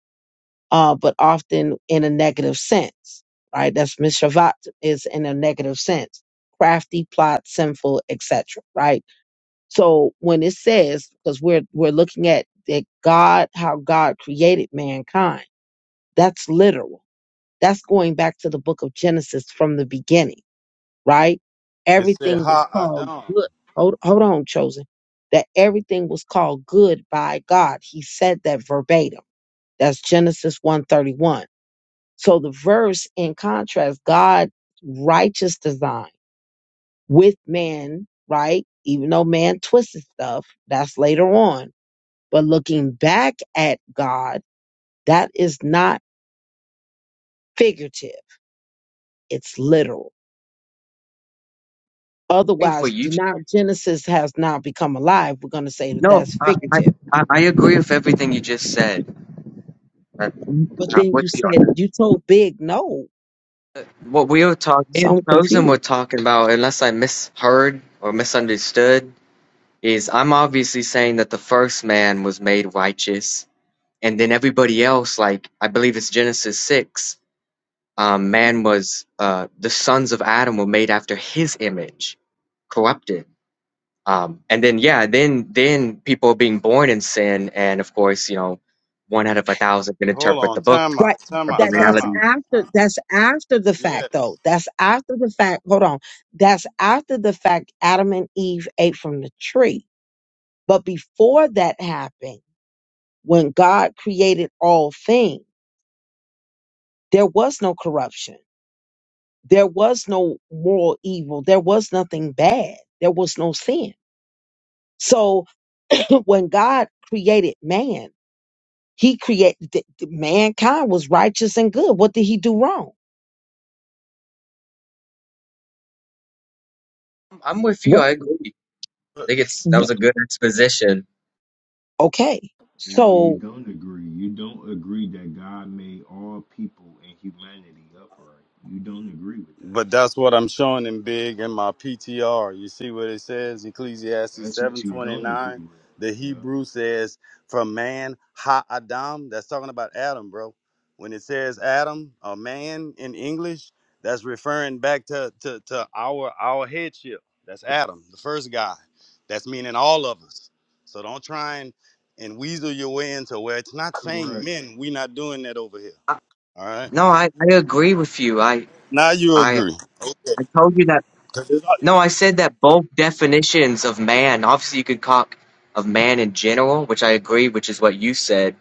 Speaker 2: uh, but often in a negative sense. Right? That's mishavat is in a negative sense. Crafty, plot, sinful, etc. Right? So when it says, because we're we're looking at that God, how God created mankind, that's literal. That's going back to the book of Genesis from the beginning right?
Speaker 3: It said
Speaker 2: Everything was
Speaker 3: ha
Speaker 2: called
Speaker 3: adam.
Speaker 2: good. Hold, hold on, chosen. That everything was called good by God. He said that verbatim. That's Genesis 131. So the verse in contrast, God righteous design with man, right? Even though man twisted stuff, that's later on. But looking back at God, that is not figurative. It's literal.
Speaker 7: go for
Speaker 2: Otherwise,
Speaker 7: you.
Speaker 2: do not Genesis has not become alive. We're going to say that
Speaker 7: No,
Speaker 2: that's
Speaker 7: I, I
Speaker 2: figurative
Speaker 7: I I agree with everything you just said.
Speaker 2: But
Speaker 7: I'm
Speaker 2: then you
Speaker 7: with you on
Speaker 2: said
Speaker 7: that.
Speaker 2: you told Big no.
Speaker 7: What we were talking, me
Speaker 2: So
Speaker 7: and
Speaker 2: I'm
Speaker 7: Chosen were
Speaker 2: confused.
Speaker 7: talking about, unless I misheard or misunderstood, is I'm obviously saying that the first man was made righteous, and then everybody else, like I believe it's Genesis six, um, man was uh, the sons of Adam were made after his image, corrupted. Um, and then yeah, then then people are being born in sin, and of course you know, one out of a thousand can
Speaker 3: Hold
Speaker 7: interpret the
Speaker 3: on,
Speaker 7: book,
Speaker 3: time
Speaker 2: Right.
Speaker 3: out, time out,
Speaker 7: interpret
Speaker 2: That
Speaker 3: time
Speaker 2: that's
Speaker 3: out.
Speaker 7: reality.
Speaker 2: after
Speaker 3: Uh-uh.
Speaker 2: that's after the fact
Speaker 3: Yes.
Speaker 2: though. That's after the fact. Hold on. That's after the fact Adam and Eve ate from the tree. But before that happened, when God created all things, there was no corruption. There was no moral evil. There was nothing bad. There was no sin. So when God created man, He created th- th- mankind was righteous and good. What did he do wrong?
Speaker 7: I'm with you.
Speaker 2: Right.
Speaker 7: I agree. I think it's that
Speaker 2: Yeah.
Speaker 7: was a good exposition.
Speaker 2: Okay.
Speaker 6: No, you
Speaker 2: So
Speaker 6: don't agree. You don't agree that God made all people and humanity upright. You don't agree with that.
Speaker 3: But that's what I'm showing in big in my PTR. You see what it says? Ecclesiastes
Speaker 6: That's what you don't agree
Speaker 3: 7:29. The
Speaker 6: with. Yeah.
Speaker 3: Hebrew says, "From man ha Adam." That's talking about Adam, bro. When it says Adam, a man in English, that's referring back to to, to our our headship. That's Adam, the first guy. That's meaning all of us. So don't try and and weasel your way into where it's not saying
Speaker 6: Correct.
Speaker 3: men. We're not doing that over here. All right.
Speaker 7: No, I, I agree with you. I
Speaker 3: Now you
Speaker 7: I
Speaker 3: agree.
Speaker 7: I told you that. No, I said that both definitions of man. Obviously, you could talk of man in general, which I agree, which is what you said.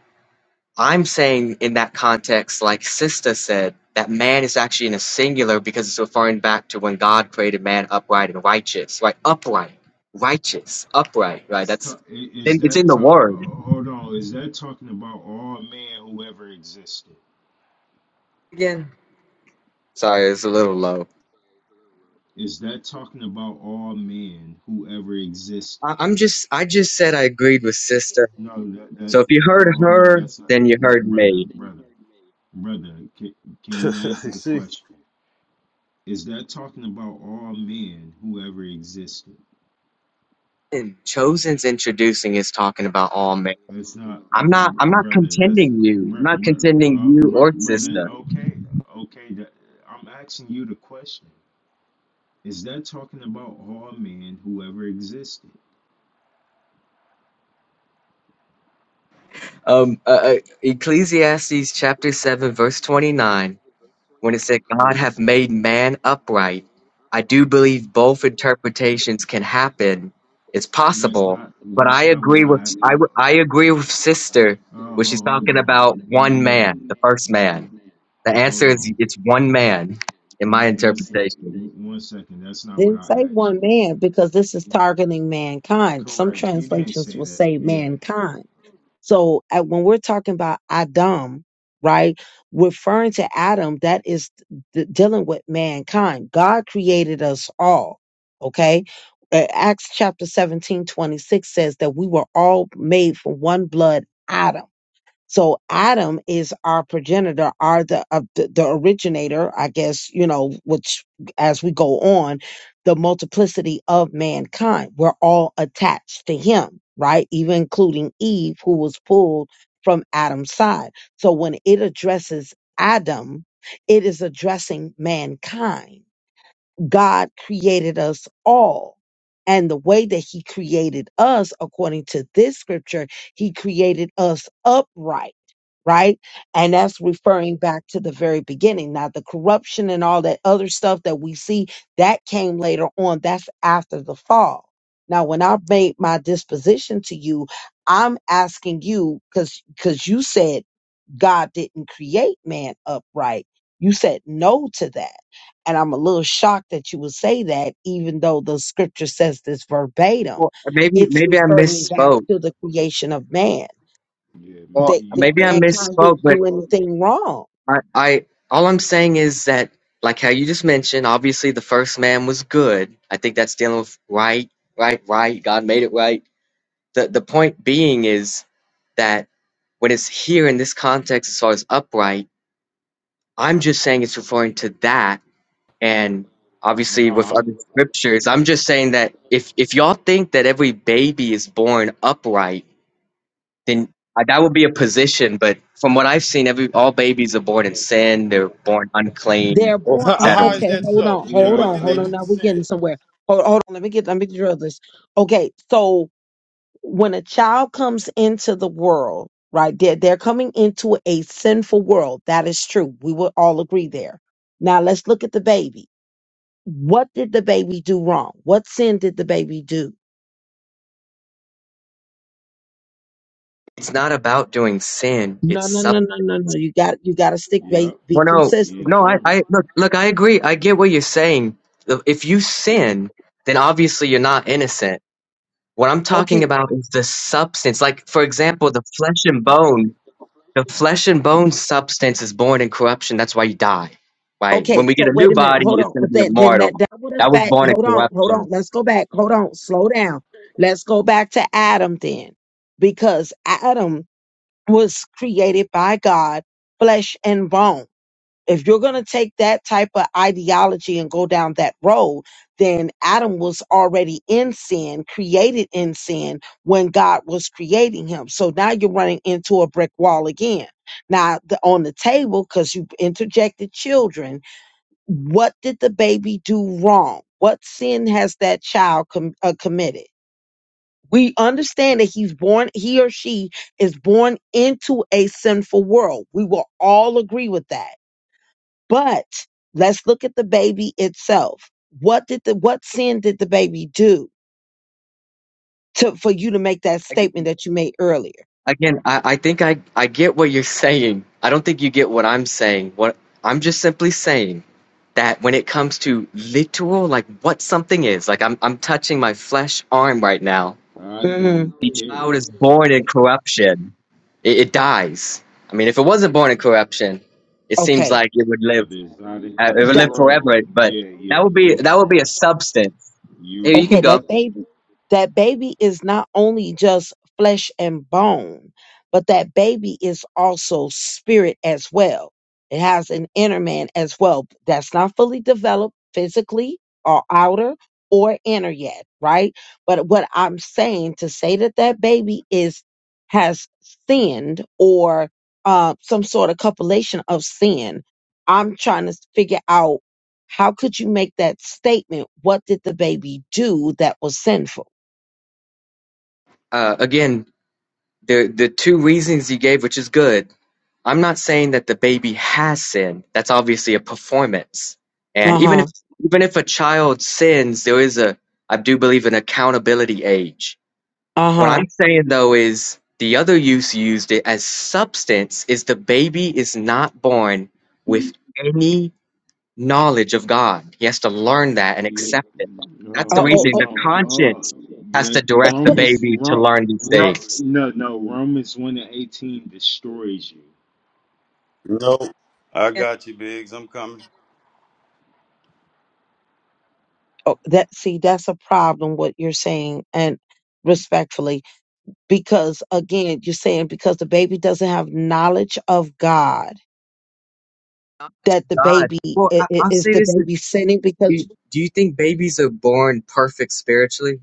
Speaker 7: I'm saying in that context, like Sista said, that man is actually in a singular because it's referring back to when God created man upright and righteous, right? Upright, righteous, upright, right?
Speaker 6: That's
Speaker 7: That's
Speaker 6: ta- i- Is
Speaker 7: in- it's in
Speaker 6: that
Speaker 7: the
Speaker 6: ta-
Speaker 7: word
Speaker 6: uh, hold on? Is that talking about all man who ever existed?
Speaker 7: again. Sorry, it's a little low.
Speaker 6: Is that talking about all men who ever existed?
Speaker 7: I- I'm just, I just said I agreed with sister.
Speaker 6: No, that, that
Speaker 7: So if you heard
Speaker 6: ho- hold on.
Speaker 7: her,
Speaker 6: That's not,
Speaker 7: then you
Speaker 6: br-
Speaker 7: heard
Speaker 6: brother,
Speaker 7: me.
Speaker 6: brother, brother. Can, can
Speaker 3: you
Speaker 6: you answer the
Speaker 3: see?
Speaker 6: question? Is that talking about all men who ever existed?
Speaker 7: And Chosen's introducing is talking about all men.
Speaker 6: It's not,
Speaker 7: I'm not,
Speaker 6: br-
Speaker 7: I'm not
Speaker 6: brother. That's
Speaker 7: contending you. I'm
Speaker 6: br-
Speaker 7: not
Speaker 6: br-
Speaker 7: contending
Speaker 6: uh,
Speaker 7: you
Speaker 6: br-
Speaker 7: or
Speaker 6: brother.
Speaker 7: sister.
Speaker 6: Okay, okay. That, I'm asking you the question. Is that talking about all men who ever existed?
Speaker 7: Um, uh, uh, Ecclesiastes chapter seven, verse twenty nine. when it said God
Speaker 6: Correct.
Speaker 7: hath made man upright, I do believe both interpretations can happen. It's
Speaker 6: That's
Speaker 7: possible,
Speaker 6: not.
Speaker 7: but
Speaker 6: That's
Speaker 7: I
Speaker 6: not what
Speaker 7: agree with
Speaker 6: I. Uh,
Speaker 7: I, w- I agree with sister
Speaker 6: oh,
Speaker 7: when
Speaker 6: ho-
Speaker 7: she's
Speaker 6: hold
Speaker 7: talking
Speaker 6: on.
Speaker 7: about one
Speaker 6: Yeah.
Speaker 7: man, the first
Speaker 6: Oh,
Speaker 7: man. The
Speaker 6: oh,
Speaker 7: answer
Speaker 6: hold on.
Speaker 7: is it's one man
Speaker 6: One,
Speaker 7: in my
Speaker 6: sec,
Speaker 7: interpretation.
Speaker 6: one second. That's not what
Speaker 2: didn't
Speaker 6: I
Speaker 2: say
Speaker 6: asked
Speaker 2: one
Speaker 6: you.
Speaker 2: man because this is targeting mankind. Some
Speaker 6: Correct. He didn't
Speaker 2: translations
Speaker 6: say
Speaker 2: will
Speaker 6: that.
Speaker 2: say
Speaker 6: Yeah.
Speaker 2: mankind. So uh, when we're talking about Adam, right, referring to Adam, that is d- dealing with mankind. God created us all. Okay. Uh, Acts chapter 17 26 says that we were all made from one blood, Adam. So Adam is our progenitor, are the, of the the originator, I guess, you know, which as we go on, the multiplicity of mankind. We're all attached to him, right? Even including Eve, who was pulled from Adam's side. So when it addresses Adam, it is addressing mankind God created us all. And the way that he created us, according to this scripture, he created us upright, right? And that's referring back to the very beginning. Now, the corruption and all that other stuff that we see, that came later on. That's after the fall. Now, when I made my disposition to you, I'm asking you, because because you said God didn't create man upright. You said no to that. And I'm a little shocked that you would say that, even though the scripture says this verbatim.
Speaker 7: Well, maybe
Speaker 2: It's
Speaker 7: maybe I
Speaker 2: referring back
Speaker 7: misspoke.
Speaker 2: to the creation of man.
Speaker 6: Yeah.
Speaker 7: Well,
Speaker 2: That,
Speaker 6: Maybe
Speaker 2: that
Speaker 6: you
Speaker 7: maybe I
Speaker 6: did.
Speaker 2: mankind
Speaker 7: misspoke,
Speaker 2: didn't
Speaker 7: but
Speaker 2: do anything wrong.
Speaker 7: I, I all I'm saying is that like how you just mentioned, obviously the first man was good. I think that's dealing with right, right, right. God made it right. The the point being is that when it's here in this context as far as upright, I'm just saying it's referring to that and
Speaker 6: No,
Speaker 7: obviously with other
Speaker 6: I'm.
Speaker 7: scriptures, I'm just saying that if if y'all think that every baby is born upright then uh, that would be a position. But from what I've seen, every all babies are born in sin. They're born unclean,
Speaker 2: They're
Speaker 3: Well,
Speaker 2: born.
Speaker 3: how,
Speaker 2: Oh,
Speaker 7: etc.
Speaker 3: how is
Speaker 2: okay,
Speaker 3: that
Speaker 2: hold
Speaker 3: so?
Speaker 2: on,
Speaker 3: And
Speaker 2: hold
Speaker 6: Yeah.
Speaker 3: what
Speaker 2: on,
Speaker 3: did they
Speaker 2: hold
Speaker 6: Uh,
Speaker 2: on.
Speaker 3: do to
Speaker 2: Now we're
Speaker 3: sin?
Speaker 2: getting somewhere. Hold, hold on. Let me get. Let me drill this. Okay, so when a child comes into the world, right? They're they're coming into a sinful world. That is true. We will all agree there. Now let's look at the baby What did the baby do wrong? What sin did the baby do?
Speaker 7: It's not about doing sin.
Speaker 2: No,
Speaker 7: It's
Speaker 2: no,
Speaker 7: sub.
Speaker 2: no, no, no, no. You got you got to stick. Be,
Speaker 6: yep.
Speaker 2: be
Speaker 7: Well, no,
Speaker 6: He in
Speaker 2: consistent.
Speaker 7: no. I,
Speaker 6: trouble.
Speaker 7: I look, look. I agree. I get what you're saying. Look, If you sin, then obviously you're not innocent. What I'm
Speaker 2: Okay,
Speaker 7: talking about is the substance. Like, for example, the flesh and bone. The flesh and bone substance is born in corruption. That's why you die. Right?
Speaker 2: okay.
Speaker 7: When we get
Speaker 2: So
Speaker 7: a
Speaker 2: wait
Speaker 7: new
Speaker 2: a minute.
Speaker 7: body,
Speaker 2: Hold
Speaker 7: it's
Speaker 2: on.
Speaker 7: going to be a
Speaker 2: Then, then that
Speaker 7: mortal
Speaker 2: that would
Speaker 7: That was
Speaker 2: affect.
Speaker 7: born in
Speaker 2: Hold on, hold on.
Speaker 7: corruption
Speaker 2: Let's go back. Hold on. Slow down. Let's go back to Adam then, because Adam was created by God, flesh and bone. If you're going to take that type of ideology and go down that road, then Adam was already in sin, created in sin when God was creating him. So now you're running into a brick wall again. Now, the, on the table, because you interjected children, what did the baby do wrong? What sin has that child com- uh, committed? We understand that he's born, he or she is born into a sinful world. We will all agree with that. But let's look at the baby itself. What did the what sin did the baby do to for you to make that statement that you made earlier?
Speaker 7: Again, I, I think I, I get what you're saying. I don't think you get what I'm saying. What I'm just simply saying that when it comes to literal, like what something is, like I'm I'm touching my flesh arm right now.
Speaker 6: I
Speaker 2: Mm-hmm.
Speaker 6: don't
Speaker 7: The child
Speaker 6: care.
Speaker 7: is born in corruption. It, it dies. I mean, if it wasn't born in corruption, it seems
Speaker 2: Okay,
Speaker 7: like it would live.
Speaker 6: it's out of
Speaker 7: Uh, it would
Speaker 2: that
Speaker 7: live
Speaker 6: control.
Speaker 7: forever. But
Speaker 6: Yeah,
Speaker 7: that
Speaker 6: yeah,
Speaker 7: would
Speaker 6: you
Speaker 7: be that would be
Speaker 6: wrong.
Speaker 7: a substance. Here
Speaker 6: You
Speaker 7: you can
Speaker 2: Okay,
Speaker 7: go.
Speaker 6: wrong.
Speaker 2: that baby, that baby is not only just flesh and bone, but that baby is also spirit as well. It has an inner man as well that's not fully developed physically or outer or inner yet, right? But what I'm saying to say that that baby is has sinned or uh, some sort of copulation of sin, I'm trying to figure out how could you make that statement? What did the baby do that was sinful?
Speaker 7: Uh, again, the the two reasons you gave, which is good. I'm not saying that the baby has sinned. That's obviously a performance. And
Speaker 2: Uh
Speaker 7: even
Speaker 2: huh.
Speaker 7: if even if a child sins, there is a I do believe an accountability age.
Speaker 2: Uh
Speaker 7: What
Speaker 2: huh.
Speaker 7: I'm saying though is the other use you used it as substance is the baby is not born with any knowledge of God. He has to learn that and
Speaker 6: Yeah,
Speaker 7: accept it.
Speaker 6: uh,
Speaker 7: That's the
Speaker 2: Oh, oh,
Speaker 7: reason
Speaker 6: hold
Speaker 2: oh,
Speaker 7: the
Speaker 6: on.
Speaker 7: conscience
Speaker 6: Uh,
Speaker 7: has
Speaker 6: yeah,
Speaker 7: to direct the
Speaker 6: Romans,
Speaker 7: baby to
Speaker 6: Rom,
Speaker 7: learn these
Speaker 6: Rom,
Speaker 7: things.
Speaker 6: no, no, Romans 1 and 18 destroys you.
Speaker 3: No. I got you, Biggs. I'm coming.
Speaker 2: oh. That see, that's a problem. What you're saying, and respectfully, because again, you're saying because the baby doesn't have knowledge of God,
Speaker 7: Not to
Speaker 2: that the
Speaker 7: God.
Speaker 2: baby
Speaker 7: Well,
Speaker 2: i-
Speaker 7: I,
Speaker 2: i-
Speaker 7: I'll
Speaker 2: is
Speaker 7: say
Speaker 2: the
Speaker 7: this: is,
Speaker 2: baby sinning because
Speaker 7: do do you think babies are born perfect spiritually?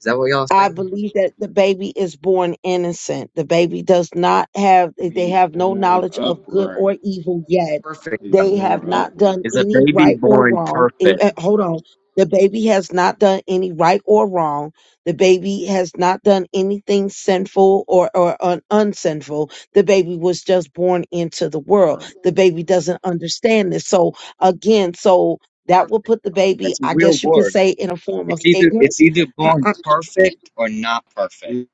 Speaker 7: Is that what y'all
Speaker 2: I
Speaker 7: saying?
Speaker 2: believe that the baby is born innocent. The baby does not have, eh, they
Speaker 6: It's
Speaker 2: have no
Speaker 6: born
Speaker 2: knowledge of good
Speaker 6: upright.
Speaker 2: or evil yet.
Speaker 7: Perfect
Speaker 6: It's
Speaker 2: They
Speaker 7: um,
Speaker 2: have
Speaker 6: born
Speaker 2: not
Speaker 6: upright.
Speaker 2: done
Speaker 7: is a
Speaker 2: any
Speaker 7: baby
Speaker 2: right or
Speaker 7: born
Speaker 2: wrong. Eh,
Speaker 7: perfect.
Speaker 2: eh, Hold on. The baby has not done any right or wrong. The baby has not done anything sinful or, or un- unsinful. The baby was just born into the world.
Speaker 6: Right.
Speaker 2: The baby doesn't understand this. So, again, so that will
Speaker 7: Perfect.
Speaker 2: put the baby,
Speaker 7: That's a
Speaker 2: I
Speaker 7: real
Speaker 2: guess you could
Speaker 7: word.
Speaker 2: say, in a form of
Speaker 7: It's either it's
Speaker 2: ignorance
Speaker 7: either born perfect or not perfect.
Speaker 6: It,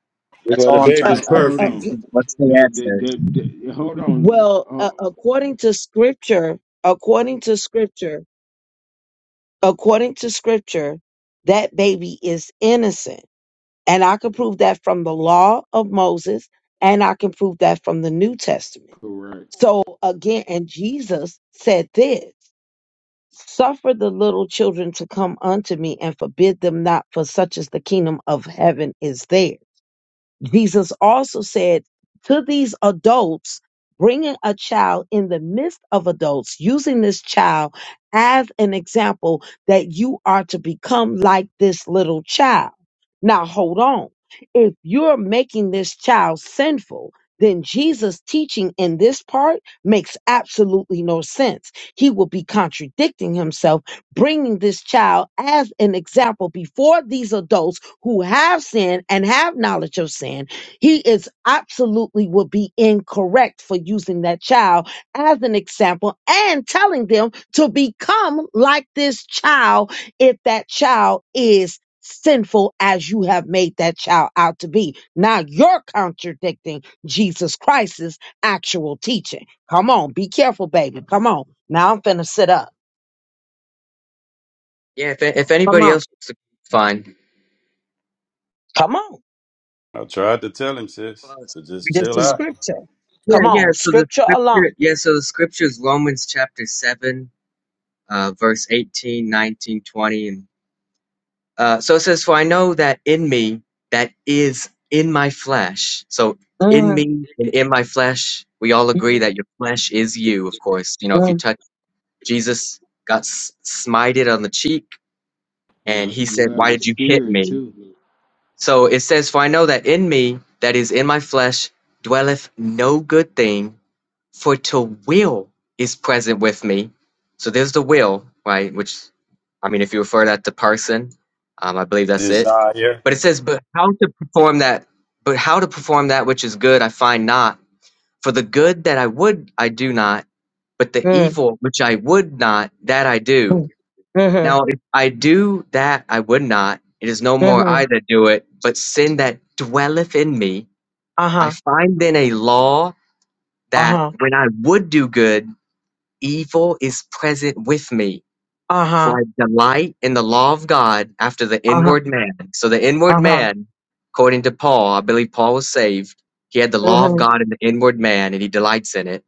Speaker 7: That's
Speaker 3: Well, babe
Speaker 7: all I'm trying
Speaker 2: uh,
Speaker 3: baby's
Speaker 6: uh,
Speaker 7: to
Speaker 2: uh,
Speaker 6: hold
Speaker 7: say.
Speaker 2: uh,
Speaker 6: on.
Speaker 3: perfect.
Speaker 2: g-
Speaker 7: What's what's the
Speaker 6: The, the,
Speaker 7: answer?
Speaker 6: the, the, hold on.
Speaker 2: well uh,
Speaker 6: Oh,
Speaker 2: according to scripture according to scripture according to scripture that baby is innocent and i can prove that from the law of moses and i can prove that from the new testament
Speaker 6: correct.
Speaker 2: so again and jesus said this suffer the little children to come unto me and forbid them not for such is the kingdom of heaven is theirs Jesus also said to these adults, bringing a child in the midst of adults, using this child as an example that you are to become like this little child. Now, hold on. If you're making this child sinful, then Jesus' teaching in this part makes absolutely no sense. He will be contradicting himself bringing this child as an example before these adults who have sinned and have knowledge of sin, he is absolutely would be incorrect for using that child as an example and telling them to become like this child if that child is sinful as you have made that child out to be. Now you're contradicting Jesus Christ's actual teaching. Come on, be careful, baby. Come on. Now I'm finna sit up.
Speaker 7: Yeah. If if
Speaker 2: Come
Speaker 7: anybody
Speaker 2: on.
Speaker 7: else, wants to- fine.
Speaker 2: Come on.
Speaker 3: I tried to tell him, sis,
Speaker 7: Uh,
Speaker 3: to just
Speaker 2: This
Speaker 3: chill
Speaker 2: is
Speaker 3: out.
Speaker 2: scripture.
Speaker 7: yeah,
Speaker 2: Come
Speaker 7: yeah.
Speaker 2: on,
Speaker 7: So the
Speaker 2: scripture alone.
Speaker 7: scripture, yeah. So the scripture is Romans chapter seven, uh, verse eighteen, nineteen, twenty, 19, Uh, so it says, For I know that in me, that is in my flesh. So in
Speaker 2: Mm,
Speaker 7: me and in my flesh, we all agree
Speaker 2: mm,
Speaker 7: that your flesh is you, of course. You know, if you
Speaker 2: mm,
Speaker 7: touch Jesus, got s- smited on the cheek, and
Speaker 6: Yep,
Speaker 7: he
Speaker 6: you
Speaker 7: said,
Speaker 6: have
Speaker 7: Why
Speaker 6: a
Speaker 7: did you hit
Speaker 6: spirit
Speaker 7: me?
Speaker 6: too.
Speaker 7: So it says, For I know that in me, that is in my flesh, dwelleth no good thing, for to will is present with me. So there's the will, right? Which, I mean, if you refer that to person, um, I believe that's it.
Speaker 3: Desire
Speaker 7: But it says, but how to perform that, but how to perform that which is good, I find not. For the good that I would, I do not, but the
Speaker 2: mm,
Speaker 7: evil which I would not, that I do.
Speaker 2: mm, mm,
Speaker 7: Now, if I do that I would not, it is no more I
Speaker 2: mm,
Speaker 7: that do it, but sin that dwelleth in me. I
Speaker 2: uh-huh,
Speaker 7: find then a law that
Speaker 2: uh-huh,
Speaker 7: when I would do good, evil is present with me.
Speaker 2: uh-huh,
Speaker 7: For I delight in the law of God after the
Speaker 2: uh-huh,
Speaker 7: inward man. So the inward
Speaker 2: uh-huh,
Speaker 7: man, according to Paul, I believe Paul was saved. He had the law of
Speaker 2: mm-hmm,
Speaker 7: God in the inward man, and he delights in it.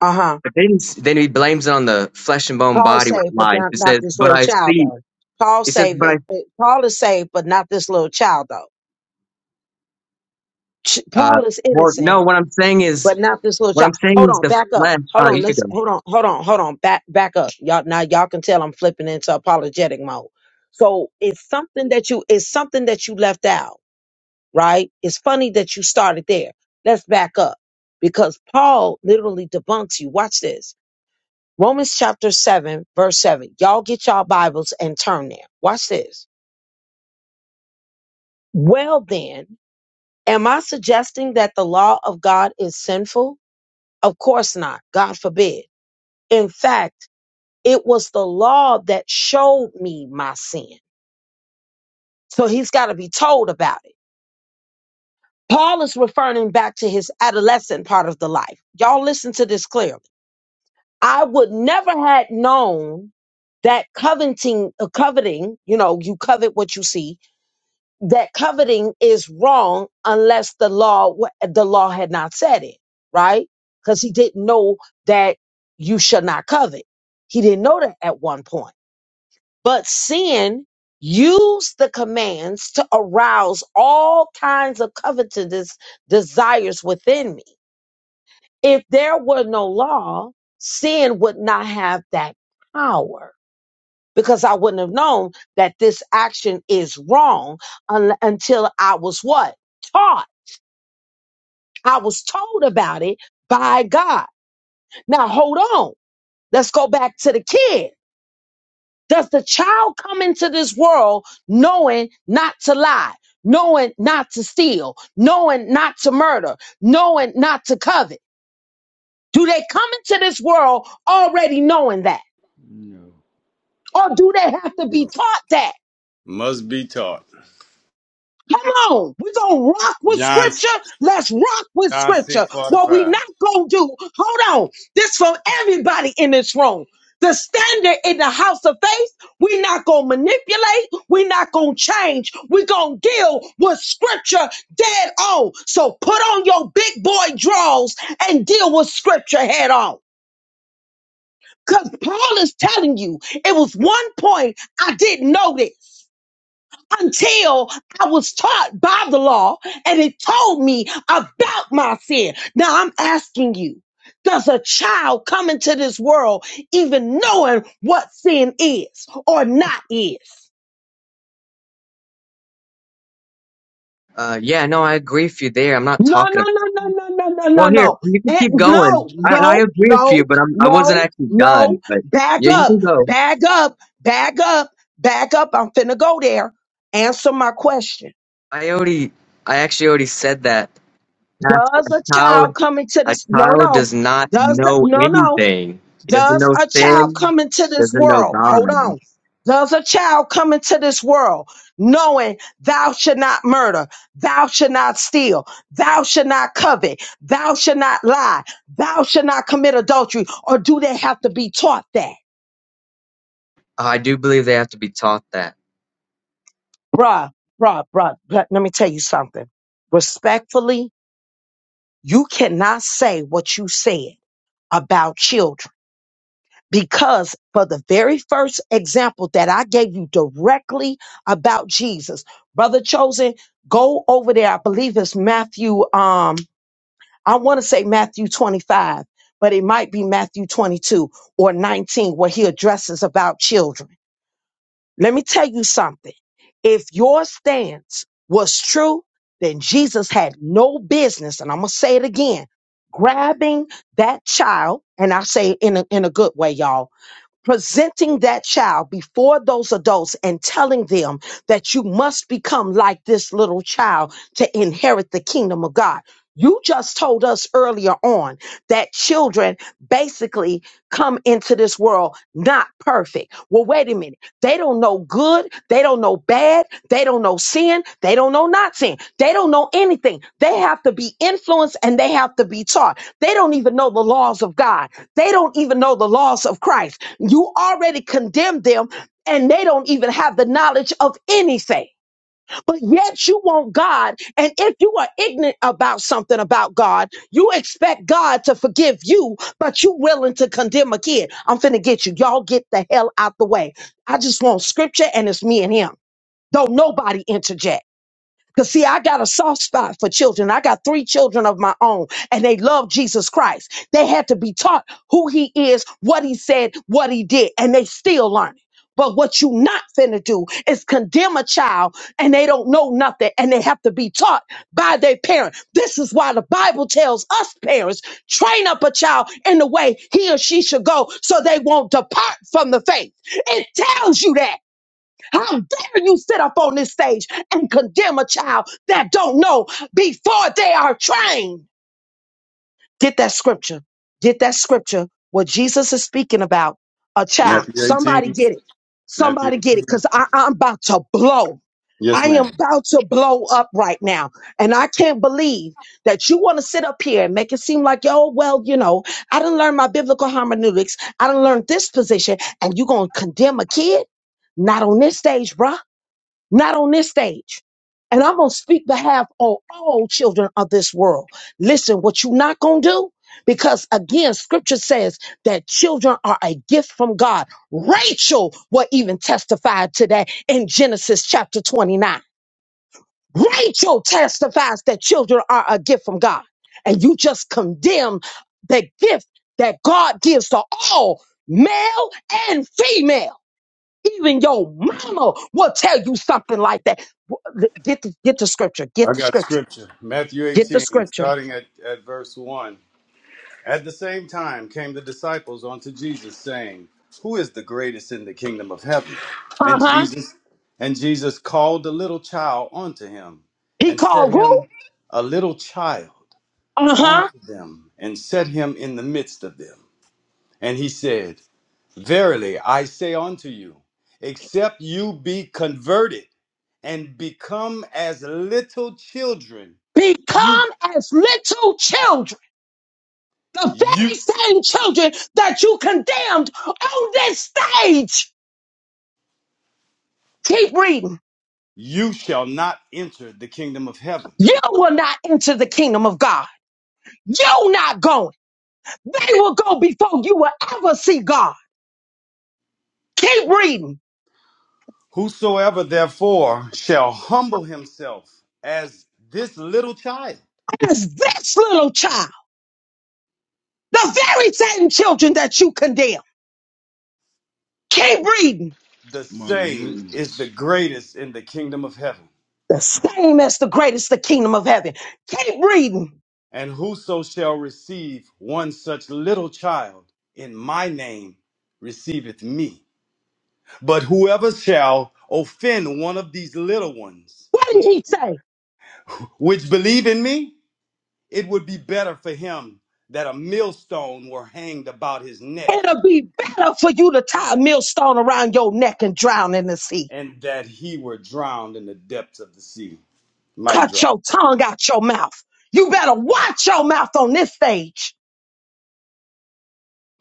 Speaker 2: uh-huh.
Speaker 7: But then, then he blames it on the flesh and bone
Speaker 2: Paul
Speaker 7: body with
Speaker 2: saved, but
Speaker 7: life.
Speaker 2: not,
Speaker 7: It
Speaker 2: not
Speaker 7: says,
Speaker 2: this
Speaker 7: "But
Speaker 2: little
Speaker 7: I
Speaker 2: child
Speaker 7: see."
Speaker 2: though. Paul
Speaker 7: He says,
Speaker 2: saved,
Speaker 7: "But I."
Speaker 2: it- it- Paul is saved, but not this little child though. Ch-
Speaker 7: Uh,
Speaker 2: Paul is
Speaker 7: well,
Speaker 2: innocent,
Speaker 7: no. What I'm saying
Speaker 2: but
Speaker 7: is,
Speaker 2: not this little
Speaker 7: what
Speaker 2: child.
Speaker 7: I'm saying
Speaker 2: Hold
Speaker 7: is
Speaker 2: on,
Speaker 7: the
Speaker 2: back up.
Speaker 7: flesh.
Speaker 2: Hold
Speaker 7: Uh,
Speaker 2: on,
Speaker 7: you could
Speaker 2: let's
Speaker 7: go.
Speaker 2: hold on, hold on, hold on, back back up. Y'all now y'all can tell I'm flipping into apologetic mode. So it's something that you it's something that you left out, right? It's funny that you started there. Let's back up because Paul literally debunks you. Watch this. Romans chapter 7, verse 7. Y'all get y'all Bibles and turn there. Watch this. Well then, am I suggesting that the law of God is sinful? Of course not. God forbid. In fact, It was the law that showed me my sin. So he's got to be told about it. Paul is referring back to his adolescent part of the life. Y'all listen to this clearly. I would never had known that coveting, uh, coveting, you know, you covet what you see, that coveting is wrong unless the law, wa- the law had not said it, right? Because he didn't know that you should not covet. He didn't know that at one point. But sin used the commands to arouse all kinds of covetous desires within me. If there were no law, sin would not have that power because I wouldn't have known that this action is wrong un- until I was what? Taught. I was told about it by God. Now hold on. Let's go back to the kid. Does the child come into this world knowing not to lie, knowing not to steal, knowing not to murder, knowing not to covet? Do they come into this world already knowing that?
Speaker 6: No.
Speaker 2: Or do they have to
Speaker 3: you
Speaker 2: be
Speaker 3: know,
Speaker 2: taught that?
Speaker 3: must be taught.
Speaker 2: Come on, we're gonna rock with
Speaker 3: John
Speaker 2: scripture. Let's rock with
Speaker 3: John
Speaker 2: scripture.
Speaker 3: six forty
Speaker 2: What we
Speaker 3: five.
Speaker 2: not gonna do, hold on. This from everybody in this room. The standard in the house of faith, we're not gonna manipulate, we're not gonna change, we're gonna deal with scripture dead on. So put on your big boy drawers and deal with scripture head on. Because Paul is telling you, it was one point I didn't know this until I was taught by the law and it told me about my sin. Now I'm asking you, does a child come into this world even knowing what sin is or not is?
Speaker 7: Uh, yeah, no, I agree with you there. I'm not
Speaker 2: No, no,
Speaker 7: talking.
Speaker 2: no, no, no, no, no, no,
Speaker 7: Well, here
Speaker 2: no.
Speaker 7: you can
Speaker 2: Eh,
Speaker 7: keep
Speaker 2: No,
Speaker 7: going. I I
Speaker 2: no,
Speaker 7: agree with you,
Speaker 2: no,
Speaker 7: but I'm I wasn't
Speaker 2: no,
Speaker 7: actually
Speaker 2: no.
Speaker 7: done. But
Speaker 2: Back
Speaker 7: yeah, you
Speaker 2: up,
Speaker 7: can go.
Speaker 2: back up, back up, back up. I'm finna go there. Answer my question.
Speaker 7: I already I actually already said that. Pastor,
Speaker 2: Does
Speaker 7: A
Speaker 2: a child
Speaker 7: child
Speaker 2: come into
Speaker 7: a
Speaker 2: this? No,
Speaker 7: child
Speaker 2: no.
Speaker 7: does not
Speaker 2: Does that?
Speaker 7: know
Speaker 2: No, no.
Speaker 7: anything. He doesn't
Speaker 2: Does
Speaker 7: know
Speaker 2: a child
Speaker 7: sin.
Speaker 2: come into this
Speaker 7: Doesn't know
Speaker 2: world? Hold
Speaker 7: God.
Speaker 2: on. Does a child come into this world knowing thou should not murder, thou should not steal, thou should not covet, thou should not lie, thou should not commit adultery, or do they have to be taught that?
Speaker 7: I do believe they have to be taught that.
Speaker 2: Bruh, bruh, bruh, let, let me tell you something. Respectfully, you cannot say what you said about children Because for the very first example that I gave you directly about Jesus, Brother Chosen, go over there. I believe it's Matthew, um, I want to say Matthew 25, but it might be Matthew 22 or 19 where he addresses about children. Let me tell you something. If your stance was true, then Jesus had no business, and I'm going to say it again, grabbing that child, and I say it in a, in a good way, y'all presenting that child before those adults and telling them that you must become like this little child to inherit the kingdom of God. You just told us earlier on that children basically come into this world not perfect. Well, wait a minute. They don't know good. They don't know bad. They don't know sin. They don't know not sin. They don't know anything. They have to be influenced and they have to be taught. They don't even know the laws of God. They don't even know the laws of Christ. You already condemned them and they don't even have the knowledge of anything. But yet you want God. And if you are ignorant about something about God, you expect God to forgive you, but you willing to condemn a kid. I'm finna get you. Y'all get the hell out the way. I just want scripture and it's me and him. Don't nobody interject. Because, see, I got a soft spot for children. I got three children of my own, and they love Jesus Christ. They had to be taught who he is, what he said, what he did, and they still learning. But what you not finna do is condemn a child and they don't know nothing and they have to be taught by their parent. This is why the Bible tells us parents, train up a child in the way he or she should go so they won't depart from the faith. It tells you that. How dare you sit up on this stage and condemn a child that don't know before they are trained? Get that scripture. Get that scripture. What Jesus is speaking about, a child.
Speaker 3: Matthew
Speaker 2: Somebody
Speaker 3: 18.
Speaker 2: get it.
Speaker 3: Matthew
Speaker 2: Somebody get it.
Speaker 3: 18.
Speaker 2: Because I'm about to blow.
Speaker 3: Yes,
Speaker 2: I
Speaker 3: ma'am.
Speaker 2: am about to blow up right now. And I can't believe that you want to sit up here and make it seem like, yo, well, you know, I didn't learn my biblical hermeneutics. I didn't learn this position. And you going to condemn a kid? Not on this stage, bruh not on this stage. And I'm going to speak behalf of all children of this world. Listen, what you not going to do, because again, scripture says that children are a gift from God. Rachel will even testify to that in Genesis chapter 29. Rachel testifies that children are a gift from God. And you just condemn the gift that God gives to all, male and female. Even your mama will tell you something like that. W- Get the, get the scripture. Get
Speaker 3: I
Speaker 2: the
Speaker 3: got
Speaker 2: scripture.
Speaker 3: scripture. Matthew
Speaker 2: Get the
Speaker 3: 18,
Speaker 2: scripture.
Speaker 3: starting at, at verse 1. At the same time came the disciples unto Jesus, saying, Who is the greatest in the kingdom of heaven?
Speaker 2: Uh
Speaker 3: And
Speaker 2: huh.
Speaker 3: Jesus and Jesus called the little child unto him,
Speaker 2: He
Speaker 3: and set
Speaker 2: called who?
Speaker 3: him a little child
Speaker 2: Uh huh.
Speaker 3: unto them, and set him in the midst of them. And he said, Verily I say unto you, except you be converted and become as little children, you
Speaker 2: Become as little children. The
Speaker 3: you
Speaker 2: very same children that you condemned on this stage. Keep reading.
Speaker 3: you shall not enter the kingdom of heaven.
Speaker 2: You will not enter the kingdom of God. You're not going. They will go before you will ever see God. Keep reading.
Speaker 3: Whosoever therefore shall humble himself as this little child,
Speaker 2: As this little child, the very same children that you condemned. Keep reading.
Speaker 3: the
Speaker 6: My
Speaker 3: same is
Speaker 6: goodness.
Speaker 3: the greatest in the kingdom of heaven.
Speaker 2: The same as the greatest, the kingdom of heaven. Keep reading.
Speaker 3: And whoso shall receive one such little child in my name receiveth me. But whoever shall offend one of these little ones,
Speaker 2: What did he say?
Speaker 3: which believe in me, it would be better for him that a millstone were hanged about his neck
Speaker 2: It'll be better for you to tie a millstone around your neck and drown in the sea.
Speaker 3: and that he were drowned in the depths of the sea. Mic
Speaker 2: Cut
Speaker 3: drop.
Speaker 2: your tongue out your mouth. You better watch your mouth on this stage.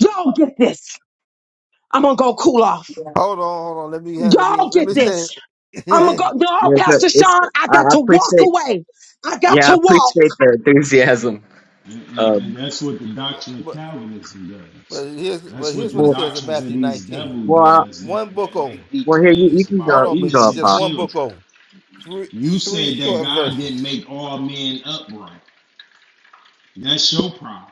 Speaker 2: Y'all get this. I'm gonna go cool off.
Speaker 8: Hold on, hold on. Let me ha- let me
Speaker 2: Y'all
Speaker 8: let
Speaker 2: get
Speaker 8: me say.
Speaker 2: this. I'm gonna go. No,
Speaker 7: Yeah, good.
Speaker 2: Pastor
Speaker 7: It's,
Speaker 2: Sean, I
Speaker 7: I
Speaker 2: got
Speaker 7: I
Speaker 2: to walk
Speaker 7: appreciate.
Speaker 2: away. I got
Speaker 8: oh,
Speaker 7: Yeah,
Speaker 2: to
Speaker 7: I
Speaker 2: walk.
Speaker 7: appreciate the enthusiasm.
Speaker 6: And, and,
Speaker 7: Um,
Speaker 6: and that's what the doctrine of
Speaker 8: but
Speaker 6: Calvinism does.
Speaker 8: but here's
Speaker 6: That's
Speaker 8: but
Speaker 6: what
Speaker 8: here's
Speaker 6: the
Speaker 8: what it
Speaker 7: well,
Speaker 8: says in
Speaker 6: doctrines of
Speaker 8: Matthew
Speaker 6: these
Speaker 8: 19.
Speaker 6: devil
Speaker 7: well, I-
Speaker 6: does that,
Speaker 8: One book
Speaker 6: that make
Speaker 8: over.
Speaker 6: these
Speaker 7: well, here you, you
Speaker 8: J-
Speaker 6: claims
Speaker 7: can
Speaker 6: about
Speaker 7: go.
Speaker 8: Hold
Speaker 7: You
Speaker 8: on,
Speaker 7: can
Speaker 8: Big
Speaker 7: go,
Speaker 8: G.
Speaker 6: innocent
Speaker 7: Apostle.
Speaker 8: Just one book
Speaker 6: children.
Speaker 8: over. Three
Speaker 6: You
Speaker 8: three
Speaker 6: said that
Speaker 8: short
Speaker 6: God didn't
Speaker 8: verses.
Speaker 6: make all men upright. That's your problem.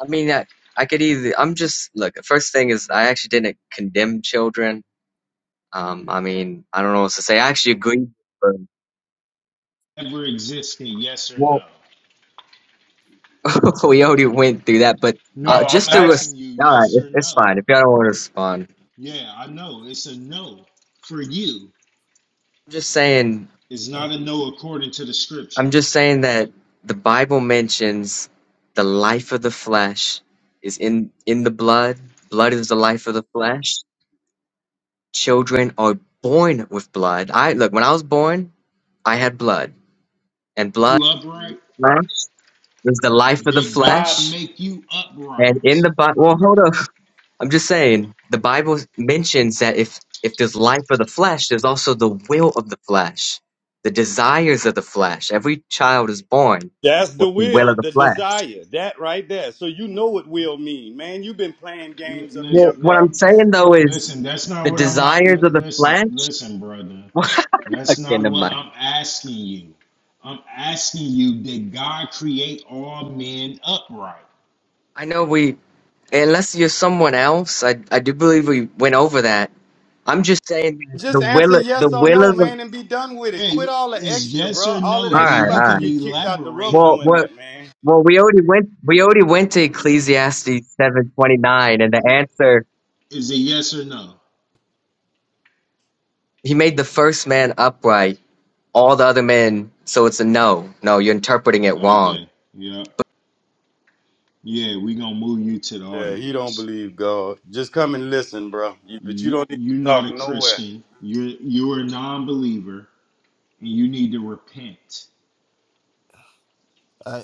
Speaker 7: I mean, I, I could either. I'm just look. The first thing is, I actually didn't condemn children. Um, I mean, I don't know what to say. I actually agree. But,
Speaker 6: Ever existed, yes or
Speaker 7: well,
Speaker 6: no?
Speaker 7: we already went through that, but uh,
Speaker 6: No, I'm
Speaker 7: just to res-
Speaker 6: asking you,
Speaker 7: all right,
Speaker 6: yes
Speaker 7: it,
Speaker 6: or
Speaker 7: it's
Speaker 6: no?
Speaker 7: fine if y'all don't want to respond.
Speaker 6: Yeah, I know. It's a no for you.
Speaker 7: I'm just saying.
Speaker 6: It's
Speaker 8: Uh,
Speaker 6: not a no according to the scripture.
Speaker 7: I'm just saying that the Bible mentions the life of the flesh is in in the blood. Blood is the life of the flesh. Children are born with blood. I look when I was born, I had blood and blood.
Speaker 6: You upright?
Speaker 7: There's the life of the
Speaker 6: Did God
Speaker 7: flesh,
Speaker 6: make you
Speaker 7: and in
Speaker 6: upright?
Speaker 7: the Bible, well, hold up. I'm just saying the Bible mentions that if if there's life of the flesh, there's also the will of the flesh, the desires of the flesh. Every child is born
Speaker 3: That's the
Speaker 7: with the will
Speaker 3: will,
Speaker 7: of the
Speaker 3: the
Speaker 7: flesh.
Speaker 3: desire, that right there. So you know what will mean, man. You've been playing games up
Speaker 6: Let's.
Speaker 3: here,
Speaker 7: Well, what
Speaker 6: let,
Speaker 3: bro.
Speaker 7: I'm saying though is
Speaker 6: Listen, that's not
Speaker 7: the
Speaker 6: what I'm. not-
Speaker 7: desires
Speaker 6: li-
Speaker 7: of the
Speaker 6: Listen,
Speaker 7: flesh.
Speaker 6: listen, brother. That's
Speaker 7: okay,
Speaker 6: not
Speaker 7: never
Speaker 6: what
Speaker 7: mind.
Speaker 6: I'm asking you. I'm asking you, did God create all men upright?
Speaker 7: I know we, unless you're someone else, I I do believe we went over that. I'm just saying that the
Speaker 3: Just
Speaker 7: will
Speaker 3: answer
Speaker 7: the
Speaker 3: yes or
Speaker 7: will
Speaker 3: no,
Speaker 7: of the
Speaker 3: man, and be done with it. Quit
Speaker 6: Hey,
Speaker 3: all the
Speaker 6: is
Speaker 3: extra,
Speaker 6: yes
Speaker 3: bro.
Speaker 6: or
Speaker 3: All of
Speaker 6: no?
Speaker 7: all
Speaker 3: that, you
Speaker 6: Then
Speaker 7: right,
Speaker 6: you
Speaker 3: about
Speaker 7: all
Speaker 3: to
Speaker 6: can
Speaker 7: right.
Speaker 3: get kicked out the
Speaker 6: elaborate
Speaker 3: room
Speaker 6: on.
Speaker 7: Well,
Speaker 3: doing
Speaker 7: what
Speaker 3: that, man.
Speaker 7: Well, we already went. We already went to Ecclesiastes seven twenty nine, and the answer
Speaker 6: Is it yes or no?
Speaker 7: he made the first man upright, all the other men. So it's a no. No, you're interpreting it wrong.
Speaker 6: Okay. Yep. Yeah, we gonna move you to the
Speaker 3: Yeah, he don't
Speaker 6: audience.
Speaker 3: believe God. Just come and listen, bro. You, but you
Speaker 6: You
Speaker 3: don't need
Speaker 6: you're
Speaker 3: to
Speaker 6: not
Speaker 3: talk
Speaker 6: a
Speaker 3: nowhere.
Speaker 6: Christian. You're you're a non-believer, and you need to repent.
Speaker 8: uh,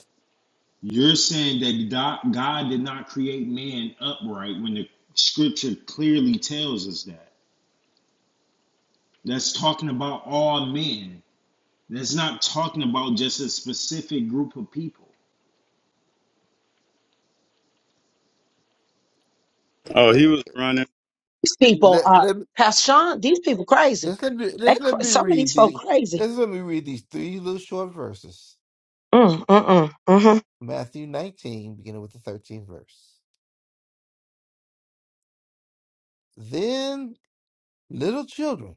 Speaker 6: You're saying that God God did not create man upright when the scripture clearly tells us that. That's talking about all men. That's not talking about just a specific group of people.
Speaker 3: Oh,
Speaker 8: let,
Speaker 3: he was running.
Speaker 2: These people,
Speaker 8: let
Speaker 2: uh,
Speaker 8: let me
Speaker 2: Pastor Sean, these people crazy.
Speaker 8: just let me
Speaker 2: They
Speaker 8: just let
Speaker 2: cra-
Speaker 8: me
Speaker 2: some of these
Speaker 8: read
Speaker 2: folk
Speaker 8: the
Speaker 2: crazy.
Speaker 8: just let me read these three little short verses.
Speaker 2: Mm, mm-mm, mm-hmm.
Speaker 8: Matthew 19, beginning with the 13th verse. Then little children.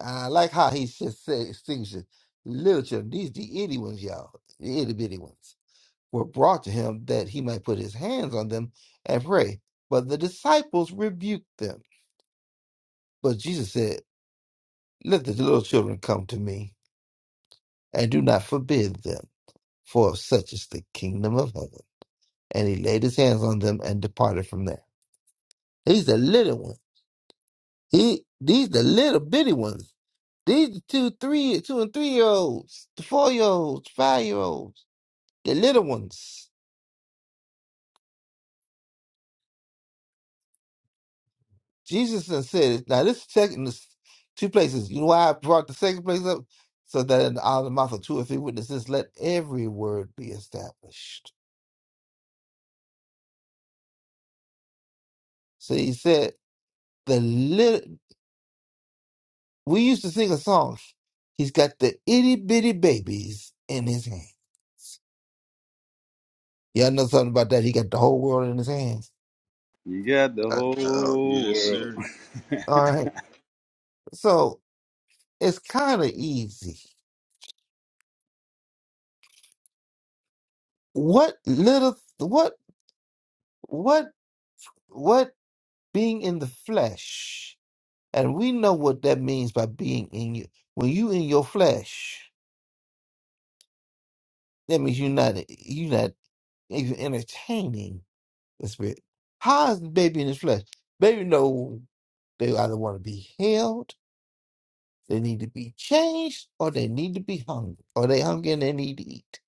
Speaker 8: I like how he just said distinction. Little children, these the itty ones, y'all, the itty bitty ones, were brought to him that he might put his hands on them and pray. But the disciples rebuked them. But Jesus said, Let the little children come to me, and do not forbid them, for of such is the kingdom of heaven. And he laid his hands on them and departed from there. He's the little one. He these the little bitty ones. These the two, three, two and three year olds, the four year olds, five year olds. the little ones. Jesus done said Now this second, this two places. You know why I brought the second place up? So that in the out of the mouth of two or three witnesses, let every word be established. So he said the little. We used to sing a song. He's got the itty bitty babies in his hand. Y'all know something about that? He got the whole world in his hands.
Speaker 3: You got the
Speaker 8: Uh, uh,
Speaker 3: whole
Speaker 6: Yes,
Speaker 3: world.
Speaker 6: sir.
Speaker 8: all right. So it's kind of easy. What little? What? What? What? being in the flesh, and we know what that means by being in you. When you in your flesh, that means you're not you're not even entertaining the spirit. How is the baby in his flesh? Baby know they either want to be healed, they need to be changed, or they need to be hungry, or they hungry and they need to eat.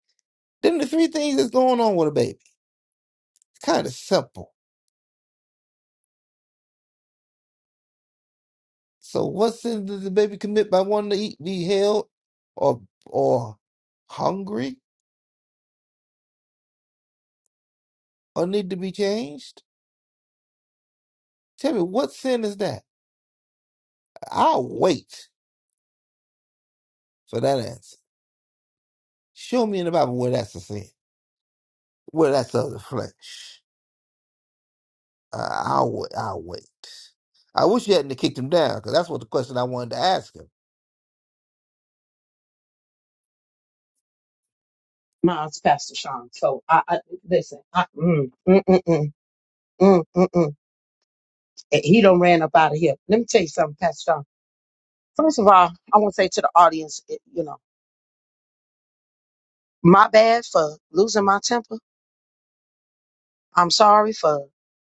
Speaker 8: Them the three things that's going on with a baby. It's kind of simple. So what sin did the baby commit by wanting to eat, be held, or or hungry? or need to be changed? Tell me, what sin is that? I'll wait for that answer. Show me in the Bible where that's a sin, where that's of the flesh. Uh, I'll wait. I'll wait. I wish you hadn't kicked him down because that's what the question I wanted to ask him.
Speaker 2: Mine's Pastor Sean. So I, I listen. I, mm, mm, mm, mm, mm, mm, mm. And He don't ran up out of here. Let me tell you something, Pastor Sean. First of all, I want to say to the audience, it- you know, my bad for losing my temper. I'm sorry for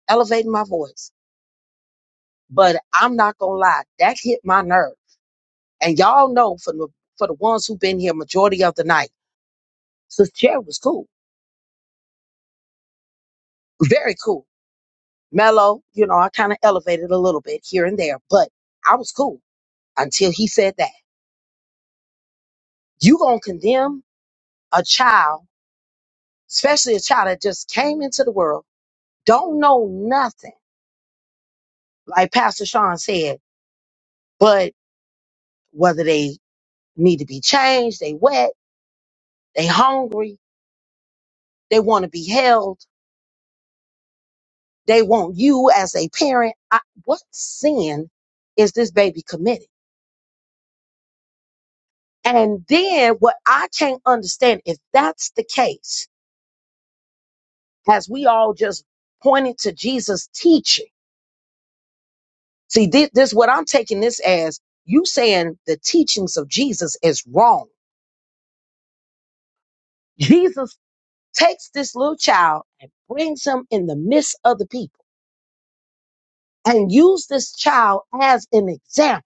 Speaker 2: elevating my voice, but I'm not gonna lie, that hit my nerve. And y'all know for the for the ones who've been here majority of the night, Sister Chair was cool, very cool, mellow. You know, I kind of elevated a little bit here and there, but I was cool. until he said that. You gonna condemn a child, especially a child that just came into the world, don't know nothing, like Pastor Sean said, but whether they need to be changed, they wet, they hungry, they want to be held, they want you as a parent. I, what sin is this baby committed? And then what I can't understand, if that's the case, as we all just pointed to Jesus' teaching See, thi- this what I'm taking this as you saying the teachings of Jesus is wrong. Jesus takes this little child and brings him in the midst of the people and use this child as an example.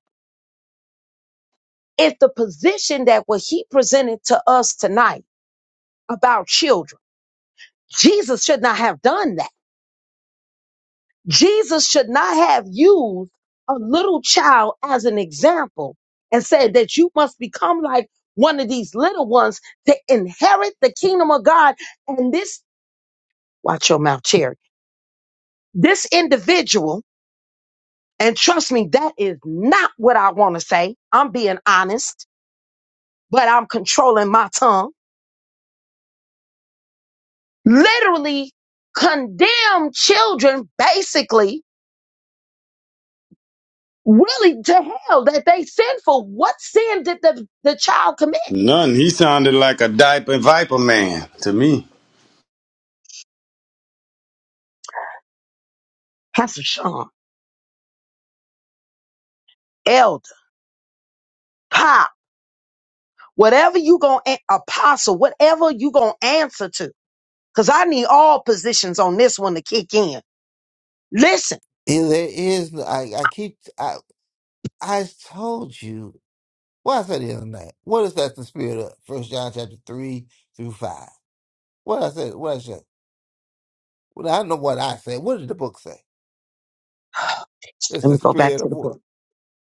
Speaker 2: If the position that what he presented to us tonight about children, Jesus should not have done that. Jesus should not have used a little child as an example and said that you must become like one of these little ones to inherit the kingdom of God. And this, watch your mouth, Cherry. This individual, and trust me, that is not what I want to say. I'm being honest, but I'm controlling my tongue. Literally condemn children, basically, really to hell that they sin for. What sin did the, the child commit?
Speaker 3: None. He sounded like a diaper viper man to me.
Speaker 2: Pastor Sean, Elder, Pop, whatever you going to, Apostle, whatever you going to answer to. Because I need all positions on this one to kick in. Listen,
Speaker 8: Is There is. no- I, I keep. I I told you. What I said the other night. What is that the spirit of? First John chapter three through five. What I said. What I said. Well, I don't know what I said. What did the book say? It's
Speaker 2: let
Speaker 8: the
Speaker 2: me go back
Speaker 8: spirit
Speaker 2: to
Speaker 8: of
Speaker 2: the
Speaker 8: what?
Speaker 2: book.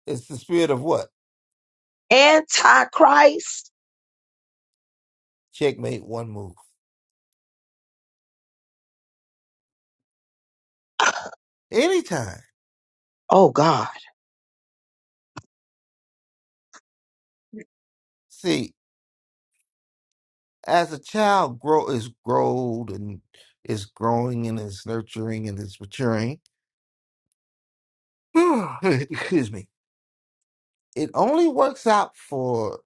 Speaker 8: It's the spirit of what?
Speaker 2: Antichrist.
Speaker 8: Checkmate. One move. Anytime.
Speaker 2: Oh, God.
Speaker 8: See, as a child grow is growed and is growing and is nurturing and is maturing. Excuse me. It only works out for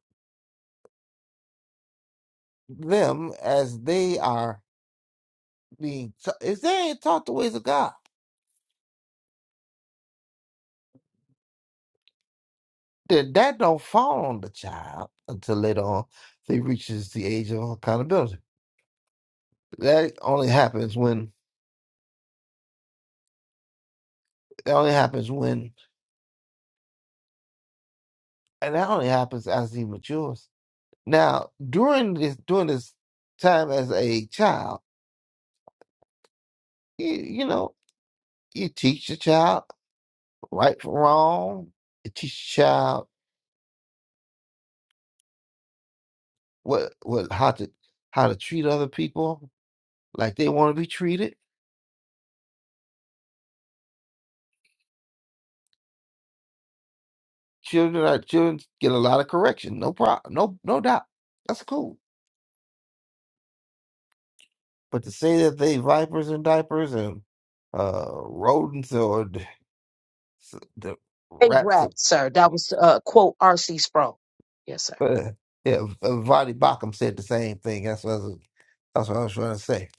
Speaker 8: them as they are being ta- if they ain't taught the ways of God. Then that don't fall on the child until later on they reaches the age of accountability. That only happens when that only happens when and that only happens as he matures. Now, during this during this time as a child, you, you know, you teach the child right from wrong. You teach the child what what how to how to treat other people like they want to be treated. Children are children get a lot of correction, no problem, no no doubt. That's cool. But to say that they vipers and diapers and uh rodents or the, the
Speaker 2: Hey,
Speaker 8: rats
Speaker 2: rat, sir. That was uh, quote R.C. Sproul. Yes, sir.
Speaker 8: Uh, yeah, uh, Vonnie Bacham said the same thing. That's what I was, that's what I was trying to say.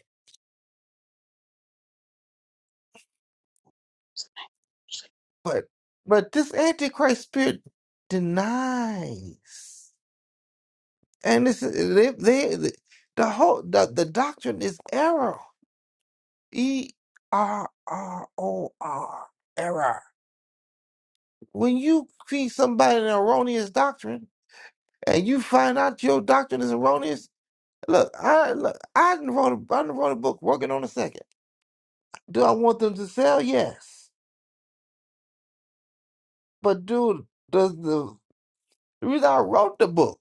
Speaker 8: But but this Antichrist spirit denies, and this they, they the whole the, the doctrine is error. E R R O R error. When you feed somebody an erroneous doctrine, and you find out your doctrine is erroneous. Look, I look, I done wrote a, I done wrote a book working on a second. Do I want them to sell? Yes. But dude, the the the reason I wrote the book,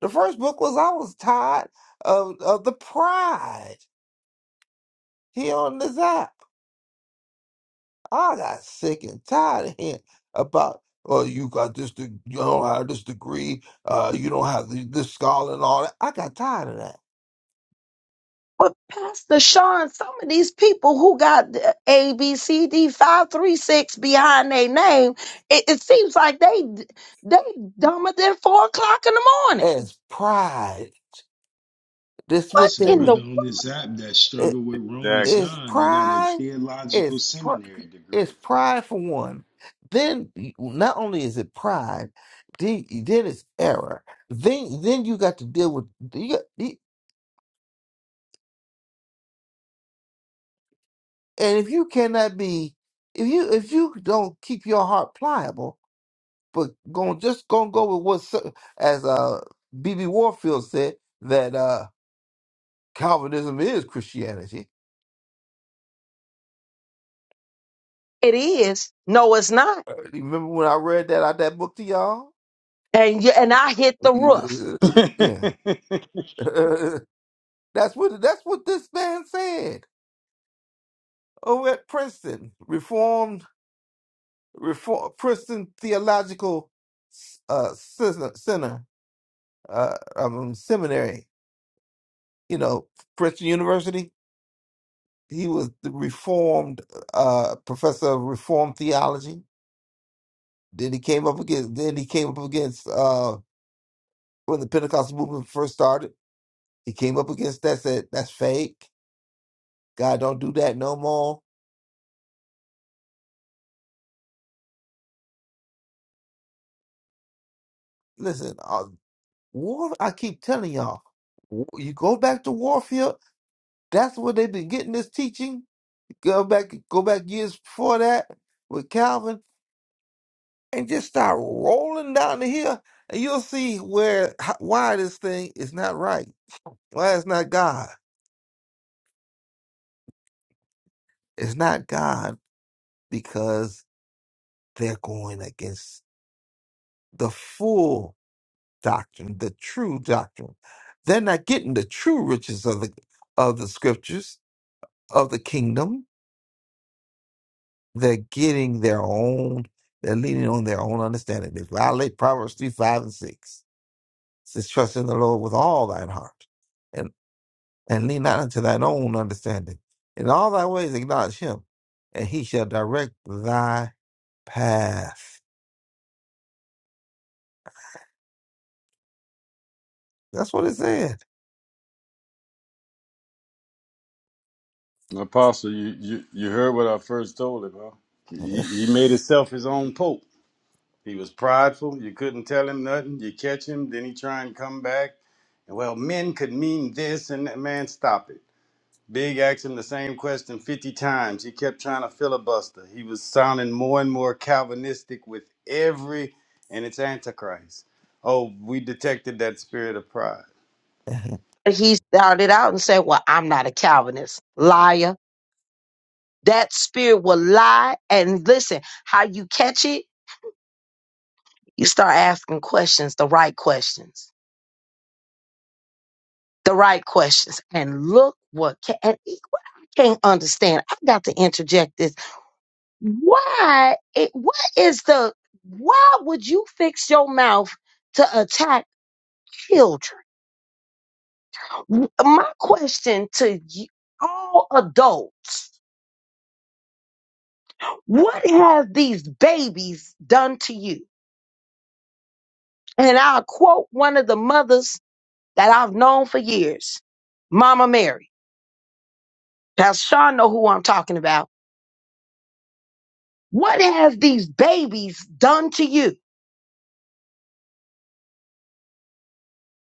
Speaker 8: the first book was I was tired of of the pride here on this app. I got sick and tired of hearing about oh you got this de- you don't have this degree, uh you don't have the- this scholar and all that. I got tired of that.
Speaker 2: But Pastor Sean, some of these people who got the A, B, C, D, five, three, six behind their name, it, it seems like they they dumber than four o'clock in the morning.
Speaker 8: As pride, that's
Speaker 2: What
Speaker 8: what
Speaker 6: It's a
Speaker 8: they
Speaker 2: in the
Speaker 6: brother
Speaker 8: do.
Speaker 6: on this app that struggled with Romans
Speaker 8: It's
Speaker 6: 9 They got a
Speaker 8: pride.
Speaker 6: theological
Speaker 8: It's pr-
Speaker 6: seminary degree.
Speaker 8: it's pride for one. Then not only is it pride, then, then it's error. Then then you got to deal with you got, you- and if you cannot be if you if you don't keep your heart pliable, but going just gonna go with what as uh BB Warfield said that uh Calvinism is Christianity.
Speaker 2: It is. No, it's not.
Speaker 8: Uh, Remember when I read that out that book to y'all?
Speaker 2: And you, and I hit the roof.
Speaker 3: Exactly.
Speaker 8: yeah. That's what that's what this man said over at Princeton Reformed Reform Princeton Theological uh, Center, Center uh, um, Seminary. You know, Princeton University. He was the Reformed uh, professor of Reformed theology. Then he came up against. Then he came up against uh, when the Pentecostal movement first started. He came up against that. Said that's fake. God don't do that no more. Listen, uh, War, I keep telling y'all, w- you go back to Warfield. That's where they've been getting this teaching. Go back, go back years before that with Calvin, and just start rolling down the hill, and you'll see where how, why this thing is not right. Why it's not God? It's not God because they're going against the full doctrine, the true doctrine. They're not getting the true riches of the of the scriptures of the kingdom They're getting their own, they're leaning on their own understanding. They violate Proverbs 3, 5, and 6. It says, Trust in the Lord with all thine heart and, and lean not unto thine own understanding. In all thy ways acknowledge him, and he shall direct thy path. That's what it said.
Speaker 3: Apostle, you, you, you heard what I first told him, huh? He, he made himself his own pope. He was prideful. You couldn't tell him nothing. You catch him, then he try and come back. And well, men could mean this and that. Man, stop it. Big asked him the same question 50 times. He kept trying to filibuster. He was sounding more and more Calvinistic with every, and it's Antichrist. Oh, we detected that spirit of pride.
Speaker 2: And he started out and said, Well, I'm not a Calvinist. Liar. That spirit will lie. And listen, how you catch it, you start asking questions, the right questions. the right questions and look what can, and e- what I can't understand. I got to interject this. Why? It, what is the? Why would you fix your mouth to attack children? W- My question to you, all adults: What have these babies done to you? And I'll quote one of the mothers that I've known for years, Mama Mary. Pastor Sean know who I'm talking about What has these babies done to you?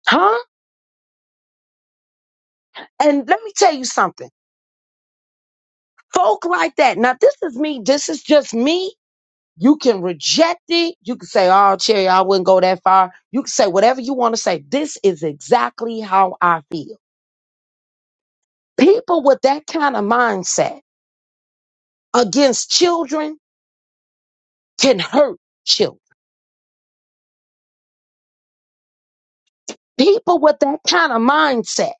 Speaker 2: Huh? And let me tell you something. Folk like that. Now, this is me. This is just me. You can reject it. You can say, oh, Cherry, I wouldn't go that far. You can say whatever you want to say. This is exactly how I feel. People with that kind of mindset against children can hurt children. People with that kind of mindset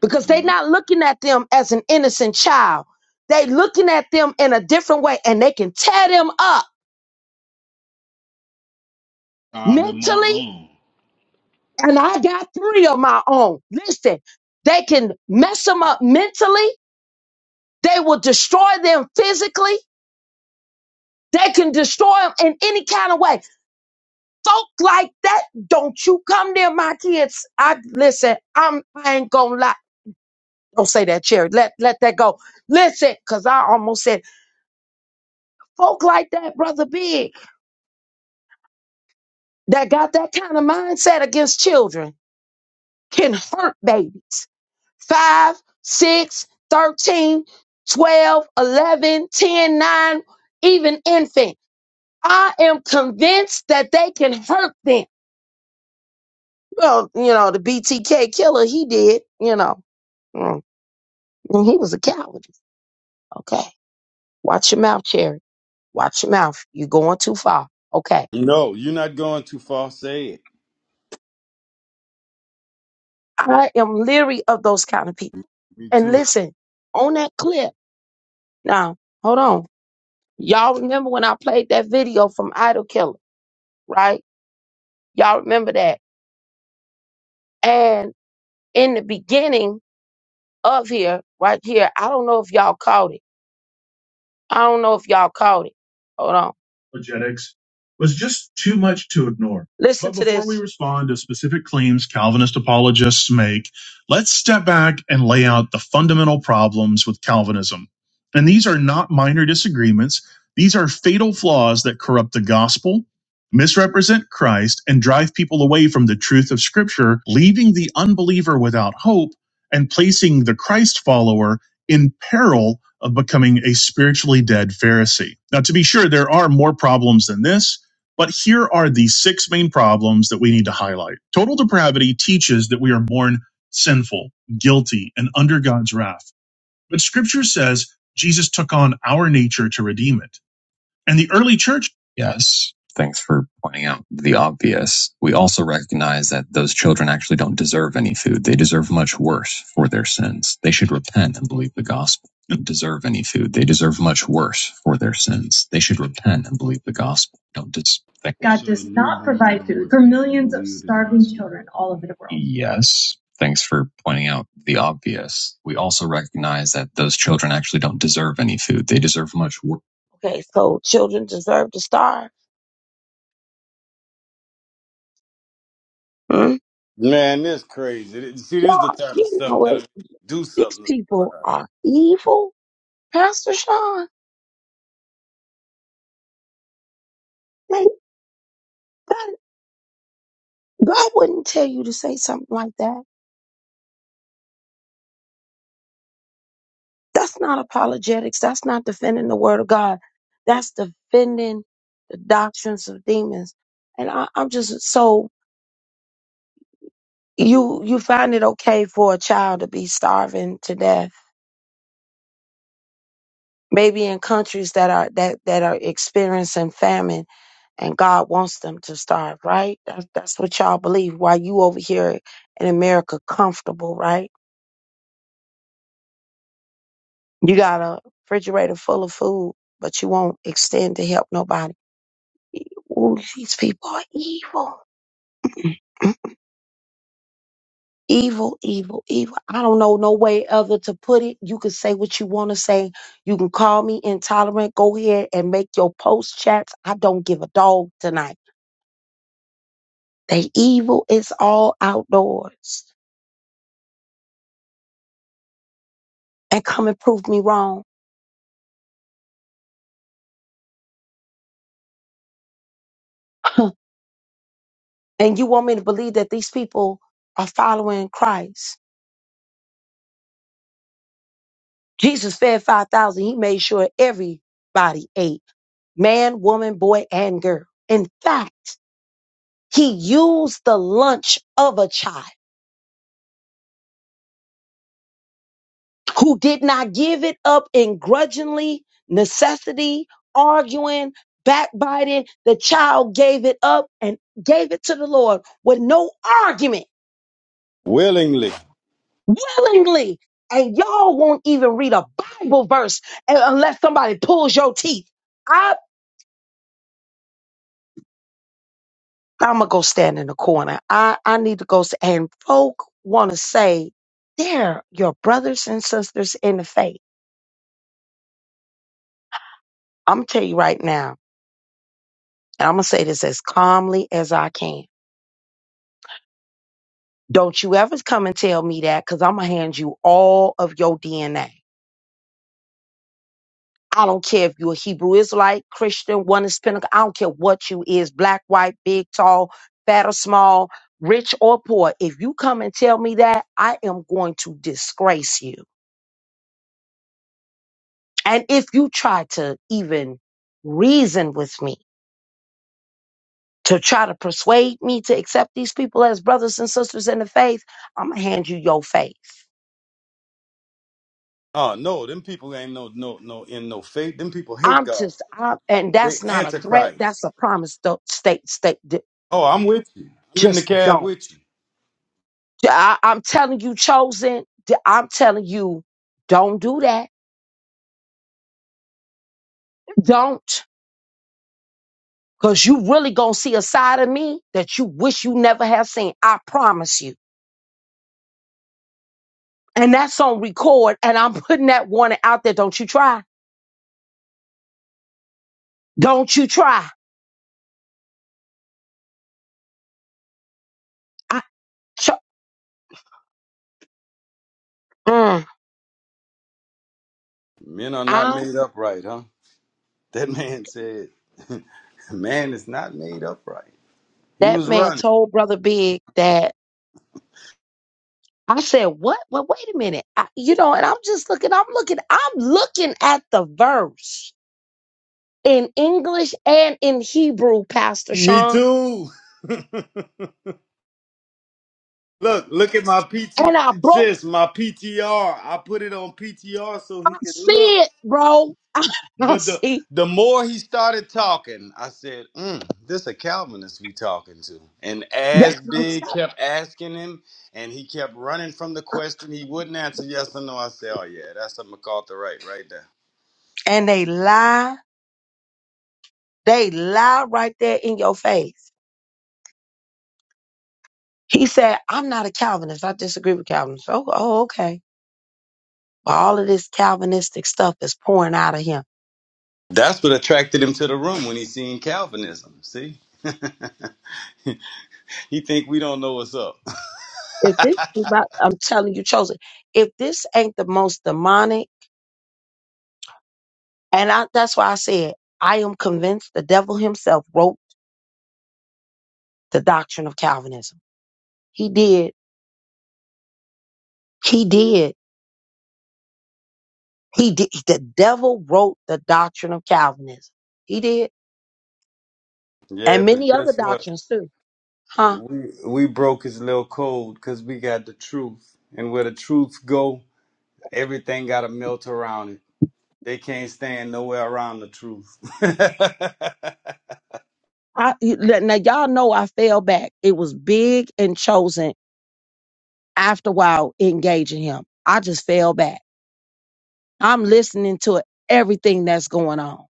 Speaker 2: because they're
Speaker 6: Yep.
Speaker 2: not looking at them as an innocent child. They looking at them in a different way and they can tear them up
Speaker 6: Out of my
Speaker 2: mentally.
Speaker 6: own.
Speaker 2: And I got three of my own. Listen, they can mess them up mentally. They will destroy them physically. They can destroy them in any kind of way. Folk like that, don't you come near my kids. I listen, I'm I ain't gonna lie. Don't say that, Cherry. Let let that go. Listen, cause I almost said folk like that, brother Big. that got that kind of mindset against children can hurt babies. Five, six, thirteen, twelve, eleven, ten, nine, even infant. I am convinced that they can hurt them. Well, you know, the BTK killer, he did, you know, Mm. and he was a coward. Okay. Watch your mouth, Cherry. Watch your mouth. You're going too far. Okay.
Speaker 3: No, you're not going too far. Say it.
Speaker 2: I am leery of those kind of people.
Speaker 3: Me
Speaker 2: And
Speaker 3: too.
Speaker 2: listen, on that clip, now, hold on. Y'all remember when I played that video from Idol Killer, right? Y'all remember that. And in the beginning of here, right here, I don't know if y'all caught it I don't know if y'all caught it. Hold on. apologetics was just too much to ignore. Listen But to before this. we respond to specific claims Calvinist apologists make, let's step back and lay out the fundamental problems with Calvinism. And these are not minor disagreements, these are fatal flaws that corrupt the gospel, misrepresent Christ, and drive people away from the truth of Scripture, leaving the unbeliever without hope and placing the Christ follower in peril of becoming a spiritually dead Pharisee. Now, to be sure, there are more problems than this, but here are the six main problems that we need to highlight. Total depravity teaches that we are born sinful, guilty, and under God's wrath. But scripture says Jesus took on our nature to redeem it. And the early church. Yes. Thanks for pointing out the obvious. We also recognize that those children actually don't deserve any food. They deserve much worse for their sins. They should repent and believe the gospel. Don't deserve any food. They deserve much worse for their sins. They should repent and believe the gospel. Don't dis- God
Speaker 6: So a
Speaker 2: does not
Speaker 6: newborn
Speaker 2: provide
Speaker 6: gonna
Speaker 2: food for
Speaker 6: repent and
Speaker 2: millions of
Speaker 6: believe the
Speaker 2: starving
Speaker 6: gospel.
Speaker 2: children all over the world. Yes. Thanks for pointing out the obvious. We also recognize that those children actually don't deserve any food. They deserve much worse Okay, so children deserve to starve. Hmm?
Speaker 3: Man, this crazy. See, this is the
Speaker 2: Y'all,
Speaker 3: type of
Speaker 2: you
Speaker 3: stuff
Speaker 2: know
Speaker 3: that'll
Speaker 2: what?
Speaker 3: make you do
Speaker 2: These
Speaker 3: something to
Speaker 2: people
Speaker 3: somebody.
Speaker 2: are evil. Pastor Sean, they, God, God wouldn't tell you to say something like that. That's not apologetics. That's not defending the word of God. That's defending the doctrines of demons. And I, I'm just so you you find it okay for a child to be starving to death, maybe in countries that are that that are experiencing famine and God wants them to starve, right? That's, that's what y'all believe. Why you over here in America comfortable, right? You got a refrigerator full of food, but you won't extend to help nobody. Ooh, these people are evil. Evil, evil, evil. I don't know no way other to put it. You can say what you want to say. You can call me intolerant. Go ahead and make your post chats. I don't give a dog tonight. They evil is all outdoors. And come and prove me wrong. And you want me to believe that these people are following Christ? Jesus fed 5,000. He made sure everybody ate man, woman, boy, and girl. In fact, he used the lunch of a child who did not give it up in grudgingly necessity, arguing, backbiting. The child gave it up and gave it to the Lord with no argument.
Speaker 3: willingly.
Speaker 2: willingly. And y'all won't even read a Bible verse un- unless somebody pulls your teeth. I, I'm gonna go stand in the corner. I, I need to go. s- And folk want to say they're your brothers and sisters in the faith. I'm gonna tell you right now, and I'm gonna say this as calmly as I can. Don't you ever come and tell me that, because I'm gonna hand you all of your DNA. I don't care if you're a Hebrew Israelite, Christian, one is Pentecost. I don't care what you is, black, white, big, tall, fat or small, rich or poor. If you come and tell me that, I am going to disgrace you. And if you try to even reason with me, to try to persuade me to accept these people as brothers and sisters in the faith, I'm gonna hand you your faith.
Speaker 3: Oh no, them people ain't no no no in no faith. Them people hate
Speaker 2: I'm
Speaker 3: God.
Speaker 2: just, I, and
Speaker 3: They
Speaker 2: that's not a threat.
Speaker 3: antichrist.
Speaker 2: That's a promise. Don't state, state,
Speaker 3: Oh, I'm with you. I'm in the
Speaker 2: just
Speaker 3: cab
Speaker 2: don't.
Speaker 3: with you.
Speaker 2: I, am telling you, chosen. d- I'm telling you, don't do that. Don't. Cause you really gonna see a side of me that you wish you never have seen. I promise you. And that's on record. And I'm putting that warning out there. Don't you try. Don't you try. I, cho- mm,
Speaker 3: Men are not
Speaker 2: I
Speaker 3: made upright, huh? That man said, "Man is not made upright." He
Speaker 2: that
Speaker 3: was
Speaker 2: man
Speaker 3: running.
Speaker 2: told brother Big that I said what? Well, wait a minute. I, you know, and I'm just looking. I'm looking. I'm looking at the verse in English and in Hebrew, Pastor
Speaker 3: Me
Speaker 2: Sean
Speaker 3: too. look, look at my PT,
Speaker 2: And I broke,
Speaker 3: sis. My PTR. I put it on PTR so he
Speaker 2: I
Speaker 3: can look.
Speaker 2: see it, bro. I,
Speaker 3: But the
Speaker 2: see
Speaker 3: the more he started talking, I said, mm, "This a Calvinist we talking to." And
Speaker 2: that.
Speaker 3: as
Speaker 2: I'm
Speaker 3: Big
Speaker 2: sorry.
Speaker 3: kept asking him, and he kept running from the question, he wouldn't answer yes or no. I said, "Oh yeah, that's a MacArthurite right there."
Speaker 2: And they lie. They lie right there in your face. He said, I'm not a Calvinist. I disagree with Calvinists. Oh, oh okay. But all of this Calvinistic stuff is pouring out of him.
Speaker 3: That's what attracted him to the room when he seen Calvinism. See, he think we don't know what's up.
Speaker 2: If this, ain't about- I'm telling you, chosen, if this ain't the most demonic, and I, that's why I said, I am convinced the devil himself wrote the doctrine of Calvinism. He did. He did He did, the devil wrote the doctrine of Calvinism. He did,
Speaker 3: yeah,
Speaker 2: and
Speaker 3: but
Speaker 2: many other
Speaker 3: guess what?
Speaker 2: doctrines too. Huh?
Speaker 3: We we broke his little code because we got the truth, and where the truth go, everything got to melt around it. They can't stand nowhere around the truth.
Speaker 2: I, you- let- now y'all know I fell back. It was big and chosen after a while engaging him. I just fell back. I'm listening to everything that's going on.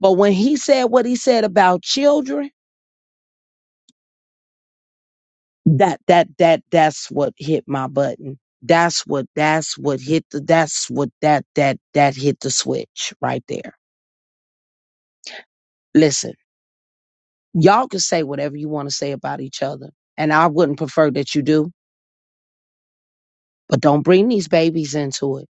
Speaker 2: But when he said what he said about children, that that that that's what hit my button. That's what that's what hit the that's what that that that hit the switch right there. Listen. Y'all can say whatever you want to say about each other, and I wouldn't prefer that you do, but don't bring these babies into it.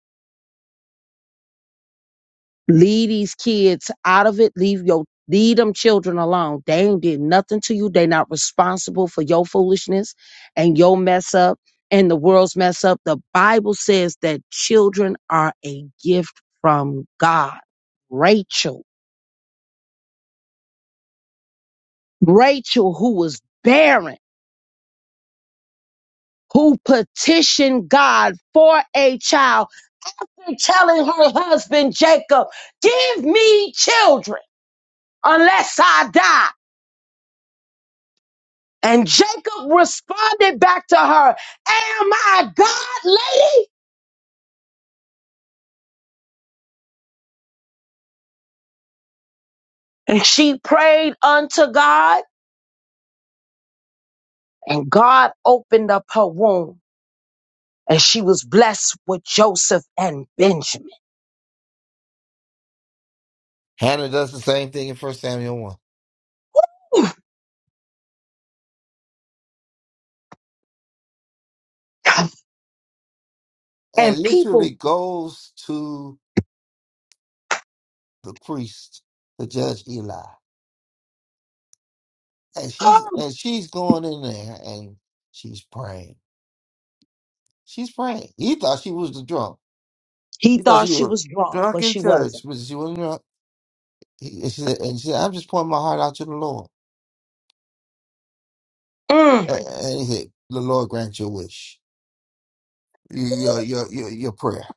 Speaker 2: Leave these kids out of it. Leave your leave them children alone. They ain't did nothing to you. They not responsible for your foolishness and your mess up and the world's mess up. The Bible says that children are a gift from God. Rachel, Rachel who was barren who petitioned God for a child after telling her husband Jacob, Give me children unless I die. And Jacob responded back to her, Am I God, lady? And she prayed unto God, and God opened up her womb, and she was blessed with Joseph and Benjamin.
Speaker 8: Hannah does the same thing in First Samuel 1 and
Speaker 2: And people,
Speaker 8: literally goes to the priest, the judge Eli. And she's
Speaker 2: oh,
Speaker 8: and she's going in there and she's praying She's praying. He thought she was the drunk.
Speaker 2: he
Speaker 8: He thought she
Speaker 2: thought she
Speaker 8: was
Speaker 2: was drunk,
Speaker 8: drunk
Speaker 2: but
Speaker 8: in
Speaker 2: she
Speaker 8: church,
Speaker 2: wasn't.
Speaker 8: but she wasn't drunk. He, and, she said, and she said, I'm just pouring my heart out to the Lord.
Speaker 2: Mm.
Speaker 8: And, and he said, The Lord grant your wish, your, your, your, your prayer.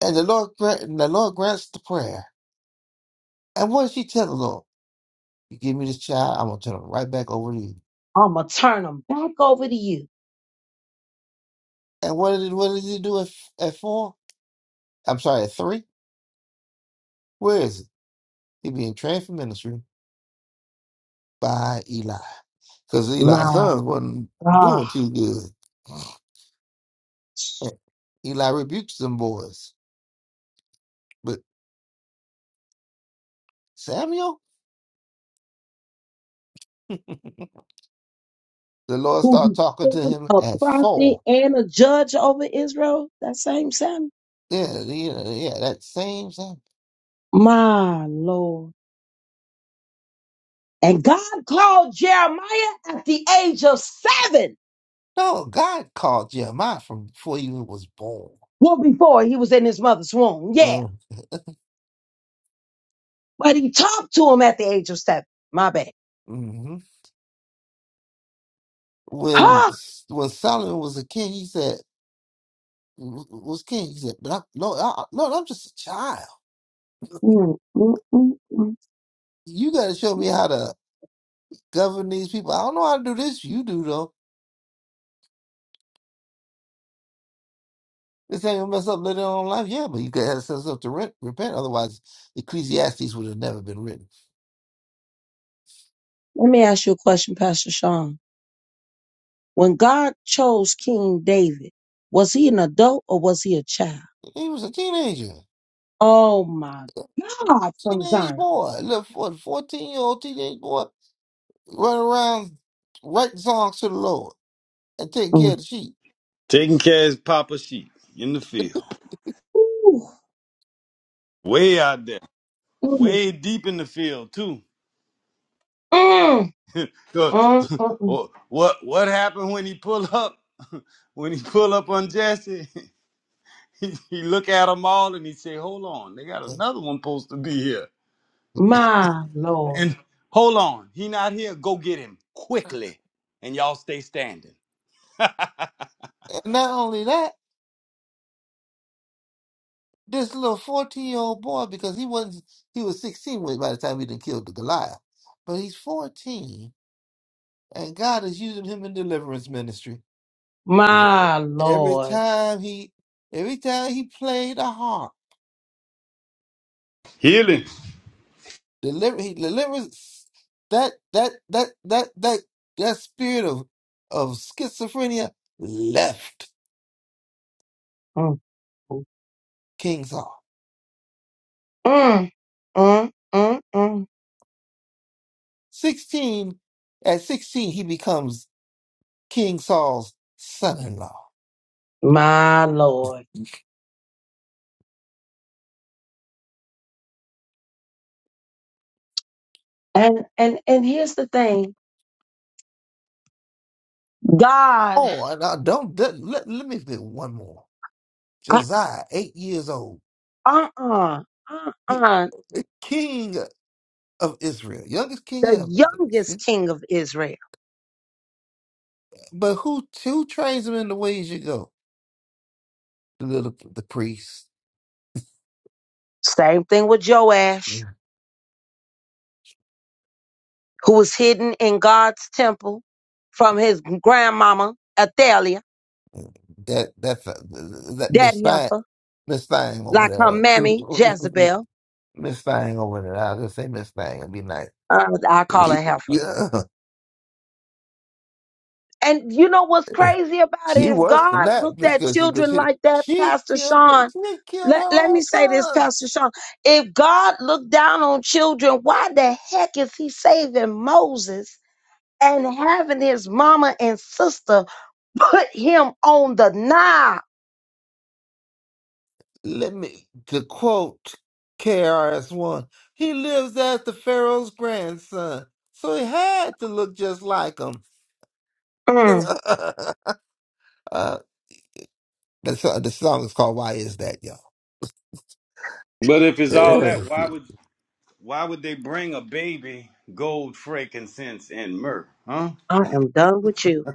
Speaker 8: And the Lord, grant, and the Lord grants the prayer. And what did she tell the Lord? You give me this child, I'm going to turn him right back over to you.
Speaker 2: I'm going to turn them back over to you.
Speaker 8: And what did, what did he do at, at four? I'm sorry, at three? Where is it? He being trained for ministry by Eli. Because Eli's
Speaker 2: My
Speaker 8: son wasn't
Speaker 2: God,
Speaker 8: doing too good. Eh, Eli rebukes them boys, but Samuel, the Lord
Speaker 2: who
Speaker 8: started talking to
Speaker 2: became
Speaker 8: him
Speaker 2: a
Speaker 8: at
Speaker 2: prophet
Speaker 8: four.
Speaker 2: and a judge over Israel, that same Samuel.
Speaker 8: Yeah, yeah, yeah, that same Sam.
Speaker 2: My Lord. And God called Jeremiah at the age of seven.
Speaker 8: No, God called Jeremiah from before he even was born.
Speaker 2: Well, before he was in his mother's womb. Yeah.
Speaker 8: Mm,
Speaker 2: But he talked to him at the age of seven. My bad.
Speaker 8: Mm-hmm. When
Speaker 2: huh?
Speaker 8: when Solomon was a king, he said, "Was king?" He said, "But I, no, I, no, I'm just a child.
Speaker 2: Mm, mm, mm, mm.
Speaker 8: You got to show me how to govern these people. I don't know how to do this. You do though." This thing will mess up later on in life. Yeah, but you could have set yourself to re- repent. Otherwise, Ecclesiastes would have never been written.
Speaker 2: Let me ask you a question, Pastor Sean. When God chose King David, was he an adult or was he a child?
Speaker 8: He was a teenager,
Speaker 2: Oh my God, from
Speaker 8: teenage
Speaker 2: Zion.
Speaker 8: boy, little what, 14 year old teenage boy, running around writing songs to the Lord and taking care
Speaker 2: Mm.
Speaker 8: of the sheep.
Speaker 3: Taking care of his papa sheep in the field.
Speaker 2: Ooh.
Speaker 3: Way out there.
Speaker 2: Mm,
Speaker 3: Way deep in the field too.
Speaker 2: mm,
Speaker 3: 'Cause
Speaker 2: mm, mm, mm.
Speaker 3: what what what happened when he pulled up? When he pulled up on Jesse, he, he look at them all and he say, "Hold on, they got another one supposed to be here."
Speaker 2: My Lord.
Speaker 3: And hold on, he not here. Go get him quickly, and y'all stay standing.
Speaker 8: And not only that, This little 14 year old boy, because he wasn't, he was 16 when- by the time he done killed the Goliath. But he's 14, and God is using him in deliverance ministry. Yeah.
Speaker 2: My
Speaker 8: Every
Speaker 2: Lord.
Speaker 8: time he, every time he played a harp,
Speaker 3: Healing.
Speaker 8: deliver, he delivers that, that, that, that, that, that spirit of, of schizophrenia left
Speaker 2: Mm,
Speaker 8: King Saul.
Speaker 2: mm, mm, mm, mm.
Speaker 8: 16, at 16, he becomes King Saul's son in law.
Speaker 2: My Lord. And and and here's the thing. God,
Speaker 8: Oh, and I don't let, let, let me pick one more.
Speaker 2: uh
Speaker 8: Josiah, eight years old,
Speaker 2: uh uh
Speaker 8: he,
Speaker 2: uh,
Speaker 8: the king of Israel, youngest king
Speaker 2: the
Speaker 8: ever.
Speaker 2: youngest king of Israel.
Speaker 8: But who who trains him in the ways you go? The little the priest,
Speaker 2: Same thing with Joash, who was hidden in God's temple from his grandmama Athaliah,
Speaker 8: that that that
Speaker 2: that
Speaker 8: Miss Thang,
Speaker 2: heifer,
Speaker 8: Miss Thang
Speaker 2: like her
Speaker 8: over there,
Speaker 2: mammy Jezebel.
Speaker 8: Miss Thang over there. I'll just say Miss Thang and be nice.
Speaker 2: Uh, I call her heifer
Speaker 8: yeah,
Speaker 2: And you know what's crazy about
Speaker 8: she
Speaker 2: it? If
Speaker 8: worse than
Speaker 2: God
Speaker 8: that
Speaker 2: looked at
Speaker 8: because because
Speaker 2: children
Speaker 8: she
Speaker 2: like that,
Speaker 8: she
Speaker 2: Pastor
Speaker 8: killed
Speaker 2: Sean,
Speaker 8: she killed her
Speaker 2: let, let me
Speaker 8: own
Speaker 2: say this,
Speaker 8: sons.
Speaker 2: Pastor Sean. If God looked down on children, why the heck is he saving Moses and having his mama and sister put him on the Nile?
Speaker 8: let me to quote KRS One, he lives as the Pharaoh's grandson, so he had to look just like him.
Speaker 2: Mm,
Speaker 8: uh, the, so- the song is called "Why Is That, Y'all."
Speaker 3: But if it's all that, why
Speaker 8: the,
Speaker 3: would Why would they bring a baby gold, frankincense, and myrrh? Huh?
Speaker 2: I am done with you.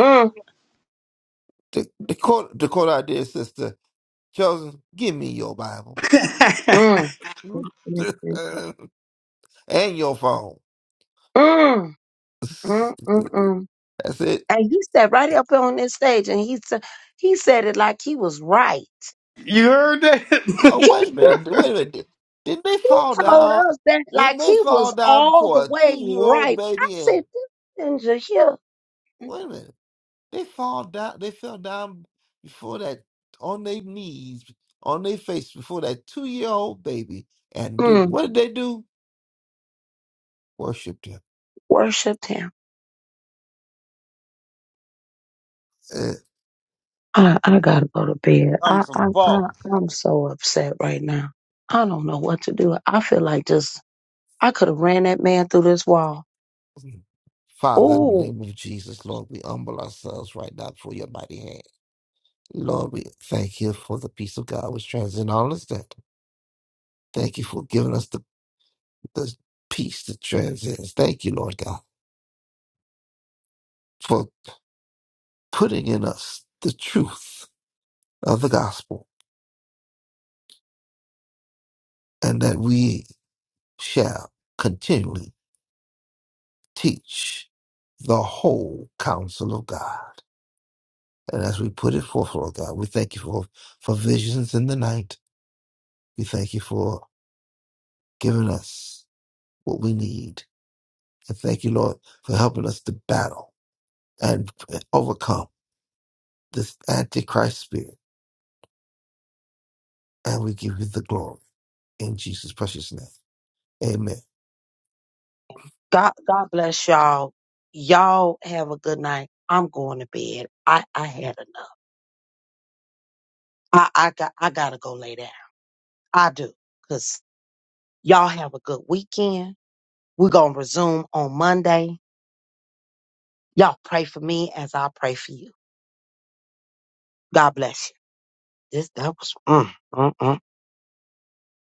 Speaker 2: Mm,
Speaker 8: the quote, the quote, our dear sister Chosen, give me your Bible
Speaker 2: mm, mm,
Speaker 8: and
Speaker 2: mm, mm,
Speaker 8: your phone.
Speaker 2: mm, mm, mm, mm.
Speaker 8: That's it.
Speaker 2: And he sat right up on this stage and he said, he said it like he was right.
Speaker 3: you heard
Speaker 8: Oh
Speaker 3: that?
Speaker 8: wait a minute, wait a minute. Did- Didn't they
Speaker 2: He
Speaker 8: fall
Speaker 2: told
Speaker 8: down?
Speaker 2: us that
Speaker 8: Didn't
Speaker 2: like
Speaker 8: they
Speaker 2: he
Speaker 8: fall
Speaker 2: was
Speaker 8: down
Speaker 2: all the
Speaker 8: for a
Speaker 2: way
Speaker 8: two-year-old
Speaker 2: right. I
Speaker 8: baby? And
Speaker 2: said, this ninja here
Speaker 8: wait a minute. They fall down. They fell down before that on their knees, on their face before that two-year-old baby, and did
Speaker 2: mm,
Speaker 8: what did they do? Worshipped him.
Speaker 2: worshipped him. I, I gotta go to bed.
Speaker 3: I'm
Speaker 2: I,
Speaker 3: from
Speaker 2: I, I,
Speaker 3: Fall.
Speaker 2: I'm so upset right now. I don't know what to do. I feel like just, I could have ran that man through this wall.
Speaker 8: Eh. Father, in the
Speaker 2: Oh,
Speaker 8: name of Jesus, Lord, we humble ourselves right now before your mighty hand. Lord, we thank you for the peace of God which transcends all understanding. Thank you for giving us the, the peace that transcends. Thank you, Lord God, for putting in us the truth of the gospel and that we shall continually teach the whole counsel of God. And as we put it forth, Lord God, we thank you for, for visions in the night. We thank you for giving us what we need. And thank you, Lord, for helping us to battle and overcome this Antichrist spirit. And we give you the glory in Jesus' precious name. Amen.
Speaker 2: God, God bless y'all. Y'all have a good night. I'm going to bed. I, I had enough. I, I got, I gotta go lay down. I do. Cause y'all have a good weekend. We're going to resume on Monday. Y'all pray for me as I pray for you. God bless you. This, that was, mm, mm, mm.